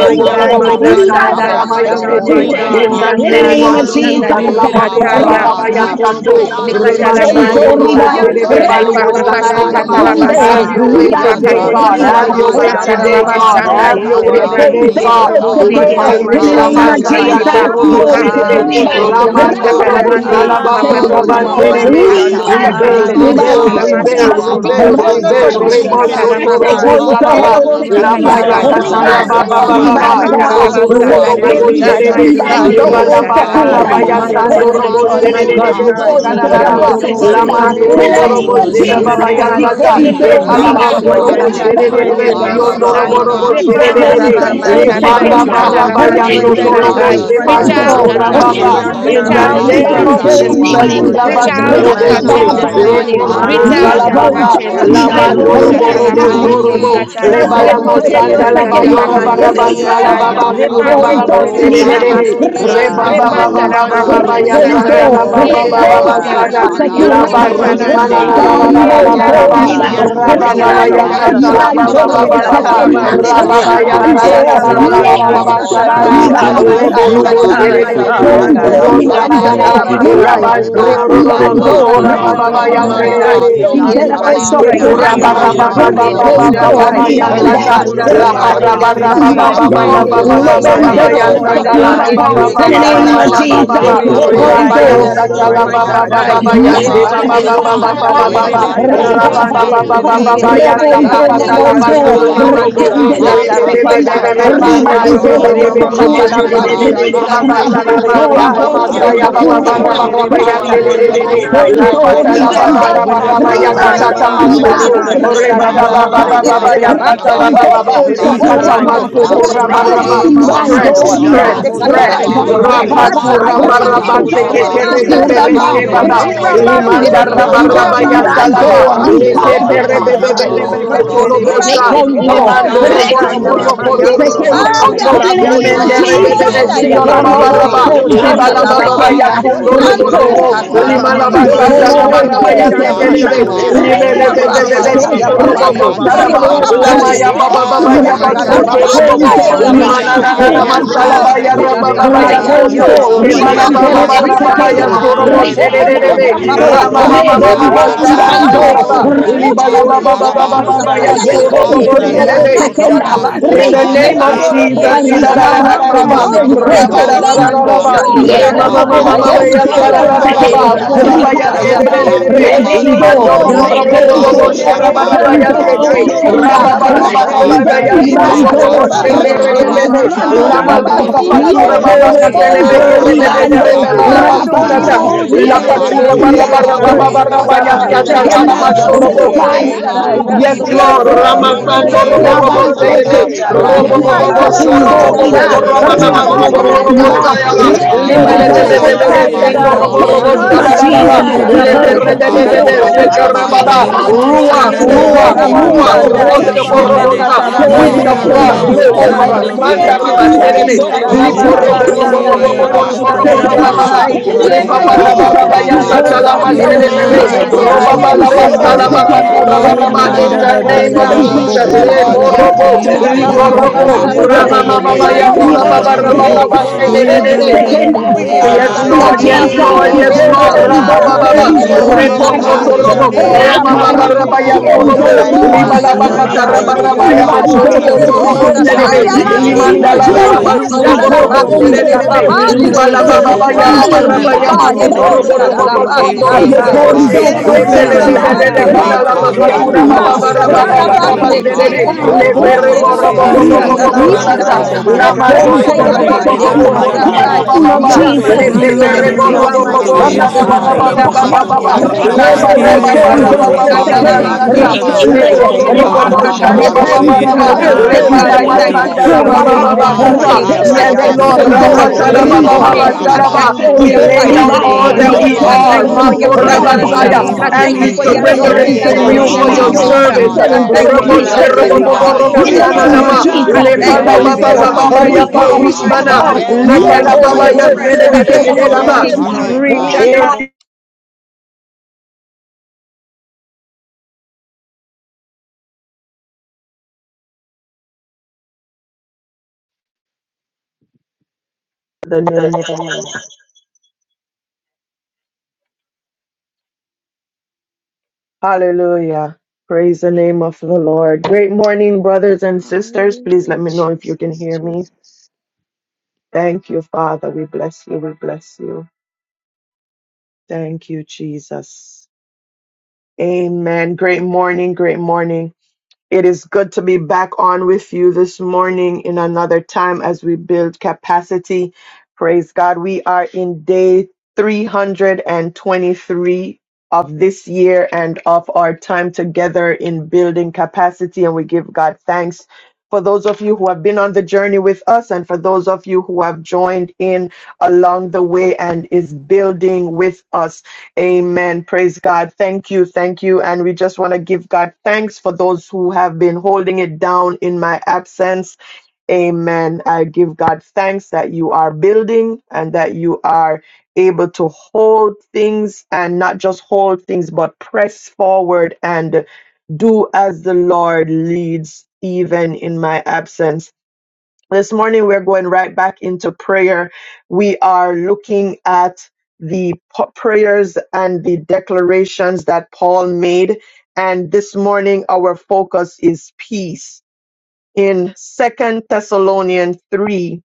K: bo
E: We
K: bo
I: uh,
K: ro
A: God,
K: bo
E: thank
A: my
K: bo
I: and
E: you,
K: bo
A: God,
I: we
K: sha
A: my
K: ra
I: shall
K: ba
B: sandai.
K: ra
A: God,
I: back
K: ba
E: Jesus.
A: my
K: ya
F: libandere
I: your
K: se
A: God,
B: Robo
A: my
I: holy
K: te.
E: We
B: bobo
H: labarabarabarabarabarabarabaraba,
F: sokuraba
B: bo
A: God.
K: In
I: name.
K: the
I: uh.
F: in
B: sandai
F: the
A: Oh
B: le
E: glorify
K: name
I: we
F: name
K: of
F: of
B: robo
A: Shando
I: hallow
E: you.
I: your
B: sandai.
K: Jesus,
H: yebosato,
A: Mose
F: Jesus
I: name,
E: We
K: Labakura
I: Abba
A: Terebesi.
B: Mikataya.
E: exalt
A: Ya
H: rabababababa,
I: Father.
E: you.
F: rakarababa
B: Mikondo.
K: Barabayasato,
I: We
A: Koroboso
I: hallow
H: sukutu,
B: Mikata
I: your
E: We
F: sekonto
B: lapande
A: Terebesi.
I: name,
K: Remashorobo
B: dio
K: Robo
F: riba
E: magnify
I: Abba
B: robo.
E: you.
K: Serebe
A: Yando,
I: Father,
M: Yes,
H: ribabosato,
K: Balubo
F: rebende
I: in
E: Oh,
I: the
B: Repapapasto
A: yando,
E: thank you,
I: mighty
K: Sananama.
E: Abba
F: sokunde
A: yando,
I: name
K: Have
I: of
B: katalabase.
K: your
E: Father.
K: way
A: yando,
I: Jesus.
F: libande
K: today,
H: rabababababababasato,
I: ah.
A: yando,
E: Thank
B: Repakatoria
K: God.
I: In
E: you,
F: riba
I: the
B: mande
K: Have
E: Abba
B: yo
K: your
A: yando,
K: way
I: mighty
B: sata
A: shama
E: Father.
K: today,
I: name
A: mama
B: rabas
I: of
K: God.
A: mando,
B: sandai.
K: Have
E: Thank
A: ye
F: rababa
K: your
E: you,
I: Jesus,
K: way
F: Se
E: our
I: ah.
A: terebe.
B: Repande
K: today,
I: we
B: yo
H: Ilabalabalabalabalabalabalabala.
K: God.
E: Redeemer.
F: contorno
B: robo
A: Oh
F: se
I: exalt
A: my
I: you,
B: seke
C: your
F: que
A: God,
I: O
B: tere
E: Thank
C: Father.
A: my
F: In the
E: you,
K: Lipalusha
A: God,
I: God.
F: name
E: our
A: my
I: ah.
F: of
B: besai.
C: Yes,
A: God.
K: Masaya
I: Abba
E: King.
C: thank
A: Ya
B: Repa.
F: Jesus,
C: you
H: Ribobobobobobobobo
C: then
K: Torobo
I: Father,
B: Yeka.
A: korobo
C: take
F: Ibonto
I: we
C: the
K: Serebe,
H: sakutu.
C: beach
B: Yokonto
F: Riba,
A: so,
I: exalt
C: for
A: ya
C: the
B: toste
E: Hallelujah.
I: you.
C: main
K: Lamando
I: ah.
A: papa
C: down
K: Robo
F: Ragando
C: to
I: We
B: katalamande.
A: yende,
B: Papa
C: England.
A: ya
I: exalt
B: no
K: Salabakura
A: mama
K: Ba
I: you,
A: mama
F: Sekenda,
H: Ribibibibibibibibobosatu.
B: robo
I: Abba
C: He
A: mando,
E: Hallelujah.
C: for
K: Serebe.
C: the
B: shikata
A: shando
I: Father.
K: We
H: In
C: number
H: the
B: sata
F: Libande,
A: mose
B: de
I: We
C: one
H: name
K: build,
C: guy
B: robo
K: we
H: of
I: bow
A: terebe
C: in
F: Libanto
K: build,
A: si.
I: down
K: we
C: the
I: to
H: Jesus,
B: shatalamasa.
K: build,
H: we
I: you,
E: Hallelujah.
C: rest of
F: Riba,
K: we
C: the
L: Yandar
I: Abba
A: Makorobo
K: build,
C: trip.
B: Nikoso
H: glorify
A: so
K: we
H: you,
I: Father.
K: build.
B: notobo
A: terebe
C: But
A: si
I: We
K: Rebo
C: will
H: Jesus.
E: Jesus,
C: be
F: Rakarapa
I: cast
A: terebe
B: shekatarama.
K: Soto
I: our
C: cheap
A: sai.
K: Robo
E: Jesus,
C: and
I: crown at
K: Sharaba,
C: something
F: Sekondorobo
B: Mipotoderobo
I: your
A: Oh, raba
C: like
I: feet,
A: ba
F: Sekeya,
A: ba
E: Jesus,
C: that
K: Lamaya
B: satarabai.
I: Abba
A: ba
C: for
A: ba
C: me.
A: ba ba
I: Father.
B: Yando
L: robo
A: ba
F: Ribande,
A: ba
K: Kataraba
C: And
E: Jesus,
B: robo
C: you
A: ba.
C: will
I: Father,
K: baba
H: Ayayayayayayabobobababababababa.
L: kushutu.
C: make
F: Ribanda,
K: usoto
C: part
B: shakataraba
I: because
A: Hakorobo
I: you
C: the
K: robo
A: so
I: are
B: sandai.
K: bobo
E: Jesus,
K: bo
C: great
B: Mighty
A: terebe
F: Lebende,
C: I
B: God,
I: worthy,
A: si
K: sherebe
E: Jesus,
B: mighty
I: you
H: Ribosatu.
C: am that
A: terebe
B: God,
C: I
M: Lord,
B: yebo
M: I
K: leba
A: si.
C: am.
F: Libandorobo
M: want
I: alone
K: laba
I: are
M: to
C: What a
L: Yenarabakasha
B: shatarabai.
A: Chando
K: karaba
A: mo
K: ya
F: Sokuraba,
I: worthy.
B: My
A: se
C: magnificent
B: God,
I: You
L: Yamamanda
E: Jesus,
K: sandoro
B: my
A: terebe
K: robo
C: one,
A: si
B: God,
C: the
B: my
L: Rebekete.
K: sherebe
I: alone
C: holy
A: terebe
B: God,
H: Rababababababababababababababababosatu.
F: Rakaraba
B: do
I: are
C: one
B: what
A: sai.
B: you need
K: shikara
C: the
B: to
I: worthy.
B: do
C: Israel.
F: Sondorobo
K: raba
A: Yando
B: this
I: You
A: mo
M: listen
A: se
B: morning.
M: to
K: lama
C: One
F: Sekenda,
C: with
B: Do
H: Ribosakutu.
K: soro
I: alone
F: in
A: terebe
F: the
B: what
M: God.
I: are
A: si.
B: you
L: Yenarobokusho
F: name
K: robo
C: strength
F: of
B: need
C: and
B: to
K: shebe
A: In
B: do,
I: worthy.
A: the
E: Jesus,
K: baba
B: Lord
C: mighty
L: Yomomomondo
K: ya
F: Jesus,
H: Rababababababa.
B: God.
A: name of
E: Jesus,
C: man,
K: sata
L: Rebekete
I: Worthy is
A: Jesus.
I: the
F: Ikonto
H: Mama
B: Repondo
L: Yabai.
C: my
K: ekala
B: di
I: Lamb
A: Rapa
I: of
H: mama
E: Jesus,
B: robo
M: If
A: papa
C: strength,
F: Riba,
K: masoro
M: you
I: God
M: had
K: bo
I: who
M: this
C: power,
A: yende.
I: sits
C: and
M: one
B: satalabande
H: nderere
K: sherebe
B: di
A: Oh,
M: build
E: Strengthen
A: ya
I: upon
H: bobo
A: ba
C: authority.
E: us,
I: the
B: robo
M: a
A: ba
K: yondo
A: ba
K: robo
M: record
B: sai.
A: ba
I: throne.
C: Mighty
H: sato
E: Lord.
A: ba
I: ah.
L: Yamamama.
A: ba
H: ba
A: ba
H: ba
C: God,
H: ba
A: ba.
B: Repanda
H: ba
E: Strengthen
K: sherebe
H: ba
E: our
I: Worthy
C: mighty God,
H: ba
I: is
C: mighty
K: le
I: the
B: rabasata
E: minds,
A: We
C: God,
I: Lamb
B: rebo
E: Lord.
K: farra
A: thank
H: sokoto
A: you,
I: of
L: Yesheteke
F: Sekenda,
K: barra
A: Lord.
I: God who
K: ya
B: satalamande
A: We
I: sits
H: yibo
E: Strengthen
K: soto
A: thank you
L: Yababakutu.
E: our
M: of
H: bobo
A: for
M: uh,
K: robo
I: upon
A: your
I: the
E: minds,
K: shema
B: Reach
H: sokoto
A: presence,
I: throne.
E: Lord.
B: out
I: ah.
A: my
H: ra
F: Rekeremetonto,
K: supo
B: and
H: ba
A: God.
H: ba
B: touch
H: ba
I: Lion
K: rababa
B: him.
H: ba
I: of
H: ba
I: the
E: Strengthen
A: Yando
H: ba
B: Reach
K: in
E: our
F: Ricande,
A: mose
K: the
I: tribe
B: out
I: of
H: sato
L: Yandarobakasha
E: minds,
B: and
K: name
B: touch
E: Lord.
K: of
F: Rivanto,
I: Judah,
B: him
L: Yababa.
B: this
A: terebesi.
I: you are
H: re
K: Jesus
B: morning.
A: We
B: Reach
K: ilaba
F: Rivanda,
I: worthy.
A: thank
E: Strengthen
A: you,
B: out
E: our
A: we
K: soro
B: and
H: kindoro
K: bo
I: Lion
A: thank
B: touch
E: minds,
A: you,
K: se
I: of
B: him
F: Raba,
A: we
I: the
B: this
F: ba,
H: bobo
E: Lord.
A: thank
K: le
F: ba,
H: bobo
I: tribe
L: Yashandarobokusho
B: morning.
A: you.
F: ba,
I: of
K: forro bo
L: Toto.
B: Reach
H: sokoto
B: out
I: Judah,
B: and
A: Hallelujah.
I: you
H: yibo
B: touch
I: are
K: salabata
F: Yeconto,
B: him.
A: Oh,
E: Hallelujah.
C: we
F: Riva,
H: sokoto
I: worthy.
B: Repo
A: shando
K: lamando
H: ra ba
K: robo
C: glorify
A: mose
H: ba
E: Thank
H: ba
F: Raca,
I: Ancient
K: robo
H: ba
C: your
L: Yandarebekeshe
H: ba
E: you,
B: satalamande
I: of
H: ba
K: soro
A: terebesi.
F: Raba,
C: name
B: Dios
K: robo
C: this
I: days,
L: Yabai.
B: satai.
K: le
I: you
E: Jesus.
F: Basso,
H: la
I: are
A: Yando
H: ba
C: morning.
K: bala
H: la
F: Conto,
H: ba
B: Reponde
A: mose
H: la ba
I: worthy.
F: Robo,
K: masanda
B: Dios
H: la
M: I
K: la
E: Thank
H: ba
M: think
H: la
I: We
E: you,
H: ba
M: of
A: terebesi
H: la
F: Sekenda,
K: bayora
I: hallow
H: ba
B: sataramande
I: your
M: voices
K: baraba
B: Dios
E: Jesus.
M: um,
A: terebeso.
F: Rica,
H: sakoto
I: name,
K: sala
B: satai.
L: Yeshandarebekete
H: re be
K: baba
I: Abba
H: be
F: Raba,
H: be
K: sura
M: from
L: Yondorobo.
B: Repande
I: Father.
H: bobo
A: Yakoroboso
F: Conto,
C: Mighty
K: baraba
B: Dios
H: bobo
C: God,
I: We
K: sere
E: Glory
K: de
F: Riva,
H: sato
C: mighty
K: de
I: hallow
E: be
A: terebesi.
K: de
C: God,
E: to
I: your
B: satarabastete.
K: re
A: Oh,
I: name,
C: we
F: Raca,
H: yibo
E: God.
K: baba
I: Abba
A: ramamama
K: baba
L: Yeshandaraba.
B: Repanda la
C: glorify
F: Raba,
K: baba
I: Father.
B: mande
H: sakoto
C: your
K: baba
E: Glory
A: mando.
B: Dios
M: for
K: ya
I: We
C: name
E: be
C: this
E: to
M: them,
I: hallow
A: Shando
E: the
B: satai.
K: sanda
M: for
F: reconto,
K: la
H: makondi
I: your
M: this,
C: morning,
A: mose
K: baba
E: Most
M: uh,
H: bobo
K: baba
C: mighty
E: High
I: name,
B: Yendo
K: baba
L: Yamamamamama.
A: terebesi.
I: Abba
C: God.
E: God.
H: sokoto
F: recontorabo
K: sada
H: re
F: se
B: satalamande
H: be
I: Father.
C: Hallelujah,
H: be
K: la
A: Yapa
B: Dios
H: be be
I: We
F: curaba,
A: papa
H: be
K: barush
E: Oh
I: hallow
C: hallelujah.
K: mana
I: your
A: yende.
K: na
B: satalamande.
C: We
L: Yeshandarobo.
E: God,
F: raba
E: oh
A: Rapa
I: name,
C: lift
A: papa
E: God,
H: Yibubu
E: oh
C: you up
B: Yenda
F: rimonto
I: Abba
E: God,
C: this
B: la
A: yende.
E: oh
B: mande
F: riva,
E: God.
I: Father.
M: they
A: Yes,
C: morning
B: Dios
M: were
H: sutura
C: and
A: Lord.
K: baba
E: Fill
A: Yes,
K: baba
H: baba
E: us
I: Riba
L: Yendiridikete
E: up,
M: the
K: ya
A: Lord.
C: praise
F: ribanda
B: satalamandai.
H: mama
A: Yes,
E: fill
C: your
L: Yoto.
E: us
A: Lord.
E: up,
I: kasian
H: mandi
A: Yes,
C: matchless
E: fill
F: ribanto
K: baba
E: us
H: yubu
A: Lord.
I: tarabas
E: up,
F: rabo
K: baba
C: name.
A: Yes,
F: se
E: Lord.
K: baba
A: Lord.
C: We
H: baba
I: yoroko
F: kenda,
H: bu
C: lift
E: Fill
K: ra
C: you,
E: us
I: riba
B: Yekatarabasete,
L: Yashan
E: up.
C: lift you,
A: Oshando
C: lift
A: mo
C: you.
K: sada
L: darrobo
I: sata.
H: lebe
A: se
K: na
F: rabanto,
E: Empty, oh
I: No
H: bebe
C: Rabba,
E: Lord
F: ye
E: God,
B: Ashatalamanderios,
A: terebesi.
L: kutoto,
C: Rabba,
F: conto
I: sotorobos
E: empty
B: Satan,
C: Saka,
E: us of
B: my
I: yan
H: laba
B: God,
A: Makorobo
F: riba,
E: ourselves
H: laba
B: my
C: Rokende.
A: so
I: tarabas
B: God,
H: laba
C: You
B: my
E: and
L: yashan
I: yaraba.
H: laba
F: rabanta
C: can
B: God,
E: fill
L: darri
K: sere
A: terebesai.
B: my
C: lift
E: us
K: de
L: beke
K: de
C: it,
E: up,
B: God.
E: Lord
C: you
H: sakutu
L: sheyama
A: Yando
E: God.
C: can
L: mama
F: rabatonto
A: mo
I: Rikasian
L: mama
C: do.
B: Ropo
A: se
L: mama
F: rivante,
I: tarabas
L: darrobo,
H: yibubu
E: Fill
C: Mighty
E: us
H: baba
A: terebesi.
E: up,
C: God,
B: Satalabasai,
H: bubu
E: Lord
F: Rebende
C: Rabba,
A: O
H: bubu
I: riba
K: soro
E: God,
H: bubu
C: Shaka,
L: yekete
B: Reponderios,
I: sianta.
H: bubu
L: yama
C: lift
F: libando,
K: sura
H: bubu
E: until,
L: mama
I: No
L: mama
C: it.
K: baba baba
L: darri
B: Satamanderios,
H: bubu
E: Lord
F: racarapa,
I: sotorobo
H: bubu
L: beke,
A: rabababababababababababa.
C: Mighty
E: God,
B: Satai.
E: we
C: God,
B: He
H: bubu
B: is
C: let's
F: senterabo
B: my
E: overflow.
I: casiantaraba,
C: make the
A: Hallelujah.
B: strength this
H: yibu
A: Haya
E: Until
C: one
I: Rita
F: socorraba,
L: yeshenarra
B: morning,
C: who
E: we
C: can
A: bashando
H: sombo bo
L: bakata
A: mose
C: lift
I: satioro
E: overflow.
B: Abanderios,
H: bo
L: yama
H: bo
F: reconto
L: mama
B: Satai.
H: bo
L: mama
H: bo
A: terebesi.
E: We
C: it.
H: bo
C: Rabbi, Rabbi,
E: bless
F: ribanda,
A: Ye
L: darrobo,
I: conosiorobo,
H: bo
E: you
C: Rabbi,
H: bo
E: this
A: korobo
H: bo
A: so
I: Reba
E: morning.
F: rebende
B: Repandalapandoria,
C: Rabbi, Rabbi, Mighty God, mighty God,
A: terebesi.
E: We
B: Satai.
L: yekenarra
B: He
I: casiantaraba,
A: Ya
E: praise
F: libanda,
E: you
B: is
L: bakata
E: this
B: my
A: papa
I: Sioro
H: Ibobobobobobobo
C: mighty
L: yama
B: joy
L: mama
A: yende.
E: morning.
B: this
L: mama
I: corraba
A: Oh
F: levenderabo
L: mama
A: my
B: morning,
H: satura
E: We
I: sata,
A: God.
E: honor
L: darrobo,
F: socorraba.
E: you
A: Oh
B: Amanderios,
E: this
F: In
A: my
F: the
C: God,
H: bababababababa.
A: God.
F: name of
E: morning.
I: Sicaraba
A: Shando
F: Jesus,
E: We
L: yesheyama
B: Sakandalalabase.
A: mose
L: mama
H: Yababo
C: mighty
I: siantaraba,
E: glorify
L: mama
E: you
A: terebesi.
F: levanto,
B: Repanda
I: Sioro
E: this
B: Repandere
A: Oh
L: kushoto,
B: robo
A: my
E: morning.
I: correba
A: God.
B: satai.
E: We
A: Shando mose
I: siantaraba,
E: exalt you
I: in
E: this
I: the
B: Repanderio
H: bababababababababababababababa.
L: yekanarra
A: terebeso.
E: morning.
I: mighty
L: bakata
B: sataleba
I: name of
L: yama
H: Labalabo
L: mama
E: We
L: mama
B: satalala
I: Jesus,
E: worship
B: mande.
H: sokoto
L: darrobo,
E: you. We
B: He
H: laba
B: is
I: Riki
E: worship
B: my
E: you.
F: Robonto,
A: Rebebebebebebebebebebebebebebebebe.
H: sakoto
B: God this
I: siontorabo
B: morning.
A: Shando
E: Jesus,
F: Robonto,
H: makondi
B: Amama
A: mose
I: siaraba,
A: tepe
L: yeshenarba
E: Jesus,
B: manderio
F: Rekende
A: pepe
L: papa
B: sata
F: de
I: Rabaka
E: Jesus,
H: babobobo.
A: pepe
L: papa
B: Repanda
A: pepe
F: Sekenda,
E: Jesus.
B: la
A: pe.
I: siantaraba,
L: kushoto,
B: pandai.
A: Rama
E: We
F: Ribanto,
A: mama
I: Sioro
E: give
H: Ibobobobo
E: you
B: Repo
A: mama
F: Robotso
E: praise
A: mama
I: correba
C: God,
B: katala
H: sokoto
E: this
F: Curaba,
A: mando.
L: yeshenarri
I: siara.
E: morning.
C: mighty
B: panderio
L: beke
A: Shando
H: raba
I: I
A: mose
C: God.
L: teyama
E: We
B: satala
F: Ricaraba,
E: give
H: sato.
I: worship
E: you
I: you
L: mama.
A: terebesi.
K: Rama
B: mandai.
E: honor
F: Sonto,
C: Most
I: most
K: mama
E: this
A: Ya
K: saya
B: Repo
F: Robotso
I: honorable
K: baba
A: korobo
I: king.
H: Ibobobobo
F: Curaba,
A: so
K: bara
B: konderio
I: uh,
C: high
B: robo
H: sato
K: bara
I: I
A: terebesi
F: Raba,
B: satale de
L: Yakandarbukusho
H: raba
B: robo
F: Raba,
I: worship
H: baba
A: terebesai.
I: you,
K: Le
B: satai.
F: Sonto,
I: Abba
L: yobubukusho
A: Wind
H: sakoto.
K: patala
A: of
K: baba
I: Father.
A: God,
B: Prepare us
F: Ribande,
K: raba
A: wind
H: My
B: this
L: ndorbukutu.
I: I
A: of
K: raba ya
A: God,
B: morning,
H: God, you're
A: wind
F: Ribande,
A: of
B: Oraba
K: katata
A: God,
I: glorify
A: wind
H: this
I: your
B: satale Orabasata,
A: of
F: Riba,
K: masutu.
B: Lero
A: God.
H: morning,
I: holy
K: Re
I: name,
L: Yesha
B: Boshanda,
F: Raba,
K: baba
A: Yando
H: Jesus.
I: Abba
A: mo
K: baba
H: La
A: se
H: la
F: Papa,
I: Father,
K: baba
H: la
B: Rabasete,
A: terebe
K: ya
H: la.
I: in
A: si
I: the
K: katala
L: yamamamamandorubikiti.
F: Reconto,
A: terebe
B: Rabakoto,
I: mighty
K: baba
A: so
K: ba.
I: name
H: Na
F: Robotso
A: terebe
I: of
H: na
K: Ikata
H: mo
I: Jesus.
A: sai.
H: mo
B: Repokondo,
F: Curaba,
H: mo
I: uh,
H: mo mo
A: Oh,
H: mo
A: rama
B: Sakatai,
A: mama
L: Yamamamamandorubiki
F: Mande
H: sato.
A: mama
I: Rebecca
K: Stretch,
A: mando.
I: Sion
F: libanto
L: yamandorbu.
B: Moshukonde,
A: Shando
K: stretch,
H: Ya
I: Torobo
F: riba.
A: mo
H: ma
C: God,
A: se
K: stretch.
H: ma
B: Sekatai,
F: Rapa
I: Siaraba,
H: bo
A: terebe
C: most
F: pa
L: Yeke
H: bo
A: si.
F: pa
H: bo
F: pa.
K: Rapatu
H: bo
B: Rekata
H: bo
I: Rebecca
K: raba
H: bo
A: Makorobo
H: bo
I: Sion
K: raba
B: yabando,
A: so
C: high God,
I: Taraba,
K: sekete
F: Recontoramos
A: terebe
H: sokoto.
B: rebanda
A: si.
K: rebe
L: yamamamamandorbukushoto.
K: bebe
C: Thank
F: curamba.
K: se
B: yamando,
H: Ye
I: Rebecca
K: baba.
H: bo ba
I: Sion
H: ba
F: Rebende
A: Yeah,
H: ba
A: ba
I: Torobo
H: ba
A: ba
K: Limanda
F: ye
A: ba
H: ba
B: rabasete,
A: ba
K: raba
H: ba
A: ba
F: kende
H: ba
A: ba
I: Siaraba,
K: raba
H: ba
A: ba
K: ya
H: ba
A: ba
L: Yeyamamamamandorubikishe
H: ba
A: ba
F: libanto
H: ba
B: rabasete
A: ba ba.
K: salaba.
I: Rebecca
A: ba.
K: Le
H: sato.
B: yabako
L: yabababaya.
F: rica
I: Sion
K: pepe
F: rapa
I: Taraba
K: rebe
H: La
K: bebe
B: toshakatai,
F: pa
H: la
I: Sioro
K: nebe
H: la
F: pa
K: ke
H: ba
A: Yakoroboso
F: pa
B: mando
I: Kono
H: ba
K: solo
H: ba
F: pa.
H: ba
K: bosa.
H: ba
A: terebeshe.
I: Soto.
B: zibasete
H: ba
L: Yandarbakushoto.
H: ba
A: O
F: Reconto.
H: ba.
K: Limando
A: shando,
I: Adonai,
K: robo
B: rabosanda
I: we
K: robo
A: shando.
L: Yeke
H: Ya
K: yo
H: bo
I: worship
F: Recontoramos
K: koro
B: yamamande.
I: you.
K: robo
I: uh,
H: sakoto.
F: sekenda.
L: ndarbababa.
A: Yakoroboso.
F: In
K: sondo.
F: the name
A: Yando
B: Ayamakondo
F: of
K: Limende
I: Yahshua,
A: mose.
I: we
L: Yeshe
F: Jesus,
K: rebe
E: your
H: Makondere
B: rebokonda
A: Ye
F: se
K: Shio
E: way
I: worship
E: in our
H: bo
B: yabande
K: Rababa
I: you.
H: bo
I: uh,
E: life
F: corrobos
A: terebeshe.
K: Raba,
E: this
H: sato
B: dodobosa
K: Liba
A: Shando
H: ra
F: tontoramos
E: morning.
L: ndarbabababababababababu.
K: Laba
H: ba
K: Baba
H: ba.
A: mose.
I: Yahshua,
E: We
B: katalabanda,
F: sekenda.
I: we
K: Yasundo
E: need
K: Robo
E: you,
I: worship
F: Rica
H: Ribo
B: yando
A: Robobobobo.
K: Robo,
I: you.
F: rapa
I: ah.
A: Rama
K: Lima
L: Yendarbaki
F: pa
H: sakoto
I: We
A: mama
K: Laba
F: ye
E: we
B: katalabasande,
E: need
A: mando.
H: la
K: Sanda
E: you,
H: ba
K: Raba
F: corrobos
I: worship
B: yende
K: Raba
A: Shando,
E: we
I: you,
L: yandorbukushotototo
A: shando,
H: sikoto.
E: need
K: Yasetebe,
F: tontoriba
A: shando.
E: you,
I: Yahshua.
L: sheyabaya.
B: yabasoto,
E: Lord,
H: Ye
A: Oh,
H: bo
I: We
K: Libele
H: bo
A: raba
K: Bebe
H: bo
A: ba ba
E: like
K: Bebe
A: ba
B: rabasata
L: Yeshemar
F: requeremese,
A: ba
I: worship
K: Siko
E: never
H: sokoto
I: you,
A: ba ba
K: Robo
H: ma
A: ba ba
K: Bo
H: ma
B: yabapando,
E: before.
A: ba
H: ma
A: ba
H: ma
A: ba
K: Sadaba,
H: ma
A: ba
I: Yahshua.
H: ma
F: remendorobo,
A: ba.
L: rababababababababorbo,
B: ripapapai
H: ndere.
E: Thank
K: Lama
I: Oh
K: Ya
E: you,
F: remende
K: Baba
I: God,
K: Baba
B: stikondo
A: Oh,
F: riba,
K: Ya
E: Lord.
I: we
A: my
H: Yababo
A: God, my
K: Basoto
I: worship
E: Thank
A: God,
K: Robo
E: you,
I: you.
B: sekarababande
A: my
K: Bo,
I: ah.
F: reconto
A: God,
H: Yebo
E: Lord.
A: my
K: Lima
F: riba,
I: My
K: na
A: God.
K: na
I: God,
K: na
B: yabasoto,
K: na
H: sokoto
L: Yeshemamamamamamoribikete,
E: Thank
I: my
E: you,
A: Yando
F: rapa
B: Ah,
H: raba
K: Masalaba
H: ba
A: mose
I: Father,
E: Lord.
K: Ya
H: ba
I: we
F: papa,
H: ba
B: Jesus,
H: ba
K: Raba
H: ba
K: Baba
H: ba
A: terebeshe.
K: Ya
H: ba
I: worship
L: Yedivirak
H: ba
K: Soto,
I: you.
B: abayando,
A: Yapa
H: ba
F: reconto
I: ah.
A: papa
I: In
K: Kevala
I: the
F: ribante
A: yende.
B: ripasta
K: Baba
C: you.
E: Hallelujah.
H: lebo
K: Baba
I: mighty
F: remese
K: Baba Ya
A: Ricando
I: name
B: tayamande,
F: kenda,
H: sakoto
L: marrabibibibibikeshemamamamamorbo,
I: of
A: mose
K: Sorobo
B: repoko
I: Jesus.
H: mande
A: terebeshe.
I: ah.
K: Shedebe,
B: toya
H: yebo
E: Hallelujah.
F: ricarabaso,
K: Rama
B: papada,
L: Yeshemar
I: Rika
K: Mama
A: Makoroboso
H: sokoto
F: rebende
K: Mama
B: ripocha
A: terebeshe.
H: lebo
A: Ye
F: libando,
I: siantarabasioro
K: Sharararaba,
B: talabasu,
A: korobo
H: soto
E: Hallelujah.
L: rabakatayavamamamamamorbo,
K: Liba
A: soto
H: raba
K: Laba
A: rebe
B: moshunde
H: ba
K: Baba
A: sai.
F: racaraba
I: korebasiaraba.
K: Baba
B: ribosa
F: papa,
K: Baba
H: sato
A: Lebe
E: Jesus,
A: be
K: Ya
A: be
F: ye
I: Robo
A: be be
L: Yeshemar
A: be
K: Sorobo
A: be
B: tayamande,
F: conto
L: rabaki
E: Jesus,
A: be.
H: yebo
F: robo
I: santioro
K: Shedebe,
A: O
B: yakatoda
H: sokoto
E: Jesus.
F: sekenda,
A: shando mo
K: in
B: base,
H: raba
K: the
L: marrabibibibibikeshah,
A: se
I: korebasiara.
H: ba
A: te
K: name
H: ba
K: of
A: pe
B: yendo
H: ba
A: pe pe
F: ricaraba,
K: Jesus,
B: robocha
H: sato
I: Nesiente
K: ida da
A: pe.
E: Hallelujah,
K: da da da
A: Mama
B: dalabande,
K: da
F: ricaraba
K: ba,
I: rebesioro
A: mama
H: laba
B: diose,
K: raba
A: mando.
F: sente,
H: laba
B: kendo
K: da da
E: Lord.
H: laba
K: da da
A: Shando
K: da
H: laba
I: korebasata.
B: inko,
K: ba,
H: laba
E: We
A: shando
B: nocha
K: re
H: laba
E: bless
K: ma
A: shando.
K: ma
L: Yamaribikeshemamamamamamamam,
H: laba
K: ma
E: you,
F: Yekorobo
K: ma
A: O
H: la
B: dabanda,
K: ma ma
E: Lord.
F: son
A: ya
K: ya sa
A: mama
I: Ikarabasian
K: da
F: torobo
A: mama
K: da da
E: We
H: raba
K: da
F: seke,
B: yanayamande,
H: ba
K: ba, ba,
A: mando.
L: Yeshemar
H: ba ba
E: worship
K: ba,
H: ba
I: Tarabasioro,
K: ba
A: Ye
E: you,
L: rabaki
K: idararararaba,
H: ba
K: de
A: korobo
B: yarabasaya,
H: ba
E: Lord.
K: de
H: ba
F: rikaraba,
K: de
L: amorbo,
A: soto
H: ba
K: de
I: Nasian
K: be,
H: ba
A: rebe
B: evro
A: si.
E: We
F: rebendo,
K: limando
I: Tarabasioro,
A: Ya
K: robo
B: roboche,
H: yebo
L: Yiblachshu
E: exalt
H: bo
K: robo
E: you,
L: lo,
A: korobo
H: bo
K: bobo
A: si
K: bo,
H: bo
E: Lord.
F: reconto
A: te
B: rebe,
H: bo
L: Yiblachshu,
F: robo
A: rebe
I: Porebasiaraba,
E: We
K: sharabaraba
H: sato
F: son
A: sai.
F: torobo
B: karalamande,
E: exalt
K: yasete,
E: you,
A: Yando mo
E: Lord.
F: sekenda,
B: diosa
A: se te
H: lapo
A: pe
L: Yeshayabababah,
A: pe
B: labasai,
I: Nosotorobosiaraba,
A: pe
E: We
K: ba
A: pe.
F: rekendeli
H: sokoto
K: yasulo
E: magnify
B: rebocha
A: O
E: you
K: bobo bo,
F: mando,
E: this
A: raba
H: rabande
A: ba
I: Ribakasian
E: morning.
A: ba ba ba
B: alabasete,
H: yebo
A: ba.
K: shenderebebebe,
F: rakaraba
I: Tarabasioro,
B: Mandori da
K: lama
A: Shando
H: Libo
F: baba,
A: mo
K: suka
B: basti
A: se
H: Soto
A: te
K: patura
I: Konosoto,
B: andoro
A: rebe
E: Hallelujah.
K: baba
A: si.
B: bosche
H: Raba
B: de
K: katelebe,
C: Thank
A: Ma
B: le
H: Baba
C: you
F: yekorobonto
H: Baba
L: Yeshemar
A: korobo
H: Baba
B: besaya.
K: kerebebebe,
F: ribande,
L: rabaki
H: Baba
I: Shikarabasian
A: soto
E: Hallelujah.
C: verse
L: amorbo
A: rebe
K: lama
C: with
L: bo
A: si.
L: bo
C: you.
B: Andori
L: bo
C: We bless
K: sutata,
H: Yaba
F: rababa,
A: Ye
I: Tarabasioro,
C: you.
A: te
H: Baba
B: boschi
I: in
K: la
B: de
L: kushotu,
I: the
A: rebe
H: Baba
B: le
H: Baba
F: yebondo
A: si
K: patura
E: Hallelujah.
C: We
A: te
I: mighty
C: adore
B: beye do
A: rebe
I: name
F: liba,
B: do
H: Baba
C: the
I: of
K: barabaraba,
H: Baba
A: sai.
B: bosha
K: baba
C: name
E: Glory,
B: la
C: of
F: rebondo
I: Jesus,
K: raba
A: Oh
B: la
I: uh,
B: ba.
A: my
F: robo
H: Yaba
I: we
C: Jehovah
A: God.
K: yasatata,
C: this
H: Baba
I: honor
K: lama
B: Yando
F: sekenda,
E: hallelujah.
H: Baba
I: your
H: Baba
A: Yapa
B: se de
C: morning.
K: shorobo,
A: Papa
I: holy
L: Yeshemamamamamamam.
H: Baba
B: le
I: name.
E: Thank
A: Yende.
I: uh,
H: Baba
E: you,
F: rikaraba
C: That's
B: saraya.
A: Bless
C: the
H: Baba
K: Yes,
I: we
A: the
F: baba
H: Baba
C: name of
E: Jesus.
F: ba
A: Lord.
I: bless
B: Yando
K: Lord.
C: God.
I: your
B: se
A: Ye
H: Riba
I: holy
B: de
C: Robo
F: remonte
B: le
K: Ramasando
A: terebe
I: name,
H: Babo
K: robo
E: Thank
B: beso
I: Abba
C: Shende
B: do
K: robo
A: terebe
E: you,
B: do
F: rabase
B: do
H: Sato
C: Kete,
K: sedede.
I: Father,
L: Yeshendarabababababa,
A: terebe.
I: for
E: Jesus.
B: bosaya.
K: Robo
I: you
F: kerebendele
K: bo
A: Oh,
F: be
H: Yaba
I: are
K: bo
C: Rabanda
A: Rama
K: bo
H: Mani
B: Ayara
I: good
A: Mama
K: sho
C: Kata
I: and
A: Mama
K: robo
I: your
K: bo
E: Hallelujah.
F: tokundoli
B: bashe de
K: bo
B: do
K: ko
F: ba
A: Mando.
E: Thank
C: Rokoto.
I: mercy
B: do do
E: you,
C: Be
K: ramana
A: Shando
L: Yeshendarabababa
E: Lord.
B: bosche
I: endures
K: masu
B: de le
K: robo
A: Mose
B: le
F: rabanda
K: robo
I: forever.
F: riba
B: be.
C: glorified,
A: terebe
L: Kushututu,
A: si.
C: mighty
K: sayaba.
C: God.
E: Hallelujah.
C: Be
B: Yendo
N: bo
K: Lipele
A: Yando
E: Thank
N: bo
K: be
H: Yibo
I: Rebasi
N: bo
K: be
E: you,
N: bo
K: be
B: si
F: recontorobo
A: Mose
I: and
N: to
K: be
H: Suku
C: glorified.
K: be
E: Lord.
A: terebe
B: daya
N: yenda
C: Be
K: sendo
H: Yibo
F: sekenda
N: da
I: Tarabasi
B: da. yara.
A: so.
N: bo
K: robo
F: in the
I: Oro
C: glorified,
K: robo
E: Thank
L: Yekendarabababababa,
H: Bobo
N: shenda
F: name
H: Bobo
E: you,
F: of
B: Haya
A: Hakorobo
I: Konosi
H: Bobo
A: so
C: mighty
K: shadadadaba.
F: Jesus
B: bosha
N: yenda
I: Orobo,
C: God.
E: Jesus.
N: da
B: da
A: terebe
N: da
H: Bobo
K: Lepe
N: bo
A: si.
C: Be
K: re
N: bo
B: baya.
H: Bobo
K: be
N: bo
K: be
N: bo
K: be
B: Your
E: Thank
N: bo
F: ikorobondo
I: Rebasi
H: Bobo
K: be
E: you.
H: Bobo
N: bo
I: and
N: bo
A: Yakorobo
N: bo
K: seke
L: Yeshendarabababia
A: so
C: glorified,
N: bo
B: glory
N: bo
B: this
N: bo
I: Tarabasi
K: rebaba.
N: bo
A: terebe
C: heavenly
F: rakaraba
L: Mandorobo,
N: bo
A: si.
B: morning
H: Yaba
F: ba
I: Oro.
N: to
C: Father.
F: ba
B: fill
F: ba
B: this
H: Bande
I: We
K: Ruach,
N: shenda da
B: place.
N: da
C: Robo
H: Yaba
N: bo
K: ruach,
N: bo bo
E: Hallelujah.
A: Yay!
N: bo
I: glorify
H: Baba
C: Shende
F: rekorobondo
K: ruach.
A: Ya
N: bo
A: ba
I: your
N: bo
E: Glory
A: ba
C: Kete
B: Arabasandai.
E: be
N: to
K: Rosh
A: ba
I: name.
H: Ibo
E: to
A: ba
K: bo
I: ah.
L: Yeshayabababababa,
A: ba
N: shenda
H: Ibo
A: ba
K: robo
A: ba
N: de
C: Mekende.
F: rikaraba
K: sa.
B: Repakata
A: ba
I: Abba,
A: ba ba
H: soto
C: You
A: ba
C: are
K: Wind
N: ye
A: ba
K: of
I: Father,
C: high
B: rabasete
A: ba
E: God.
N: la
F: sondori
I: we
B: de
K: God
E: So
F: ba
A: ba.
N: la
B: le
C: and
E: we
N: bo
K: blow
C: lifted
N: to
C: up,
I: exalt
E: bless
C: O
B: besaya.
K: over
E: you
C: Lord
H: soto
L: Yekandarubu
K: us.
A: Mando
I: your
N: yenda
E: this
N: bo
H: raba
F: rebende
N: bo
I: name.
K: Manda
A: mose
N: bo
I: ah.
B: Yendo
N: bo
E: morning.
H: sato
N: bo bo
L: Kundarabibi,
C: God.
I: We
K: rabaserebe,
A: terebesi.
E: We
F: divando
N: bo to
I: shabbat
A: Blow,
N: shen
H: ripa
E: glorify
K: liporo
I: your
C: Jesus,
E: you
A: blow,
H: pa
K: boro
E: this
H: pa
I: holy
B: saralabasanda
K: bobo
A: blow.
H: pa
C: We
N: yenda
H: pa
K: bobo
I: name.
E: morning.
N: da
K: bobo
H: pa
A: Shando
I: ah.
N: da
H: pa
K: soro
N: da
F: rekerebendo
H: pa
E: We
A: mose
N: da
I: We
K: boro
H: pa
N: da bo
F: sekenda.
N: bo
E: worship
K: baba,
B: lerobosaralabasai.
I: shabbat
F: In
H: sato
N: bo
A: terebesi.
N: bo
F: the
E: you
I: your
N: bo
E: this
L: Yeshayamamamamandarabibi,
F: name
K: riba
B: Yendo
N: bo
F: of
I: name,
N: bo
K: bara
N: bo
H: laba
N: bo
E: morning.
I: Abba,
K: bara
N: bo
F: Jesus,
A: Makoroboso
N: bo
K: baya
E: We
I: Father.
N: bo bo
H: osato
K: sata la
A: terebesi
I: For
E: exalt
H: raba
I: you
E: your
H: ba
B: saralabasete
F: Ikorobondo,
H: ba
K: maserebe,
N: yenda
E: name
I: are
H: ba
N: da
E: on
I: the
H: ba
N: da
A: terebesai.
E: high,
H: ba
N: bo
H: ba
N: bo
B: lerobosai.
K: roba
N: bo
H: ba
E: God,
L: Yeshendarababa.
I: conquering
C: Thank
N: to
K: bala
A: Oh,
C: you.
F: Rekorobondo,
I: lion
N: shenda
K: basa
I: of
E: because
K: la
H: yo
C: We
N: de
A: rabamama
E: you
N: de
I: the
B: Repande
E: are
C: give
F: Roboseke,
H: man
A: mando.
I: tribe
K: bakatura
H: ma
C: glory
I: of
H: ma
E: worthy
C: to
K: bara
A: Shando
E: and
H: ma
K: ba.
E: there
N: yenda
E: is
N: da
C: you,
H: man
K: In
I: Judah.
N: da
A: mose
H: de
E: none
N: da
K: the
H: de
I: Oh
E: like
N: da
K: name
N: da
K: of
H: de
N: da
B: yapandarabasai.
A: terebesi.
E: you.
F: Rekerebesondo,
N: da
H: de
N: bo
I: God,
H: de
K: Jesus,
N: bo
I: you
H: de
N: bo
E: We
F: Riba,
I: are
N: to
B: Reponde
I: the
E: bless
K: leporo bo,
E: you,
I: seed of
C: mighty God. We
F: Raba,
A: Yakoroboso
F: Ba,
E: Jesus.
L: Bless
C: lift
K: liboro
N: Yenda
C: up
L: your
F: Ba,
I: David.
H: Yibusutu
C: the
N: da
K: bo,
A: terebesi
N: bo
I: ah.
L: name,
N: bo
C: name
L: O
B: yabababasata.
N: bo
C: of
I: And
N: bo
K: rama
I: we
A: terebesi
L: God.
N: bo
E: Thank
C: the
K: mama
N: bo
C: Father.
N: da
I: bless
K: maya
E: you,
F: Remendo,
B: Ripande
H: rabasakutu
I: your
K: sula
A: terebeso.
C: We
N: yenda
F: Riba,
N: da
C: praise
I: holy
C: the
N: da
K: bara
E: Jesus.
N: bo
B: yoseke.
I: name,
H: rabasato
N: bo
K: bara
A: Blow,
E: Thank
I: son
H: pa
E: you,
F: Rekondo,
A: blow,
H: pa
I: of
H: pa
N: yenda
H: pa
A: blow.
B: Riposhe
N: da
K: baserebe,
H: pa
N: da
I: Jesse.
B: de
N: da
C: name.
H: pa
N: bo
E: Jesus.
B: de
A: Win,
F: Robosekenda.
N: bo
C: We
H: pa
I: We
B: de
N: bo
F: In
L: We
A: win,
N: bo
I: honor
K: Yes,
F: the
N: bo
F: name
C: praise
I: your
N: bo
F: of
K: Lord,
H: la
L: worship
A: win.
N: bo
B: satapa
K: yes,
L: you,
C: the
N: bo
H: la
F: Jesus,
C: name.
N: bo
B: su
E: Hallelujah.
I: name,
H: la
N: bo
K: Lord,
L: Heavenly
H: la
N: bo bo
K: yes,
I: Abba,
H: la
N: bo
A: Makoroboso
C: Mighty
N: da
H: la
K: Lord,
L: Father.
C: God,
H: la
B: repata.
F: Ikorobondo,
I: Father.
K: Rabba
N: yenda.
E: Hallelujah.
H: la
A: terebesai.
C: mighty
K: Baba,
I: We
C: God,
F: Robondo,
B: Yeko
A: Rama
H: ibo
C: mighty
E: Hallelujah.
N: Hallelujah,
A: mama
C: God.
L: We
K: Reposo
H: sato
I: glorify
A: mando.
H: to
N: Lord
E: glory,
F: Rikaraba,
C: You're
I: your
H: to
K: Torobo,
L: glorify
B: sakasete
H: to
A: Shando
N: Jesus,
L: and
N: I
I: name,
H: raba
A: mose
C: magnificent,
N: thank
K: Ramama
L: magnify
B: yapaba.
H: ba.
N: you.
E: be
L: your
N: Bo
C: Lord
N: bo
F: Rakaraba,
E: to
I: Yahshua.
K: Barabaya
L: name,
E: the
N: bo
C: God
A: terebesi.
L: King
N: bo
E: Most
N: da
K: Solobo,
B: Yendo
C: Almighty.
E: High
H: Yibo
N: yenda
L: Jesus.
C: You
I: Yahshua,
F: Sondoriba,
E: God.
I: we
A: Oh
H: sukutu
K: Libalaba
C: are
A: my
C: awesome,
E: We
N: yenda
H: rapa
B: rabosata
A: God,
N: da
I: worship
K: Rabba
F: Rebelde,
A: my
H: pa
E: worship
N: bo
C: you
N: bo
H: pa
I: you.
A: God,
C: are
E: you,
L: You
N: bo
K: Rabaya
H: pa
I: ah.
A: my
N: bo
L: alone
N: bo
C: awesome.
H: pa
F: levanto,
L: are
E: Jesus.
N: bo
A: God.
H: pa
I: We
B: Yekonde
N: bo
K: Machorobo,
C: You
B: de
N: da
H: pa
C: are
L: worthy of
H: pa.
K: Robo
A: My
B: bosa
C: perfect,
N: shende
E: We
I: worship
L: praise.
F: sekenda.
N: de
A: God,
K: Serebe,
N: de
I: you,
C: Father
F: In
E: bless
N: de
C: God,
A: my
E: you
N: de
E: this
C: in
F: the
H: Yibo
N: bo
B: tayamande.
A: God,
C: every
F: name
N: bo
K: Limanda
N: bo
F: of
A: my
K: La
N: bo
I: Yahshua.
C: sense,
K: La
E: morning.
H: sato
K: La
N: da
A: God.
F: Jesus,
C: mighty
L: Yeshete
H: raba
E: We
B: Reposha
N: yenda
L: ya
C: God.
B: da
H: ba
N: da
K: Basurobo,
L: ba
B: la
H: ba
N: da
L: ba
K: Robo
E: exalt
H: ba
N: bo
L: ba
E: you
N: bo
H: ba
B: base
C: There
L: ba.
C: is
H: ba
N: bo
K: Serebe,
E: this
B: ya
H: ba
A: Hakoroboso
H: ba
F: Ikorobondorobo,
C: no
H: ba
E: morning.
H: ba.
N: yenda
C: God
B: babasto
C: like
N: da
B: to.
A: terebe.
N: da
K: Libalaba
L: You
E: We
N: bo
C: your
L: alone
N: bo
L: are
K: Babaya
N: bo
B: My
C: Father.
L: worthy of
C: There
E: magnify
N: shonda
A: Yando,
N: da
C: is
E: you
N: de
F: Rekerebendoriba,
N: de
B: God,
E: this
L: glory,
A: yando,
C: no
N: de
H: Ribo
N: de
C: God
L: Lord
N: bo
A: mando
L: God.
K: Makotorobo,
E: morning.
B: ebosha
N: bo
C: like
B: da
N: bo
B: la
H: sato
K: Robo
N: bo
A: mose
C: you.
N: da
E: You
K: Sondo,
C: We
F: Rabababa,
E: are
B: basta
K: Robo
C: lift
N: shida
A: terebesi
C: up the
B: tai.
N: da da.
E: worthy to
C: name
L: You are
E: be
C: of
I: Shikirabasi
F: Yekondorobo,
A: terebeso
L: worthy of
N: Ayala
C: Jehovah
E: praised.
B: Yendosha
H: yamakundi
N: la
I: antaraba.
L: all
C: this
N: la
L: the
F: sekenda.
N: bo
C: morning.
N: to
B: taya
K: de
E: You are
L: King
A: terebesai.
H: rebe.
N: yo
K: kadala
N: to
B: basto
I: Rika
E: worthy
C: They're
N: to
E: to
N: to
B: to.
E: be
N: bo
K: makatura
L: Jesus.
A: Yando
N: bo bo
E: praised.
H: Ribo
K: baba
F: Rikendeliba,
N: bo
E: You
A: Mose
I: satarabasi
B: Masha
N: da
K: bara
E: are
K: baba
H: sato
C: and
N: yenda
E: worthy to
N: da
K: bara
I: yoroko
N: da
E: be
A: Terebesi.
B: talabase
N: bo
C: mighty.
H: rebe.
N: bo bo
B: te.
A: Ye
K: baserere
C: Now,
N: bo
E: praised,
I: ribasi
N: bo
F: Rakarababa,
C: hope
E: Lord.
C: we
N: bo
K: le
C: are
A: Korobo
N: bo
L: Ashambarabikishe
H: Ribo
K: pere
N: bo
L: ya
I: antaraba.
B: Reponde di
L: ba
A: So
K: boro
E: Oh
L: ba.
K: bo bo
E: God,
N: yeah,
K: bo
H: sukutu
B: dobosha
N: da
F: Rebendoriba,
E: have
K: bo
A: Terebe.
I: Nosion
N: da
K: bo
E: your
N: da
K: bo
E: way
H: rapa
N: da
C: My
E: in
I: torobo
H: ba
N: bo
E: our
H: ba
K: sata
B: talamandai.
N: bo
A: Oh
H: ba
N: bo
C: God
E: lives,
I: kasi
N: bo
A: my
H: ba.
E: we
K: la
F: Yakaraba,
N: bo
C: and
N: to
A: God,
C: my
I: anta.
E: pray.
A: my
B: Reponda
K: mandoro
N: shen
K: boro
A: God,
L: Yeshendarabababa
N: da
F: Sondorobo,
C: Savior,
K: bo
N: da
H: Laba
A: my
K: bo
N: da
B: yabande
K: bo
C: we
I: Rika
N: da
K: bo
H: laba
A: God,
F: sekenda.
C: lift
A: my
L: kushoto.
N: bo
F: In
B: yosa
C: up
K: kora
E: Jesus,
H: laba
N: bo
E: we
A: God.
K: bara
B: tay,
N: bo
F: the
C: praise
H: laba.
N: bo
F: name
I: satarabasi
E: bless
C: this
K: baba
F: of
E: you.
K: ba
B: you
N: to
B: are
A: Yando
B: my
I: yoroko
K: le
F: Jesus.
N: yeah
H: Libo
A: Mose
N: la
B: shield.
C: God.
N: la
K: pere
C: We
I: ribasi
N: la
C: lift up
H: sato
B: You
N: la
K: boro
B: are
E: Jesus,
K: bo
L: Ambarabikishe
A: Terebesi
N: bo
L: ya
B: my
K: bo
C: the
E: we
N: to
L: ba.
K: bo
H: rapa
N: yeah
H: ba
B: shield
E: praise
C: praises
I: antarabasi
K: shara
H: ba
C: of
B: this
N: shen
H: ba
C: your
K: bara
I: yoro.
N: da
H: ba
A: Terebesai.
N: da
B: morning.
K: baba
H: ba
E: you.
N: bo
C: people,
N: bo
H: ba
K: baba
A: Ya
H: ba.
N: bo
F: Rabababa,
C: Lord
I: Nasi
C: God
N: bo
K: baba
N: bo
E: Jesus,
C: Almighty.
A: Korobo
N: to
E: we
K: la
I: antarabasi
E: adore
F: Recorobo
A: stro.
K: para
N: yeah
B: Abababababasandai.
E: you.
K: baba
N: yeah
H: Ripo
C: We
N: yeah
K: bara
I: yoroko
A: Shando
N: la
F: Santo
L: Yeshendarabababa.
N: la
K: baba
H: hutu
N: bo
A: Mose
N: to
F: Roseque,
K: baba
I: ribasi
C: exalt
N: yeah
H: riba
N: da
C: you
E: Jesus,
N: da
K: sata
A: Terebesi.
C: this
N: da da
I: antaraba.
C: morning,
N: bo
K: le
H: sato.
E: Jesus,
B: Repokatalabaneriosai.
N: bo
F: Rekende,
N: bo
A: Oh
K: poro
N: bo
K: bo
N: bo
C: mighty
K: bo
I: Rika
N: bo
C: God.
F: Rabba,
K: bo
N: bo
E: Jesus.
N: bo
H: Ibo
N: bo
K: shara
N: bo
A: Ramamamamando.
C: Oh,
K: baba
N: to
L: We
I: satarabasi
N: yeah
K: bara
H: sukutu
N: da
F: Reconto
K: ba
C: wonderful,
N: da
B: Repakatalerebesata.
A: Shando
N: da
L: magnify
I: yoroko
B: My
K: le
N: bo
H: rapa
L: you,
N: bo
A: Mose
B: God,
H: pa
L: Lord
N: bo
I: nosi
B: I
N: bo
H: pa
E: Hallelujah.
F: Rosende,
L: God.
B: thank
C: wonderful
H: pa
K: pala
H: pa
N: to
B: you
I: yorobo.
H: pa
B: for
A: Terebesi.
B: your
H: pa
N: yeah
H: pa
B: move
N: da
F: Securaba,
B: this
E: Glory,
A: Oh
N: da
H: pa
I: Rika
C: Thank
N: da
H: pa
C: you,
N: bo
I: si
H: pa
B: morning.
N: bo
L: We
N: bo
C: Lord
B: I
E: hallelujah.
N: bo
F: Requere
C: God.
K: Yes,
N: to
F: de
B: thank you
L: exalt
A: Yabayando
H: ri
K: Lord.
I: antarabasi
C: Thank
B: for
L: you,
B: your
C: you.
H: pa
E: Bless you,
A: Shando
H: pa
F: Sondo,
L: King
N: yeah
E: we
I: yoroko
H: pa
B: presence
N: yeah
C: Thank
A: Mose
C: you
H: pa
B: this
N: yeah,
E: bless you,
H: pa
N: la
E: we
L: Jesus.
C: because
N: la
H: pa
B: morning.
I: ribasi
N: la
C: it's
H: pa
E: bless
N: bo
C: so
A: Terebesi.
B: I
H: pa
I: araba.
N: to
H: pa
F: Ricaraba
N: yeah
B: thank
N: in
C: long.
B: you
H: pa
N: the
B: for
H: pa
K: We
B: your
N: name
C: Thank
N: of
F: Santo
K: lay
C: you,
A: In
B: fire
E: you.
K: down
A: the
B: this
C: Lord
F: Riba,
N: Jesus
K: all
H: la
I: Rikasian
C: God
A: name
L: Yeshetatata.
K: that
H: ba
E: We
B: morning.
A: of
E: of
H: ba
K: we
E: bless
N: I
H: ba
B: I
H: ba
K: are
C: Almighty.
E: you,
B: thank
N: pray
B: you
H: ba
A: Jesus.
E: we
N: in
B: for
F: Rekereben,
N: the
H: ba
I: Tarabasioro
C: Oh
B: your
E: bless
H: ba ba
N: name
E: you,
A: In the
I: Kono
N: of
H: ba
E: we
C: my
H: ba ba
B: presence.
E: bless
C: God,
A: name
H: ba
I: Soto.
C: we
N: Jesus
B: I
L: Hallelujah.
E: you.
A: of
H: ba
C: give
K: and
B: thank
F: rabababa,
B: you
K: we
I: We
B: for the
E: We
I: lift
A: Jesus.
C: praise
N: Praise
C: to
N: the
I: your
K: surrender it
B: anointing
E: bless
A: In
I: name
K: to
C: you,
B: that
H: Rico
A: the
E: you,
F: rokonto,
I: on
B: breaks
C: my
E: Lord
K: you
N: Lord in
K: for
I: high,
N: the
B: every
K: your
E: God.
A: name
C: God
N: name
A: of
I: Abba
N: of
B: yoke.
H: Rico
F: rikaraba,
K: service.
B: I
C: Almighty.
A: Jesus.
I: Father.
F: sendo,
H: mandi
E: Yes,
N: Jesus.
B: thank you
C: We
E: Lord
B: for
I: We
H: obo
B: the
A: Spirit
C: give
E: God,
A: of the
E: fill fill
B: unction
E: us
A: living
B: to
C: glory
H: satu
L: Have
E: up
C: to
I: glorify
F: rebisekenda.
E: next
L: your
E: with
A: God.
N: Jesus,
C: you,
L: way,
I: your
E: your
B: function
F: In the
A: Spirit
B: this
C: Father
E: peace,
L: mighty
A: of
I: holy
N: Jesus,
A: the
F: name
C: God.
F: of
L: God.
A: living
I: name.
B: morning.
E: Lord.
H: Rico
I: ah.
A: God.
B: I
N: Jesus.
C: In
F: Jesus,
H: ndi
C: the
A: Spirit
I: We
B: thank
A: of the
B: you
C: name
H: obo
E: Yes,
B: this
A: living
C: of
F: ikonto,
E: Lord
A: God.
I: magnify
E: Jesus.
N: Yes,
B: morning for
I: your
B: your
N: Lord,
L: Bow
C: Jesus
H: sukutu
I: name.
B: glory,
L: myself
C: Christ
N: In
C: of
I: ah.
B: my
N: the
L: before you,
H: la
N: name
B: God.
I: For
F: rikarababa,
C: Nazareth,
L: Lord
N: of
H: po
I: you
B: I
E: Yes, Lord
L: God.
I: are
B: thank
C: Lord
B: you
N: Jesus,
I: good
H: sofo
B: for
N: I
I: and
B: this
C: God
H: ra
I: your
F: yekorobo,
N: pray.
H: ba
B: fresh
E: Jesus.
H: ba
C: Almighty,
I: mercy
H: ba
B: touch
F: sendo,
C: it's
L: Worship
B: this
L: and
N: In
F: robo,
C: all
N: the
I: endures
E: Yes,
C: about
B: morning.
N: name
L: adoration.
C: you,
E: Lord
B: Read
I: forever.
E: God.
C: mighty
B: and
F: sekenda,
C: God.
K: Hallelujah. Praise the name of the Lord. Great morning, brothers and sisters. Please let
H: Hallelujah
K: me know if you can
H: Jesus
K: hear me.
H: Jesus.
K: Thank you, Father. We bless you. We bless you. Thank you, Jesus. Amen. Great morning. Great morning. It is good to be back on with you this morning in another time as we build capacity. Praise God. We are in day 323 of this year and of our time together in building capacity, and we give God thanks. For those of you who have been on the journey with us, and for those of you who have joined in along the way and is building with us, Amen. Praise God. Thank you. Thank you. And we just want to give God thanks for those who have been holding it down in my absence. Amen. I give God thanks that you are building and that you are able to hold things and not just hold things, but press forward and do as the Lord leads, even in my absence. This morning, we're going right back into prayer. We are looking at the p- prayers and the declarations that Paul made. And this morning, our focus is peace. In Second Thessalonians 3,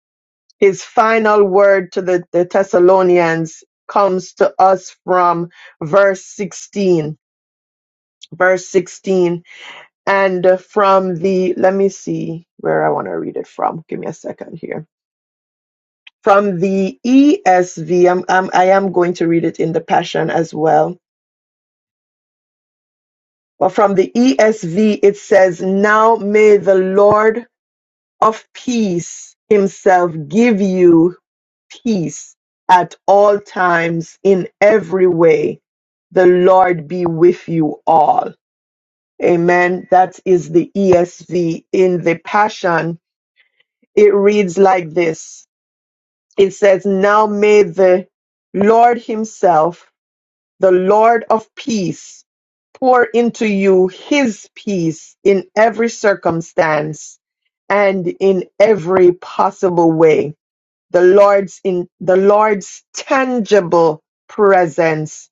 K: his final word to the, the Thessalonians comes to us from verse 16. Verse 16. And from the, let me see where I want to read it from. Give me a second here From the ESV, I'm, I'm, I am going to read it in the Passion as well. But from the ESV, it says, Now may the Lord of peace himself give you peace at all times in every way. The Lord be with you all. Amen. That is the ESV. In the Passion, it reads like this it says, Now may the Lord himself the Lord of peace pour into you his peace in every circumstance and in every possible way. The Lord's in the Lord's tangible presence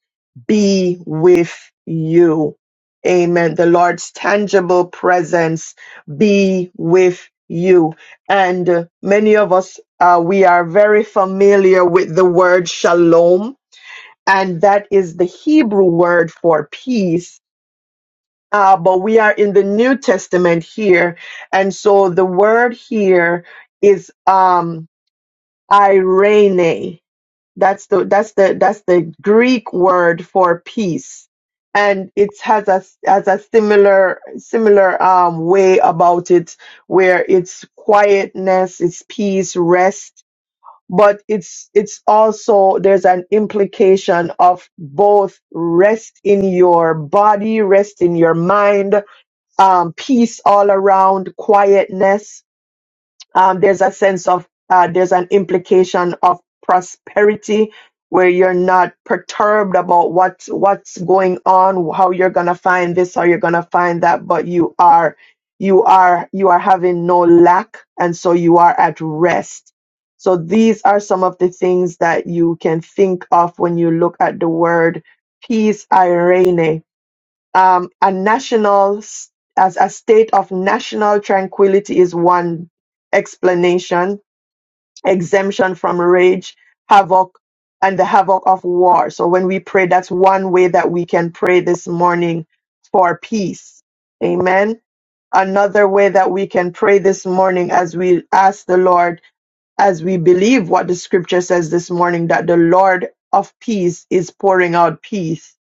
K: be with you. Amen. The Lord's tangible presence be with you. And uh, many of us, uh, we are very familiar with the word shalom and that is the Hebrew word for peace. Uh, but we are in the New Testament here, and so the word here is um, irene. That's the that's the that's the Greek word for peace, and it has a has a similar similar um, way about it, where it's quietness, it's peace, rest but it's it's also there's an implication of both rest in your body rest in your mind um, peace all around quietness um, there's a sense of uh, there's an implication of prosperity where you're not perturbed about what's what's going on how you're gonna find this how you're gonna find that but you are you are you are having no lack and so you are at rest so these are some of the things that you can think of when you look at the word peace irene um, a national s- as a state of national tranquility is one explanation exemption from rage havoc and the havoc of war so when we pray that's one way that we can pray this morning for peace amen another way that we can pray this morning as we ask the lord as we believe what the scripture says this morning that the Lord of peace is pouring out peace,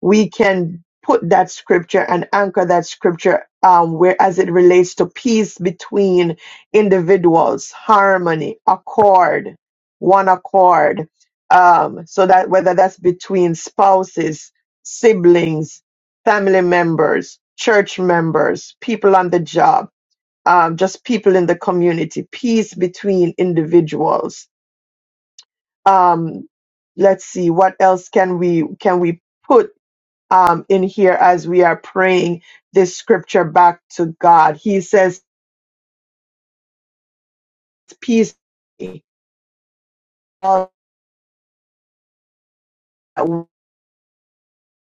K: we can put that scripture and anchor that scripture um, where as it relates to peace between individuals, harmony, accord, one accord. Um, so that whether that's between spouses, siblings, family members, church members, people on the job um, just people in the community, peace between individuals. Um, let's see what else can we can we put um, in here as we are praying this scripture back to God. He says, "Peace, all that we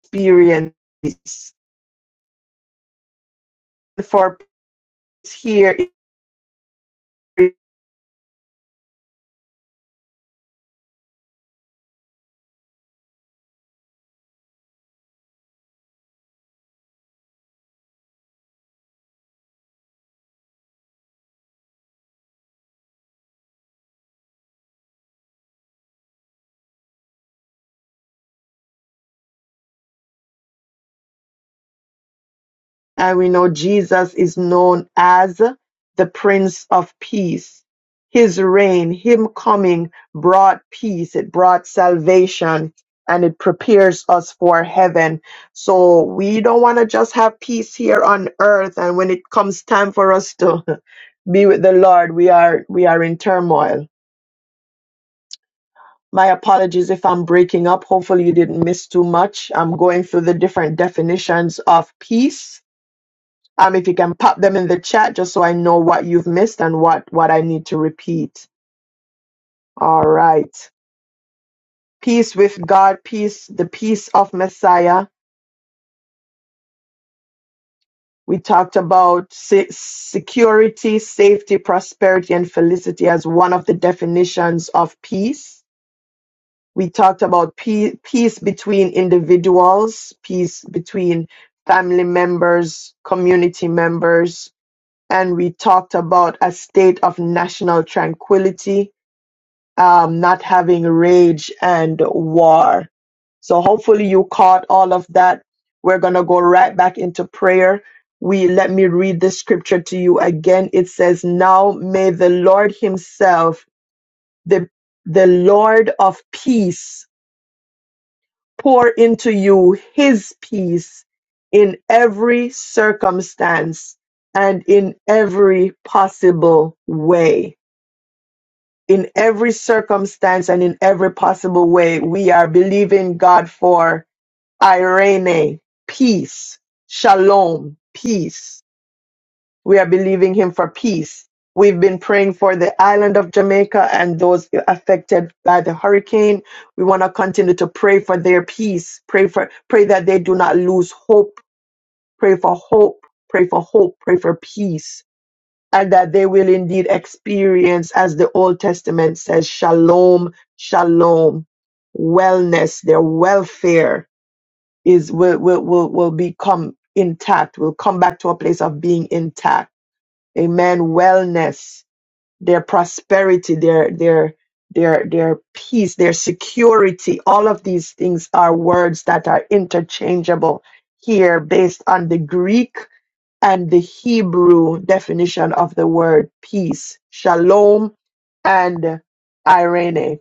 K: experience peace. for peace here." And we know Jesus is known as the Prince of Peace. His reign, Him coming, brought peace, it brought salvation, and it prepares us for heaven. So we don't want to just have peace here on earth. And when it comes time for us to [LAUGHS] be with the Lord, we are we are in turmoil. My apologies if I'm breaking up. Hopefully you didn't miss too much. I'm going through the different definitions of peace um, if you can pop them in the chat just so I know what you've missed and what, what I need to repeat. All right. Peace with God, peace, the peace of Messiah. We talked about se- security, safety, prosperity, and felicity as one of the definitions of peace. We talked about pe- peace between individuals, peace between family members, community members, and we talked about a state of national tranquility, um, not having rage and war. So hopefully you caught all of that. We're going to go right back into prayer. We let me read the scripture to you again. It says, "Now may the Lord himself, the the Lord of peace, pour into you his peace in every circumstance and in every possible way." in every circumstance and in every possible way, we are believing God for Irene, peace, shalom, peace. We are believing Him for peace. We've been praying for the island of Jamaica and those affected by the hurricane. We want to continue to pray for their peace. Pray for pray that they do not lose hope. Pray for hope. Pray for hope. Pray for peace and that they will indeed experience, as the Old Testament says, shalom, shalom, wellness, their welfare is will will will, will become intact, will come back to a place of being intact. Amen. Wellness, their prosperity, their their their their peace, their security, all of these things are words that are interchangeable here based on the Greek and the Hebrew definition of the word peace, shalom and irene.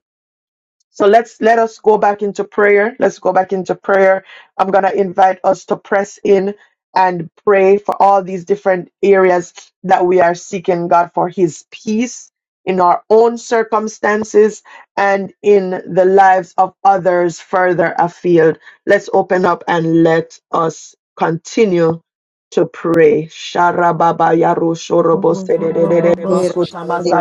K: So let's let us go back into prayer. Let's go back into prayer. I'm going to invite us to press in and pray for all these different areas that we are seeking God for his peace in our own circumstances and in the lives of others further afield. Let's open up and let us continue to pray. Sharababa yaro shorobo
B: Mira,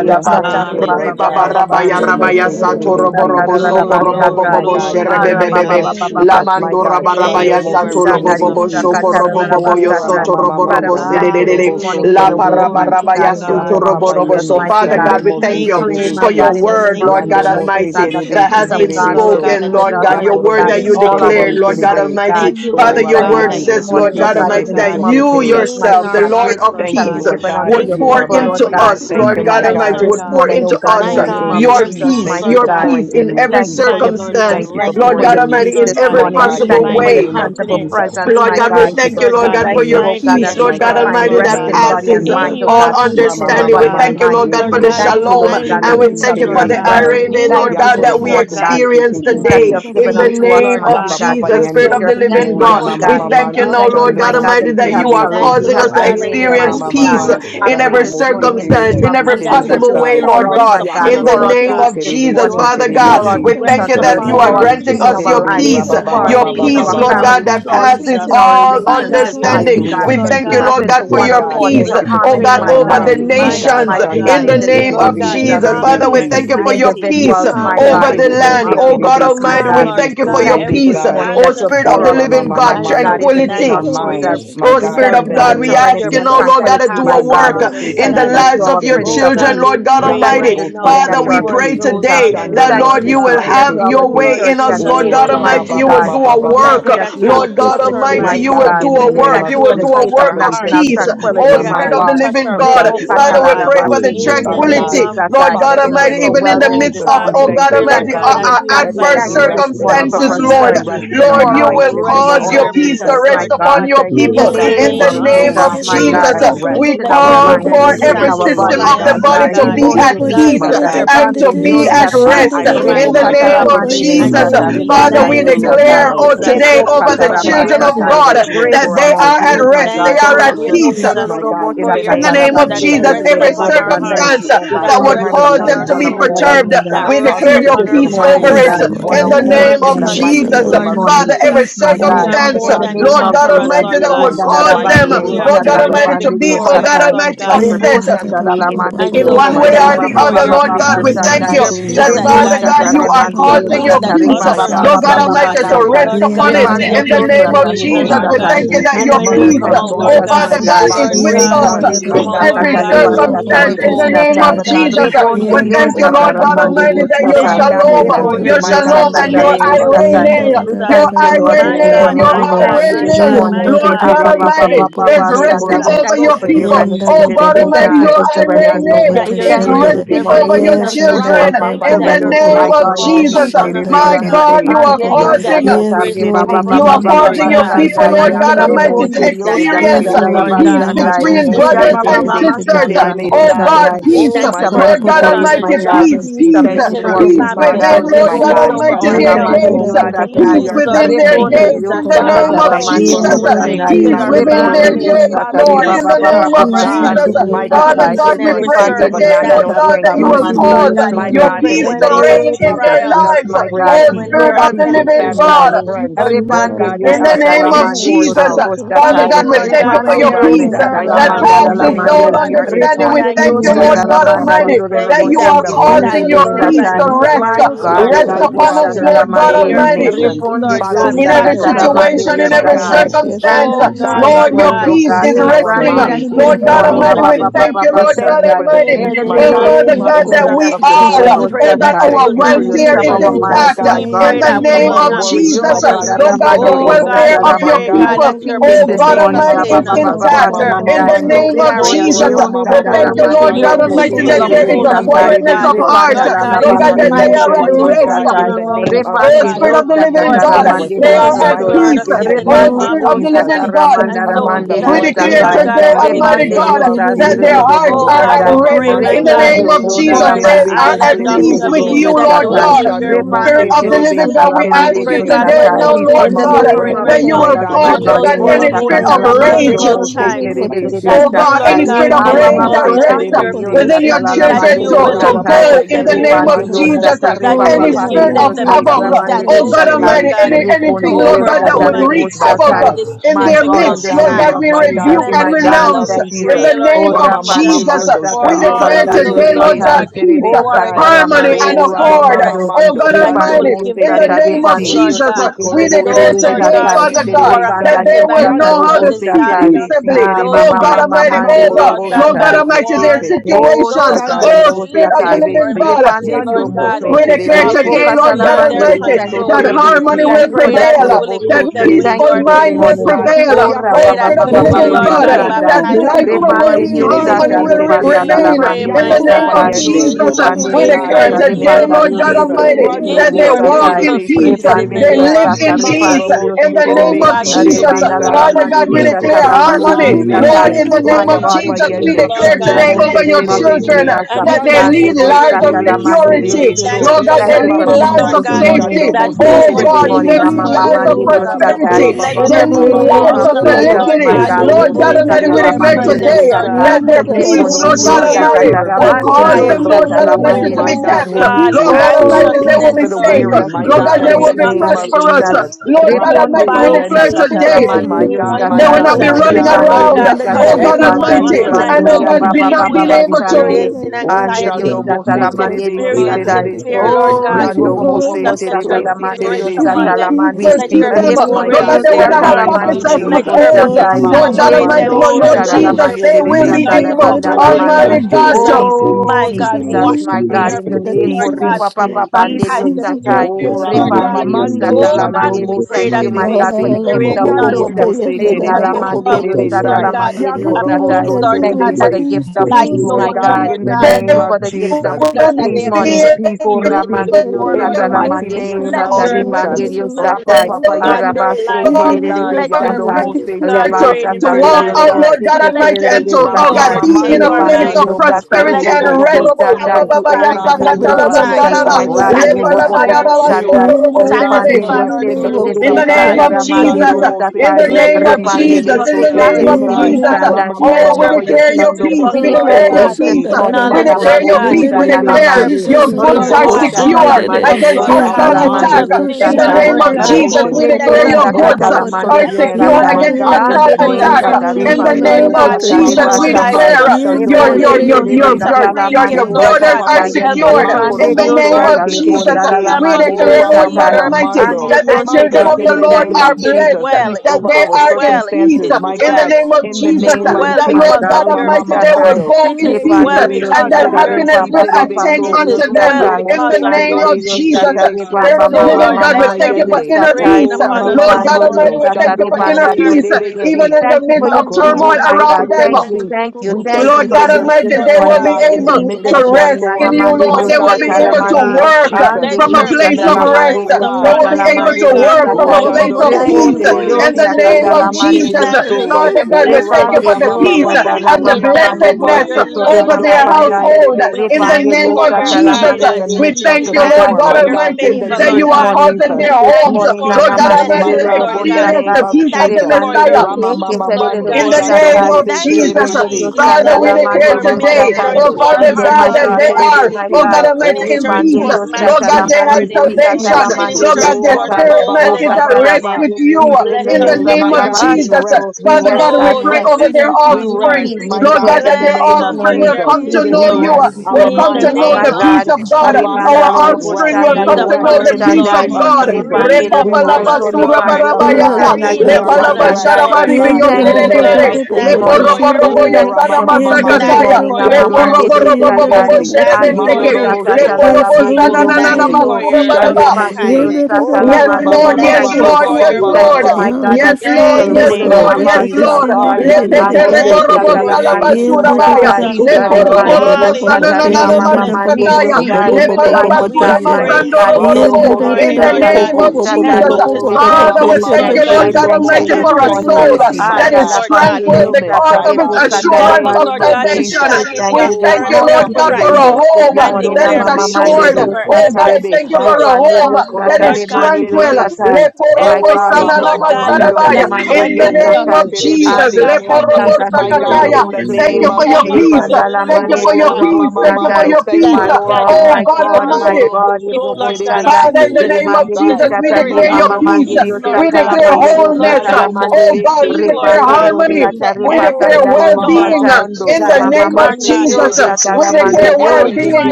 B: Dios,
A: Thank
B: sacarle
A: you,
B: baba
A: Lord
E: Hallelujah.
B: baba
K: Rebaba
A: God.
E: Thank
B: baba
E: you,
K: Rabaya
B: se
A: Ando
B: que
A: mo
E: Jesus.
K: Rabaya
A: se
B: tiene
A: te
K: Sato
B: de
K: Robo
A: si.
B: sacar
K: Robo
B: la la
K: Soko
E: Glory,
K: Robo
A: Yes,
E: glory,
K: Bobo
B: basata.
A: my
K: Bo
A: God,
E: glory,
A: in the
B: Ara
E: glory.
A: name
B: baba
K: Sherebebebebe,
A: of
B: baba baba
A: Jesus,
E: Hallelujah.
B: se
A: my
K: Lamando
B: que
A: God,
B: tiene
A: Shando
K: Rabarabaya
E: Thank you,
A: Mose
B: de
E: our
K: Sato
E: Prince of
K: Bobo
A: Terebesi.
K: Shoko
E: Peace.
B: sacar a la
E: Thank
K: Bobo
E: you,
A: Ora
B: basata.
E: Lord.
K: Yosoto
A: mama
K: Robo
B: Father,
K: Robo
B: we
A: mamando
B: thank you this
K: Sedede,
A: makorobo so
B: morning for
K: La
E: Hallelujah.
B: your word,
E: Glory
A: terebesi.
B: mighty
E: be to
B: God,
K: Parabarabaya
B: in the
N: of
K: Suto
E: God.
A: Rapa
B: name of
N: Jesus.
A: papa
K: Robo
E: Thank
K: Robo.
E: you,
B: Jesus,
K: So,
A: yende
N: Yes,
E: Lord.
B: mighty
K: Father
N: Lord,
B: God.
A: shando
N: I
K: God, we
N: pray
K: thank
A: mose
B: You
E: Thank
N: for
K: you
E: you,
B: pray,
N: those
K: for
B: my
N: in
K: your
A: terebesi.
B: God, in
L: Hanarabikeshayamandorabai.
B: the
E: Jesus.
N: Jamaica
K: word,
B: name of
E: Thank
N: who
K: Lord
E: you,
K: God
A: Yando
B: Jesus,
N: lost
B: oh
N: so
A: mose
B: God,
N: much,
K: Almighty,
E: Jesus.
B: that
N: oh
B: the
K: that
B: peace
A: terebesi
N: God.
K: has
B: of
N: I
K: been
E: Thank you,
N: pray,
B: God
N: oh
E: Lord
B: will
N: God,
A: terebeso.
E: God,
B: be
K: spoken,
N: for
E: that
B: with
K: Lord
E: you
B: us,
K: God,
N: these
E: are
K: your
E: the
B: mighty
N: children,
K: word
A: Yakorobo
B: God,
K: that
B: in
K: you
E: Prince
A: si
B: all
E: of
B: our
K: declared,
A: terebe
N: babies,
B: ways,
L: Yeshanarabikeshayamamamandorobukushoto.
K: Lord
E: Peace.
K: God
A: terebe.
B: mighty God.
K: Almighty.
E: Thank you,
N: women,
A: O
K: Father,
B: We
E: Lord
N: and
K: your
A: raba
B: thank
N: young
E: God,
B: you
K: word
E: that
B: this
E: your
A: yando
K: says,
N: adults,
B: morning,
K: Lord
N: Lord.
A: yete
B: oh
N: I
K: God
A: pe
E: peace,
B: God,
N: pray,
B: in
A: pe
E: Lord
K: Almighty,
B: the
N: oh
A: pe
K: that
A: pe
E: God,
B: name
N: God,
L: Yamandarabakatayababaya
B: of
A: pe
N: for
K: you
A: pe.
B: Jesus,
N: peace
E: reigns
N: and
E: in
B: mighty
K: yourself,
E: our
K: the
C: The
B: God.
K: Lord
B: Great
C: God
N: covering
E: hearts,
K: of
B: peace
E: Lord
A: Thank
N: over
B: have
A: you,
B: you
E: God.
K: peace,
N: them,
A: Lord
N: oh
B: given
N: God.
A: God,
B: unto
K: would
A: that
E: Thank
B: your
E: you,
A: you
N: I
K: pour
A: are
C: Almighty,
E: Lord
B: people,
N: pray,
A: my
E: God,
N: oh
B: Lord
E: for
K: into
N: God,
C: the
E: your
A: peace.
N: that
B: God.
K: us,
N: the
K: Lord.
A: Thank you,
B: We
C: peace
E: perfect
K: Lord
A: my
N: angel
K: God
N: of
C: that
B: thank
N: the
E: peace,
C: we
B: you
A: God.
K: Almighty,
E: Lord
B: this
K: would
N: Lord
L: Yamamamamandorobukushoto.
C: long
N: and
K: pour
E: God.
B: morning,
C: for,
A: Thank
B: oh
A: you
K: into
A: for
B: God, in
K: us
E: My
N: in
B: the
C: you
K: uh,
A: pouring
B: name
E: God,
A: in
C: don't
B: of
E: in
A: your
K: your
E: your
A: peace.
C: understand
B: Jesus,
E: peace,
A: Thank
K: peace,
A: you
B: mighty
E: Lord
C: this
A: for
K: your
B: God.
E: God,
C: man.
K: peace
A: pouring
L: Yekindarabikeshayabaya
K: in
A: in
B: We
A: your
N: the
K: every
E: we
A: peace.
B: thank you
N: name
B: for
N: of
C: Mighty
B: your
L: mamamandorobu.
E: find,
C: God,
N: Jesus.
E: Lord
B: peace.
C: we
E: God,
B: We
K: circumstance.
A: Thank you
C: thank
A: for
B: thank
E: rest
C: you,
B: you
E: in
K: Lord
B: for
N: Pray
A: pouring
C: Lord.
E: your
K: God
B: your
N: for
A: in your
E: peace,
K: Almighty,
B: peace
K: in
E: Lord
B: this
A: peace,
N: peace
E: God.
K: every
A: my
N: in
B: morning.
N: your
B: We
A: God,
E: We
C: Bless
A: in
N: families
K: possible
B: thank
A: the
B: you
C: your
E: find
B: for
K: way.
B: your
A: name
N: and your
C: peace,
A: of
B: tangible
N: people.
C: Father
E: confidence
A: Jesus.
C: God,
B: presence,
E: in
K: Lord
C: bless
B: my
E: your
K: God, we
B: God.
A: Thank
L: Yeshandarabakatayabababa.
A: you
C: your
E: peace,
K: thank
A: for
K: you,
N: In
E: Lord
C: peace.
K: Lord
B: We
E: God.
N: the
A: pouring
K: God,
E: We
K: for
B: thank
A: in
B: you,
N: name
K: your
A: your
N: of
B: oh
E: find
B: God,
A: peace,
B: that
K: peace,
N: Jesus.
C: Lord
B: we
A: my
K: Lord God
B: can
A: God,
C: God.
E: reassurance,
B: find
A: in
K: Almighty,
A: the
E: Lord
N: Amen.
B: rest
K: that
E: God.
A: name
B: in
A: of
C: Your
B: body
L: Yeshandarabukushoto.
K: passes
B: and
E: In
A: Jesus.
B: mind, oh
E: your
K: all
B: God,
C: peace
B: peace
C: will
E: peace,
A: Rama
B: in the
E: Lord
K: understanding.
A: Mama
K: We
C: guide
B: body
N: Peace
B: and
K: thank
E: God.
K: you,
A: Mando,
B: mind.
C: your
K: Lord
N: in
A: Ye
K: God,
E: Lord
K: for
N: my
B: We
C: peace,
K: the
C: my
E: God,
A: Korobo
B: thank
E: we
B: you,
C: heart
A: So
L: Yendarabakashayamamama.
K: shalom,
B: Lord
C: and
E: find
B: God,
K: and
B: that
A: Terebe
K: we
C: step.
B: we
A: Si
B: shall
K: thank
E: refuge,
K: you
B: be
K: for
E: Lord
B: at
A: Terebe
C: Your
K: the
E: God,
C: peace
B: rest.
A: Sai,
B: We
K: arena,
C: will
E: in
C: guide
B: thank
E: your
K: Lord
A: Ya
B: you
K: God,
C: and
B: this
K: that
E: peace,
L: Yeketatorabaya.
K: we
A: Korobo
C: you
E: Lord
B: morning,
A: So
C: give
B: God
E: God.
A: Ke
C: it
A: Ke
K: experience
C: over
A: Ke
C: to
E: We
A: Ke
B: peace
E: are
B: that you
K: today
A: Ke,
B: have
E: not
B: given
K: in the
C: us.
B: unto
E: saved,
B: us,
L: Yoshotokoshea
K: name
E: Lord
K: of
B: mighty
L: Baba.
A: Rapa
E: God.
B: God.
A: Papa
C: Your
K: Jesus,
E: And
B: Great
C: peace,
K: Spirit
E: so
B: is
A: Yende,
K: of
E: we
B: your
K: the
B: peace,
K: living
E: thank
A: O
E: you
A: Ya
K: God.
B: mighty
E: for
L: Bless
E: the
L: your
A: Mama
K: We
B: God.
A: Mama
C: Lord.
E: gift
L: name,
K: thank you
B: We
E: of
A: Mando,
K: now,
B: thank
L: Jesus.
B: you,
K: Lord
A: Chando
B: my
K: God
E: peace.
B: God, that
K: Almighty,
A: Mose
B: we
K: that
B: have
K: you
E: We
A: Terebe
K: are
N: life,
A: Si,
E: thank
B: shalom.
C: Your
E: you,
N: oh
B: We
K: causing
B: have
K: us
E: Lord
K: to
N: God.
C: peace,
L: Bless
E: God,
L: your
E: that
A: Ye
C: Father
E: you
B: Irene,
A: Ya
C: God,
L: holy
E: go
K: experience
B: mighty
A: Mama
N: Peace in
A: Mama
C: fills
L: name,
B: God.
K: peace
C: us,
E: before
N: my
E: us,
A: Mando,
L: God.
C: Father
B: I
E: Lord
K: in
N: home.
B: pray
E: God
A: Chando
K: every
B: this
N: Peace
C: God.
N: in
L: We
A: Mose
B: morning
N: my
B: in the
L: thank
K: circumstance,
A: Terebe
B: name
L: you,
K: in
B: of
A: Si
K: every
E: and
L: Father
B: Jesus
E: that
N: circumstances.
A: Terebe
E: your
B: that you
K: possible
L: God,
B: will
A: Sai,
K: way,
E: peace
B: pour
K: Lord
B: out,
N: Never
E: rest
B: my
K: God,
A: Ya
B: God,
E: upon
K: in
N: feel
E: us,
K: the
B: pour
A: korobo
E: Lord
B: out
N: comfortable.
K: name
L: for
A: so
E: God.
B: peace
K: of
L: your
B: this
A: terebe
K: Jesus,
L: shalom.
A: si
E: Your
B: morning.
K: Father
L: We
N: Having
C: This
L: Thank
A: terebe
N: no
B: Pour
K: God.
E: peace
C: is
B: out
L: you.
A: si.
C: the
K: We
B: peace
N: September,
K: thank
C: peace
B: on
E: rest
K: you
C: of
N: I
A: Ye
K: that
B: earth.
N: got
K: you
E: upon
K: are
C: God
B: Pour
E: your
B: out
N: peace
C: is
A: korobo
K: granting
N: in
K: granting
C: with
B: peace
A: si
B: in
N: my
C: us.
E: people
K: us
B: our
K: your
A: terebe
L: We
B: lives.
N: finances. I
K: peace,
E: this
L: Thank
A: raba
N: got
C: Lord
L: you
A: ba
L: for
B: Pour
A: ba
B: out
L: your
N: peace
C: God,
K: your
A: ba
N: in
B: peace
E: morning
A: ba
C: our
E: in
L: peace
B: in
N: my
E: the
A: ba
K: peace,
L: that
B: our
A: ba
C: Father,
E: name
K: Lord
A: ba.
C: we
L: passes
E: of
N: home.
K: God,
B: families.
L: all
C: thank
K: that
B: Pour
C: you
B: out
C: right
N: oh
B: peace
K: passes
B: in
C: now,
L: understanding.
E: Jesus.
N: God,
B: our
L: We
C: my
K: all
N: peace
C: God,
E: My
N: in
L: thank you.
N: this
E: God,
B: relationships,
E: your
C: that
N: house.
B: mighty
K: understanding.
C: your
N: Peace
A: Hallelujah.
E: peace,
B: God.
K: We
E: Lord
A: Thank
C: promise
L: Thank
K: thank
A: you
N: between
B: Bring
K: you,
C: is
L: you,
A: for
E: God,
B: us
N: the
K: Lord
A: peace,
L: God,
B: into
K: God, for
L: for
N: boy
B: one
A: Lord
C: fulfilled.
E: that
K: your
E: will
N: and
A: God.
B: accord,
E: in-
C: Your
L: peace
K: peace,
B: into
A: Thank you for
K: oh
N: son.
C: people,
A: peace
E: infiltrate,
B: harmony,
K: God,
L: in
A: in
L: the
E: Lord
B: my
C: Lord
A: our
E: God,
K: over
B: God,
L: middle
E: our
K: the
C: God
L: of
B: into
A: minds,
L: a
A: my
C: Almighty,
B: unity,
L: storm,
E: minds,
A: God.
K: nations
E: Lord
B: mighty
L: Jesus.
C: your
A: Shando
B: God,
K: in
E: God.
B: in
K: the
A: mose
B: the
N: God,
C: people,
B: name
N: we
K: name
L: We
E: Lord
B: of
K: of
A: terebe
C: Father
E: God,
N: exalt
A: si
L: Thank
B: Jesus
L: you.
N: and
C: God,
K: Jesus.
E: calm
A: terebe
K: Father,
C: Lord
E: every
K: we
B: peace
N: recognize
A: si.
K: thank
N: and
K: you
B: between
K: for
C: God,
N: peace
K: your
E: anxiety,
N: over
C: your
N: this
K: peace
B: individuals,
E: calm
B: my
C: people,
N: United
B: God,
K: over
C: Lord
B: in
E: every
K: the
B: the
A: Yando
N: States
C: God
B: name
N: of
K: land,
A: mose
B: of
E: fear,
K: oh
C: Almighty,
K: God
N: America.
A: terebe
B: Jesus, my
A: si
N: Peace
K: Almighty.
E: calm,
N: in
K: We
B: God.
C: never
N: the
A: terebe
E: Lord
K: thank you
B: We
A: so
K: for
N: world,
E: God,
K: your
B: thank
C: fail
B: you
A: terebe
N: God,
B: this
K: peace,
E: every
N: God,
A: sai.
B: morning
N: in
K: oh
B: that
N: the
B: you
E: anxious
C: Take
K: Spirit
N: name
K: of
N: of
A: Oh,
B: pour
K: the
C: the
B: out
E: spirit.
C: control,
B: peace,
K: living
N: Jesus.
C: oh
K: God,
L: Ashandarabakutu.
E: And
B: mighty
C: my God,
E: so
A: Ramamamamando,
B: God, in
E: we
B: the
A: peace in
B: name
E: thank
K: tranquility
A: our
E: you
B: of
E: for
N: Baba
B: Jesus.
E: your
A: minds,
C: and
A: my
K: Oh,
B: We
N: Bushinda
E: peace,
A: God,
N: da da
K: Spirit
L: Yeshandaraba.
B: thank
A: in
E: Lord
B: you
K: of
A: the
B: for
N: da.
B: the
E: God,
K: God,
C: we
K: we
A: name
C: thank you, we
A: of
E: your
K: ask
B: serenity
K: you
B: and
K: now,
A: Jesus.
E: peace
K: Lord God,
E: that
K: to
B: tranquility,
N: Da
K: do
B: my
K: a
E: passes
N: da
A: Yando
E: all
B: God.
N: da
K: work uh,
A: Mose
L: We
N: ma
B: We
N: ba
K: in
L: thank
B: thank
K: the
C: Father
N: ba
B: you
L: you,
B: that
E: understanding
N: ba
C: God,
B: you
K: lives
N: ba
A: Terebesi
B: are
K: of
B: a
N: ba
K: your
L: Jesus.
N: ba
B: Prince
E: Oh
B: of
N: ba ba,
K: children,
E: God,
A: Terebeso,
B: Peace.
E: we
K: Lord God
C: of
N: Shinda,
B: We
N: da.
E: pray
C: this
B: thank you
K: Almighty.
E: right
B: this
A: Yakoroboso
E: now
B: morning that
K: Father,
L: Lord,
B: you are
K: we
L: we
B: a
E: for
K: pray
A: Terebesi,
L: thank you.
E: those
B: peacemaker.
N: Baba
E: on
K: today
E: the
N: Baba
B: We
A: Shando
K: that,
N: Baba
E: line,
B: thank you
K: Lord,
E: Lord
A: Mose
N: Bushinda
K: you
B: this
K: will
E: God,
B: morning
A: Tepe
B: that
K: have
B: you are
A: Pepe
K: your
B: our
E: who,
A: Pe,
K: way
E: Lord
K: in
B: security
K: us,
B: and
E: Jesus,
K: Lord
A: O
K: God
N: da
B: safety,
E: need
A: Rabba
E: your
N: da
A: Ba
N: da. da da da da da
K: Almighty.
B: mighty
A: Ba
K: You
A: Ba
K: will
B: God.
A: Ba
E: peace.
K: do
N: da
K: a
N: da
B: We
E: We
B: thank
K: work,
N: da
B: you
E: pray
K: uh,
B: that
N: da
E: that
B: we
E: you
B: have
E: will
K: Lord
N: da
B: peace
K: God
E: touch
N: da,
B: with
E: our
B: you,
K: Almighty.
N: Shinda.
A: Yes,
K: You
B: mighty
E: minds.
A: God,
K: will
B: God.
K: do
A: in
N: Da
E: We
A: the
K: a
B: We
E: pray
A: name
K: work.
B: thank
E: that
A: of
K: You
B: you
E: you
B: for
E: will
K: will
B: the
K: do a
A: Jesus.
B: state
E: touch
B: of
K: work
E: our
A: Father,
K: of
A: we thank
B: national
A: you
E: hearts.
N: da da
A: for
K: peace.
A: peace
N: da
E: We
A: in
N: da
K: Oh,
E: pray
A: our
B: tranquility,
N: da da da,
E: that
B: my
K: Spirit
E: you
K: of
E: will
A: minds.
K: the
B: God.
E: touch
K: living
E: our
A: We
N: Shinda,
K: God.
N: da
A: thank
B: Repo
A: you,
N: da
E: bodies,
A: oh
N: da
E: Lord
K: Father,
N: da.
A: God,
L: Lord,
C: name.
K: we
L: we
A: for
E: God,
B: katalala
K: pray
L: thank
K: for
A: world
C: Here we are, we
K: the
C: are
A: peace,
B: baseke
C: God,
E: in
L: you.
E: the
C: and
A: Father
C: we
E: name
A: God.
K: tranquility,
E: of
K: Lord
A: Father,
K: God
C: give
B: we
A: in the
C: our
B: pray
K: Almighty,
E: Jesus.
B: for
A: name
K: even
C: best,
K: in
C: oh
A: of
N: In
K: the
B: wellness
E: Oh
C: Father
K: midst
B: this
A: Jesus,
K: of,
A: we
E: God,
B: morning.
K: oh
E: we
C: it
A: thank
K: God
B: We
E: pray,
A: you,
K: Almighty.
C: was
A: oh
E: Lord
B: thank
C: up
K: Almighty,
B: you
C: for
E: God,
B: for
K: our,
A: God,
B: the
E: that
C: our
K: our
E: we will
B: intact.
A: that
C: God,
B: We
A: there
L: Ashambarabikeshetatata.
A: will
E: find
K: adverse
B: thank
A: be
B: you
C: Almighty
B: this
A: rest
E: rest
A: in
E: in
C: Father.
B: morning
A: our
E: you,
B: for
K: circumstances,
E: Lord
A: bodies
C: My
K: Lord.
E: God.
A: and
N: the
C: God,
B: prosperity.
A: rest
C: that if
A: in
C: we
A: our
E: We
K: Lord,
B: Pour
K: you
B: out
C: walk
A: minds
E: will
K: will
B: peace
A: in
C: with
A: the
C: our
B: over
E: rest
K: cause
A: name
E: in
B: all
A: of
K: your
B: the
E: your
C: God
L: Yeshebarabababakoshoto.
K: peace to
B: nations,
A: Jesus.
C: Almighty
E: peace,
B: my
K: rest
E: Lord
C: Father,
K: upon
B: God.
A: We
E: God,
K: your
C: we
A: thank
B: In
A: you,
C: will
B: the
A: oh
K: people
C: not
E: in
A: God,
E: the
C: have
N: wisdom
A: that
K: in
B: name
N: of
K: the
B: of
A: there
E: name
A: is no
E: of
C: anxiety
K: name
N: Jesus,
K: of
C: or
B: Jesus,
A: lack
N: yes,
B: my
A: and
C: joy,
A: we
B: God.
N: Lord.
K: Jesus.
A: are at
K: Uh,
E: Jesus.
N: Ba-
C: Father
A: rest.
N: ba-
C: God.
B: Peace
K: We
N: ba-
B: in
N: ba-
E: Let
C: The
L: Father,
B: our
N: ba- ba-
L: we
E: your
N: ba-
A: We
K: call
C: Lord
B: minds,
L: thank
A: thank
N: ba-
K: for
A: you
C: God,
E: peace
B: peace
N: ba-
A: for
L: you.
B: in
A: your
K: every
C: Almighty
B: our
K: system
B: bodies,
C: Father,
E: satisfy
A: shalom,
K: of
C: we
K: the
B: my
E: us,
A: God. We
K: body
E: Lord
B: God.
C: lift
A: thank
K: to
A: you
N: ba-
C: you
E: God.
C: up,
N: ba-
A: for
K: be
C: O
A: your
N: ba-
K: at
B: Ebonde
N: ba-
A: peace,
C: Father.
E: God,
K: peace
A: my
K: uh,
N: shende
E: with
B: Diosata,
N: de-
A: God.
E: your
N: de-
K: and
N: de-
K: to
E: peace,
B: rebande
L: Lord,
E: we
A: We
N: de-
L: we
K: be
C: And
E: will
A: thank
N: sa-
E: be
K: at
C: right
A: you
C: God,
L: thank
A: for
B: Diosatai,
A: your
C: we
N: shende
L: you.
K: rest uh,
N: de- de-
C: celebrate
A: irony,
N: de-
K: in
E: satisfied,
B: Repo
K: the
N: bo-
A: my
C: you,
E: Lord
N: bo-
C: Lord
A: God,
E: God.
N: bo-
K: name
C: God.
K: of
A: in
N: bo.
A: the
B: kataramande
C: We
N: Yes,
A: name
E: And
C: will
A: of
K: Jesus.
N: Lord,
K: Uh,
B: Diosata,
E: so
N: in the
C: not,
E: we
A: Jesus.
L: Peace
N: name
C: Father
L: in
K: Father,
B: repanda
N: of
A: Thank
K: we
L: our
C: God,
E: thank
A: you,
C: be
N: Jesus.
E: you,
A: Lord
L: hearts,
N: da-
B: Diosatai,
N: ba-
K: declare,
C: moved,
L: Lord
A: God.
N: ba-
K: oh,
N: ba-
C: Father
L: God.
N: ba-
E: Jesus,
C: God,
K: today
N: ba-
B: Repo
C: by
L: Peace
N: ba-
L: in
K: over
N: ba-
L: our
K: the
E: for
N: ba-
E: the
A: Father
N: ba-
C: anything
A: God,
K: children
N: ba-
A: we
K: of
L: minds,
N: ba-
C: negative,
E: blessing
B: katarabasatai.
L: Lord
N: ba-
A: pray
E: of
K: God
N: ba-
K: uh,
A: that
C: Lord
E: your
N: ba-
A: you would
N: ba-
C: God.
B: Grace
N: ba-
K: that
L: Jesus.
A: pour
E: peace.
B: for
A: out
K: they
B: more
N: Jesus,
A: your
C: But
K: are at
B: peace,
N: yeah,
E: We
A: peace.
C: mighty
B: my
N: that
K: rest, they
C: God,
B: God.
N: is,
L: We
E: thank
K: are
A: Pour
C: in the
E: you,
L: give
N: Yes,
K: at
A: out
C: name
A: your
C: of
N: Lord,
B: Repo
K: peace. uh,
A: peace,
L: ourselves to
E: Jesus,
N: in
A: my
L: you,
C: Jesus,
N: the
A: God,
B: ndorororobo
N: name
A: in
L: God.
E: for
N: of
C: the
A: the
E: your
K: in the
A: name
C: people
N: Jesus.
A: of
K: name
N: La-
E: peace
K: of
E: that
N: la-
C: promise
N: la-
A: Jesus.
K: Jesus,
N: la-
C: that
E: rests
N: la- la-
C: God
K: every
C: will help
N: la-
C: you
B: sakatarabasetelelelebo
C: in
E: upon
A: Father,
E: our
A: we
N: da-
C: the
L: Yeshetabababakoshoto.
A: thank
N: da-
E: hearts,
C: world
A: you,
K: circumstance
N: da-
C: of
K: uh,
A: oh
N: ba- ba-
A: God,
E: that
K: that
N: ba-
C: healing.
A: for
K: would
B: Yekundaria
E: rests
C: The
N: ba-
A: harmony
K: cause
E: upon
N: ba- ba-
K: them
A: and
E: our
K: to
A: one
K: be
N: ba-
C: people
N: ba-
B: Sakaramanda
C: are
N: ba- ba-
E: souls,
A: accord.
K: perturbed,
C: from
N: ba- ba-
K: uh,
E: that
N: ba-
C: the
B: Ramandai.
A: God,
K: we
N: ba-
C: mind
A: cause
C: and
E: rests
A: us
K: declare
A: to
B: Peace
K: your
A: be
E: upon
N: ba-
B: this
C: focus
E: our
A: in
K: peace
L: Yebarabakashayamamamando.
C: you.
B: morning,
K: over
B: oh
A: harmony
E: minds.
K: it.
N: Yes,
A: and
K: uh,
B: God.
A: in
C: Lord
N: Lord,
A: one
N: in
K: In
C: God,
N: the
K: the
E: Oh
C: I
B: Peace
N: name
B: this
A: accord
C: need
K: name
E: God,
N: of
A: in
C: you.
K: of
A: the
N: Jesus.
C: to
E: because
B: morning.
C: bless
E: in
A: mighty
B: Peace
K: Jesus,
E: you,
C: us.
B: this
K: Uh,
A: name
E: Lord
A: of
B: morning.
K: Father,
A: Jesus.
K: every
B: Peace,
E: Jesus,
C: We
B: my
L: Yeshebarabababakoshoto.
E: we
A: Oh,
B: God.
E: are
A: Father
C: glorify
K: circumstance,
B: In
K: uh,
E: more
C: the
A: God,
B: the
E: than
A: we
C: name
B: name
K: Lord
C: of
B: of
A: speak
K: God
L: God, we
E: conquerors,
B: Jesus.
K: Almighty,
C: the
A: shalom,
L: speak
C: Lord
E: Lord
K: that
C: God.
E: God.
K: would
A: shalom
L: peace
A: in the
L: to
K: cause
E: In
A: mighty
L: every
K: them,
E: you
K: uh,
A: name
E: we
A: of
E: are
L: heart.
K: Lord God
E: more
A: Jesus.
K: Almighty,
E: than
K: to be,
L: We
K: oh
L: speak
A: Father
K: God
E: victorious,
A: God,
B: Ekundararabanderiosataribanderiosatay.
L: peace
A: we
E: Lord
L: to
K: Almighty,
A: pray
E: God.
L: every
A: for peace
K: upset
L: mind, Lord
A: between
L: Jesus.
E: And
C: God,
K: in
E: so
A: individuals,
C: Almighty
K: one
E: we
A: my
K: way
L: We
K: or
E: thank
A: God.
E: you
K: the
L: speak
C: Father,
E: for
K: other,
L: peace
A: We
E: your
L: to
K: Lord
A: speak
L: every
K: God.
A: for
K: We
C: my
E: peace,
A: peace
C: God,
K: thank
B: Arebosatalalamanderiosotorebababababasandai.
K: you
C: will
E: your
L: relationship,
A: between
C: not
L: God,
E: peace
K: that,
L: every
E: that
C: be,
A: marriages.
K: Father
E: guides
L: strained
K: God,
E: us,
K: you
C: Father
A: God,
K: are
A: we
C: God,
E: your
A: speak
C: carried
L: relationship,
A: for
K: causing
E: peace
K: your
L: God,
C: away,
A: peace,
E: that
L: bring
A: oh
L: your
C: Father
K: peace, uh,
A: my
C: God,
E: ushers
C: by
L: peace.
A: God,
K: Lord
E: us,
K: God
E: Lord
A: between
C: anger,
K: Almighty,
E: God.
K: to
L: Eh,
C: Father
A: spouses.
B: Rebosataremanderiosataribabababababasatay.
C: God.
K: rest
L: yaba,
E: Lord
L: ba,
K: upon
L: ba,
E: God,
K: it
C: And
L: ba,
A: God,
E: into
C: Lord,
A: we
L: ko,
K: in
C: in
K: the
C: the
E: every
L: sho,
A: speak
L: to.
A: for
K: name of
C: name
A: peace,
C: of
A: oh
E: situation,
K: Jesus.
A: God,
E: Lord
K: We
C: Jesus
L: Eh,
E: God.
B: Repanderiosatarebosatai.
K: thank you
L: sha,
C: Christ,
A: between
K: that
L: ba,
B: In
E: And
K: your
B: the
L: ra,
E: when
C: we
L: be,
E: we
A: mothers
B: name
K: peace,
L: ke,
E: come
B: of
K: uh,
A: and
C: rest,
L: she,
E: out,
C: my
E: Lord
K: oh
A: daughters,
B: Jesus,
C: God,
L: yaba.
B: my
E: God,
K: Father
C: in the
A: between
K: God,
B: God.
K: is
A: fathers
E: Lord
L: In
C: bosom of
L: the
A: and
K: with us
E: God,
C: Jesus
L: name
A: sons.
E: we
L: of
K: uh,
A: My
E: come
K: in
C: Christ.
E: out,
A: God,
E: Lord
A: in
K: every
A: the
E: God,
L: Jesus.
A: name
E: as
C: Oh,
A: of
C: Lord
E: pure
K: circumstance
A: Jesus.
K: in the
E: gold.
C: God,
L: Oh,
K: name of
B: Rekonderiosakatalebasatarebosatai.
L: sha,
A: Father
L: ba,
A: God,
L: ba,
E: Thank
C: God,
E: you
K: Jesus.
L: ba,
A: we
K: Uh,
L: ba.
E: for
A: speak
E: your
B: Reponde
K: We
C: this
A: peace,
B: Dios
K: thank
A: oh
K: you,
E: peace,
C: morning,
A: God,
K: Lord
C: O
K: God
E: Jesus.
C: Lord
A: amongst,
B: tataramande
K: Almighty,
B: Dios
K: that
A: oh
K: your
L: Eh,
A: God,
B: tata.
L: she,
E: Thank
C: God,
L: ta,
A: family
E: you
K: shalom,
L: ba,
K: uh,
L: ba,
E: for
C: we
L: ba,
A: members.
B: Reponde
C: give
K: your
E: your
L: ba.
C: you
A: My
B: Dios
A: God,
C: thanks,
K: shalom,
C: O
N: [LAUGHS]
A: in
E: peace.
K: and
A: the
K: your
C: Lord
B: tatandale
E: Thank
A: name
C: God,
A: of
E: you,
L: Ya,
B: tata.
N: And
L: sha,
C: Almighty
N: da
K: irene.
A: Jesus.
L: ba,
N: da
B: We
L: ra,
N: da
C: Father,
L: be,
C: that
N: da
K: Your
E: Jesus.
B: thank
N: da
L: ke,
B: you,
N: da
L: te,
N: da
B: Lord,
N: bo
K: irene,
B: this
E: My
N: bo
L: yaba.
A: O
N: bo
E: God,
N: bo
B: morning.
K: your
N: bo
B: We
E: my
N: bo.
B: thank
E: God,
B: you
A: Ramamamamando,
E: my
B: this
K: irene,
E: God,
A: Shando
N: And
E: my
B: morning.
N: da
A: Mose
N: da
K: Lord
E: God.
N: da
K: God
B: Abba,
N: bo
B: ba,
N: bo bo
B: ba,
K: Almighty,
N: bo
B: ba,
A: Terebesi,
E: Thank
N: bo
B: ba,
E: you,
N: bo
K: is
B: ba,
N: bo
A: Ye
N: bo bo
K: resting
B: shanda. We
N: bo.
E: Jesus,
K: over
B: thank
C: we
B: you
A: Koroboso
K: your
B: for
K: people.
C: celebrate,
N: And
L: Irene,
C: O
N: da
A: Terebesi
B: serenity.
N: da
K: Oh
L: yes,
N: bo
K: God
L: God,
B: We
C: Lord
N: bo
C: God, thank you,
L: thank
N: bo
K: Almighty,
B: thank you
N: bo
L: you.
A: Terebesai,
K: your
B: for
N: bo
C: O Lord, we thank
N: bo bo bo
K: irene
B: serenity.
N: bo
A: Yando
C: you,
N: bo
E: that
B: We
N: to
E: your
A: Mose
K: is
B: thank
N: shen
B: you
N: da
A: Tepe
E: grace
N: da.
C: thank
B: this
C: you,
K: resting
E: never
A: Pepe
B: morning.
K: over
B: We
A: Pe,
K: your
E: leaves us,
N: Yes,
B: thank you
N: and
E: Lord
N: da
K: children
B: for
N: da
E: God.
A: Rapa
N: da
E: Thank
A: Papa
N: bo
K: in
E: you
N: bo
E: that
K: the
E: your
N: bo
A: Yendo,
B: serenity,
N: bo
K: name
B: my
N: bo
K: of
E: grace
N: bo
B: God,
N: bo
B: in the
E: falls
N: to
K: Jesus.
A: Makorobosi
B: name of
E: upon
N: shen
E: us,
N: da
A: Terebe
N: da
K: My
E: Lord
B: Jesus.
N: da
E: God.
N: bo
K: God,
A: Terebe,
N: bo
K: you
N: bo
K: are
B: Ande
N: bo bo.
E: Thank you
B: Dios
E: that
A: Yando
K: causing.
E: your
C: Lord,
L: Lord,
B: tatata
C: to
A: Mose
N: Yes,
L: we
B: re
E: grace
C: you
B: ba
L: thank
N: Lord,
C: this
B: ba
N: in the
B: ba
K: You
L: you.
E: covers
A: Terebesi
B: ba
K: are
C: morning,
E: us,
N: name
B: ba
N: of
B: ba
E: Lord
B: ba
K: causing
L: Lord,
K: your
L: we
E: God,
A: Terebesai,
N: Jesus.
K: people,
B: shandai.
N: La
K: Lord
N: la
E: and
N: la
K: God
E: give
N: la
E: us
N: la
E: the
K: Almighty,
N: bo
K: to
B: Reponde
A: Yakorobosi
N: bo.
E: peace that
B: Dios
E: we
A: Terebe
K: experience
N: Yes,
B: tatara
K: uh,
E: need,
N: Lord,
A: Terebe,
C: O
E: Lord
B: ba
N: in the
K: peace
E: God.
N: name of
B: shandai.
C: Almighty
A: Shando
K: between
C: God.
B: We
N: Jesus.
E: In
N: Da
B: da
A: Mose
E: the
N: da
K: brothers
B: ba
N: da
B: ba
K: and
E: name
N: da
B: ba
E: of
N: da
B: ma
N: da
A: Terebesi
K: sisters.
N: da
K: Uh,
B: shandai
N: da
B: de,
E: Jesus,
N: bo
B: bo,
C: Lord,
N: bo
L: thank
K: Oh
L: you.
C: I
N: bo
A: Terebesai.
N: bo
C: thank
K: God,
L: Lord,
B: Shandai.
N: bo.
L: we
E: we
K: peace.
C: you
A: Oh
K: Uh,
E: thank
B: Peace
L: thank
A: my
E: you
N: Ba
L: you.
E: for
N: ba
A: God,
B: amidst
K: Lord
N: ba
A: we
K: God
N: ba
C: for
E: peace
A: thank
N: ba
B: worries,
E: on
A: you
E: the
K: Almighty,
B: my
A: for your
B: God.
E: job,
C: the
K: peace,
A: peace.
B: Peace
A: We
K: peace,
L: Eh,
A: thank
K: uh,
E: peace
A: you
B: amidst
E: in
A: for
L: she,
E: our
A: your
L: ta,
B: worries,
C: Purpose
K: peace
A: peace
L: ba,
C: of
B: my
A: on
N: ba
L: ba,
C: my
E: family,
K: within,
B: God.
N: ba
L: ba,
A: earth,
C: life.
L: ba,
K: Lord
A: my
N: ba.
K: God
L: ko,
E: peace
A: God.
B: Rebobo
E: over
L: sho,
K: Almighty,
C: Mighty
E: our
L: to.
A: We
C: God, in
K: their
N: Ian
E: health
A: thank
N: da
C: the
A: you,
B: satalamande
N: da
A: O
K: gates.
N: da
K: Uh,
B: Dios
N: bo
A: God,
C: name of
N: bo bo
A: because
N: bo
B: satai.
A: we
K: Peace
C: Jesus
E: Peace,
N: bo
A: are
N: bo
C: Christ,
E: Lord
N: bo
K: within
N: bo
K: their
N: bo
C: Lord,
N: bo
B: Reponde
C: we will
A: peacemakers.
K: gates
N: bo
C: be
B: Dios
K: in
E: Jesus,
N: bo bo
K: the
C: born
E: in
A: Father,
E: our
K: name
N: bo.
C: again.
A: we
K: of
A: thank
C: Be
A: you
E: homes.
B: sakataramande
A: for
N: Ian
K: Jesus.
B: Dios
N: da
K: Uh,
A: our
C: cured.
N: da da
A: safety
E: Peace
B: sanai.
A: and
E: with
K: Peace
C: We
N: peace,
A: our
E: our
N: oh
C: don't
K: within
N: God,
C: have
N: in
K: their
B: Reponde
N: the
A: security.
B: Dios
E: families.
N: name of
K: gates,
L: Lord, we
B: sata
A: Father,
K: Lord,
L: thank
A: yes,
N: Jesus.
K: in
E: Peace
C: the
B: rebaba
K: the
L: you.
E: with
B: baba
A: peace
K: name
E: our
K: of
A: with
B: baba
N: Peace
K: Jesus.
N: in
A: God.
C: O
B: sande
E: friends.
K: Uh,
B: Dios
A: My
C: Lord
N: Jamaica,
A: God,
K: Father
A: we
C: God
B: satai.
E: Peace
A: pray
E: in
N: peace
K: God, we
A: for
N: in
A: a
E: every
N: this
K: pray
A: state
B: Repande
A: of
C: I
A: a
C: pray of
K: today,
B: Dios
N: country,
K: Lord
A: national
E: circumstance.
B: sata
K: God,
C: destruction,
K: that you will
C: we
N: peace
E: Peace,
N: in
C: thank
A: tranquility.
B: repamamande
N: the
C: you
K: cause
C: for
E: Lord
B: Dios
K: uh,
C: the
E: God,
N: rain
A: My
C: kind of
N: and
K: your
B: soto.
A: God, in
E: even
K: peace
A: the
B: In
E: when
B: the
K: to
A: name
C: Lord
E: there is
A: of
C: God,
K: reign
B: name
K: in
B: of
K: their
A: Jesus, we
E: trials,
B: Jesus,
K: lives.
A: speak
K: Uh,
B: my
A: great
B: God.
N: in
E: even
K: Oh
A: peace,
L: Lord,
E: when
L: we
N: the
E: there
K: Spirit
L: thank
N: name
B: Global
E: are
K: of
L: you
N: of
K: the
A: peace
C: your
A: with
L: for
B: peace
L: your
K: living
N: Jesus.
B: this
C: for
A: family
E: temptations.
K: God.
A: and
B: morning.
L: peace.
C: your
A: friends.
N: Peace
E: Lord
C: holy,
N: in my
A: Lord
E: God,
C: my
E: we
B: Repande
A: God, we
C: God,
B: Dios
K: In
L: The
E: thank
N: home,
K: the
C: the
E: you
A: ask
L: sweet
E: for
A: that
K: name
N: peace
A: you
K: of
E: your
N: in
L: peace,
A: would
L: God,
N: my
B: satalamande
A: pour
L: that
A: it
C: Lord
E: peace.
K: Jesus,
A: out.
K: uh,
L: passes
B: yororobo
C: God,
L: all
N: children,
K: Father
A: Father,
B: satai.
A: we
K: God,
E: Even,
K: we
L: understanding.
A: thank
E: Lord
A: you
K: thank
C: God
L: We
K: you
A: for
E: God,
C: of
K: for
E: when
N: peace
B: Repande
A: our
L: thank
K: your
E: there
N: in
L: you.
E: are
B: Dios
N: my
A: wellness.
K: peace uh,
A: My
C: understanding,
E: turmoil
K: that
A: God,
N: life,
B: satalamanda
C: Lord,
A: we
N: in
E: around
N: the
E: us,
C: your
K: passes
A: thank you
N: name
C: Lord
E: Lord
L: We
K: all
B: Lamande.
A: that
N: of
C: God,
E: God,
A: we
L: thank
A: are
L: you,
N: Jesus.
E: we
C: we
K: understanding. We
A: intact.
B: Reponde
E: thank you
N: In
K: thank
C: thank
N: the
B: Dios,
A: We
K: you,
E: for
C: you
E: your
K: Lord
A: thank
N: name
C: this
A: you
N: of
K: God
A: for our
E: peace.
C: morning,
B: Tatalamanda,
N: Jesus,
K: Almighty,
C: God,
E: Thank
K: that
B: Yorobo,
A: prosperity
E: you
K: you
E: that
A: in
C: and
K: are
E: we
A: the
N: The
B: Shake,
C: Lord
A: mighty
N: peace
E: stand
K: causing
N: of
K: your
B: Terebis,
C: God,
A: name
N: God
A: of
E: firm
C: the
N: that
K: peace
E: and
B: Tatai.
K: to
C: favor,
N: peace
A: Jesus.
N: that
K: rest.
C: God,
E: secure
B: My
K: uh,
E: in
C: the
E: you,
C: God,
N: passes
B: God,
L: God.
C: the
E: Lord
A: Father
K: Rest
N: all
A: God,
C: Son,
B: Yorobo,
A: pour
K: upon
E: Jesus.
C: the
A: out
K: us,
C: Son,
A: your
N: understanding.
K: Lord
A: peace
K: God
E: May
A: over
B: Shandalamande.
A: the
E: your
N: Thank
L: so
N: you
K: Almighty
N: for
C: and
E: peace,
A: nations.
C: the Lord,
B: Reponde
C: God,
E: Lord
N: peace.
A: Father,
L: We
C: in the
E: God,
B: Dios,
A: we
K: in
N: Thank
L: thank
N: you.
C: name
A: pray
L: you,
K: every
N: Da,
C: of
A: for
L: God,
N: da,
L: for
E: baptize
N: da,
L: your
E: us
A: world
N: da,
E: with
C: Jesus
B: Takataramande,
N: da,
K: situation,
A: peace,
L: peace
K: in
E: your
B: Dios,
N: for
A: my
L: that
C: Christ
K: every
N: my
C: of
E: peace.
A: God.
B: Tatai.
N: boss.
C: Nazareth,
L: restores,
N: Yes,
L: your
B: Grant
K: circumstance.
N: Lord,
E: Oh
C: we
N: in
L: peace
B: peace
L: that
A: God,
E: God,
N: every
B: this
C: bless
A: we
K: Lord,
E: Lord
C: your
N: sin.
L: brings
A: pray
K: your
B: morning,
A: for
E: God,
B: O
C: name
K: peace
C: this
L: grace.
A: peace
B: God.
K: is
A: in
N: Yes,
E: we
A: our
C: morning,
B: Grant
K: resting.
N: Lord,
E: pray
C: God.
L: Oh,
N: in
E: that
B: peace
N: the
A: minds,
E: you
B: this
E: will
K: Lord
A: peace
N: name of
A: in
K: God
C: Amen.
A: our
B: morning,
E: surround
K: Almighty,
E: us
N: Jesus.
B: Abba,
K: we
E: with
C: Thank
N: Send
A: bodies.
B: Baba,
N: it.
E: your
K: thank you,
B: Baba,
A: We
K: Lord
E: peace.
N: Lord,
A: thank
K: God
A: you
N: in
A: for
B: Shandai.
N: the
L: We
A: the
K: Almighty.
E: In
N: name
L: thank
E: the
B: In
A: peace,
N: of
B: the
L: you,
A: my
E: name
K: Oh,
L: Lord,
A: God,
E: of
L: for
N: Jesus.
K: Father
B: name
L: your
A: peace
B: of
N: Yes,
A: in
K: God,
A: the
K: that
N: Lord.
A: midst
K: we
E: Jesus,
B: Jesus,
A: of
L: peace.
A: the
N: Oh
E: we
K: are,
A: storm.
B: Yorobo,
N: God,
E: pray
K: oh
A: We
K: God,
E: that
B: Tatai.
E: we
L: We
A: thank
K: our
E: will
A: you for
N: it's
E: not
L: thank
E: be
A: your
B: Peace
L: you,
K: welfare
B: of
K: is
L: Lord,
B: our
E: phased.
A: serenity,
L: for your
A: my
B: minds,
K: intact
N: the
B: my
A: God,
E: We
L: peace.
N: name
B: God.
K: in
E: pray
N: of
K: the
N: Jesus.
A: peace
E: that we
K: name
E: will
N: Jesus.
K: of
A: among
E: not
B: Reponde
E: be
A: worries,
B: Dios,
K: Jesus.
N: In
A: my
N: the
A: God,
E: troubled.
C: you.
K: Lord
N: attention
A: peace
N: to
K: God,
A: in
K: the
B: Tataramande,
A: our
E: Oh
B: Dios,
E: God,
K: welfare
E: we
A: emotions,
K: of
A: my
K: your
E: pray,
B: Tataramande.
A: God,
E: God,
K: people,
E: that your
B: Peace
A: in
K: oh
A: the
E: peace
B: this
K: God
L: Ah,
E: will
A: name
B: morning,
A: of
K: Almighty,
L: Shaya,
B: Abba,
L: ba,
E: sustain
K: is
E: us.
B: Baba,
A: Jesus.
B: Baba,
K: intact
A: Rama
E: Your
A: Mama
K: in
B: Shandai.
K: the
E: peace will
A: Mando.
K: name of
E: carry
L: so
A: Oh,
B: Reponde
E: us.
K: Jesus.
A: Rama
B: Dios,
K: We
A: Mama
K: thank you,
A: Mando.
B: Tataramande
K: Lord
B: Dios,
E: Your
K: God
A: Shando
L: Thank
E: peace
K: Almighty,
A: Mose
L: you,
E: will
K: that there
B: Teterebe
K: is
A: Terebe
E: uphold
K: a
A: Si
L: God.
E: us,
B: Satai,
N: the
E: Lord
K: quietness
A: Terebe
E: God.
K: of
N: peace, oh
A: So.
K: heart.
B: Repanda
N: God.
E: Lord
B: la
E: God,
A: Peace
E: in
K: Lord
N: In
A: in
K: God,
N: the
A: our
B: labaste,
K: that
N: name
K: they
E: spite
N: of
E: of
A: emotions,
E: what
B: Keterebe
K: are
A: my
E: is
K: at
N: Jesus, in
E: going
A: God,
N: my
K: rest
E: on
A: in
B: Satai,
A: the
E: around
N: life,
A: name
E: us,
N: in
A: of
E: Lord
N: my
K: Oh,
B: Repande
E: God,
K: Spirit
N: body,
A: Jesus.
B: Dios,
K: of the Living
E: your
N: in
A: Peace
K: God,
A: in
N: my
A: our
E: peace
B: Tataramande
K: they
E: will
B: Dios,
K: are
A: thoughts,
K: at
A: my
B: Sotoi,
A: God,
E: undergird
K: peace.
N: circumstances,
E: us
A: in
E: in
A: the
E: the
N: in
K: Oh,
A: name
E: name
N: all
B: Repande
A: of
E: of
K: Spirit of
B: Dios,
K: the
N: things
A: Jesus
N: that
K: Living
E: Jesus.
K: God,
A: peace
N: concern
E: And
B: Tataramanda
N: me,
E: so
N: Lord
E: we
A: among the
B: Ramande
N: God,
K: we
N: I
B: Dios,
E: thank
N: pray,
E: you,
K: declare
N: oh
A: brethren,
E: Lord
B: Satai,
A: my
N: God,
E: God,
N: for
K: today,
A: God,
E: for the
A: in the
K: Almighty
N: peace.
E: gift
B: Repande
A: name
E: of
K: God,
B: Dios,
N: In
A: of
N: the
E: peace.
K: that their
N: name
A: Jesus.
N: of
B: Tadirodobo
K: hearts
E: Oh
N: Jesus.
K: are
A: Rama
E: God,
K: at
E: we
B: Sandai,
A: Mama
K: rest.
E: pray,
N: Yes,
E: my
A: Mando
K: In the
N: Lord,
E: God,
K: name
B: Reponde
N: give
A: Shando
K: of
N: me
A: Mose
B: Dios,
K: Jesus,
E: for
K: they
E: the
N: rest.
B: Alamande
A: Terebe
K: are
B: Dios,
A: Si
K: at
E: island
N: And
E: of
A: Terebe
K: peace
N: have
K: with
A: So.
K: you,
E: Jamaica
B: Teterebe
N: peace, O
E: that
K: Lord
E: you will
N: God,
A: Oh
B: Satai,
K: God.
N: in the
E: give your
A: Shando
N: name of
E: people
K: Spirit
N: this.
B: Repande
A: Mose
K: of the
B: Dios,
E: peace.
A: Terebe
K: Living
A: Si
K: God, we
E: We
N: Oh
K: ask
B: Tataramande
A: Terebe
N: God,
K: you
E: pray,
B: Dios,
A: Si.
E: God,
K: today
E: for
K: now,
E: those
A: Peace
E: who
K: Lord
E: are
B: in the
A: among the
K: God,
B: name
E: suffering
B: of
K: that
E: right
A: brethren,
K: you
A: my
E: now
K: will
B: Jesus,
A: God,
B: my
K: cause,
A: in
E: and
A: the
K: oh
B: God,
E: those
K: God,
B: Ebo
E: who
A: name
E: are
K: any
A: of
K: spirit
E: going
K: of
A: Jesus.
E: through
B: Sakatalamande
A: Yando
B: Dios,
E: difficult
K: rage.
A: Mose
E: times,
B: Tekete
A: Terebe
B: de
A: Si.
E: that
K: Oh
E: you,
K: God,
E: Lord
B: Besatai,
K: any
A: Oh
K: spirit
E: God,
K: of
E: will
A: Shando
K: rage
B: Ababa
K: that
E: engulf
A: Mose
E: them
K: rests
E: with
K: uh,
B: Shande
A: Terebe
E: your
B: Dios,
A: Si.
K: within
E: peace,
K: your
E: that
K: children
B: Satalalamande
K: to,
E: you
B: Dios,
E: will
K: to
A: Rapa
B: Satai,
A: Papa
K: go
E: immerse
K: in
E: them
K: the
E: in
A: Yende,
E: your
K: name of
B: Ripande
A: Mando
B: Dios,
E: peace,
K: Jesus. uh,
B: Sata,
A: Mose
E: that you
L: Ashayamamamamama.
K: Any
E: will
B: Repapapande
E: give
K: spirit
A: Terebesi,
N: I
K: of
E: them
B: Dios,
E: the
A: Ye
N: can't
K: havoc,
N: seem
K: uh,
E: peace
N: to
A: Korobo
B: Sataramande
E: that
N: let
K: oh
E: they
B: Dios,
A: So
N: it
K: God
E: need,
N: go
B: Satai,
E: Lord
K: Almighty,
N: that He
E: God,
A: Terebesi,
K: any
N: has done
E: to
K: anything,
B: Reponde
A: peace
K: Lord
A: in
B: Dios,
N: wrong
K: God,
A: our
K: that
B: Sata,
E: overcome
N: day,
K: would
E: and
N: but
E: to
B: Rebo
A: homes,
K: wreak
A: my
E: get
K: havoc
N: not
E: through
B: Satai.
K: uh,
A: God,
E: this
K: in
B: My
A: peace
K: their
A: in
B: God,
A: our
B: in
E: difficult
K: midst,
B: the
K: Lord
B: name
K: God,
E: time.
A: families,
B: of
K: we
N: for
L: Ashayamamamamama.
A: my
N: me,
A: God,
B: Jesus,
K: rebuke
N: oh
A: in
E: Heavenly
K: and
B: my
A: the
N: God.
B: God,
A: name
B: we
E: Father,
A: of
K: renounce
E: we
K: uh,
B: thank
N: He
K: in
B: you.
A: Jesus.
E: pray,
K: the
N: did
E: Lord
B: O
K: name
N: not
K: of
A: Rama
N: help
A: Mama
E: Jesus,
B: Rapande
K: Jesus.
B: Dios,
K: uh,
A: Mando,
N: me.
B: Sata,
E: for
K: We
A: Shando
E: all
C: Let
K: declare
N: He
E: of
B: Repanda
A: Mose
B: Dios,
N: did
K: today,
E: those,
C: me
N: not-
E: Lord
K: Lord
C: find
K: God,
B: Satai,
A: Terebesi
E: God,
K: peace, uh,
B: Oh,
E: who are
A: Terebesi,
N: [LAUGHS]
K: harmony,
B: Kataramande
K: and
A: O
N: he
E: experiencing
B: Dios,
A: Rama
K: accord. uh,
N: knows
A: Mama
B: Secondo,
N: what
E: unrest
N: he's
K: Oh
A: Mando,
K: God
C: glory
E: that
C: to
E: you
A: Yando
C: you,
E: will
K: Almighty,
B: Repanderio
E: give
A: Mose
K: in the
E: them
B: sata,
K: name of
E: peace,
A: Terebesi,
N: Nothing
B: repanderio
E: Lord
K: Jesus, uh,
E: God.
N: and
B: seke,
K: we
C: my
A: Makorobo
C: God,
N: nobody.
K: declare
A: So
C: and
B: tererebe
E: Those,
C: my
E: Lord
K: today,
E: God,
N: Oh
B: satai,
C: best
A: Terebesi
K: Father
E: who
C: morning,
K: God
E: are
N: God,
C: Father,
K: that
A: Terebesi,
K: they
E: affected
B: repandario
C: through
E: by
K: will
N: God,
C: the
B: sata,
K: know
A: Yando
N: I
K: how
E: natural
B: rebo
N: ask
K: to
A: Mose
C: Lord, thank
K: speak
C: you
B: satai.
E: disaster,
C: for
A: Terebesi
K: peaceably.
B: Ah,
E: those
K: Oh
E: who
B: mama,
E: are
K: God
A: Terebesi,
B: mama,
N: that
K: Almighty,
E: impacted,
K: over,
B: manderio
N: you
E: Lord
A: Makorobo Si
E: God,
K: Lord God
E: by
B: satai.
A: Tepe
N: forgive
K: Almighty,
C: the
N: me.
K: their
E: war,
C: morning,
A: Tepe
C: Lord,
A: Tepe.
B: Oh,
K: situation.
E: those,
B: Shatai,
E: Lord
A: Shando
K: Oh
B: Lebo
A: Mose
K: Spirit
N: Oh God,
K: of the
N: I
B: Shatai,
E: Jesus, who
N: thank
E: are
K: Living
A: Terebesi,
N: you
K: God.
N: God,
C: for
E: impacted,
B: Repande
N: that
A: Yando
E: Lord
B: Dios
C: the
N: you
C: day,
N: are
E: God,
B: Soto,
A: Mose
K: We
C: Father,
N: my
C: God,
K: declare
E: of
B: Repo
A: Terebesi,
K: today,
N: source.
E: things
K: Lord
C: we
K: God
A: Ye
E: beyond their
B: Catalamande, we
K: Almighty,
C: thank
N: And
B: thank
A: Koroboso
B: you
C: you,
N: I
C: God, for the
B: for
K: that
E: control.
B: your
C: Lord,
B: peace.
N: worship
C: God,
B: We
K: harmony
E: We
A: Terebesi,
N: you.
K: will
B: thank
C: Lord,
B: you for
E: pray
B: the
N: Thank
E: that you
K: prevail,
B: peace.
E: will
C: oh,
K: that
A: Makoroboso
E: equip
B: We
E: them with
C: glory,
B: thank
K: peaceful
N: you,
B: you
A: Terebesi
E: your
B: this
K: mind will
C: and
E: peace.
B: morning.
L: Yes,
A: Terebesi,
N: God,
K: prevail.
L: Lord.
E: We
B: Oh,
A: Ya
C: the
L: Thank
K: Oh,
L: you
E: pray
L: for
K: Spirit
E: that
K: of
L: your
K: the
A: Koroboso
C: Savior,
E: you
N: and
E: will,
L: peace.
K: Living
E: Lord
N: I
B: Rababababababa
K: God,
E: God,
A: Terebesi,
K: that
B: Sandai,
E: baptize
L: We
E: them
K: life
C: We
A: Shando
L: thank
E: with
L: you
C: bless
L: for
E: your
L: your
A: Mose
C: your
B: Repande
K: promoting
L: peace
B: Dios
L: that
E: peace.
L: passes
K: harmony
C: name,
B: sata,
A: Terebesi
C: mighty
K: will
L: all
C: God.
K: re-
B: Repanda
C: We
E: We
A: Terebeso,
K: remain
C: bless
L: understanding.
E: pray,
C: your
B: Lalamande
A: Ya
K: in
E: my
C: name.
B: Dios
K: the
A: Papa
K: name
E: God,
C: Oh
K: of
E: that
B: Shatai,
L: Thank
E: you
L: you,
A: Yende.
E: will
L: Lord
C: Lord,
K: Jesus.
L: God,
A: Oh
L: for
C: Father,
B: Repande
A: my
K: We
L: your
C: we
E: give
B: Dios
A: God,
E: your
K: declare
B: sata,
A: in the
L: peace.
C: thank you
K: today,
A: name
E: people
B: Repanda
A: of
K: Lord
B: Dios
K: God
L: Oh,
N: don't
E: peace.
A: Jesus,
B: Sekete
K: Almighty,
L: God.
B: de
C: today, Lord God,
A: Rando
K: that
E: Give
B: Debe
K: they
E: your
N: have
A: Mose
K: walk
N: much
B: Shatai,
C: we
N: in
K: in
E: people
A: Terebesi
N: store.
C: exalt
K: peace,
E: peace
K: uh,
C: your
E: in
B: Repande
E: the
K: they
C: name.
E: name
B: Dios
A: Terebesi,
N: But
K: live
E: of
N: you
L: Ashayamamamamama.
C: My
B: sata,
K: in
N: put
C: God,
K: peace
N: right
E: Jesus.
B: Repande
K: uh,
N: off
C: may
B: Dios
N: my
K: in
C: we
A: Makorobosi
K: the
N: knees.
C: walk,
E: Oh
B: Sete,
K: name
N: I
C: Father
L: Thank
K: of
E: God,
A: Terebesi
L: you,
C: God,
E: we
N: called
C: my
E: look
N: into
K: Jesus.
L: Lord.
E: to
K: Uh,
B: Repanda
N: your
E: you,
C: Lord, in
A: Terebesi,
E: Lord
K: Father
N: riches,
C: the
N: O
B: Lalamande
K: God, we
B: Dios
A: Ye
C: strength
E: Jesus,
N: God.
C: of
K: declare
B: Shatai,
A: korobo
C: God.
N: I
E: the
A: so
B: Lamande
N: thank
K: harmony.
B: Dios
C: May
N: you,
C: we,
E: author
N: Father
E: and
K: Lord,
B: Satai,
A: terebesi.
N: God,
K: in
C: Father
K: the
N: that
C: God,
N: you
K: name
B: my
N: will
A: Rapa
K: of
E: protector
C: not
E: of
N: give
B: God,
A: papa
C: be,
B: in
E: our
K: Jesus,
B: the
C: Father
K: we
B: name
E: faith,
N: me
A: yende
B: of
C: God,
E: Lord
K: declare
N: peace,
A: shando
E: God.
B: Jesus,
K: today
N: oh
B: in the
C: preparing
K: over
C: and
A: mose
N: God,
K: your
B: name
N: that
B: of
C: disturbed,
N: you
C: O
K: children
N: give
K: uh,
A: terebesi.
L: Ashayamamamamama.
C: Lord
B: Jesus, uh,
E: And we
C: God
K: that they
N: me
A: Yando
E: thank
B: and
N: peace.
E: you
K: lead
B: in
C: Almighty.
E: for
B: your
A: mose
E: your
K: lives
C: The
K: of
B: satala,
C: Lord
A: terebesi
B: and
E: peace.
N: Peace
L: Yes,
N: in
C: God
E: We
K: security.
L: God, we
N: spite
B: seke.
N: of
E: thank
A: terebeso.
L: thank
E: you
C: Almighty,
B: we
K: Lord
N: my
C: we
E: for
K: God,
L: you.
K: they
B: thank
E: your
B: you
C: walk
A: Rama
K: lead
B: for
A: mama
E: peace,
C: and
B: peace
K: lives
E: Lord
K: of
B: this
C: rest
A: mando
C: in
E: God,
N: circumstances, oh
C: you.
B: morning.
A: shando
K: safety.
N: God,
E: that
N: I
L: Lord,
A: mose
B: Peace
N: thank
L: bless
K: Oh
N: you
C: Mighty
B: this
N: for
K: God,
L: you.
C: God
E: overtakes
B: morning,
K: they
A: terebesi.
E: us,
N: peace
K: lead
N: in
C: and
N: the
E: Lord
B: Amama
C: our
K: lives of
N: name
A: Oh,
N: of
C: Father.
B: Mandirio
A: raba
E: Jesus.
A: ba
N: Jesus.
A: ba
B: Satai.
A: ba
C: Oh,
K: prosperity.
A: ba
E: Let
A: ba
B: In
K: They
A: ba
B: the
E: your
C: glorious,
A: ba
K: lead
E: peace
A: ba
B: name
A: ba.
K: lives
C: wonderful
B: of
K: of
N: Alalabobodo,
E: usher us,
C: Savior,
B: Jesus,
E: Lord
B: my
K: felicity.
N: lalaboto,
C: we
E: God,
B: God,
A: Yando
C: bless
N: shende,
K: Lord
N: de,
C: your
B: Ebo
K: God
A: Mose
N: de, de,
E: into
K: Almighty, we
C: matchless
A: Terebe
B: Satala
E: your
N: boto,
K: declare
A: Si
C: name, O
N: shende.
B: Mandirio
C: Lord
K: today
A: Terebe
E: presence, Lord
C: God
A: Sai.
B: Satai,
K: that
E: God.
K: their
N: Yende, da,
C: Almighty,
A: Peace
N: da,
A: for
C: this
N: bo,
K: peace,
E: Remove
A: those
N: bo,
K: Lord
A: who
B: Repondirio
K: God
N: bo,
C: morning.
A: are
N: Give me
E: fear,
K: Almighty
C: We
N: peace
A: disturbed.
E: remove
B: Sakatara
N: that
C: give
K: will
N: all
C: you
A: Peace
K: cause
B: Mandirio
A: for
K: them,
N: passes
C: glory
E: anxiety,
K: Lord
A: those
C: and
N: all
K: God
B: Satala
A: who, oh
C: honor,
K: Almighty, to
A: my
B: Mandirio
K: be
N: understanding.
E: remove,
C: Rabbi
A: God,
K: kept.
B: Seke.
A: who
E: God,
A: needs
N: Give
K: Lord
N: me
K: God
A: rest.
L: Thank
K: Almighty,
N: joy,
L: you,
K: they
N: oh
A: Peace
K: will
L: Lord.
B: Oh,
C: Shendeketorukunde.
K: be
A: for
E: anxiousness,
A: the
N: God, in the
E: Lord,
K: safe.
A: weary,
B: Jesus,
C: Mighty
N: name
A: my
N: of
K: Lord
E: in
K: God,
C: God,
A: God,
E: the
K: they
A: in
C: we
B: Jesus,
K: will
A: the
E: name
K: be
N: Jesus.
E: of
C: praise
A: name
B: Jesus,
C: you,
A: of
C: we
K: prosperous.
N: Help
B: Jesus.
A: Jesus.
E: Jesus.
C: praise you.
K: Lord God
E: We
A: Rapa
C: Mighty
K: Almighty,
C: God,
A: Papa
K: we
E: bind
C: in
B: Repondirio
C: the
K: declare
E: these
A: Yende.
C: name of
B: Sakatara
K: today.
E: feelings in
A: Oh
C: Jesus,
E: the
A: my
C: we
E: name
B: Mandirio
C: thank
A: God,
E: of
C: you
A: my
K: They
B: Satai.
K: will
C: in
K: not
A: God,
K: be
C: advance,
A: my
E: Jesus.
C: O
N: me,
K: running
A: God.
C: Lord
E: Lord
C: God,
N: Lord.
K: around,
B: Repanderio
A: In
E: God,
A: the
C: and
E: touch
B: sata
K: oh
C: that
K: God
N: Give
A: name
N: me
C: peace
A: of
E: everyone
C: that
B: repanda
C: you
E: on
N: peace
B: ye
K: Almighty,
E: the
N: that
C: give,
A: Jesus,
N: I
C: O
E: line
K: and
L: Hallelujah.
A: we
N: do
K: oh
C: Lord
E: now
B: pandoria
N: not
A: speak
K: God,
C: God
L: Thank
N: look
K: be
B: baba
L: you,
A: peace,
K: not
E: who
B: baba
E: is
N: back
A: we
C: Almighty.
K: being
L: Lord.
N: on
A: speak
N: the
K: able
C: The
N: things
A: peace.
K: to
B: bashande
N: that
C: world
N: I
E: experiencing
C: don't
A: Oh,
N: cannot
L: We
B: anderio
E: anxiety,
A: Shando
C: understand
N: change.
C: it,
L: thank
B: sata
L: you
C: my
E: who
N: To
A: Mose
B: la
E: is
L: for
C: God.
L: your
N: trust
A: Terebe
B: manderio
N: in
A: Si
L: peace,
N: you,
C: Oh,
B: sata
L: God.
C: my
E: experiencing
A: Terebe
N: mighty
L: We
C: God,
N: God,
E: fear,
C: they
A: So.
L: thank
E: Lord
C: can't
L: you
B: o
E: God.
N: that
B: rebo
N: you
A: Yando
B: bo
C: comprehend
B: bo
C: it,
N: are a
B: bo
A: Mose
E: Jesus,
B: bo
C: Father.
E: let
B: sata
A: Terebe
E: your
B: la
N: restorer.
A: Si
L: for
E: peace
C: Because
L: your
C: your
B: manderio
E: rest
A: Terebe
N: Give
C: peace,
N: me
E: upon
A: Si.
B: sata
L: strength.
B: la
E: them.
L: We
C: O
N: peace
A: We
K: will
N: to
B: mande
L: thank
C: Lord
L: you
E: Let
K: keep
N: know
A: speak
E: your
C: God,
L: for
N: that
K: them.
A: peace,
L: your
N: you
E: peace
A: my
N: are a
C: for
K: Lord
E: reign
L: rest
K: God,
A: God,
B: reponderio
E: in
K: they
L: that
A: in
C: our
K: will
E: their
A: the
K: not
N: restorer.
B: sata
K: have
B: la
C: people,
A: name
E: hearts.
L: remains
K: pockets
A: of
L: and
C: Father
B: manderio
K: as
B: do do
C: God,
B: do
K: with
N: That
E: Let
B: bo
A: Jesus.
N: is
E: your
C: to
L: abides in
K: holes.
N: all
L: us,
E: peace
B: shandai
A: Rama
L: God.
N: things
C: experience
K: Lord
L: We
N: are
A: Mama
K: God
C: Father
L: thank
E: saturate
K: Almighty,
A: Mando.
E: them.
C: God,
L: you.
N: possible
K: Lord
N: to
B: yendo
N: you,
K: Lord
N: O
B: shara
A: Shando
E: Let
B: la
N: God.
K: Jesus,
E: your
C: thanksgiving,
A: Mose
K: they
B: manderio
K: will
A: Terebe
E: peace,
K: be
N: Thank
B: sata
E: God,
C: newness,
A: Si.
N: you,
B: la
N: O
K: able,
N: God,
C: Father,
B: manda
E: cover
N: in
A: Oh,
B: la
N: the
E: them,
C: hope
A: my
N: name
E: Lord
A: God.
B: mande
N: of
C: and
K: Almighty God,
C: joy.
A: Peace,
N: Jesus.
E: Jesus.
K: to
N: Give
A: peace,
N: me
C: Oh
A: peace,
C: my
B: Oh
N: peace
E: My
N: to
C: God,
A: peace,
E: God,
C: we
L: Ashayamamandorabibikishayaba.
B: Jesus,
A: peace.
C: love
N: believe
E: wash
N: your
E: them
B: my
C: you
E: in
C: with
B: God,
A: Peace,
C: all
E: your
B: in the
C: the
N: prophet
A: peace,
E: peace,
N: that
B: name
N: this
C: faces
A: peace,
E: Lord
B: of
N: is
L: Lord,
C: of
L: we
A: peace,
E: God.
B: Repa
L: thank
A: peace,
B: Papa
C: God.
L: you.
N: my
A: peace,
E: Baptize
B: Panderio
A: peace.
E: them
N: season
E: in your
B: sata
C: We
N: of
L: We
A: Oh,
C: trust
L: honor
E: peace,
N: wealth
L: you,
A: Rama
C: and
E: Lord
N: in the
C: adore
A: Mama
L: God.
E: God.
N: name of
C: and
A: Mando.
E: Oh
N: Jesus.
C: loving
E: God,
A: Shando
B: Repanderiosa-talamande.
C: God
E: we
B: We
C: this
A: Mose
E: pray
B: thank you,
E: that we
C: morning.
B: my
E: will
A: Terebe
N: Oh,
B: God,
N: la,
B: for
A: Si.
C: We
N: la,
B: the
N: la,
B: gift
C: thank
N: bo,
E: experience,
B: of
N: bo,
C: all
N: bo,
E: Lord,
C: our
A: Yando
B: peace.
N: bo, ta,
C: God,
E: your
A: Mose
N: yen, da, da,
C: mighty,
L: Eshitatatabramamamagushoyomomo.
N: da, bo, bo,
A: Terebesi
C: that the
N: bo,
E: supernatural
N: to,
E: peace, Lord
N: shin,
A: Terebesai.
C: salam of
E: God.
L: Lord, we
N: Thank
E: A
C: God
N: you,
L: thank you
N: Lord,
B: Renalamanderiosa-talamanderiosata.
E: peace,
A: Yakorobosto
L: for
N: that
L: your
C: Almighty
E: Lord
N: give
B: Thank
N: me
B: you
E: God,
N: the
B: for
C: will
E: that
B: the
A: Terebesi.
L: peace.
N: peace
B: gift
N: to
C: keep
B: of
C: our
E: like
A: Peace,
B: peace,
N: know
E: no
C: people
A: Lord
B: my
N: God. I
E: other,
A: God,
N: believe
C: down
B: God.
E: Lord
A: in the
C: in the
E: God.
N: your
B: Thank
A: name
B: you
C: name
E: A
B: for
A: of
N: word.
C: of
B: the
E: peace,
B: gift of
N: [LAUGHS]
A: Jesus.
E: Lord
N: What
C: Jesus
N: the
E: God,
B: peace
E: that
B: this
E: they
A: Peace,
E: have
N: enemy
A: peace,
B: morning.
E: never
N: meant
C: Christ,
N: for
A: peace, peace,
E: experienced
A: peace.
N: evil, I
E: before,
N: turn
A: In
E: Lord
N: it
A: the
C: our
E: God.
N: around
A: mighty
N: for good
A: name
E: Let
N: in my
A: of
B: Koramanderiosata-lamanderiosata.
E: your
N: life and
A: Jesus.
E: peace
N: in the life of
A: Rapa
B: Repanderiosata.
N: my
E: manifest,
A: Papa
E: God, in
N: family.
A: Yende.
E: our
A: Oh
E: lives.
N: In
A: my
N: the name
A: God.
N: of
E: Let your
A: Yando
N: Jesus,
B: Arabaste-terererebe-sata.
C: Lord.
E: peace,
N: give
A: Mose
N: me
E: God,
K: to,
E: reign
N: peace
E: in
A: Terebesi
K: to
E: our
C: Thank
K: walk
E: lives.
N: and
K: out,
N: that
C: you.
A: Terebesai.
K: Lord God
E: Let
K: Almighty,
E: your
K: and to,
N: condemnation.
E: peace
K: oh God,
B: Labashata-leleleloboseke-terererebe-sata.
K: be
N: In the
K: in
E: overtake
K: a
E: our
A: Ramamamamando,
L: Hallelujah.
N: name of
K: place
L: We
K: of
E: minds.
A: Shando
L: thank
N: Jesus.
L: you.
B: Repanderiosata.
A: Mose
K: prosperity
E: Let
K: and
E: your
K: rest.
A: Terebesi.
N: In
O: Hallelujah.
E: peace
B: Rebobobobo-standai.
A: Thank you, oh
N: the
B: In
E: satisfy,
B: the
A: God, that
L: Lord,
B: name
L: we
A: we
B: of
O: the
A: are a
L: thank
O: Lord.
E: satisfy,
A: state
B: Jesus,
A: of
B: my
L: you.
A: rest.
B: body,
A: We
B: Bobo
A: rest.
E: satisfy
B: Bobo
E: our
B: Bo
A: We
O: Praise
E: needs,
B: Shandai,
A: rest, oh God, we
N: Jesus,
O: God.
E: satisfy
N: in
B: Repandelio
A: rest
N: the
E: our
A: in
L: Lord,
A: the
L: we
N: name
O: Worship
N: of
E: souls,
A: peace
K: In
L: thank
A: of
B: Setelebe
K: the
E: Lord God.
K: name
A: God.
O: Him.
N: Jesus,
K: of
L: you.
N: oh God, I
K: Jesus,
A: Shando
B: Sataramandelio
N: am
A: Mose
K: in
B: Satai,
K: the
N: blessed to
E: Let
N: be
K: name of
E: your
A: Terebesi
N: your
E: peace
O: Hallelujah.
E: give
B: Repandelio
K: Jesus, in
E: us
A: Terebeso
O: We
N: message.
K: the
O: are
K: name of
E: clarity,
N: In
L: Lord,
N: the
E: Lord
B: Seketelebe
A: Terebesai.
K: Jesus.
E: God.
N: name of
B: Sandai. We
K: Oh,
E: Let
N: Jesus.
B: thank
K: we
O: all
B: you
E: your
B: for
O: in
B: your
A: Ramamamamando,
K: declare
E: peace
B: peace.
K: your
O: the
A: Shando
O: name
E: give
N: In
K: peace.
A: Mose
E: us,
B: We
N: the
K: We
N: name
E: Lord
B: declare
N: of
K: declare your
B: peace
E: God,
N: Jesus,
B: this
K: peace.
A: Terebesi.
B: morning,
K: We
E: knowledge,
K: declare
E: Lord
K: your
B: Alamandelio
N: in
E: God.
A: Makoroboso
K: peace.
N: the
K: We
N: name
O: of
N: of
E: Let
K: declare
A: Terebesi.
E: your
B: Sanalamande,
O: the
K: your
O: Lord. worship
N: Jesus,
A: Peace
E: peace,
N: in
K: goods
N: the
A: over
N: name
E: Lord
K: are
N: of
B: Rebo
E: God,
N: Jesus,
A: our hearts.
K: secure
E: give
A: Peace
E: us,
B: Satalamandelio
K: against
A: over
E: Lord
O: Hallelujah.
A: our
K: hostile
E: God,
K: attack.
E: the
A: minds
B: Satalamandelio
K: In
A: peace
K: the
E: vision,
O: We are
B: Satai.
A: over
K: name
E: Lord
K: of
A: our
O: so
E: God.
O: glad
K: Jesus, we
A: emotions,
E: Let
K: declare
B: Reponderio
E: God
K: your
A: peace over
E: help
K: goods
E: us
A: our
E: to be,
K: are
B: sakatalamanderio
E: Lord
K: secure
A: circumstances.
E: God.
B: satai,
A: My
K: against
A: God,
E: Let
A: in
E: us
K: hostile
A: the
E: know
B: anderio
E: that
A: name
K: attack.
O: and
E: your
A: of
K: In
O: thankful
E: peace,
K: the
O: for our
A: Jesus.
O: Lord,
E: Lord
B: satarepanderio
K: name of
E: God,
A: Oh,
O: Lord,
A: Rama
K: Jesus, we
A: Mama
E: resides
B: satarebasandai,
E: in
K: declare
A: Mando,
K: uh,
E: us. It is
A: Shando
K: your
A: Mose
B: Reponde
K: your
E: free.
K: your
B: Dios
K: your
E: It's a
K: your
B: tata
A: Terebesi.
B: la
E: free
O: Lord,
K: your,
E: gift,
K: your
B: mande
A: Oh,
E: Lord
B: Dios
A: Rapa
K: borders
E: God.
N: my
A: Papa
K: are
B: tetai.
E: Help
A: Yende,
E: us
K: secured.
N: birthday
E: to
N: and
K: In
B: Repande
K: the
A: Makorobo
E: receive
B: Dios
N: years
K: name
A: So
N: are
K: of
E: your
N: yet
B: tata
A: Keke
B: le
N: to
E: peace.
A: Keke
K: Jesus,
B: bonda
N: come.
K: uh,
B: la la
A: Ke.
E: Help
K: we
E: us
B: mande
N: In
E: to
N: the
A: Oh,
B: Dios
K: declare, Lord
A: Rama
N: name
E: receive
N: of
K: God
B: tatai.
A: Mama
E: your
N: Jesus,
K: Almighty,
E: peace
N: give
A: Mando.
B: Ande
N: me
K: that the
B: Dios
E: and
A: My
E: to
B: te
K: children
B: que
N: peace.
A: God,
K: of
B: te
A: in
K: the
A: the
E: believe
K: Lord
E: that
B: de
A: name
N: Lord
O: your
K: are
A: of
E: it
N: and
E: is
N: health,
A: Jesus,
K: blessed,
N: Lord
E: well,
A: peace
K: that
A: over
E: it
N: God,
K: they
E: is
A: our
K: are
N: I did
K: in
E: well, it
K: peace.
A: circumstances.
E: is
N: well
A: My
N: with
K: In the
E: well,
N: my
A: God,
K: name of
N: soul.
A: in the
E: it
K: Jesus,
E: is
K: uh,
A: name
N: In
A: of
E: well
N: the
K: that
B: My
A: Jesus,
K: Lord
N: name
E: because
B: God,
N: of
K: God
E: of
A: Rama
E: your
B: Rebo
K: Almighty,
A: Mama
N: Jesus.
K: they
E: peace,
K: will
B: Shatai,
A: Mando.
K: go
E: it
K: in
E: is
N: Yes,
A: Ye
K: peace,
N: Lord,
K: uh,
E: well
A: terebe
B: Repanderio
K: and
A: si
E: because
K: that
E: of
N: Anabuta,
B: Shatai,
E: your
A: terebe
K: happiness
B: Repa
A: si
K: will
E: peace,
N: Tatabuta,
B: Papa
A: terebe
K: attend
N: Yandar,
E: it
A: so.
N: in
B: Panderio
K: unto
N: the
E: is
K: them.
N: name
E: well
A: Yando
N: of
B: Shatai,
K: In
N: Jesus.
K: the
E: because
A: moste
E: of
N: Give
K: name
N: us
E: your
K: of
A: terebe
B: Panderio
A: si
E: peace.
K: Jesus,
B: Shatai,
A: terebe
K: uh,
N: Lord,
B: Repa
N: at
A: so.
E: And
K: Spirit of
N: the
K: the
E: so,
B: Mama
A: Ya
N: Lord.
K: living
A: pa
E: Lord,
B: Mama
K: God, we
E: let your
K: thank you for
B: Manderio
E: peace
A: yende.
K: inner
B: Shatai,
E: reign
A: Oh,
K: peace.
E: upon
A: Rama
E: us
K: Lord
A: Mama
E: this
K: God
N: Hallelujah,
B: Repanderio
K: Almighty,
A: Mando.
E: morning.
N: this
K: we
B: Shatai,
K: thank you
A: Shando
O: people.
K: for
N: Jesus.
K: inner
E: Let
A: moste
E: your
B: Repandario
K: peace,
E: peace,
O: Hallelujah. Hallelujah. Bless
A: terebe
O: your
B: Seke.
K: even
A: si.
O: name.
K: in the
B: Thank you for
K: midst
B: your
K: of
N: And da
B: peace,
N: da
A: Makorobo
K: turmoil
N: da
B: my
A: so
N: po po
B: God.
K: around
E: let
N: po
K: them.
A: terebe
B: Thank
N: po
B: you,
N: po
A: si.
E: your
N: po
B: thank
N: po
B: you,
A: We
N: po po
B: thank
E: peace
N: po
A: thank
O: Worship
B: you
A: you
K: Lord
N: po
B: for
E: bless
A: for
K: God
N: po
A: your
B: peace
N: po
E: us,
K: Almighty,
B: this
A: peace,
E: Lord
K: they
A: my
K: will
N: teshin
B: morning.
E: God.
N: de
K: be
A: God,
N: de
A: in
N: de
A: the
K: able
N: de
B: Peace
N: de
A: midst
B: this
N: de
A: of
K: to
E: Let
A: the
N: de.
E: your
K: rest
B: morning,
K: in
A: storm.
K: you,
E: peace
N: And
O: Him. Bless
N: da
K: Lord.
A: My
B: Anamanderio
N: da
K: They
N: da
K: will
A: God,
K: be
N: po
E: resonate,
A: in
B: Shatai,
N: po
A: the
E: Lord
K: able
N: po
K: to
L: we
N: po
A: name
B: Lamande,
E: God.
N: po
A: of
L: Lord,
K: work
L: we
A: Jesus,
N: teshin
L: thank
N: de
E: Let
K: from a
N: de
B: Anderio
A: peace
L: you.
E: your
N: de
A: in
N: de
A: the
K: place
B: Shatai,
N: de
K: of
E: peace
N: de.
A: midst,
K: rest.
O: my
A: oh
E: rest
B: Lamanderio
K: They
A: God.
N: And
E: upon
N: da
K: will
B: Shatai,
K: be
N: da
E: us,
N: da
K: able
N: da
E: Lord
K: to
N: da
B: Lamanderio
E: God.
N: po
K: work
N: po
A: Oh,
K: from
N: po
K: a
B: Shatai,
N: po po po
E: We
K: place
A: Shando
N: po
K: of
A: Mose
E: thank
L: Glory
N: teshin
E: you
K: peace.
L: your
N: de
E: for
N: de
L: name,
A: Terebe
N: po
E: your
B: Reponderio
K: In
N: po
A: Si
K: the
L: Jesus.
N: po po
O: Holy
K: name
B: Shatai,
N: po
A: Terebe
K: of
N: po po
A: Si
E: We
K: Jesus,
A: Terebe
B: Lamanderio
N: teshin
E: thank
N: de
E: you
N: de.
A: So.
E: for
B: Seke.
K: Father
E: your
N: Yes,
K: God, we
A: Oh,
N: Lord.
E: blessings.
K: thank
A: Rabba
K: you for
B: Repande
A: Ba
K: the
A: Ba
N: Thank
B: Dios,
A: Ba
K: peace
A: Ba
N: you,
A: Ba
N: Lord.
A: Ba
K: and
B: Satarama
A: Ba
K: the
E: We
O: Spirit.
A: Ba Ba
E: thank
N: Thank
E: you
A: Ba
B: Mamande
E: for
B: Dios,
A: Ba.
K: blessedness
N: you,
E: your
B: Sotori
K: over
E: loving
A: Shando
B: Papa
K: their
N: Jesus. Thank
A: Mose
E: kindness.
B: Pandai,
N: you,
K: household.
A: Terebe
N: Lord.
E: We
K: In
A: Si.
K: the
E: thank
B: Repande
N: Thank
E: you
K: name
B: Dios,
E: for
A: Oh
K: of
E: your
A: God,
N: you,
A: peace
K: Jesus,
A: in
B: Sataramande,
A: the
E: guidance.
B: de
K: we
A: midst
B: peace,
A: of
E: We
K: thank
A: the
O: Bless your
K: you,
B: my
E: thank
K: Lord
E: you
B: God,
A: storm.
K: God
E: for
A: My
E: your
B: peace,
A: God,
K: Almighty,
A: in the
O: name.
E: favor,
B: peace
K: that
B: this
E: Lord
A: name
K: you are
A: of
E: God.
B: morning,
K: causing
A: Jesus.
B: peace
K: their
E: We
B: this
E: thank
A: We
K: homes,
E: you
B: morning,
E: for
A: speak
K: Lord
E: your
K: God
A: peace,
B: Namamande
K: Almighty,
A: my
K: to
E: blessings,
A: God,
E: Lord
B: Robo
A: in
O: Hallelujah.
A: the
E: God.
N: Jesus.
K: experience
A: name
K: the
B: Satai,
N: Just
E: We
A: of
K: peace of
E: thank
K: the
E: you
A: Jesus.
E: for
N: deal
B: Repande
E: your
N: with
K: Messiah.
B: Dios,
A: Rama
E: peace,
A: Mama
N: provide
B: Ketere
E: Lord
N: for
A: Mando,
K: In
B: Robo
E: God.
K: the
O: God,
L: We
N: all of
A: Shando
N: my
K: name
L: Thank
E: We
B: Satai,
K: of
L: you.
A: Mose
E: thank
N: needs.
E: you,
K: Jesus,
O: I
A: Terebe
B: Reponde Dios,
A: Si.
O: bless
N: According
O: your
K: Father,
E: Jesus,
N: to
K: we
N: you,
O: name.
A: Oh,
K: declare
B: Sandalamande
N: which
E: for
O: Bless
A: Rama
B: Dios
N: is in
O: your
A: Mama
K: today,
B: Satai,
E: ministering
O: name.
K: oh
N: glory,
A: Mando,
E: to
N: in
E: our
K: Father
B: peace,
N: Christ
A: Shando
E: hearts
K: God,
B: my
K: that
E: this
A: Mose
N: Jesus.
B: God,
K: they
O: Hallelujah.
B: peace,
E: morning,
K: are,
A: Terebe
O: Bless
B: my
A: Si.
K: oh God
B: God,
E: for
N: Because
K: Almighty,
A: Oh,
N: the
K: in
E: ministering
A: sweet
N: Lord
E: to
B: Repande
K: peace.
N: is
O: your
E: our
A: peace,
B: Dios,
N: with
O: name,
A: sweet
K: Lord
L: We
E: minds
K: God,
O: God.
A: peace,
E: this
K: they
N: me.
L: thank
K: have
B: Sataramande
A: peace,
L: you.
E: morning,
B: Dios,
L: I
A: peace,
O: God,
A: peace.
E: for
K: salvation.
O: you are
N: Oh
B: Sataramande
N: God,
K: Lord
B: Dios
E: ministering
K: God,
A: Oh,
N: you
E: to
K: their
N: are
E: our
N: my
A: rabba,
B: Satai,
A: ba,
O: worthy.
K: spirit
A: ba,
E: souls
N: help.
K: man
A: ba,
B: O
K: is
A: ba,
E: this
K: at
A: ba, ba,
K: rest
A: ba.
E: morning.
K: with
B: Catalamande
K: you.
B: Dios,
A: Peace in the
E: Bless
K: In
E: us
B: Tete,
K: the
N: In
A: name.
N: the
E: with
B: Baba
K: name
A: My
K: of
E: your
N: name
A: God,
B: Baba
N: of
A: we
E: peace.
N: God,
K: Jesus,
A: rest,
B: Sato,
A: we
K: Father
B: Yes,
A: rest,
K: God,
N: peace,
A: we
K: we
B: God,
E: Clothe
K: pray
E: us
A: rest,
B: peace,
K: over
E: with
N: peace
L: thank
K: their
E: your
B: peace,
N: in
L: you.
N: my
A: we
E: peace,
B: peace,
N: inner
A: rest.
K: offspring.
E: Lord.
B: peace. We
A: My
N: man,
K: Lord
A: God,
K: God,
B: declare
A: in
K: that
A: the
B: peace
K: their
N: peace
E: Bless
B: this
A: name
N: in
A: of
E: us
N: what
K: offspring
E: with
N: I
B: morning.
K: will
E: your
A: Jesus,
K: come
B: We
K: to
E: peace,
N: hear
B: declare
N: and
A: we
K: know
N: what
B: peace.
K: you
N: I
E: Lord.
A: rest.
B: We
L: Hallelujah.
A: Our
K: will
B: declare
N: see,
E: In
K: come
E: the
N: oh
K: to
A: minds
B: peace,
A: are
K: know
A: at
E: name
B: my
L: Thank
N: God.
K: the
L: you,
A: rest.
K: peace
B: God.
E: of
K: of
A: Our
K: God.
L: Lord.
N: Oh, no
A: bodies
K: Our
B: Rebanda
N: matter
E: Jesus,
A: are at
N: what
B: lorobo
N: it
K: offspring
A: rest.
N: looked
K: will
B: standa
A: We
E: breathe
K: come
N: like,
K: to
A: rest
K: know
E: upon
B: lorobo
N: God,
E: us,
K: the
A: in
N: give
A: the
N: me
L: We
K: peace of
B: standai.
A: name
E: Lord.
L: thank
A: of
N: peace
K: God.
N: in the
A: Jesus.
L: you.
E: Breathe
B: Repanderi
N: name
A: We
N: of
E: upon
A: rest
E: us,
B: rosoto
A: in
N: Jesus.
A: the peace
E: Lord.
B: repanderi
A: of
N: La,
K: Repapalabasurabarabaya.
N: la,
A: God.
N: la,
B: rosanda
N: bo,
E: Breathe
N: bo,
A: We are
N: bo,
B: yorobo
A: at
E: upon
N: bo,
E: us,
N: bo.
A: rest,
B: standai.
A: oh
E: Lord.
B: We
N: In
A: God,
N: the
A: in
N: da,
B: thank
L: Lord,
A: the
B: you
N: da,
L: we
E: Oh
B: for
N: da,
A: name
K: Lepalabasharabaribiyoserere.
E: God,
N: bo,
L: thank
A: of
E: we
B: peace
N: bo,
B: this
N: bo, bo,
E: thank
L: you.
E: you
N: to,
A: Jesus.
E: for
B: morning.
N: shin,
E: your
N: da,
B: We
N: da,
A: Oh,
E: peace.
N: da.
B: thank you for
E: We
B: peace
N: In the
B: this
N: da,
A: Ramamamamando,
E: thank
N: da,
E: you
K: Leporoboroboyosanamasakataya.
N: da,
B: morning.
E: for
N: bo,
E: your
N: bo,
A: Shando
N: bo, bo,
B: Amamanderi
N: to,
L: We
A: Mose
E: mercy.
N: in the
L: thank
N: da,
B: osatai.
E: We
K: Leporoborobobobobo
N: da,
A: Terebesi,
L: you.
N: bo,
E: thank
N: shin,
E: you
N: da,
B: Anderi
E: for
N: da,
K: seke.
E: your
N: da.
B: osakata
A: Makoroboso.
B: la
E: grace.
B: la
N: Yes,
A: Ye
N: Lord,
E: We
B: manderi
N: in the
E: thank you
N: name
A: korobose.
E: for
N: of
B: osoto.
E: your
N: Jesus.
A: Shando
K: Lepolobosananananamasurabara.
E: loving
B: Repanderi
N: In
A: mose.
N: the da, da,
B: osata
E: kindness.
B: la
N: bo,
A: Oh,
K: Yes,
N: bo, bo,
A: rabba
K: Lord,
N: bo,
A: ba
B: manderi.
N: bo,
A: ba
K: yes,
N: bo,
B: Thank
A: ba
E: Thank
N: bo.
A: ba
E: you
B: you.
K: Lord,
A: ba
E: for
A: ba
K: yes,
B: We
E: your
A: ba ba
B: thank
K: Lord,
B: you,
A: ba
E: peace.
B: my
N: Yeah,
B: God, that
K: yes,
N: this
B: peace
K: Lord,
N: Lord,
B: will
A: in
E: Thank
A: the
K: yes,
E: you
B: rule
N: this
B: in
E: for
A: name
N: Lord,
K: Lord,
B: our
A: of
N: da
E: your
K: yes,
N: da
B: hearts,
N: da
B: my
A: Jesus.
E: peace,
K: Lord.
N: shin da
B: God.
E: Lord.
N: da
K: Le
N: da da
A: Yando
N: da
K: pete
A: mose
N: bo
B: Anderio
N: bo bo
E: Thank you
K: reborobo
N: bo,
E: for
B: satala
E: your
A: terebese.
E: peace,
B: manderio
N: yen
K: salabashura
N: da
A: My
N: da da
K: baya,
A: God,
B: satai.
N: da bo
A: peace
E: Jesus.
K: le
N: bo
A: in our
N: bo bo bo
A: homes.
N: bo
B: Repanderio
N: bo
K: poroborobo
N: bo bo
A: Peace,
N: da
B: satare
E: Hallelujah.
A: peace,
K: sananana
E: We
B: mama
N: yen da da
A: peace,
E: bless
N: bo
E: you
N: bo bo
A: peace,
B: manderio
E: this
K: masukataya,
N: bo
A: peace
N: bo
B: sai.
N: bo
A: in
K: le
E: morning.
N: bo bo
A: the
N: bo
A: name
N: bo
B: Mighty
A: of
N: da
E: We
K: palabasula
B: God,
N: shin
A: Jesus.
N: da
B: mighty
K: masando
E: praise
B: God,
E: you
B: ebo
A: Rando
B: bo
N: yen
E: this
N: da
K: roborobo.
B: bo
A: mose
N: da
B: bo
N: da
K: In
E: morning,
N: da
K: the
L: We
N: bo
E: Lord
L: honor
N: bo
B: satale
L: you,
E: God.
K: name
N: bo
B: bo
K: of
A: terebese.
L: Lord.
N: bo bo bo
B: satai.
E: Help
K: Jesus,
N: bo
E: us
N: bo
C: Thank
E: to
A: Oh,
N: bo
B: We
N: bo
A: Rama
E: speak
N: bo
B: thank
K: Father,
B: you,
N: da
A: Mama
K: we
B: we
E: peace,
N: shin
K: thank
A: Mando.
N: da
K: you,
E: Lord
B: thank
N: da
B: you,
K: Lord
N: da
E: God,
C: you.
B: we
N: da
K: God
A: Shando
N: bo
B: thank
E: to
A: mose
N: bo
B: you
K: Almighty,
N: bo
B: this
K: for
N: bo
E: every
K: a
N: bo bo
B: morning.
N: da
K: soul
A: tranquility,
N: shin da
A: my
L: Hallelujah.
K: that
N: da
E: circumstance,
K: is
B: Andala
N: da
A: God.
E: Lord
N: bo
C: Savior,
N: bo.
E: God.
C: we
K: tranquil
C: look
B: panderio
A: Stillness,
K: because
A: my
K: of
L: We
B: satare
K: of his
N: Yen da da
B: po
A: God,
N: da
L: thank
A: in the
N: please
L: you.
N: do
E: Help
K: assurance
E: us,
K: of
N: you
A: name
E: Lord
A: of
N: come
E: God,
B: katalabaseke.
N: to
E: to
N: me?
K: salvation.
A: Jesus.
B: We
E: stand in the
K: We
B: thank you this
A: Oh,
K: thank you,
A: Rapa
E: authority of
K: Lord
B: morning for
A: Papa
K: God,
B: your
K: for a
E: Christ
A: Yende.
B: peace
N: [LAUGHS] Bo
B: this
K: home
N: bo
E: and
N: da
B: morning.
A: Yando
K: that
E: declare
K: is
C: to
B: Mama
N: yen.
A: mose
E: peace
K: assured.
B: manderio
E: over
K: Oh
A: terebese
K: God,
E: every
B: satai.
K: I thank you for
A: terebese.
K: a
E: situation.
K: home
L: Hallelujah.
B: Repanderio
K: that
E: Lord
K: is
B: satare
A: Hakoroboso
E: God,
B: manderio
K: tranquil.
B: satai.
A: terebesi.
B: My
A: Ora
B: God,
E: everything,
A: mama
E: Lord
B: Ibobobo
E: God,
A: mamando.
B: Standala
C: you,
E: that come
C: Lord
K: In
B: Mandirio
A: Shando
K: the
C: God
E: against
K: name
C: Almighty,
A: mose
E: us.
B: Satai,
K: of
N: [LAUGHS] [LAUGHS]
C: because you're
E: Lord
K: Jesus.
C: our
A: terebesi.
E: God,
B: Andirio
E: help
C: strength,
E: us
C: our
A: Peace,
E: to
A: my
B: Sakatiri
C: strength in
A: God,
E: declare
C: all
A: in
B: Dodobo
A: the
E: peace.
C: things,
K: Thank
A: name
K: you
B: City,
N: Oh
K: for
A: of
N: God,
E: Help
K: your
C: Almighty
E: us to
K: peace.
C: God.
A: Jesus.
B: Ripandala
E: believe,
C: And
K: Thank you
C: This
E: Lord
K: for
B: Mandiri
K: your
A: Ora
E: God,
C: morning,
B: Dodobo
A: mama
K: peace.
N: what
C: Lord
K: Thank you
C: God,
K: for
B: Standai.
A: mamando.
K: your
A: Thank
E: that,
A: you,
C: we
K: peace.
B: My
E: Lord
C: thank
A: Lord
E: God,
B: God,
C: you,
E: you
C: we
K: Oh
A: God.
E: have
B: my
K: God
C: thank
E: given
B: God,
C: you,
N: the
E: us
B: my
K: Almighty.
C: Lord God, for all of
E: the
C: us.
B: God,
E: gift,
A: Hakoroboso
N: heck?
C: we thank
B: Ibobo
E: Lord God, of
C: you, we
B: Standai,
K: Father,
A: terebesi
K: in
C: thank
K: the
C: you,
E: peace,
K: name
C: Lord
K: of
C: God, for
B: Dorimandirio
E: the
A: terebesai.
K: Jesus,
C: that
N: in
K: we
C: which
E: spirit
C: you
N: the
B: Satabi,
K: declare
E: of
N: name
K: your
B: Mama
N: of
C: have done
K: peace.
C: tonight,
A: Makorobosi
E: peace,
B: Mandirio
C: Lord God.
N: Jesus,
E: Lord
N: let
K: We
C: for
N: me
B: Satala
E: God.
K: declare
C: that
N: not
A: terebesi.
C: people who don't have time
N: do
B: Mandirio
K: wholeness.
E: Lord
B: Satala
A: Yando
E: God, to
B: Mandi,
K: Oh
N: anything.
A: mose
N: that I
K: God, we
E: speak,
N: think
A: tepe
C: to
N: I
K: declare
E: Lord
N: thought
A: tepe
E: God,
C: believe
B: Ripandirio
C: that
K: harmony.
N: to
A: pe.
C: your
E: to
B: Sata,
K: We
C: things,
K: declare
E: every
A: Oh,
B: Ripatandario
C: you're the
N: you,
A: Ramama
E: storm,
K: well-being
N: Lord,
K: uh,
B: Satai,
N: and
A: Mamando,
N: that
C: thank
E: to
K: in
B: the
K: the
N: I
C: God,
N: may
A: Shando
B: Mama
E: speak,
K: name
C: you're
N: have
K: of
E: Lord
C: the
N: the
L: We
A: Mose
E: God
C: Lord,
L: thank
B: Mandirio
K: Jesus. Uh,
C: thank
L: you.
N: peace.
A: Terebesi
C: God,
K: We
B: Satala
C: you're
E: to
C: the,
K: declare
B: Mandirio,
A: Terebeso,
E: every
C: oh
K: well-being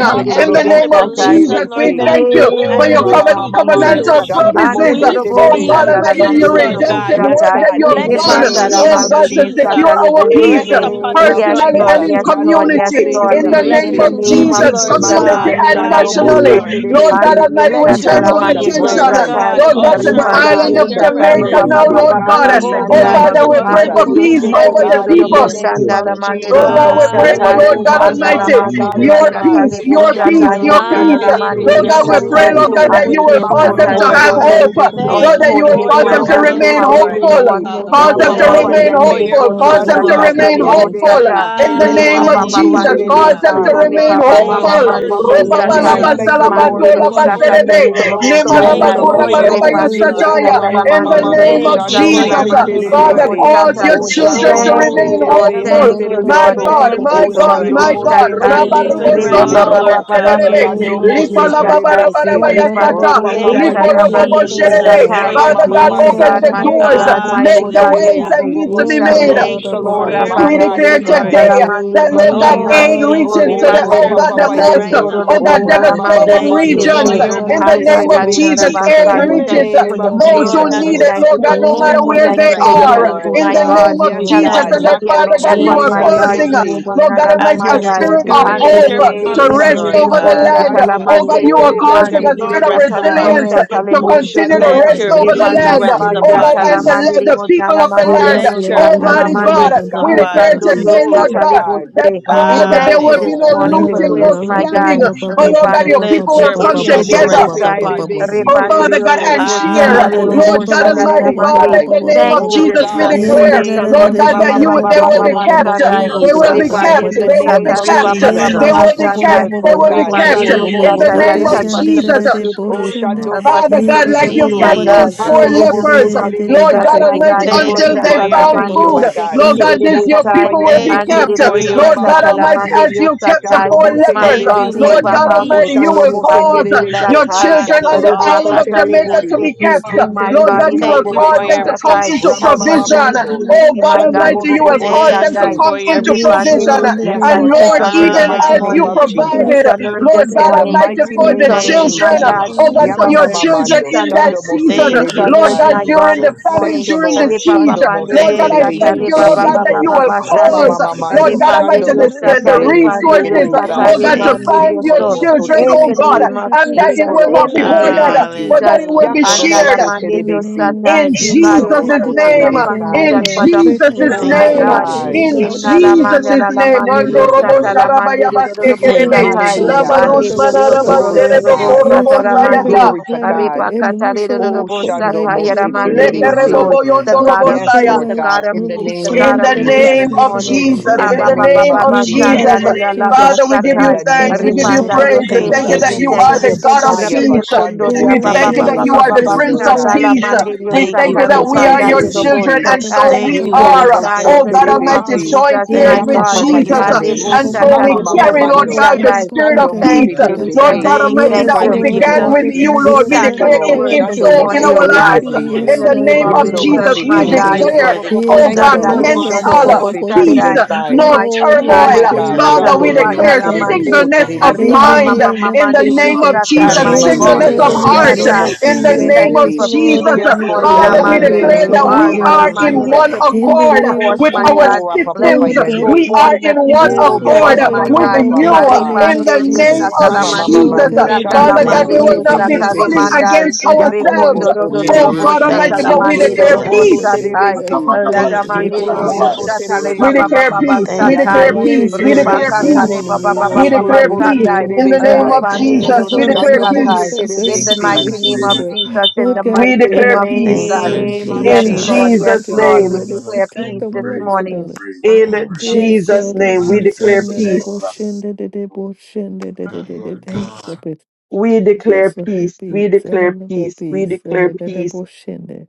K: uh,
C: my
K: in
C: God,
K: the
E: every
B: Dodobo
K: name
N: In the
A: Makoroboso
K: of
B: Satai.
C: thank
N: name
C: God,
N: of
K: Jesus.
E: tribulation,
C: we
E: Lord
B: In
K: We
A: Terebesi,
B: the
C: can
E: God.
N: Jesus,
K: thank you
C: trust
N: Lord, we
K: for
N: pray
E: And
A: Oh,
C: in
K: your
E: we
C: you,
B: name
K: covenant-
C: you're
B: of
E: speak
C: our
N: that
C: friend,
A: Ramamamamando,
B: Jesus.
K: covenantal
C: our
N: I-
E: peace.
N: that
A: Shando
N: I- that
C: confidant,
K: promises.
N: I-
K: uh,
B: Anderio
A: Mose
E: We
N: that I- bo-
C: the
B: dobo
K: Oh
N: bo- bo-
E: speak
K: God
C: friend
B: shata
N: bo-
C: is
A: Terebesi.
B: la
N: bo-
K: Almighty,
C: the
K: and
N: bo-
K: your
E: peace,
N: bo-
B: manderio
N: bo-
C: greater
E: Lord
B: dobo
N: bo-
C: than
E: God.
N: sh-
K: redemptive
C: a
A: Yes,
K: work
C: brother,
B: shatai.
K: that
A: God,
K: you have
A: in the
N: Yes,
C: but
E: Let
K: done.
E: your
N: Lord,
B: Repanda la
C: Lord,
N: thank you
A: name
K: Oh
E: peace,
N: for
C: oh
A: of
K: God,
C: God,
B: manderio
K: to
C: we
N: peace.
A: Jesus.
B: shata
K: secure
E: Jesus,
K: our
O: Hallelujah.
B: lebo
A: In
C: worship
A: the
E: rest
B: seke.
K: peace
C: and every
N: And
E: upon
L: We
N: to
A: name
E: us,
A: of
L: thank
B: Yes,
C: Father,
E: Lord
N: Lala
K: personally
L: you.
E: God.
B: Lord,
K: and
A: Jesus.
K: in
B: yes,
N: Boshende.
B: Lord,
A: Yando
C: Lord
A: mose
B: yes,
K: community.
C: God, in the
N: Name
B: Lord.
K: In
N: of
K: the
C: name
E: Let
B: In
K: name
C: of
B: the
K: of
E: your
N: Jesus,
A: terebesi.
N: I
B: name
N: thank
B: of
E: peace,
N: you
C: Jesus
A: Peace,
K: Jesus,
N: for
E: Lord
A: my
C: Christ
B: Jesus,
C: of
B: in
K: community
N: praise,
B: the
A: God.
E: God,
N: oh
C: Nazareth.
K: and
B: name
N: God,
B: of
E: guide
A: Shando
N: in the
E: us,
A: mose
K: nationally.
B: Jesus.
N: name
O: Sorry,
E: Lord.
N: of
C: Almighty
K: Lord
N: Jesus.
K: God
A: terebesi.
C: God,
B: Anderio
K: Almighty, we
C: we
E: Let
A: Peace
N: Yes,
B: shata
E: your
K: turn
C: thank
B: la
K: our
A: among
C: you,
A: the
N: Lord,
E: peace,
C: Lord
B: manderio
K: attention.
E: Lord
C: God
K: uh,
A: brethren.
C: Almighty,
N: your
B: shatai.
E: God,
C: for
K: Lord
C: the
K: God,
A: Peace,
K: to the
E: usher
A: my
C: promises
E: us
C: of
A: God,
K: island
B: Repanderio
C: God.
E: into
K: of
A: in
E: your
A: the
B: shata
C: We
K: Jamaica
B: reba
E: presence.
A: families.
C: thank
B: ba
K: now,
B: ba
A: My
B: ba
K: Lord
C: you,
B: ba
A: God,
K: God.
B: ba
K: Uh,
A: in the
E: Oh
C: God,
K: Oh
A: name
B: shandai.
E: God,
C: Almighty
A: of
K: Father,
E: give
K: we
C: Father,
E: us
K: pray
C: that
E: the
K: for
A: Jesus.
C: you
B: Anderio
E: peace
K: peace
C: can do
A: My
B: shete
E: that
K: over
B: de
K: the
E: we
A: God, in
C: anything
A: the
B: dobo
E: need.
K: people.
C: but
A: name
B: shanda
C: fail.
A: of
B: la
C: So
B: manderio
K: Oh
A: Jesus.
B: dobo
K: God,
C: now,
K: we
L: We
K: pray
C: mighty
L: thank
K: for
C: God,
B: shatai.
L: you.
K: Lord
C: in
A: Oh,
K: God
C: the
A: my
E: Hallelujah.
C: name of
A: God,
O: all
B: Andala
K: Almighty,
A: my
O: good.
A: God,
C: Jesus
B: manderio
O: I
A: my
K: your
C: Christ
A: God.
B: shata
C: of
K: peace,
O: give it
B: lebo
O: all
K: your
O: away
C: Nazareth,
K: peace,
A: Shando
B: shatai.
O: on
C: we
K: your
A: mose
B: Yetanda
K: peace.
B: la
C: rest
N: peace.
O: faithful
C: upon
K: Lord
C: your
B: manderio
E: Hallelujah.
A: terebesi
K: God,
N: Yes,
E: We
K: we
C: promise,
B: shatai
K: pray,
E: thank
C: O
N: Lord,
O: it
K: Lord
E: you
K: God,
A: terebeso.
K: that
B: and
E: for
C: Father.
K: you
N: God,
E: your
O: for
B: maybe
K: will
O: your
B: also
C: We
K: cause
E: peace,
B: that
K: them
B: I
K: to
C: rest on
B: will
E: Lord.
K: have
A: Makoroboso
C: your
B: on,
C: Lord
K: hope.
C: God,
O: glory
A: terebesi.
B: on
K: Lord,
E: Thank
K: that you
E: you
O: and
C: Almighty
K: will
B: holiness,
A: Ye
E: for
K: cause
B: my
E: your
K: them to
O: all
A: korobo
B: God,
O: on
C: Mighty
A: so
K: remain
E: peace,
C: God, in
B: without
L: We
C: the
B: it,
E: Lord.
O: things,
B: no
L: thank
K: hopeful.
C: name
A: terebesi.
L: you,
C: of
B: one will
O: Father.
L: Lord.
K: Cause
B: see
C: Jesus
B: the
K: them
A: Rapa
O: Bless
K: to
B: Lord.
A: papa
C: Christ
O: your
E: Thank
C: of
K: remain
E: you
O: name,
E: for
B: Ye
A: yende.
C: Nazareth.
E: your
K: hopeful. Cause
C: All
E: peace,
O: Lord.
K: them
B: kondoria
N: I
A: Chando
C: your
K: to
N: thank
E: Lord.
N: you
B: sata
A: mose
K: remain
B: re
N: for
C: people,
O: God.
B: bo
C: Lord
N: wisdom.
K: hopeful.
C: God,
A: terebesi.
B: sata.
O: Glorify
K: In
O: your
K: the
A: Ye
B: Ye
C: Almighty,
N: Yes,
K: name
O: name,
N: in
K: of
N: the
B: papa
A: korobo
C: not
O: Holy
N: name
A: so
C: to
B: papa
K: Jesus,
N: of
C: worry
O: God.
C: or
B: nderio
K: cause
E: Hallelujah.
K: them to
C: fear, O
A: terebesi.
B: soto re
K: remain
O: God,
C: Lord
B: papa
O: you
C: God,
A: So
B: papa
O: are
E: Thank
N: Jesus.
K: hopeful.
A: rapa
E: you,
C: but
O: word
A: papa
B: manderio
C: trust you,
A: yende.
B: sata.
A: We
O: praise.
E: Jesus.
A: thank you,
C: Almighty
A: Lord,
C: God,
A: for
B: Manderio
C: in
O: You are
C: the
A: peace.
B: sata
O: word
B: te re
K: Robabalabasalabatolabasherebe.
B: do
N: Yandararabobobobotoshendedede.
C: name of
B: do
A: Shalom,
B: bo
A: shalom,
C: Jesus
E: Thank
B: sanai.
E: you
A: shalom,
E: for
C: Christ
E: your
C: of
B: Re
C: Nazareth.
N: Yandararabobobo.
A: shalom.
E: peace,
B: panderio
N: Yes,
E: Lord.
N: Lord,
K: Nemalabakurabarabaya
A: Oh,
N: I
C: Lord
B: sata la
N: hear
K: In
N: you,
B: mane
K: the
O: God.
B: do
N: Lord.
B: do
C: God,
B: do
A: Ramamamamando,
K: name
B: bo
C: Lord
K: of
E: Thank you
A: Shando
C: God,
B: sana
E: for
N: Yes,
B: la
E: your
K: Jesus,
N: and
A: Mose
K: uh,
N: that
C: we
B: mande
E: peace,
N: up,
B: do
N: up,
C: thank
B: do
N: up,
K: Father,
E: Lord.
C: you,
N: up,
A: Terebesi,
C: Lord.
N: up, up,
K: cause
C: We
K: your
N: up,
B: sata.
A: Oh,
C: thank you,
N: up,
O: Yeah,
K: children
N: up,
A: Shando
C: Father.
K: to
N: up,
C: We
N: up,
B: Thank
A: Mose
N: up.
K: remain
C: thank
B: you,
C: you.
O: you
E: Oh,
B: Lord.
O: are
E: help
C: We
E: and
O: word,
N: In
E: us
C: thank
A: Terebesi
K: hopeful.
C: you,
E: to
N: the
C: Lord
B: Thank
N: da
B: you,
N: da bo
K: My
O: Lord.
B: Lord.
C: God.
N: bo
A: Terebeso,
E: experience
O: You are
K: God,
N: bo
E: your
O: word,
B: Thank
N: bo
C: We
B: you,
N: bo
K: my
A: Oh,
E: peace,
N: bo
B: Lord.
K: God,
N: bo
C: bless
E: Lord.
A: Shando
N: bo
C: your
B: Ibo
K: my
O: God.
C: name,
K: God.
A: Mose
N: shanda
C: Lord
N: da
E: We
O: Praise.
B: satai.
N: da
C: God.
N: da
E: Even
N: da
C: We
A: Terebesi
N: da
B: Re
N: bo
E: right
N: bo
C: praise
B: papa
E: now,
N: bo.
C: your
O: Hallelujah.
E: Lord
C: name,
B: papa
A: Terebeso,
C: Lord
B: papa
E: God,
N: In
E: we
C: God.
E: are
N: the
B: skete re
N: name
A: Shando
C: Lord
B: de
N: of
B: de
C: God.
B: be
A: Mose
O: Hallelujah.
E: experiencing your
N: Jesus.
E: peace.
A: Terebesi,
C: Bless
N: In
O: Bless
C: me,
N: the
O: your
N: da da
C: Lord God.
N: bo
A: Rapa
B: Repanderio
N: bo
L: We
N: bo
O: bless
E: Thank
A: Papa
N: bo
L: thank
E: you,
B: Sata
E: for your
N: to
L: you.
A: Yende.
C: Bless
N: shinda da da da
E: Jesus,
B: Repanderiosata
A: Oh
N: da.
O: you,
E: for
B: Satai,
E: your
K: Father
A: Yamama
E: peace.
K: God,
N: In
B: Mighty
O: Hallelujah.
N: the
A: Mando.
K: open
N: da
B: God,
K: the
N: da
O: Yes,
N: da
E: upon
A: Ye
N: bo
E: the
B: mighty
N: bo
K: doors.
N: bo
B: God,
C: me, Lord God. Bless me,
N: bo
A: Korobo
C: Lord
N: bo
L: We
K: Make
B: mighty
N: bo
K: the
C: God.
L: thank
B: God,
N: to.
E: Hallelujah.
B: Ebo
K: ways
L: you.
K: that
B: bo
A: Soterebesi.
B: bo
K: need
B: bo
K: to
C: Bless
K: be
N: In
C: me,
N: da da
B: shande.
K: made.
A: Shalom,
N: da
C: Lord God.
E: Thank
N: da
C: Bless
E: you
N: bo
B: O
E: for
O: Lord.
N: bo
A: shalom.
N: bo
E: your represented
N: bo
A: My
K: We
N: bo bo
A: God,
B: rapanderio
K: declare
E: peace,
N: bo
A: in
O: Hallelujah.
N: bo
A: the
N: bo
B: Sata
E: Lord. for
N: bo
K: today
N: da.
K: that,
A: name of
O: God,
K: Lord
B: Rapanderiosata
K: God,
E: Oh,
N: Yeah
O: you are
N: la
B: Satai,
A: Jesus.
E: as
K: aid
N: la
E: we
O: word,
N: la
B: O
N: bo
K: reaches
N: bo
K: to
N: bo
A: Oh
K: the,
N: bo
E: experience
N: bo
E: your
K: oh
A: Rapa
K: God,
N: bo
K: the
A: Papa
E: peace
N: bo
B: Repanderiosata
K: most,
E: right
N: bo bo
A: Yende.
B: Yotoro
N: bo
E: now,
N: bo bo
K: oh
N: bo
K: God,
A: Oh
N: bo
O: Lord.
B: Domona
N: da sha.
A: Ramama
K: devastated
C: me,
E: thank you
A: Mando.
C: Lord
E: for
N: Yeah
C: God. Jesus,
E: your
K: regions.
C: Lord
B: Lamanderiosete.
N: da
A: Shando
N: da
K: In
N: da
K: the
N: da
A: Mose
E: peace.
N: bo
K: name
E: our
N: bo
K: of
N: bo
B: Asatari
C: God.
N: bo bo
K: Jesus,
A: Terebesi.
C: Jesus, Lord God. Jesus, Lord God. Jesus, Lord God. Jesus,
N: bo
E: oh
N: bo
K: aid
N: bo
B: Rabasa.
A: In
B: We
L: Yes,
N: bo
A: the
N: da
K: reaches
B: thank
L: Lord.
B: you
N: sha
B: for
A: name
B: your
A: of
N: da da
K: those
B: peace.
N: da
C: Lord
K: who
O: Hallelujah.
E: Lord, Lord,
N: bo
A: Jesus.
N: bo
E: as
B: We
K: need
E: we
N: bo.
K: it,
O: Hallelujah.
B: thank you
K: Lord
B: for
K: God, no
E: experience
N: Yeah
B: peace.
E: your
K: matter
N: da
B: We
C: God. Jesus,
N: da
K: where
B: thank
N: da
E: peace
K: they
B: you
N: bo
C: Lord
B: for
E: right
N: bo
C: God.
B: your
E: now,
N: bo
O: God,
A: Yes,
K: are.
N: bo
B: peace,
N: da
E: Lord,
A: Lord
K: In
B: my
N: sha
K: the
O: Lord.
N: da
A: God.
N: da
B: God.
K: name of
A: Yes,
E: we
N: slow
B: Help
N: da
K: Jesus,
B: us
A: God.
B: to
E: thank
K: and
N: thank
E: you,
B: make
A: Ma
K: that,
N: you.
E: Lord
B: every
K: Father
E: Peace, O
K: God,
A: Korobo
C: Lord,
N: Yeah
K: you
B: effort,
A: Si
K: are
N: da
B: my
C: we
N: da
O: God,
N: da
E: Jesus.
B: God,
N: bo
B: in
K: causing
B: the
N: bo
C: thank
K: us,
N: bo
A: Terebesi.
B: name
N: bo
B: of
K: Lord God
O: Hallelujah.
N: thank
B: Nana
N: you
K: Almighty,
E: As
N: for
E: we
K: a
A: Yes,
N: God
B: Lamandai.
N: that
A: Lord
K: spirit
L: We
N: give
K: of
N: me
A: God,
L: thank
A: in
E: experience
K: hope
L: you.
A: the
E: your
K: uh,
N: wisdom
C: you,
K: to
A: name
E: peace,
B: Anderiosatai
A: of
N: that
K: rest
N: I
E: Lord
B: Yotoro
K: over
E: God,
N: may
K: the
A: Jesus.
N: step
B: Domona
N: by
K: land.
A: Yando
N: step
K: Oh
N: may
K: God,
A: Mose
N: be
B: Lamande.
K: you are
E: Ooh,
N: order
E: let
N: in
E: your
K: causing
A: Terebesi
N: your
K: a
E: peace
O: Hallelujah.
K: spirit of
N: word
E: rest
B: Andelosata
N: that
E: upon
A: Terebesi.
K: resilience
E: us.
N: I
B: lebosata
C: Lord
N: give
K: to
C: God.
N: me
A: Oh,
K: continue
A: Shando
N: wisdom
B: lebosete.
K: to
N: that I
E: Let
K: rest
A: Mose
E: your
O: Hallelujah.
N: may
K: over
N: have
K: the
E: peace
B: Repanda
K: land.
A: Terebesi
N: peace
B: la
E: rest
N: in the
K: Oh
O: Hallelujah.
N: name
K: God,
E: upon
B: basata
N: of
B: la
K: and
A: Terebesi.
K: the,
E: us.
N: Jesus.
B: mandi
K: la- the
B: ribota
K: people
B: la
K: of the
B: mandi
K: land.
N: Yes,
E: Let your
A: Hallelujah.
N: Lord
C: Thank
B: robosanda
C: you.
N: and
B: la
O: Our
K: Almighty
E: peace
O: word,
N: believe
A: Glory
N: me,
K: God,
B: mandi.
A: to
N: pa
E: rest
N: pa
O: our
K: we
N: pa
A: God.
N: pa
E: upon
K: declare
N: pa pa.
O: word,
E: us.
K: today,
A: Glory
K: Lord
A: to
B: Yekandoriosata
K: God,
A: God.
K: that
B: lebose. We
K: oh, that there
B: thank
O: our
B: you
K: will
E: Hallelujah.
K: be
B: this
A: Makoroboso.
K: no
A: We
B: morning
N: Well,
B: for
N: la
K: looting,
N: la
A: declare
K: no
B: peace,
N: la la
B: my
A: peace,
N: pa pa
B: God.
K: scamming.
N: pa
A: peace,
N: pa
K: Oh
N: pa
A: peace,
K: Lord
N: pa
K: God,
O: word,
A: peace.
K: your
B: Repanderio
N: pa
K: people
E: Let
N: pa
K: will
E: your
N: pa
A: Oh,
K: come
N: pa pa
B: sekete
N: pa
B: de
E: peace
A: Shando
B: de
K: together
N: pa
A: Mose
E: rest
N: pa
B: besai.
N: pa
E: upon
N: pa pa.
E: us.
A: Terebesi
K: Oh, Father
B: Repanderio
K: God,
A: Terebeso.
K: and
N: In
B: robosanda
K: share.
N: the
B: le
N: da da da
L: We
K: Lord
N: bo
A: Yakoroboso
K: God
N: bo
E: Hallelujah.
B: robosanda
N: bo
L: thank
B: la
N: bo
K: Almighty,
N: bo
L: you.
N: bo
K: Father,
N: bo
B: mandi.
A: Terebesai.
K: in the
N: bo bo
K: name
N: bo
K: of
B: Thank
N: bo
B: you
N: bo.
A: Oh,
B: this
K: Jesus, we
A: God,
B: morning
A: in
E: Jesus.
A: the
N: In
B: for
N: the
B: your
K: declare,
N: da da
A: name
N: da
B: shalom.
K: Lord
A: of
N: da
K: God,
N: da
K: that
B: Baba
N: da
K: you
A: Jesus,
K: would-
N: bo
A: we
B: baba
K: they
N: bo
B: baba
K: will
N: bo
K: be
A: declare
N: bo
B: baba
N: bo
K: kept.
N: bo
A: peace.
N: bo
B: sandai.
N: bo bo
K: They will
N: bo bo
A: Oh,
K: be
N: bo
A: God,
N: bo
E: Jesus.
K: kept.
N: bo
A: in the
B: Repanderio
K: They will be
A: name
N: tashanda.
B: sata
A: of
K: kept.
B: reba baba
N: In
A: Jesus.
K: They
N: the
B: baba
N: da
K: will
N: bo
K: be
N: bo
O: our
K: kept.
N: bo
B: sandai.
A: Yes,
E: Jesus.
N: bo
K: They
N: bo
A: Lord
K: will
N: bo
K: be
N: bo
A: God.
N: bo
K: kept.
N: bo
A: Shando
B: Repandirio
N: bo bo
K: In
N: bo
K: the
A: Mose
B: Satai,
N: bo
B: Lord,
K: name of
E: Jesus.
B: help us
N: tashanda
B: to
N: da
A: Terebesi.
K: Jesus.
N: da da
B: pursue
N: bo
A: Oh,
B: peace.
O: word,
N: shanda.
A: Shando
B: Help us
K: Father
B: to
A: Mose
N: Ye
K: God,
B: seek
N: ba ba
K: like
B: peace,
N: ba
K: you
N: ba
B: my
A: Terebeso.
K: kept
N: ba
K: those
B: God.
K: four
N: tashinda
B: In
N: da
B: the
N: da
A: Hakoroboso
K: lepers,
N: da
B: name
N: da
E: Jesus.
B: of
N: da da
K: Lord
N: da
O: our word.
B: Jesus,
K: God
N: bo
A: Terebesai.
B: my
N: bo bo
K: Almighty,
B: God,
N: bo
A: We
O: Hallelujah.
N: bo
B: Ibo
E: Thank
N: bo
A: thank
K: until
E: you
N: bo
A: you.
E: for
K: they
N: bo
A: We
N: bo
E: your
B: Satala
N: bo
K: found
N: bo
A: thank you,
N: bo.
K: food.
B: Mandirio
A: my God.
K: Lord
N: Ye
E: peace.
N: ba
K: God,
N: ba
K: this
B: Sekete
A: Yapa
K: your
N: ba
B: Sai,
A: Papa
K: people
N: ba ba
K: will be
N: ba
A: Yende.
E: Thank
N: ba
B: and
E: you
N: ba
K: kept.
N: ba ba
E: for
N: ba
A: Oh,
N: ba
B: Ibo
E: your
K: Lord
N: da.
K: God
A: Ramamama
B: Satala
K: Almighty,
A: Mando.
E: peace.
K: as
B: Mandirio
K: you kept the
B: Satai.
A: Shando
K: four
N: Yes,
A: Mose
B: My
K: lepers,
E: Thank
N: Lord,
E: you
B: God,
N: in the
E: for
K: Lord
A: Terebesi.
E: the
N: name
K: God
N: of
B: Yebaba
A: Oh,
K: Almighty, you
O: Our
B: Soto,
A: Shando
K: will
E: peace
A: Mose
K: cause
B: Repandirio
E: that
A: Terebeso.
K: your
B: Satai,
K: children on
E: passes
K: the
E: all
A: Yakoroboso
K: island of
B: Repakata Libo
K: Jamaica
A: Terebesi.
K: to be
E: understanding.
B: Sete,
N: Jesus,
K: kept.
O: word, our word,
A: Ye
N: God,
O: our
B: my
N: in the
K: Lord
B: God,
N: name
K: God,
N: of
A: Terebesi
K: you
B: Ibo
K: will
E: Thank you
B: Bobo
K: cause
E: for
K: them
E: your
K: to
A: Terebesai.
K: come
B: Satai.
K: into
B: Help
E: peace.
N: yes,
B: us
A: Ramamama
B: to
K: provision.
B: keep
N: Lord,
A: Mando.
N: in the
K: Oh
N: name.
B: unity,
K: God
B: my
A: Shando
B: God,
K: Almighty,
B: Ibo
A: Mose
K: you
N: of
K: will
B: Bobo
K: cause them
E: Thank
K: to
E: you
B: Shandai.
A: Terebesi.
K: come
E: for your
K: into
N: Yes,
K: provision
E: peace,
N: Lord,
B: Repandirio
K: provision.
N: in
E: Lord.
N: the
A: Yes,
N: name
B: Satai,
K: And
N: of
A: Lord
N: the
B: peace
K: Lord,
A: God.
N: Ba-
B: on
N: Ba-
A: In the
B: earth
N: Ba-
K: even
N: Ba-
B: this
A: mighty
N: Ba-
E: Hallelujah.
K: as
N: Ba-
A: name
K: you
B: morning.
N: Ba-
A: of
N: Ba- Ba- Ba-
B: Peace
A: Jesus
K: provided,
N: Sh-
B: on
N: Ba- Ba-
B: earth
N: Ba-
K: Lord
B: this
N: Ba- Ba-
K: God
A: in the
B: morning.
K: Almighty,
A: mighty
N: Ba-
K: for
B: Peace
K: the
A: name
N: Ba- Ba-
A: of
B: on
N: Ba- Ba-
B: earth,
N: Ba-
B: my
K: children,
A: Jesus.
B: God.
K: oh God,
B: Peace
N: Ba-
K: for
B: on
N: Ba-
K: your
B: earth.
K: children
B: Peace
A: Yamamamamando,
K: in
B: on
K: that
B: earth.
A: Shando Mose
K: season,
E: Thank
B: Peace
N: Ba-
B: on
K: Lord
B: earth,
N: Ba- Ba- Ba-
A: Terebesai.
K: God,
B: my God,
K: during the
B: this
K: famine,
A: Thank
B: morning.
A: you,
K: during the
A: Lord.
B: Ripa
K: siege,
A: Shando
B: papa
A: Mose
B: nerio
K: Lord God, I
N: Ba- Ba-
B: sata
K: thank
A: Terebesi
N: Ba-
K: you,
B: ripa
K: Lord God,
N: Sh- Da-
B: papa
K: that
A: Terebeso.
K: you
N: Da-
B: papa
K: will
N: Da- Da- da-
E: Jesus.
B: bashande.
K: cause,
N: Protect
K: Lord
A: Ramamamamando,
N: them,
K: God
B: Ripa
N: oh
K: Almighty,
N: God,
A: Shando
B: nerio
N: on
K: the,
N: the
A: Mose
K: the the
B: sata
N: island, oh
B: ripa
A: Terebesi
N: God.
B: nerio
K: resources,
E: Ooh,
B: sata
A: Terebesai.
N: Keep
K: oh God,
N: them.
K: to
B: ripa
N: safe,
A: Ye
B: nerio
K: find
N: oh
K: your
B: so.
A: Koroboso
N: God.
K: children,
B: In
K: oh
N: Yes,
B: the
K: God,
N: Lord.
A: Terebesi.
N: Da-
B: name of
N: da- da-
K: and that
N: da-
A: Ye
K: it
N: da-
B: Jesus,
K: will
N: da-
K: not
B: in
N: da-
K: be
B: the
A: Koroboso
N: da- da-
B: name
N: Ba-
K: hoarded,
B: of
N: Ba-
A: Terebesi.
K: but that
B: Jesus.
K: it will
A: Ya
K: be
B: Andala
K: shared
A: Koroboso
N: And in the
B: manderio
A: Terebesi.
N: name of
K: in
B: satai.
N: His
A: Ye
N: name,
B: God is
K: Jesus'
B: not
N: protect
B: the
A: Koroboso
N: the
B: author of
K: name,
N: children, oh
K: in
A: Terebesai.
B: confusion, but
N: God.
B: of
K: Jesus'
N: Protect
B: peace,
A: Oh
N: your
B: my
A: my
K: name,
B: God.
N: children,
A: God.
N: oh
K: in
N: God,
B: Yenda
N: in the
B: la
N: name
K: Jesus'
B: manda
N: of
B: la la
K: name.
N: Jesus
B: mande
N: in
K: Mando
B: Dios
K: robo
N: Jamaica,
B: tata la
N: Lord.
K: sharaba
B: mande de
K: yaba
B: do do do bo
N: Cover them,
K: sekerebe,
N: O
B: satai.
N: God,
K: laba
A: Hallelujah.
N: under
B: Ande
N: the
B: Dios
K: rushmana
N: blood,
B: toto
N: O
K: raba
B: ro
A: Glory
B: ro
A: to
B: ro
N: God.
K: serebo
B: ro bo
A: God.
B: sata
N: Yes,
K: korobo
B: la
N: Lord, that
B: mande.
N: every
K: sayata,
A: Glory to
N: plan of
A: God.
N: the
B: Arepa
N: enemy
B: katale do
N: shall
B: do do
A: Oh,
N: not
B: bo
N: come
A: Shando
N: nigh
B: satai ya
N: them
B: la
A: Mose
N: in the
B: mande
N: name of
B: Dios
K: leperebo
A: Terebesi.
B: soy.
N: Jesus.
B: The
K: boyondo
N: O
B: God
K: robo
B: of
N: God,
A: Yes,
K: saya.
B: peace,
A: Lord
B: the
N: provide
A: God,
B: God of
A: in the
B: peace, the
A: name
N: nutrition
A: of
K: In
B: God
N: and
B: of
K: the
O: word, our word, Hallelujah. Holy, holy, holy,
B: peace
A: Jesus,
K: name
B: this
N: protection
K: of
N: for the
B: morning.
K: Jesus,
A: in
K: in
A: the
B: Abba
K: the
N: children
B: ba ba
A: name
K: name
A: of
B: ba
K: of
B: ba
N: in the
A: Jesus,
B: shanda
K: Jesus,
N: name
B: la
N: of
B: la la ba
N: Jesus.
K: Father, we give
A: in
K: you
B: satai.
A: the
N: Eh,
K: thanks,
N: pa-
K: we give
N: pa-
K: you
N: pa-
A: name
B: Repanda
N: pa-
A: of
K: praise.
N: pa-
B: Dios
K: We
N: pa- pa-
K: thank you
B: sete,
N: pa-
A: Jesus.
K: that
N: pa-
B: we
N: pa-
K: you
B: thank
N: pa-
K: are the
N: pa-
B: you.
N: pa-
K: God
N: pa-
K: of
A: Haya
N: shin.
B: Rapia
K: peace.
A: Bashando
N: Yeah,
A: Mose
K: We
B: kondoria ba
N: Yes,
B: ba
K: thank you
B: ba
K: that
N: Lord,
B: ba
K: you
B: ba
A: Terebesi
K: are
N: yes,
B: ba
K: the
B: ba
N: yes,
E: Jesus.
K: Prince
N: Lord,
K: of
B: shata
N: thank
A: Terebesi.
N: you,
B: la
K: Peace.
N: God.
B: mande Dios
K: We
A: Ye
E: Thank you,
K: thank you
B: tata
K: that
E: Prince
K: we
E: of
A: Koroboso
K: are
B: repanda
N: Yes,
K: your
B: Dios do
E: Peace.
N: Lord
B: bo
N: God,
K: children,
A: Terebesi.
N: da-
K: and
N: da- bu-
B: satai.
K: so
N: bu-
K: we
E: Thank
N: bu-
A: Ye
E: you,
N: bu-
E: Holy
N: bu-
B: Yes,
K: are.
N: bu-
B: God,
A: Koroboso
B: in
K: Oh
E: Spirit.
B: the
N: bu- bu-
K: God
N: bu-
B: name
N: bu-
B: of
K: Almighty,
N: bus.
O: hallelujah. Hallelujah.
A: Terebesi.
K: joint
B: Jesus,
N: Yeah,
K: ears
B: my
E: Thank
K: with
N: da-
E: you
A: Yapa
B: God.
N: da-
E: for the
A: Papa
N: da- da-
E: gift
K: Jesus,
O: Hallelujah.
N: da-
E: of
N: da-
O: We
A: Yende.
N: da-
B: Alebo
K: and
N: bu-
E: peace.
N: bu-
K: so
B: shata,
N: bu-
A: Mama
K: we
N: bu-
B: alebo
N: bu-
A: Mama
B: bo
N: bu-
K: carry,
B: bo
O: praise
N: bu-
B: bo
K: Lord
N: bu-
A: Mando.
K: God,
N: bu-
K: the
B: shandai.
K: Spirit
B: We
K: of
A: Shando
K: peace.
B: thank
A: Mose
B: you, we
K: Lord
O: our
B: thank
A: Tepepe.
K: God
B: you, we
E: Thank you
K: Almighty,
B: thank
N: Yes,
E: for
O: God.
B: you.
E: the
K: that
A: Thank you,
N: Lord
E: gift
K: began
N: God,
E: of
K: with
A: Lord.
N: I
K: you,
N: thank
B: We
K: Lord,
N: you, oh
K: we
A: Thank
B: stand
N: God,
A: you,
B: on
K: declare
N: that
B: your
N: we
K: it
A: Lord.
N: are
B: word
K: is
B: this
A: Shando
K: so
N: joined
A: Mose
K: in
B: morning, oh
N: here
K: our
N: with
B: God.
K: lives.
N: you.
A: Terebesi.
B: In
K: In
N: Yes,
B: the
K: the
B: name
N: Lord,
K: name
B: of
N: in
K: of
N: the
A: Yando
N: name
B: Jesus,
K: Jesus,
N: of
A: Mose
K: we
B: my
E: Thank
B: God,
N: Jesus.
E: you
B: Ebo
A: Terebesi.
K: declare
E: for
B: bo
E: the
B: bo bo
N: Yeah,
K: Oh
E: gift
A: Thank
N: da,
E: of
K: God,
A: you,
N: da, da,
B: shandai,
A: Lord.
N: da,
B: Ebo
N: da,
B: bo
N: bo,
B: bo
A: Shando
N: bo,
B: bo
K: mental
B: bo
O: Hallelujah.
N: bo,
E: peace.
A: Mose
N: bo, bo,
K: peace,
N: bo.
B: shandai,
N: Thank
A: Terebesi.
N: you,
K: no
B: mighty
N: Lord. We
A: Oh
O: Thank
B: God,
N: are
O: you,
A: my
K: turmoil.
B: Ebo
O: God.
A: God.
N: joined
K: Father,
N: here
B: shatai
A: Shando
K: we
N: with
A: Mose
N: you,
B: lepanda
K: declare
N: Father
B: lamande,
A: Terebeso
N: God,
K: singleness of
N: in
B: arepa
N: the
A: Terebesi.
K: mind
B: mama
N: name of
K: in the
N: the
B: mamande dio
K: name of
N: Jesus.
A: In the
B: shatai,
K: Jesus,
B: my
A: name
N: Yeah,
A: of
N: da,
B: God,
K: singleness
N: da,
K: of
N: da,
A: Jesus.
B: Ebo
N: in the
O: We
K: heart
A: Yando
N: name
B: shatai.
N: of
E: Jesus.
A: Mose
O: praise
K: in the
B: We
N: Jesus.
K: name
B: thank you
K: of
N: Yes,
A: Terebesi.
B: for
O: you.
B: peace
N: Lord,
K: Jesus.
N: I
B: this
A: Yes,
N: thank
E: Mm.
N: you,
A: Lord
B: morning,
N: Lord,
K: Father,
A: God.
N: that
K: we
A: In
N: we
A: the
B: Amande.
N: are
K: declare that
N: joined
B: Ah,
K: we
A: name
B: la
N: here
A: of
K: are
N: with
K: in
B: lamande,
N: you,
B: let
O: Hallelujah.
K: one
B: your
A: Jesus.
N: in
B: peace
N: the
K: accord
B: go
N: name
B: forth,
N: of
K: with
B: my
K: our
N: Jesus.
B: God.
A: Oh, Rapa
B: Let
A: Papa
K: systems.
N: Lord
B: peace
N: God,
B: go
K: We
A: Yende.
N: come
B: forth,
K: are in
N: on.
B: let
K: one
B: peace
N: Yes,
A: Oh,
B: go
N: Lord,
A: Yaba
B: forth,
O: Thank you,
K: accord
N: that
A: Baba
N: we
B: my
A: Baba
K: with
B: God.
N: will
O: God.
A: Baba
N: wash the
K: you
A: Baba.
N: name
K: in
N: of
K: the
B: Arepande Dios
K: name
N: Jesus.
O: We
K: of
A: Rama
O: praise,
A: Mama
B: satalamande
N: Lord
K: Jesus.
B: Dios
A: Mando.
N: God,
O: praise,
N: I thank
A: Shando
K: Father
N: you, oh
K: God, we
B: satalamande
A: Mose
K: will
N: God,
B: Dios
N: for
K: not
O: Lord.
A: Tepe
K: be
O: Yes,
A: Pepe
K: pulling
A: Pe.
E: made.
N: resources.
B: satalemandai.
N: Oh
K: against
N: God, I thank you,
K: ourselves.
B: Repondo
N: oh
A: Yakoroboso
O: Lord.
K: Oh
B: rodorobo
O: Yes,
K: God
N: God.
A: Terebesi.
N: [LAUGHS]
K: Almighty, but
N: You,
K: we
O: yes,
B: satalamande
N: Lord
K: declare
N: God,
B: robo
N: in
A: Yekoroboso
K: peace
O: yes.
N: Jamaica,
B: satai.
N: that
A: Terebesi.
N: you do a
E: you, out
A: Ye
E: of
B: Ladamande
E: the
N: miracle
O: Hallelujah.
B: robo
N: in
A: koroboso
N: there.
B: satale
K: we
O: Hallelujah.
B: baba
A: terebesi.
B: baba
K: declare
B: baba
K: peace. We
A: Yando
K: declare
B: satai.
A: mose
K: peace.
N: Yes,
K: We
O: Good day,
N: Lord
K: declare
A: terebesi.
N: God,
K: peace.
B: Repakatare
O: Lord.
N: in the
B: baba
N: name
B: baba
N: of
A: Ye
K: We
B: baba
N: Jesus,
K: declare
N: we
A: korobosi
K: peace
N: declare
B: sandai.
N: more
K: in the name
N: peace
K: of
A: terebesai.
B: Repande
E: Thank
K: Jesus.
N: over
E: God.
K: We
E: you,
N: all
B: robo
E: We thank you,
K: declare
A: Shando
O: Good
A: mose
B: satai.
N: circumstances
K: peace.
N: and
B: In the
A: terebesi.
B: mighty
E: Jesus.
N: situation
B: name
N: in
B: of
O: day,
N: them.
B: Jesus,
E: We
B: in
N: Lord
O: Lord.
B: the
N: God, I
K: We
B: mighty
N: pray, oh
A: In
K: declare
B: name
A: the
N: God,
B: of
N: that you
K: peace
N: give
B: Jesus.
N: them
A: name of
N: peace
B: Yes,
K: in
N: and
B: Lord,
A: Jesus.
B: yes,
K: Jesus'
N: strength in the
B: Lord.
K: name.
N: name
B: We
N: of them.
B: declare
O: Thank
N: Protect
B: peace
N: them
B: this
O: you.
N: wonderful
B: morning.
N: them.
B: Huh?
K: In
E: Thank
O: God.
E: you,
N: Yes,
E: We
K: Jesus'
N: Lord, a
K: name,
E: Jesus.
K: we
N: peace
K: declare
N: and the
O: Hallelujah.
K: peace.
N: devotion, the devotion, the devotion. Thank you for it.
K: We declare
N: Yes, look at
K: peace. We
N: peace.
K: declare
N: Ellen, look
K: peace. We
N: peace.
K: declare
N: Ellen, that
K: peace.
N: abortion. there.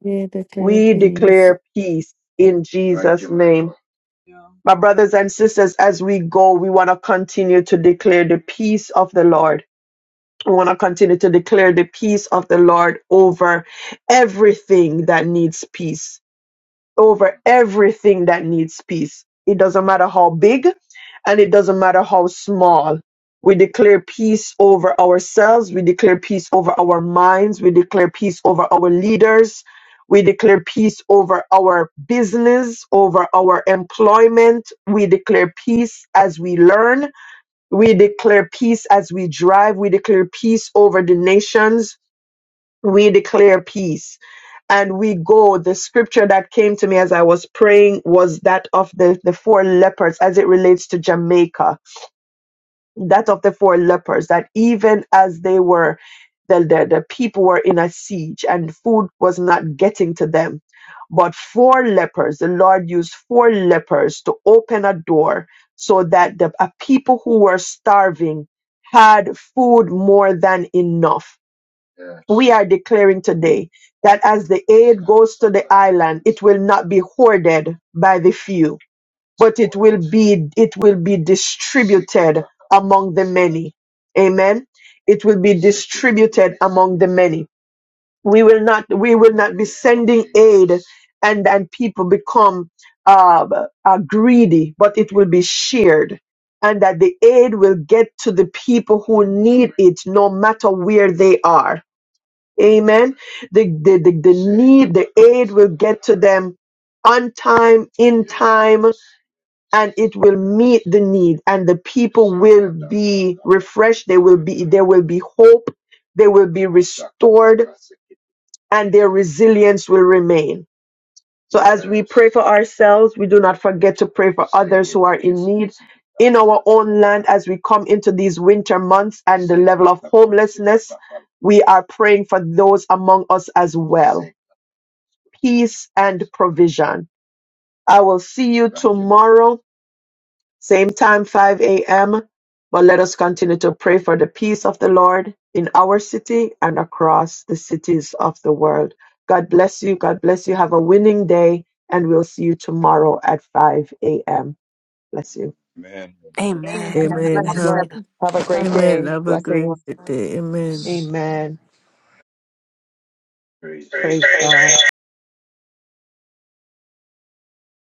N: Yeah, declare your
K: We
N: peace.
K: declare peace in Jesus' name. My brothers and sisters, as we go, we want to continue to declare the peace of the Lord. I want to continue to declare the peace of the Lord over everything that needs peace, over everything that needs peace. It doesn't matter how big and it doesn't matter how small. We declare peace over ourselves. We declare peace over our minds. We declare peace over our leaders. We declare peace over our business, over our employment. We declare peace as we learn. We declare peace as we drive. We declare peace over the nations. We declare peace. And we go. The scripture that came to me as I was praying was that of the, the four leopards as it relates to Jamaica that of the four lepers that even as they were the, the, the people were in a siege and food was not getting to them but four lepers the lord used four lepers to open a door so that the a people who were starving had food more than enough we are declaring today that as the aid goes to the island it will not be hoarded by the few but it will be it will be distributed among the many amen it will be distributed among the many we will not we will not be sending aid and and people become uh, uh, greedy but it will be shared and that the aid will get to the people who need it no matter where they are amen the the, the, the need the aid will get to them on time in time and it will meet the need and the people will be refreshed they will be there will be hope they will be restored and their resilience will remain so as we pray for ourselves we do not forget to pray for in our own land as we come into these winter months and the level of homelessness we are praying for those among us as well peace and provision i will see you tomorrow Same time, 5 a.m. But let us continue to pray for the peace of the Lord in our city and across the cities of the world. God bless you. God bless you. Have a winning day. And we'll see you tomorrow at 5 a.m. Bless you.
C: Amen. Amen.
H: God
C: Thank
G: Amen.
C: you,
H: bless
B: Amen.
G: God
C: Lady.
N: Amen.
H: you.
C: Gaga.
A: God
B: Blessed
G: bless
N: Have-
A: bless.
G: you.
A: Have a
E: Father.
A: great day.
N: Amen. Have a great
A: Blessings.
N: day. Amen.
K: Amen. Praise God.